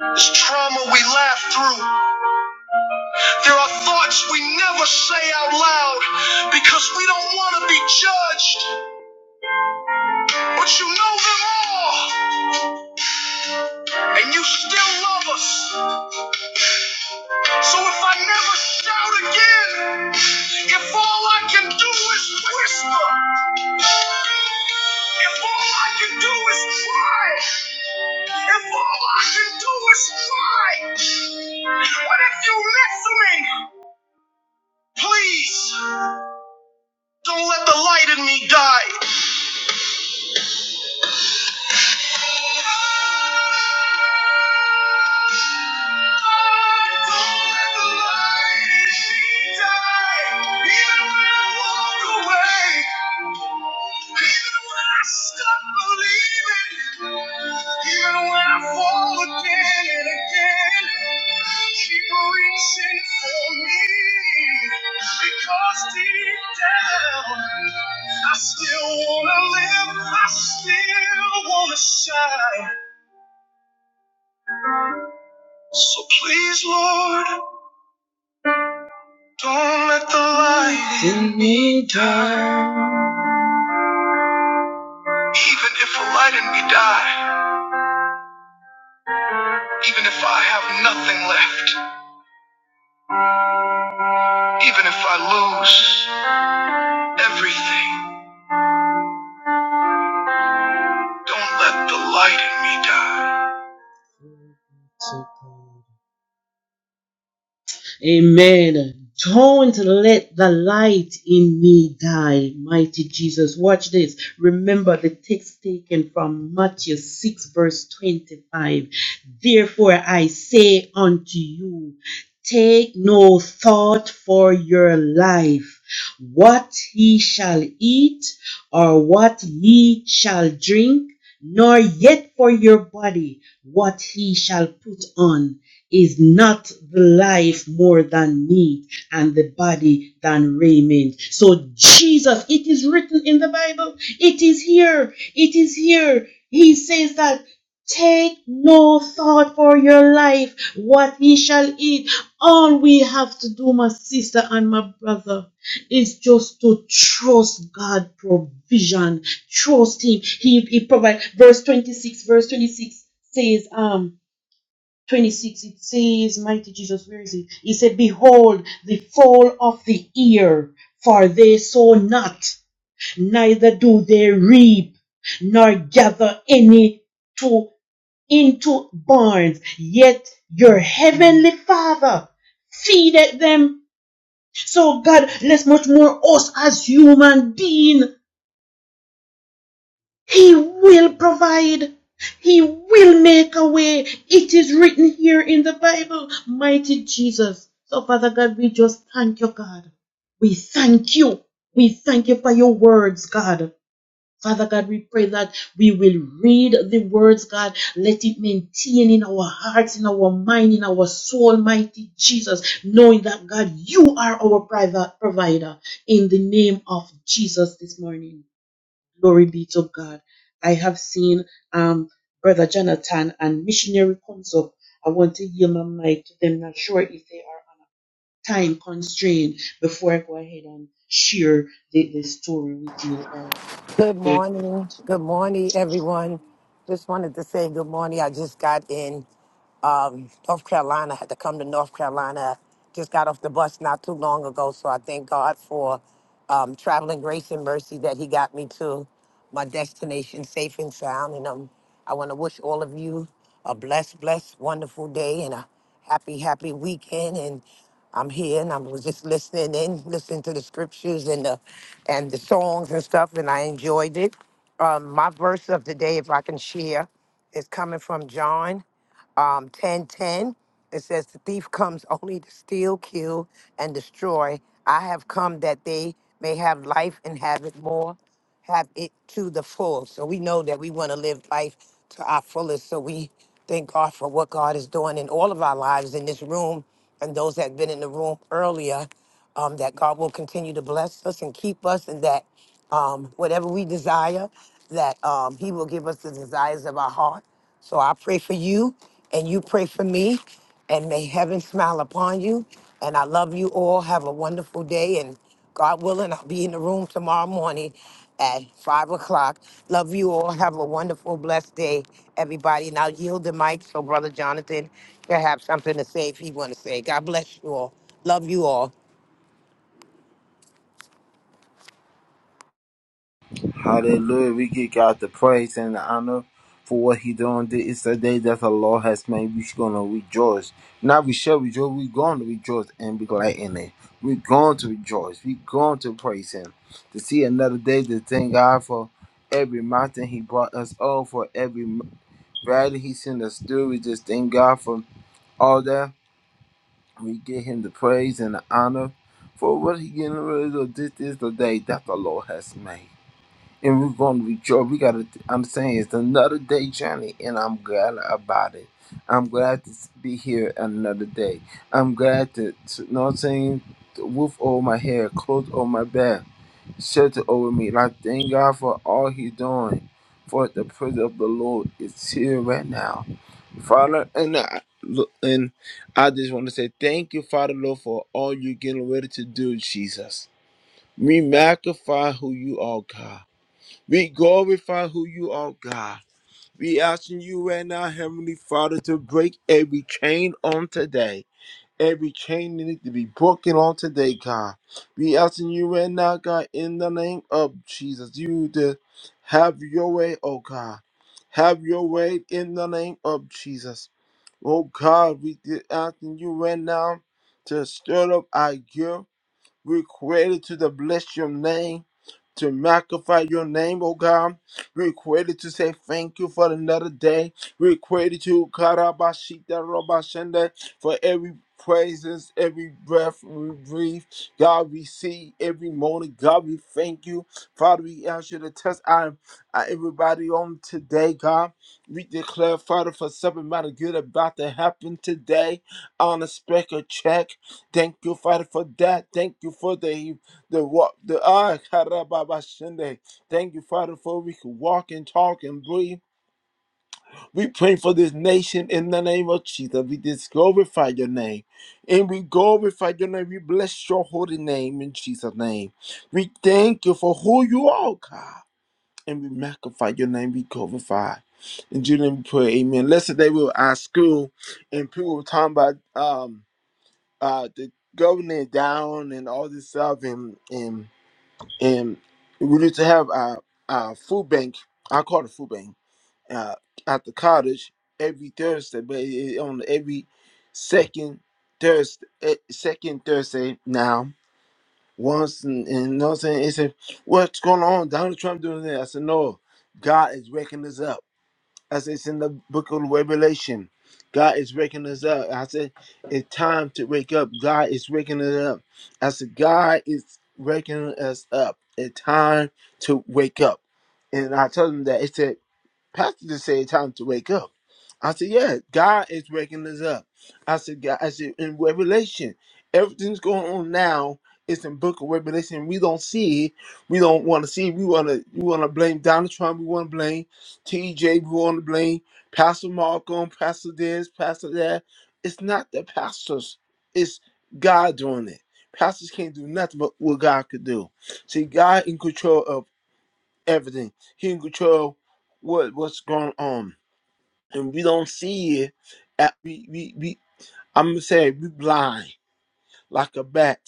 [SPEAKER 11] There's trauma we laugh through. There are thoughts we never say out loud because we don't want to be judged. But you know them all, and you still love us. So if I never shout again, if all I can do is whisper, if all I can do is cry, if all I can do is cry, what if you listen? Please don't let the light in me die. Don't let the light in me die. Even when I walk away, even when I stop believing, even when I fall again and again, keep reaching for me because deep down. I still wanna live, I still wanna shine. So please, Lord, don't let the light in me die. Even if the light in me die, even if I have nothing left, even if I lose everything, don't let the light in me die. Amen. Don't let the light in me die, mighty Jesus. Watch this. Remember the text taken from Matthew 6, verse 25. Therefore I say unto you, take no thought for your life, what ye shall eat, or what ye shall drink, nor yet for your body, what he shall put on. Is not the life more than meat and the body than raiment? So, Jesus, it is written in the Bible, it is here, it is here. He says that take no thought for your life, what ye shall eat. All we have to do, my sister and my brother, is just to trust God provision. Trust Him. He, he provides. Verse 26, verse 26 says, um, 26 it says mighty jesus where is it he said behold the fall of the ear for they sow not neither do they reap nor gather any to into barns yet your heavenly father feedeth them so god let's much more us as human being He will provide. He will make a way. It is written here in the Bible. Mighty Jesus. So, Father God, we just thank you, God. We thank you. We thank you for your words, God. Father God, we pray that we will read the words, God. Let it maintain in our hearts, in our mind, in our soul, mighty Jesus, knowing that, God, you are our provider. In the name of Jesus this morning. Glory be to God. I have seen um, Brother Jonathan and missionary comes up. I want to yield my mic to them. Not sure if they are time constrained before I go ahead and share the, the story with you all.
[SPEAKER 12] Good morning. Good morning, everyone. Just wanted to say good morning. I just got in um, North Carolina, had to come to North Carolina. Just got off the bus not too long ago, so I thank God for um, traveling grace and mercy that He got me to my destination safe and sound. And um, I want to wish all of you a blessed, blessed, wonderful day and a happy, happy weekend. And I'm here and I was just listening in, listening to the scriptures and the and the songs and stuff, and I enjoyed it. Um, my verse of the day, if I can share, is coming from John um, 1010. It says, The thief comes only to steal, kill, and destroy. I have come that they may have life and have it more, have it to the full. So we know that we want to live life to our fullest. So we thank God for what God is doing in all of our lives in this room and those that have been in the room earlier. Um, that God will continue to bless us and keep us, and that um, whatever we desire, that um, He will give us the desires of our heart so I pray for you and you pray for me and may heaven smile upon you. And I love you all. Have a wonderful day. And God willing, I'll be in the room tomorrow morning at five o'clock. Love you all. Have a wonderful, blessed day, everybody. And I'll yield the mic so Brother Jonathan can have something to say if he want to say. God bless you all. Love you all.
[SPEAKER 13] Hallelujah. We give God the praise and the honor for what He done. This is the day that the Lord has made. We're gonna rejoice. Now we shall rejoice. We're going to rejoice and be glad in it. We're going to rejoice. We're going to praise Him. To see another day, to thank God for every mountain He brought us on, for every valley He sent us through. We just thank God for all that. We give him the praise and the honor for what he getting rid of. This is the day that the Lord has made and we're going to rejoice. We got to understand it's another day journey, and I'm glad about it. I'm glad to be here another day. I'm glad to, to you know what I'm saying, to roof over my head, clothes over my back, shelter over me. Like, thank God for all He's doing. For the presence of the Lord is here right now. Father, and I, look, and I just want to say thank you, Father Lord, for all you're getting ready to do, Jesus. We magnify who you are, God. We glorify who you are, God. We asking you right now, Heavenly Father, to break every chain on today. Every chain needs to be broken on today, God. We asking you right now, God, in the name of Jesus, you to have your way, oh God. Have your way in the name of Jesus. Oh God, we did asking you right now to stir up our gift we created to the bless your name, to magnify your name, oh God. We created to say thank you for another day. We created to Karabashita Robashenda for every praises, every breath we breathe. God, we see every morning. God, we thank you. Father, we ask you to test our, our everybody on today, God. We declare, Father, for something mighty good about to happen today on a speck of check. Thank you, Father, for that. Thank you for the the walk. The ah, Karababa Sunday. Thank you, Father, for we can walk and talk and breathe. We pray for this nation in the name of Jesus. We just glorify your name, and we glorify your name. We bless your holy name in Jesus' name. We thank you for who you are, God, and we magnify your name. We glorify. In Jesus' name, we pray. Amen. Last day we were at school, and people were talking about um uh the government down and all this stuff and and and we used to have a a food bank i call it a food bank uh at the cottage every thursday but it, it on every second thursday second thursday now once and, and you know what i'm saying he said what's going on donald trump doing this i said no god is waking us up as it's in the book of Revelation. God is waking us up. I said, it's time to wake up. God is waking us up. I said, God is waking us up. It's time to wake up. And I told him that. It said. Pastor just said time to wake up. I said, Yeah, God is waking us up. I said, God, I said in Revelation, everything's going on now. It's in Book of Revelation. We don't see it. We don't want to see it. We wanna we wanna blame Donald Trump, we wanna blame TJ, we wanna blame Pastor Malcolm, Pastor this, Pastor that. It's not the pastors, it's God doing it. Pastors can't do nothing but what God could do. See, God in control of everything. He can control what what's going on, and we don't see it. At, we we we. I'm gonna say we blind like a bat.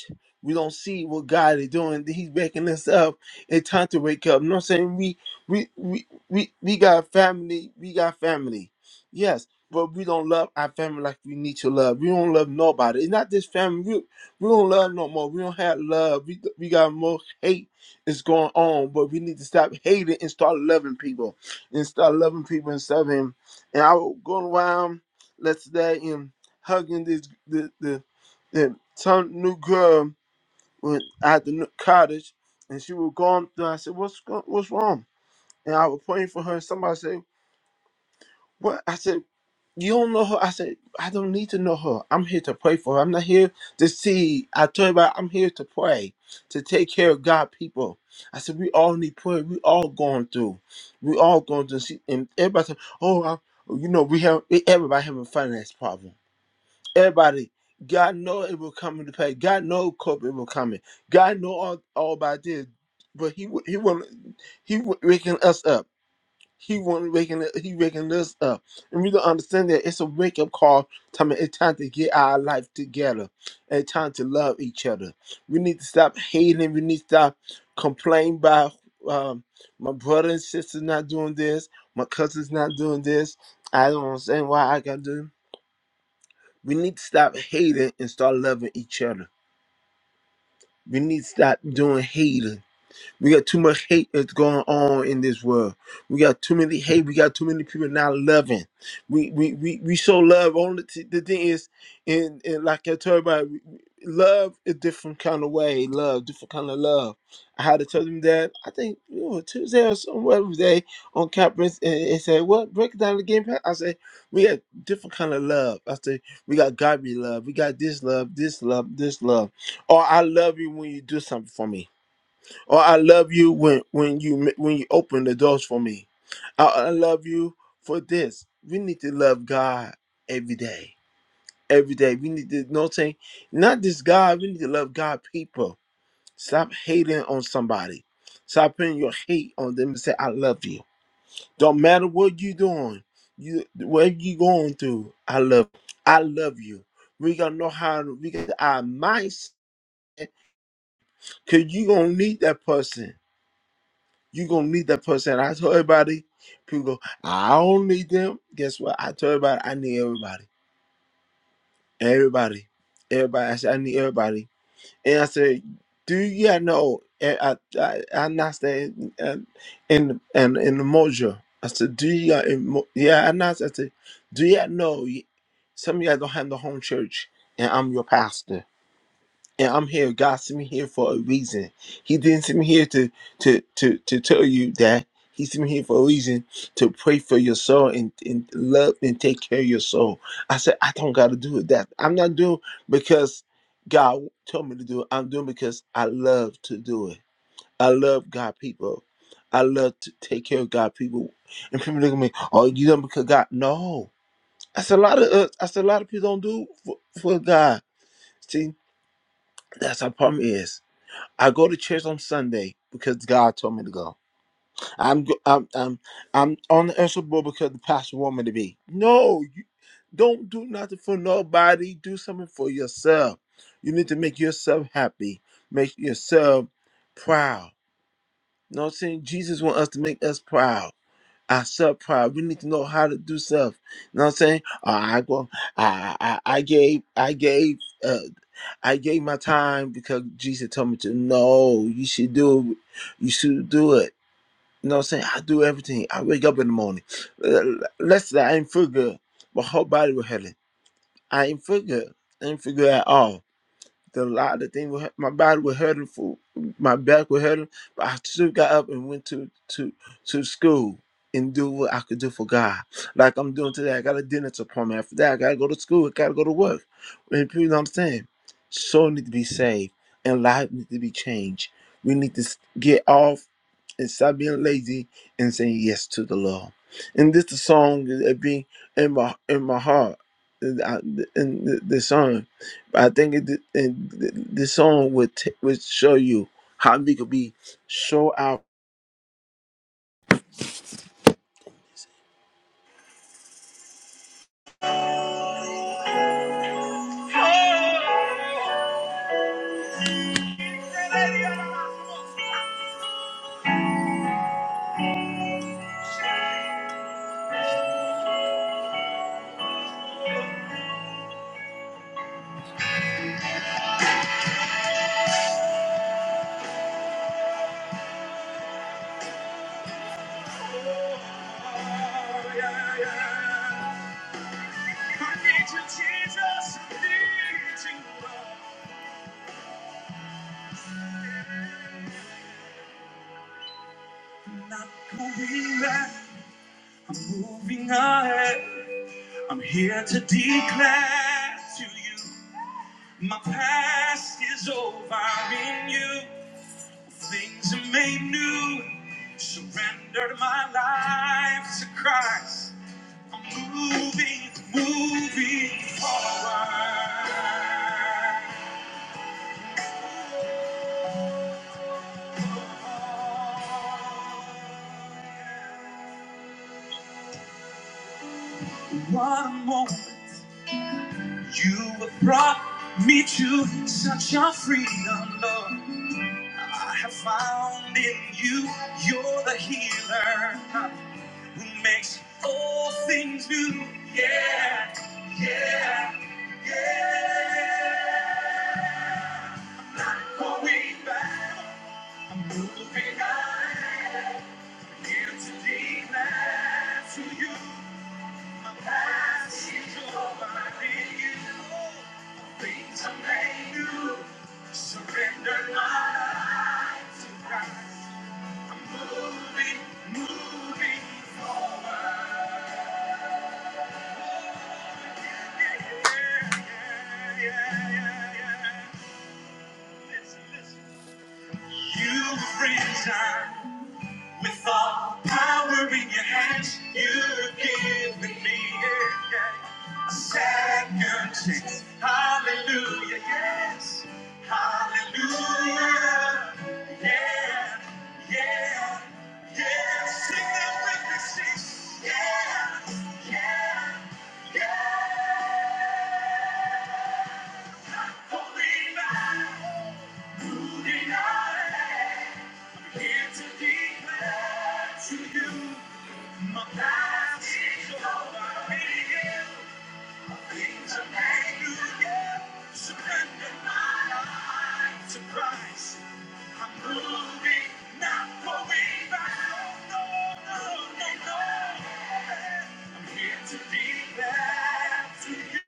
[SPEAKER 13] We don't see what God is doing. He's waking us up. It's time to wake up. You know what I'm saying? We we we we, we got family. We got family. Yes. But we don't love our family like we need to love. We don't love nobody. It's not this family. We, we don't love no more. We don't have love. We, we got more hate is going on. But we need to stop hating and start loving people. And start loving people and serving. And I was going around let's say and hugging this the the, the some new girl went at the new- cottage, and she was going through. I said, "What's go- what's wrong?" And I was praying for her. And somebody said, "What?" I said, "You don't know her." I said, "I don't need to know her. I'm here to pray for her. I'm not here to see." I told her, "I'm here to pray, to take care of God people." I said, "We all need prayer. We all going through. We all going through." She, and everybody said, "Oh, I, you know, we have everybody having finance problem." Everybody, God know it will come into play. God know COVID will come in. God know all, all about this, but he wa- he want he wa- waking us up. He want waking he waking us up, and we don't understand that it's a wake up call. Time it's time to get our life together, and it's time to love each other. We need to stop hating. We need to stop complaining by um, my brother and sister not doing this. My cousin's not doing this. I don't understand why I got to do. We need to stop hating and start loving each other. We need to stop doing hating we got too much hate that's going on in this world. We got too many hate. We got too many people not loving. We we we, we show love. Only t- the thing is, and, and like I told everybody, we- we- love a different kind of way. Love, different kind of love. I had to tell them that. I think you know, Tuesday or some other day on conference, and they said, "What break it down the game?" plan?" I said, "We got different kind of love." I said, "We got godly love. We got this love, this love, this love." Or I love you when you do something for me. Or I love you when when you when you open the doors for me. I, I love you for this. We need to love God every day. Every day. We need to know saying, not just God, we need to love God people. Stop hating on somebody. Stop putting your hate on them and say, I love you. Don't matter what you're doing, you whatever you going through, I love I love you. We gotta know how to we got our mindset because you gonna need that person you gonna need that person. I tell everybody, people go, I don't need them. Guess what? I tell everybody, I need everybody. Everybody. Everybody. I said, I need everybody. And I said, do you yeah, know? And I, I, I not saying and in and in the mojo. I said, do you got emo- yeah, I not I said, do you know y- some of y'all don't have the home church and I'm your pastor. And I'm here. God sent me here for a reason. He didn't send me here to to to to tell you that. He sent me here for a reason to pray for your soul and, and love and take care of your soul. I said, I don't gotta do it that. I'm not doing because God told me to do it. I'm doing because I love to do it. I love God people. I love to take care of God people. And people look at me, oh, you done because God. No. That's a lot of uh, that's a lot of people don't do for, for God. See, that's our problem is. I go to church on Sunday because God told me to go. I'm go- I'm I'm, I'm on the usher board because the pastor want me to be. No, you don't do nothing for nobody. Do something for yourself. You need to make yourself happy. Make yourself proud. You know what I'm saying? Jesus wants us to make us proud our self pride. We need to know how to do stuff. You know what I'm saying? Uh, I go, I, I, I gave, I gave, uh, I gave my time because Jesus told me to. No, you should do, it. you should do it. You know what I'm saying? I do everything. I wake up in the morning. Uh, Let's say I ain't feel good, but whole body was hurting. I ain't feel good. I ain't feel good at all. The lot, the thing, was- my body was hurting, for my back was hurting, but I still got up and went to to to school and do what I could do for God, like I'm doing today. I got a dentist appointment. After that, I gotta go to school. I gotta go to work. And people don't understand. Soul need to be saved, and life need to be changed. We need to s- get off and stop being lazy and saying yes to the Lord. And this the song that be in my in my heart. And I- and the, the song. I think it, and th- this song would t- would show you how we could be so out. not moving back. I'm moving ahead. I'm here to declare to you my past is over in you. Things are made new. Surrendered my life to Christ. I'm moving, moving forward. What a moment you have brought me to such a freedom, Lord. I have found in you, you're the healer who makes all things new. Yeah, yeah, yeah. I'm going back, I'm moving on. Here to declare to you, my past is over in you. Things are made new. Surrender my life to Christ. Listen, listen. You were friends, I With all power in your hands, you've given me yeah, yeah, a second chance. Hallelujah, yes. Hallelujah, yeah, yeah, yeah. Sing that with me, sis. Yeah, yeah, yeah. Christ. I'm moving, not going back. No, no, no, no. I'm here to declare to you.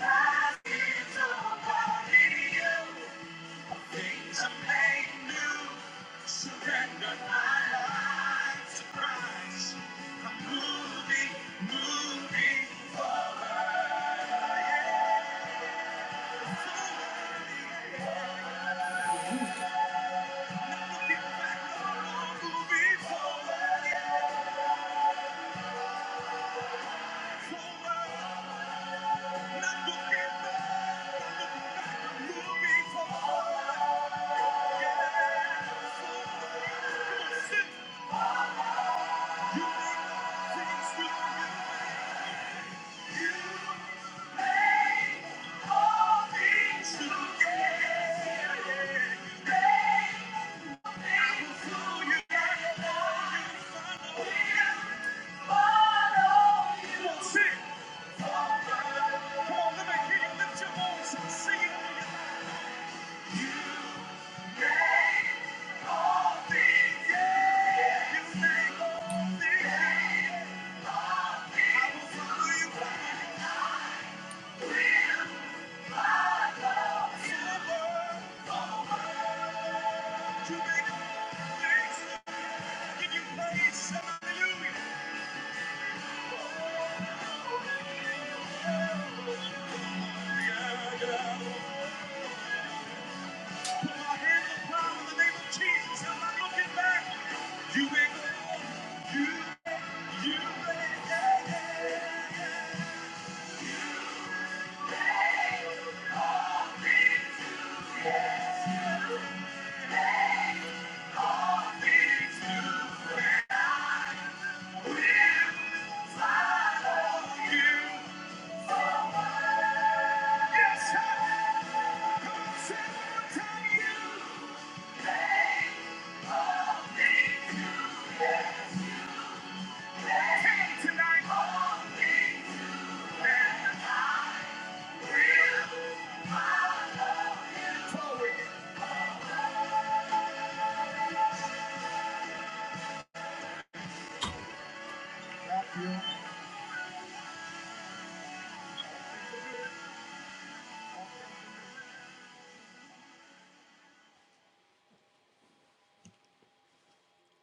[SPEAKER 13] Yeah. Yeah.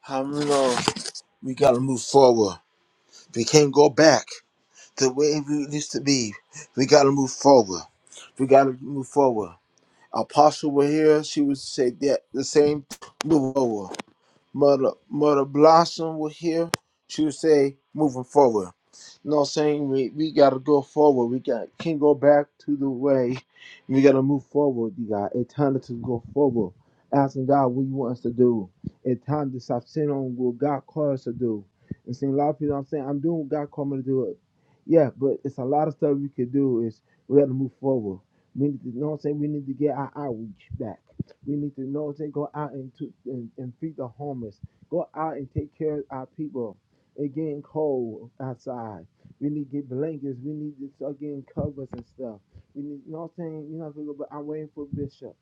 [SPEAKER 13] How do we going we gotta move forward. We can't go back the way we used to be. We got to move forward. We got to move forward. Apostle were here. She would say that the same. Move forward. Mother Mother Blossom was here. She would say, moving forward. You know what I'm saying? We, we gotta go forward. We got can't go back to the way. We gotta move forward. You got it's time to go forward. Asking God what you want us to do. It's time to stop sitting on what God called us to do. And seeing a lot of people I'm saying, I'm doing what God called me to do it. Yeah, but it's a lot of stuff we could do is we gotta move forward. We need to, you know what I'm saying? We need to get our outreach back. We need to know they go out and, to, and, and feed the homeless. Go out and take care of our people. It's getting cold outside. We need to get blankets. We need to start getting covers and stuff. We need, you know what I'm saying? You know, I'm but I'm waiting for Bishop.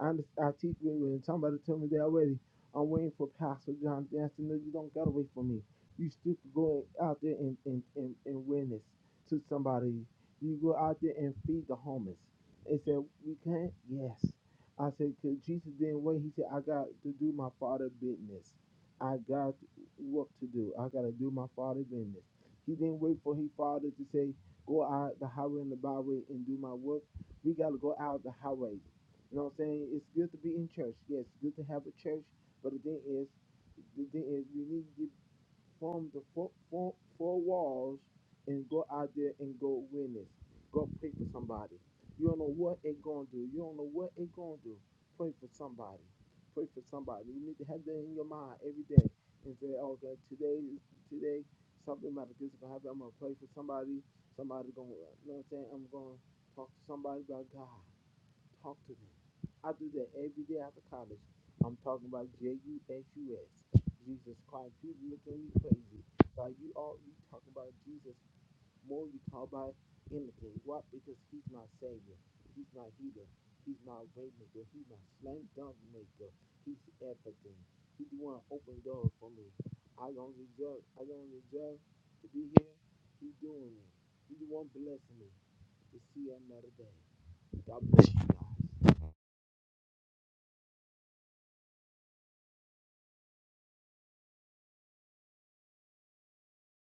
[SPEAKER 13] I, under- I teach me when somebody told me they already, I'm waiting for Pastor John Danson. No, you don't gotta wait for me. You still go out there and, and, and, and witness to somebody. You go out there and feed the homeless. They said, we can't? Yes. I said, because Jesus didn't wait. He said, I got to do my father business. I got what to do. I got to do my father business. He didn't wait for his father to say, go out the highway and the byway and do my work. We got to go out the highway. You know what I'm saying? It's good to be in church. Yes, it's good to have a church. But the thing is, the thing is, we need to get from the four, four, four walls and go out there and go witness. Go pray for somebody. You don't know what it gonna do. You don't know what it gonna do. Pray for somebody. Pray for somebody. You need to have that in your mind every day and say, okay, today, today, something metaphysical gonna happen. I'm gonna pray for somebody. Somebody gonna, you know what I'm saying? I'm gonna talk to somebody about God. Talk to them. I do that every day after college. I'm talking about J U S U S. Jesus Christ. you look at me crazy. Like you all you talk about Jesus more you talk about anything. Why? Because he's my savior. He's my healer. He's my way maker. He's my slam dunk maker. He's everything. He's the one who opened doors for me. I don't deserve I don't deserve to be here. He's doing it. He's the one blessing me to see another day. God bless you guys.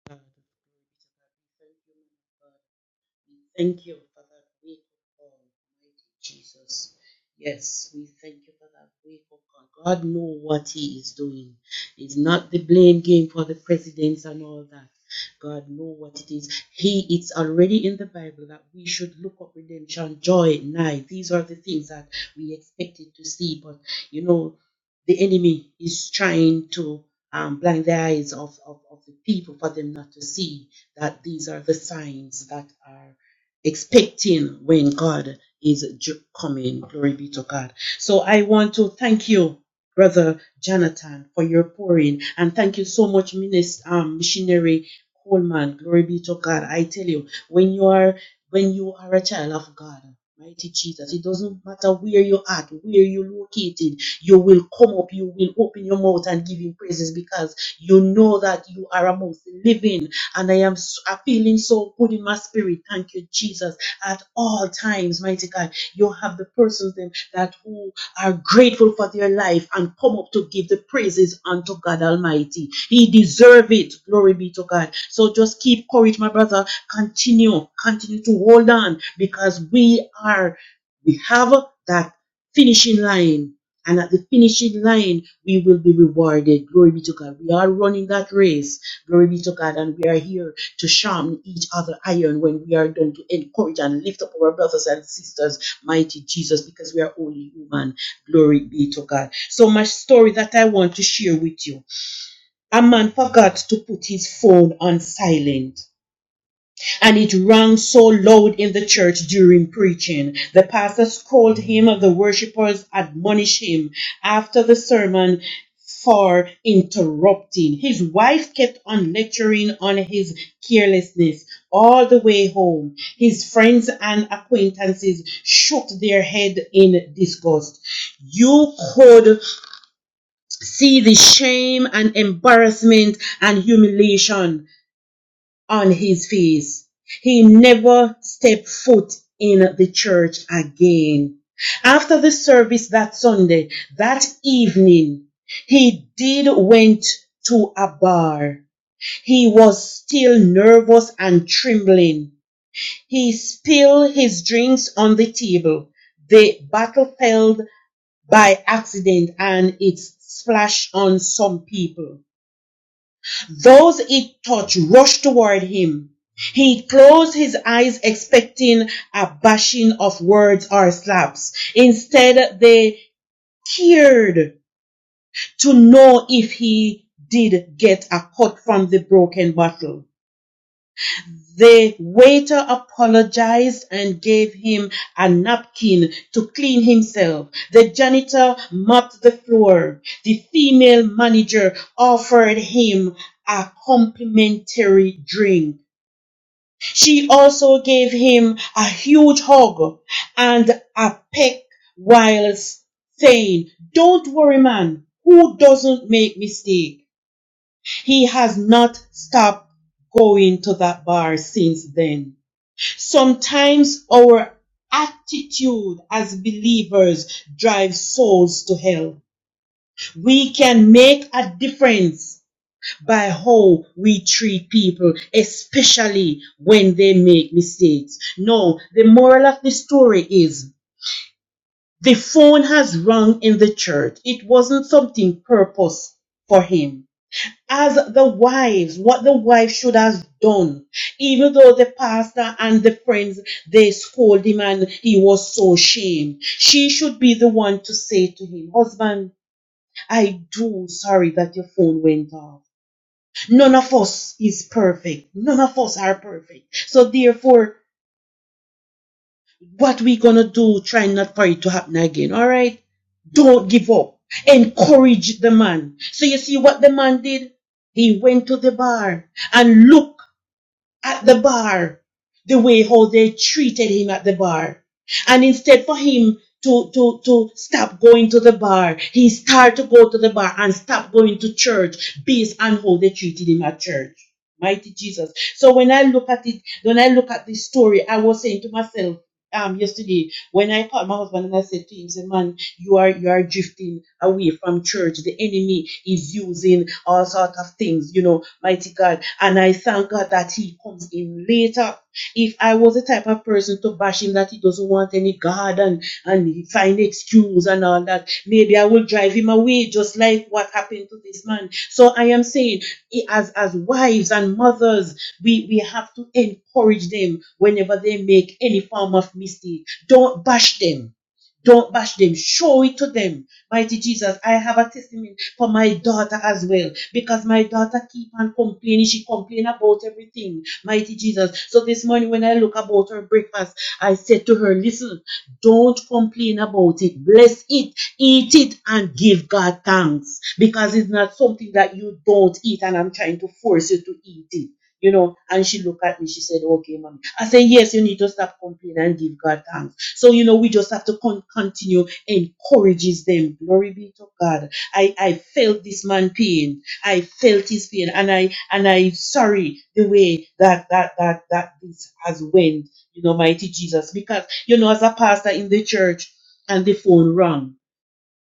[SPEAKER 11] Thank you, We thank you for that week, oh God, mighty Jesus. Yes, we thank you for that week, oh God. God knows what He is doing. It's not the blame game for the presidents and all that. God knows what it is. He it's already in the Bible that we should look up redemption, joy, night. These are the things that we expected to see, but you know, the enemy is trying to um, blind the eyes of, of, of the people for them not to see that these are the signs that are expecting when God is coming. Glory be to God. So I want to thank you, Brother Jonathan, for your pouring. And thank you so much, Minister, um, Missionary Coleman. Glory be to God. I tell you, when you are when you are a child of God, mighty Jesus, it doesn't matter where you're at, where you're located, you will come up, you will open your mouth and give him praises because you know that you are amongst the living and I am s- I'm feeling so good in my spirit. Thank you, Jesus. At all times, mighty God, you have the persons them that who are grateful for their life and come up to give the praises unto God Almighty. He deserve it. Glory be to God. So just keep courage, my brother. Continue, continue to hold on because we are, we have that finishing line. And at the finishing line, we will be rewarded. Glory be to God. We are running that race Glory be to God. And we are here to sharpen each other iron when we are done to encourage and lift up our brothers and sisters, mighty Jesus, because we are only human. Glory be to God. So my story that I want to share with you. A man forgot to put his phone on silent and it rang so loud in the church during preaching. The pastor scolded him, and the worshippers admonished him after the sermon for interrupting. His wife kept on lecturing on his carelessness all the way home. His friends and acquaintances shook their head in disgust. You could see the shame and embarrassment and humiliation on his face. He never stepped foot in the church again. After the service that Sunday, that evening, he did went to a bar. He was still nervous and trembling. He spilled his drinks on the table. The bottle fell by accident and it splashed on some people. Those it touched rushed toward him. He closed his eyes expecting a bashing of words or slaps. Instead, they cared to know if he did get a cut from the broken bottle. The waiter apologized and gave him a napkin to clean himself. The janitor mopped the floor. The female manager offered him a complimentary drink. She also gave him a huge hug and a peck while saying, Don't worry, man, who doesn't make mistake? He has not stopped going to that bar since then. Sometimes our attitude as believers drives souls to hell. We can make a difference by how we treat people, especially when they make mistakes. No, the moral of the story is the phone has rung in the church. It wasn't something purpose for him as the wives, what the wife should have done, even though the pastor and the friends they scold him and he was so ashamed. She should be the one to say to him, Husband, I do sorry that your phone went off. None of us is perfect. None of us are perfect. So therefore, what we gonna do, try not for it to happen again. All right? Don't give up. Encourage the man. So you see what the man did? He went to the bar and look at the bar the way how they treated him at the bar. And instead for him to, to, to stop going to the bar, he started to go to the bar and stop going to church based on how they treated him at church. Mighty Jesus. So when I look at it, when I look at this story, I was saying to myself um, yesterday when I called my husband and I said to him, say, man, you are you are drifting away from church the enemy is using all sort of things you know mighty god and i thank god that he comes in later if i was the type of person to bash him that he doesn't want any god and and find excuse and all that maybe i will drive him away just like what happened to this man so i am saying as as wives and mothers we we have to encourage them whenever they make any form of mistake don't bash them don't bash them. Show it to them. Mighty Jesus, I have a testimony for my daughter as well. Because my daughter keep on complaining. She complain about everything. Mighty Jesus. So this morning when I look about her breakfast, I said to her, listen, don't complain about it. Bless it. Eat it and give God thanks. Because it's not something that you don't eat and I'm trying to force you to eat it you know, and she looked at me, she said, okay, mommy. I said, yes, you need to stop complaining and give God thanks. So, you know, we just have to con- continue encourages them. Glory be to God. I, I felt this man pain. I felt his pain and I, and I sorry the way that, that, that, that this has went, you know, mighty Jesus, because, you know, as a pastor in the church and the phone rang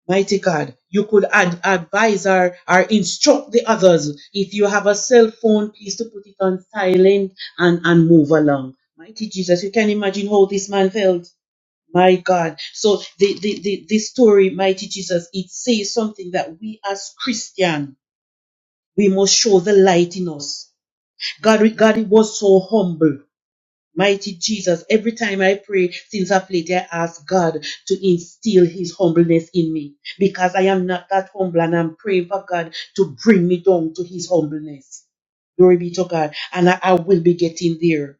[SPEAKER 11] Mighty God, you could ad- advise or, or instruct the others. If you have a cell phone, please to put it on silent and, and move along. Mighty Jesus, you can imagine how this man felt. My God. So the, the, the, this story, Mighty Jesus, it says something that we as Christian, we must show the light in us. God, God was so humble Mighty Jesus, every time I pray since of late, I ask God to instill His humbleness in me because I am not that humble and I'm praying for God to bring me down to His humbleness. Glory be to God. And I, I will be getting there.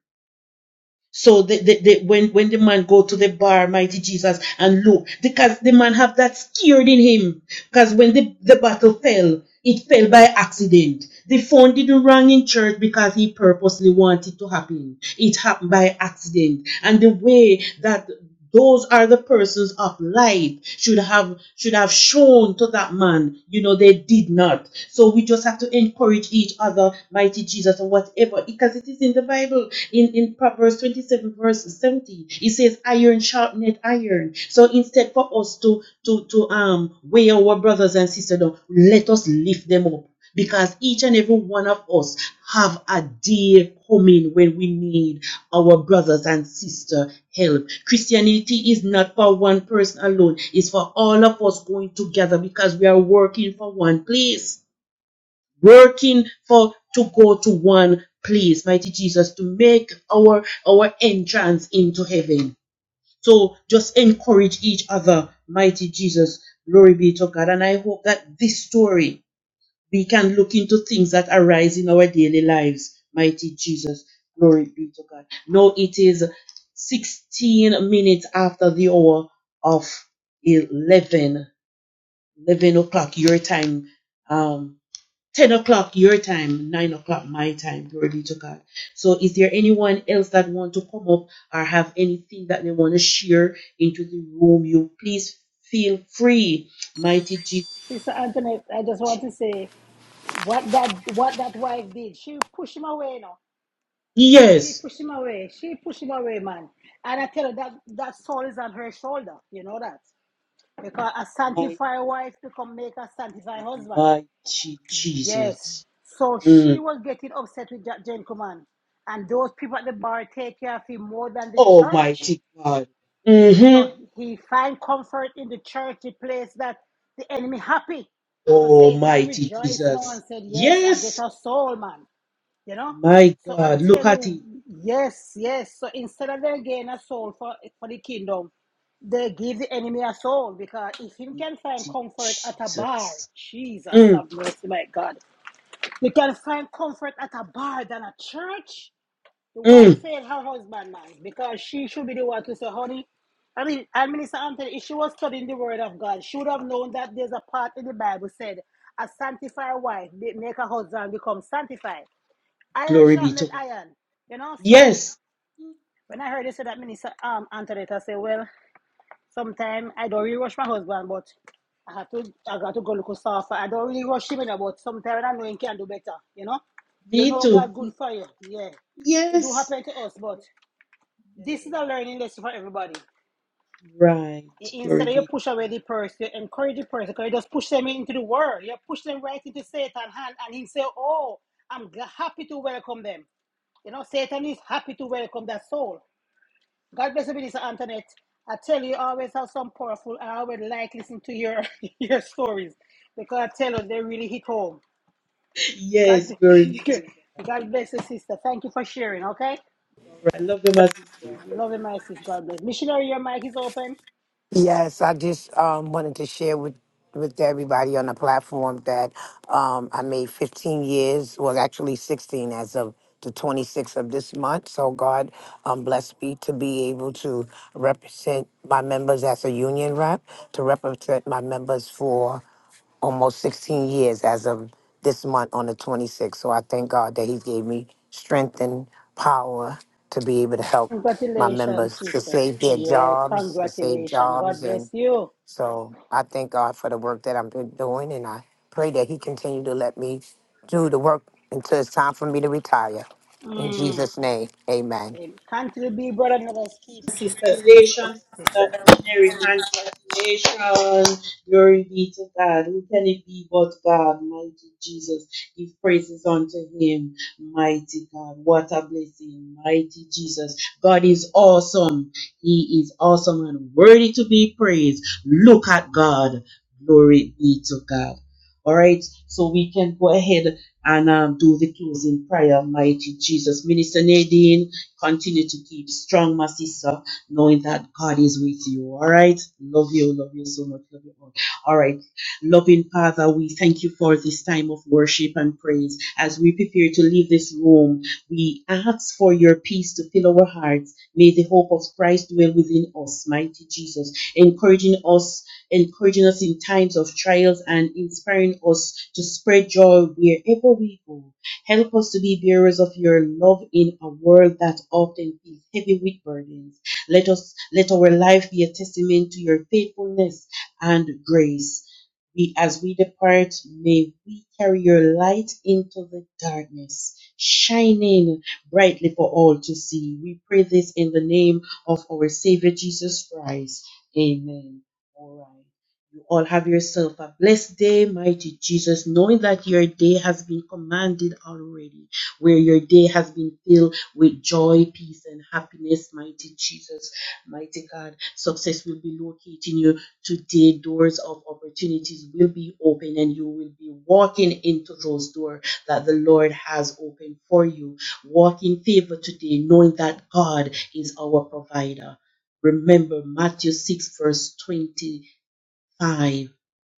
[SPEAKER 11] So the, the, the, when, when the man go to the bar, mighty Jesus, and look, because the man have that scared in him. Because when the, the battle fell, it fell by accident. The phone didn't ring in church because he purposely wanted to happen. It happened by accident. And the way that those are the persons of light should have should have shown to that man you know they did not so we just have to encourage each other mighty jesus or whatever because it is in the bible in in proverbs 27 verse 70 it says iron sharpened iron so instead for us to to to um weigh our brothers and sisters down let us lift them up because each and every one of us have a day coming when we need our brothers and sister help christianity is not for one person alone it's for all of us going together because we are working for one place working for to go to one place mighty jesus to make our our entrance into heaven so just encourage each other mighty jesus glory be to god and i hope that this story we can look into things that arise in our daily lives. Mighty Jesus. Glory be to God. Now it is 16 minutes after the hour of 11, eleven o'clock your time, um, 10 o'clock your time, 9 o'clock my time. Glory be to God. So is there anyone else that want to come up or have anything that they want to share into the room? You please feel free. Mighty Jesus.
[SPEAKER 1] Sister Antoinette, I just want to say what that what that wife did. She pushed him away now. She
[SPEAKER 11] Yes.
[SPEAKER 1] pushed him away. She pushed him away, man. And I tell her that that soul is on her shoulder. You know that. Because a sanctified wife become make a sanctified husband.
[SPEAKER 11] Mighty
[SPEAKER 1] Yes.
[SPEAKER 11] Jesus.
[SPEAKER 1] So she
[SPEAKER 11] Mm.
[SPEAKER 1] was getting upset with that gentleman. And those people at the bar take care of him more than the church.
[SPEAKER 11] Almighty God. hmm
[SPEAKER 1] So he find comfort in the church, the place that the enemy happy. So Satan
[SPEAKER 11] Almighty
[SPEAKER 1] rejoiced now
[SPEAKER 11] Jesus.
[SPEAKER 1] and said, Yes, I get
[SPEAKER 11] Yes,
[SPEAKER 1] a soul, man. You know?
[SPEAKER 11] my
[SPEAKER 1] So I
[SPEAKER 11] God. Look
[SPEAKER 1] tell
[SPEAKER 11] at
[SPEAKER 1] you,
[SPEAKER 11] it.
[SPEAKER 1] yes, yes. So instead of them getting a soul for, for the kingdom, they give the enemy a soul because if you can find
[SPEAKER 11] Mighty
[SPEAKER 1] comfort at a bar,
[SPEAKER 11] Jesus.
[SPEAKER 1] Jesus
[SPEAKER 11] Mm.
[SPEAKER 1] have mercy, my God. You can find comfort at a bar than a church. The wife
[SPEAKER 11] Mm.
[SPEAKER 1] failed her husband, man, because she should be the one to say, honey, I mean, and Minister Anthony, if she was studying the Word of God, she would have known that there's a part in the Bible said, a sanctified wife make her husband become sanctified iron
[SPEAKER 11] Glory be to
[SPEAKER 1] sharpened
[SPEAKER 11] God.
[SPEAKER 1] iron. You know, so
[SPEAKER 11] Yes.
[SPEAKER 1] when I heard they say that minister um Antoinette, I say, well, sometimes I don't really rush my husband, but I have to I got to go look soft. I don't really rush him, you know, but sometimes I know he can do better, you know. You
[SPEAKER 11] Me
[SPEAKER 1] know
[SPEAKER 11] too.
[SPEAKER 1] God good for you. Yeah. It do
[SPEAKER 11] Yes.
[SPEAKER 1] happen to us, but
[SPEAKER 11] Yes.
[SPEAKER 1] this is a learning lesson for everybody.
[SPEAKER 11] Right. Glory
[SPEAKER 1] Instead of you
[SPEAKER 11] be
[SPEAKER 1] push
[SPEAKER 11] to
[SPEAKER 1] away the
[SPEAKER 11] God.
[SPEAKER 1] person, you encourage the person, because you just push them into the world. You push them right into Satan's hand and he say, Oh, I'm happy to welcome them. You know, Satan is happy to welcome that soul. God bless you, Minister Antoinette. I tell you, you always have some powerful. I always like listening to your your stories because I tell you they really hit home. God,
[SPEAKER 11] Yes, glory be to God.
[SPEAKER 1] God bless you, sister. Thank you for sharing. Okay,
[SPEAKER 11] All right. Love you, my sister.
[SPEAKER 1] love you, my sister. God bless. Missionary, your mic is open.
[SPEAKER 12] Yes, I just um, wanted to share with with everybody on the platform that um, I made 15 years, well, actually 16 as of the 26th of this month. So God um, bless me to be able to represent my members as a union rep, to represent my members for almost 16 years as of this month on the 26th. So I thank God that He gave me strength and power to be able to help my
[SPEAKER 1] Congratulations,
[SPEAKER 12] members to
[SPEAKER 1] sister.
[SPEAKER 12] save their
[SPEAKER 1] Yeah,
[SPEAKER 12] jobs, to save
[SPEAKER 1] congratulations.
[SPEAKER 12] jobs.
[SPEAKER 1] God
[SPEAKER 12] And
[SPEAKER 1] bless you.
[SPEAKER 12] so I thank God for the work that I'm been doing. And I pray that He continue to let me do the work until it's time for me to retire. In
[SPEAKER 1] Mm.
[SPEAKER 12] Jesus' name, amen.
[SPEAKER 1] not you be brother and let us keep sisters. keep,
[SPEAKER 11] Congratulations,
[SPEAKER 1] sister.
[SPEAKER 11] Dr. Mary. Congratulations. Glory be to God. Who can it be but God? Mighty Jesus. Give praises unto him. Mighty God. What a blessing. Mighty Jesus. God is awesome. He is awesome and worthy to be praised. Look at God. Glory be to God. All right. So we can go ahead and um, do the closing prayer. Mighty Jesus. Minister Nadine, continue to keep strong, my sister knowing that God is with you. All right. Love you. Love you so much. Love you all. All right. Loving Father, we thank you for this time of worship and praise. As we prepare to leave this room, we ask for your peace to fill our hearts. May the hope of Christ dwell within us, mighty Jesus, encouraging us, encouraging us in times of trials and inspiring us to spread joy wherever we go. Help us to be bearers of your love in a world that often feels heavy with burdens. Let us let our life be a testament to your faithfulness and grace. We, as we depart, may we carry your light into the darkness, shining brightly for all to see. We pray this in the name of our Savior Jesus Christ. Amen. All right. You all have yourself a blessed day, mighty Jesus, knowing that your day has been commanded already, where your day has been filled with joy, peace, and happiness, mighty Jesus, mighty God. Success will be locating you. Today, doors of opportunities will be open and you will be walking into those doors that the Lord has opened for you. Walk in favor today, knowing that God is our provider. Remember Matthew 6, verse 25.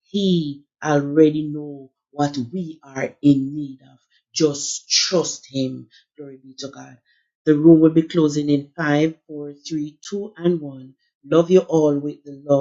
[SPEAKER 11] He already know what we are in need of. Just trust him. Glory be to God. The room will be closing in five, four, three, two, and 1. Love you all with the love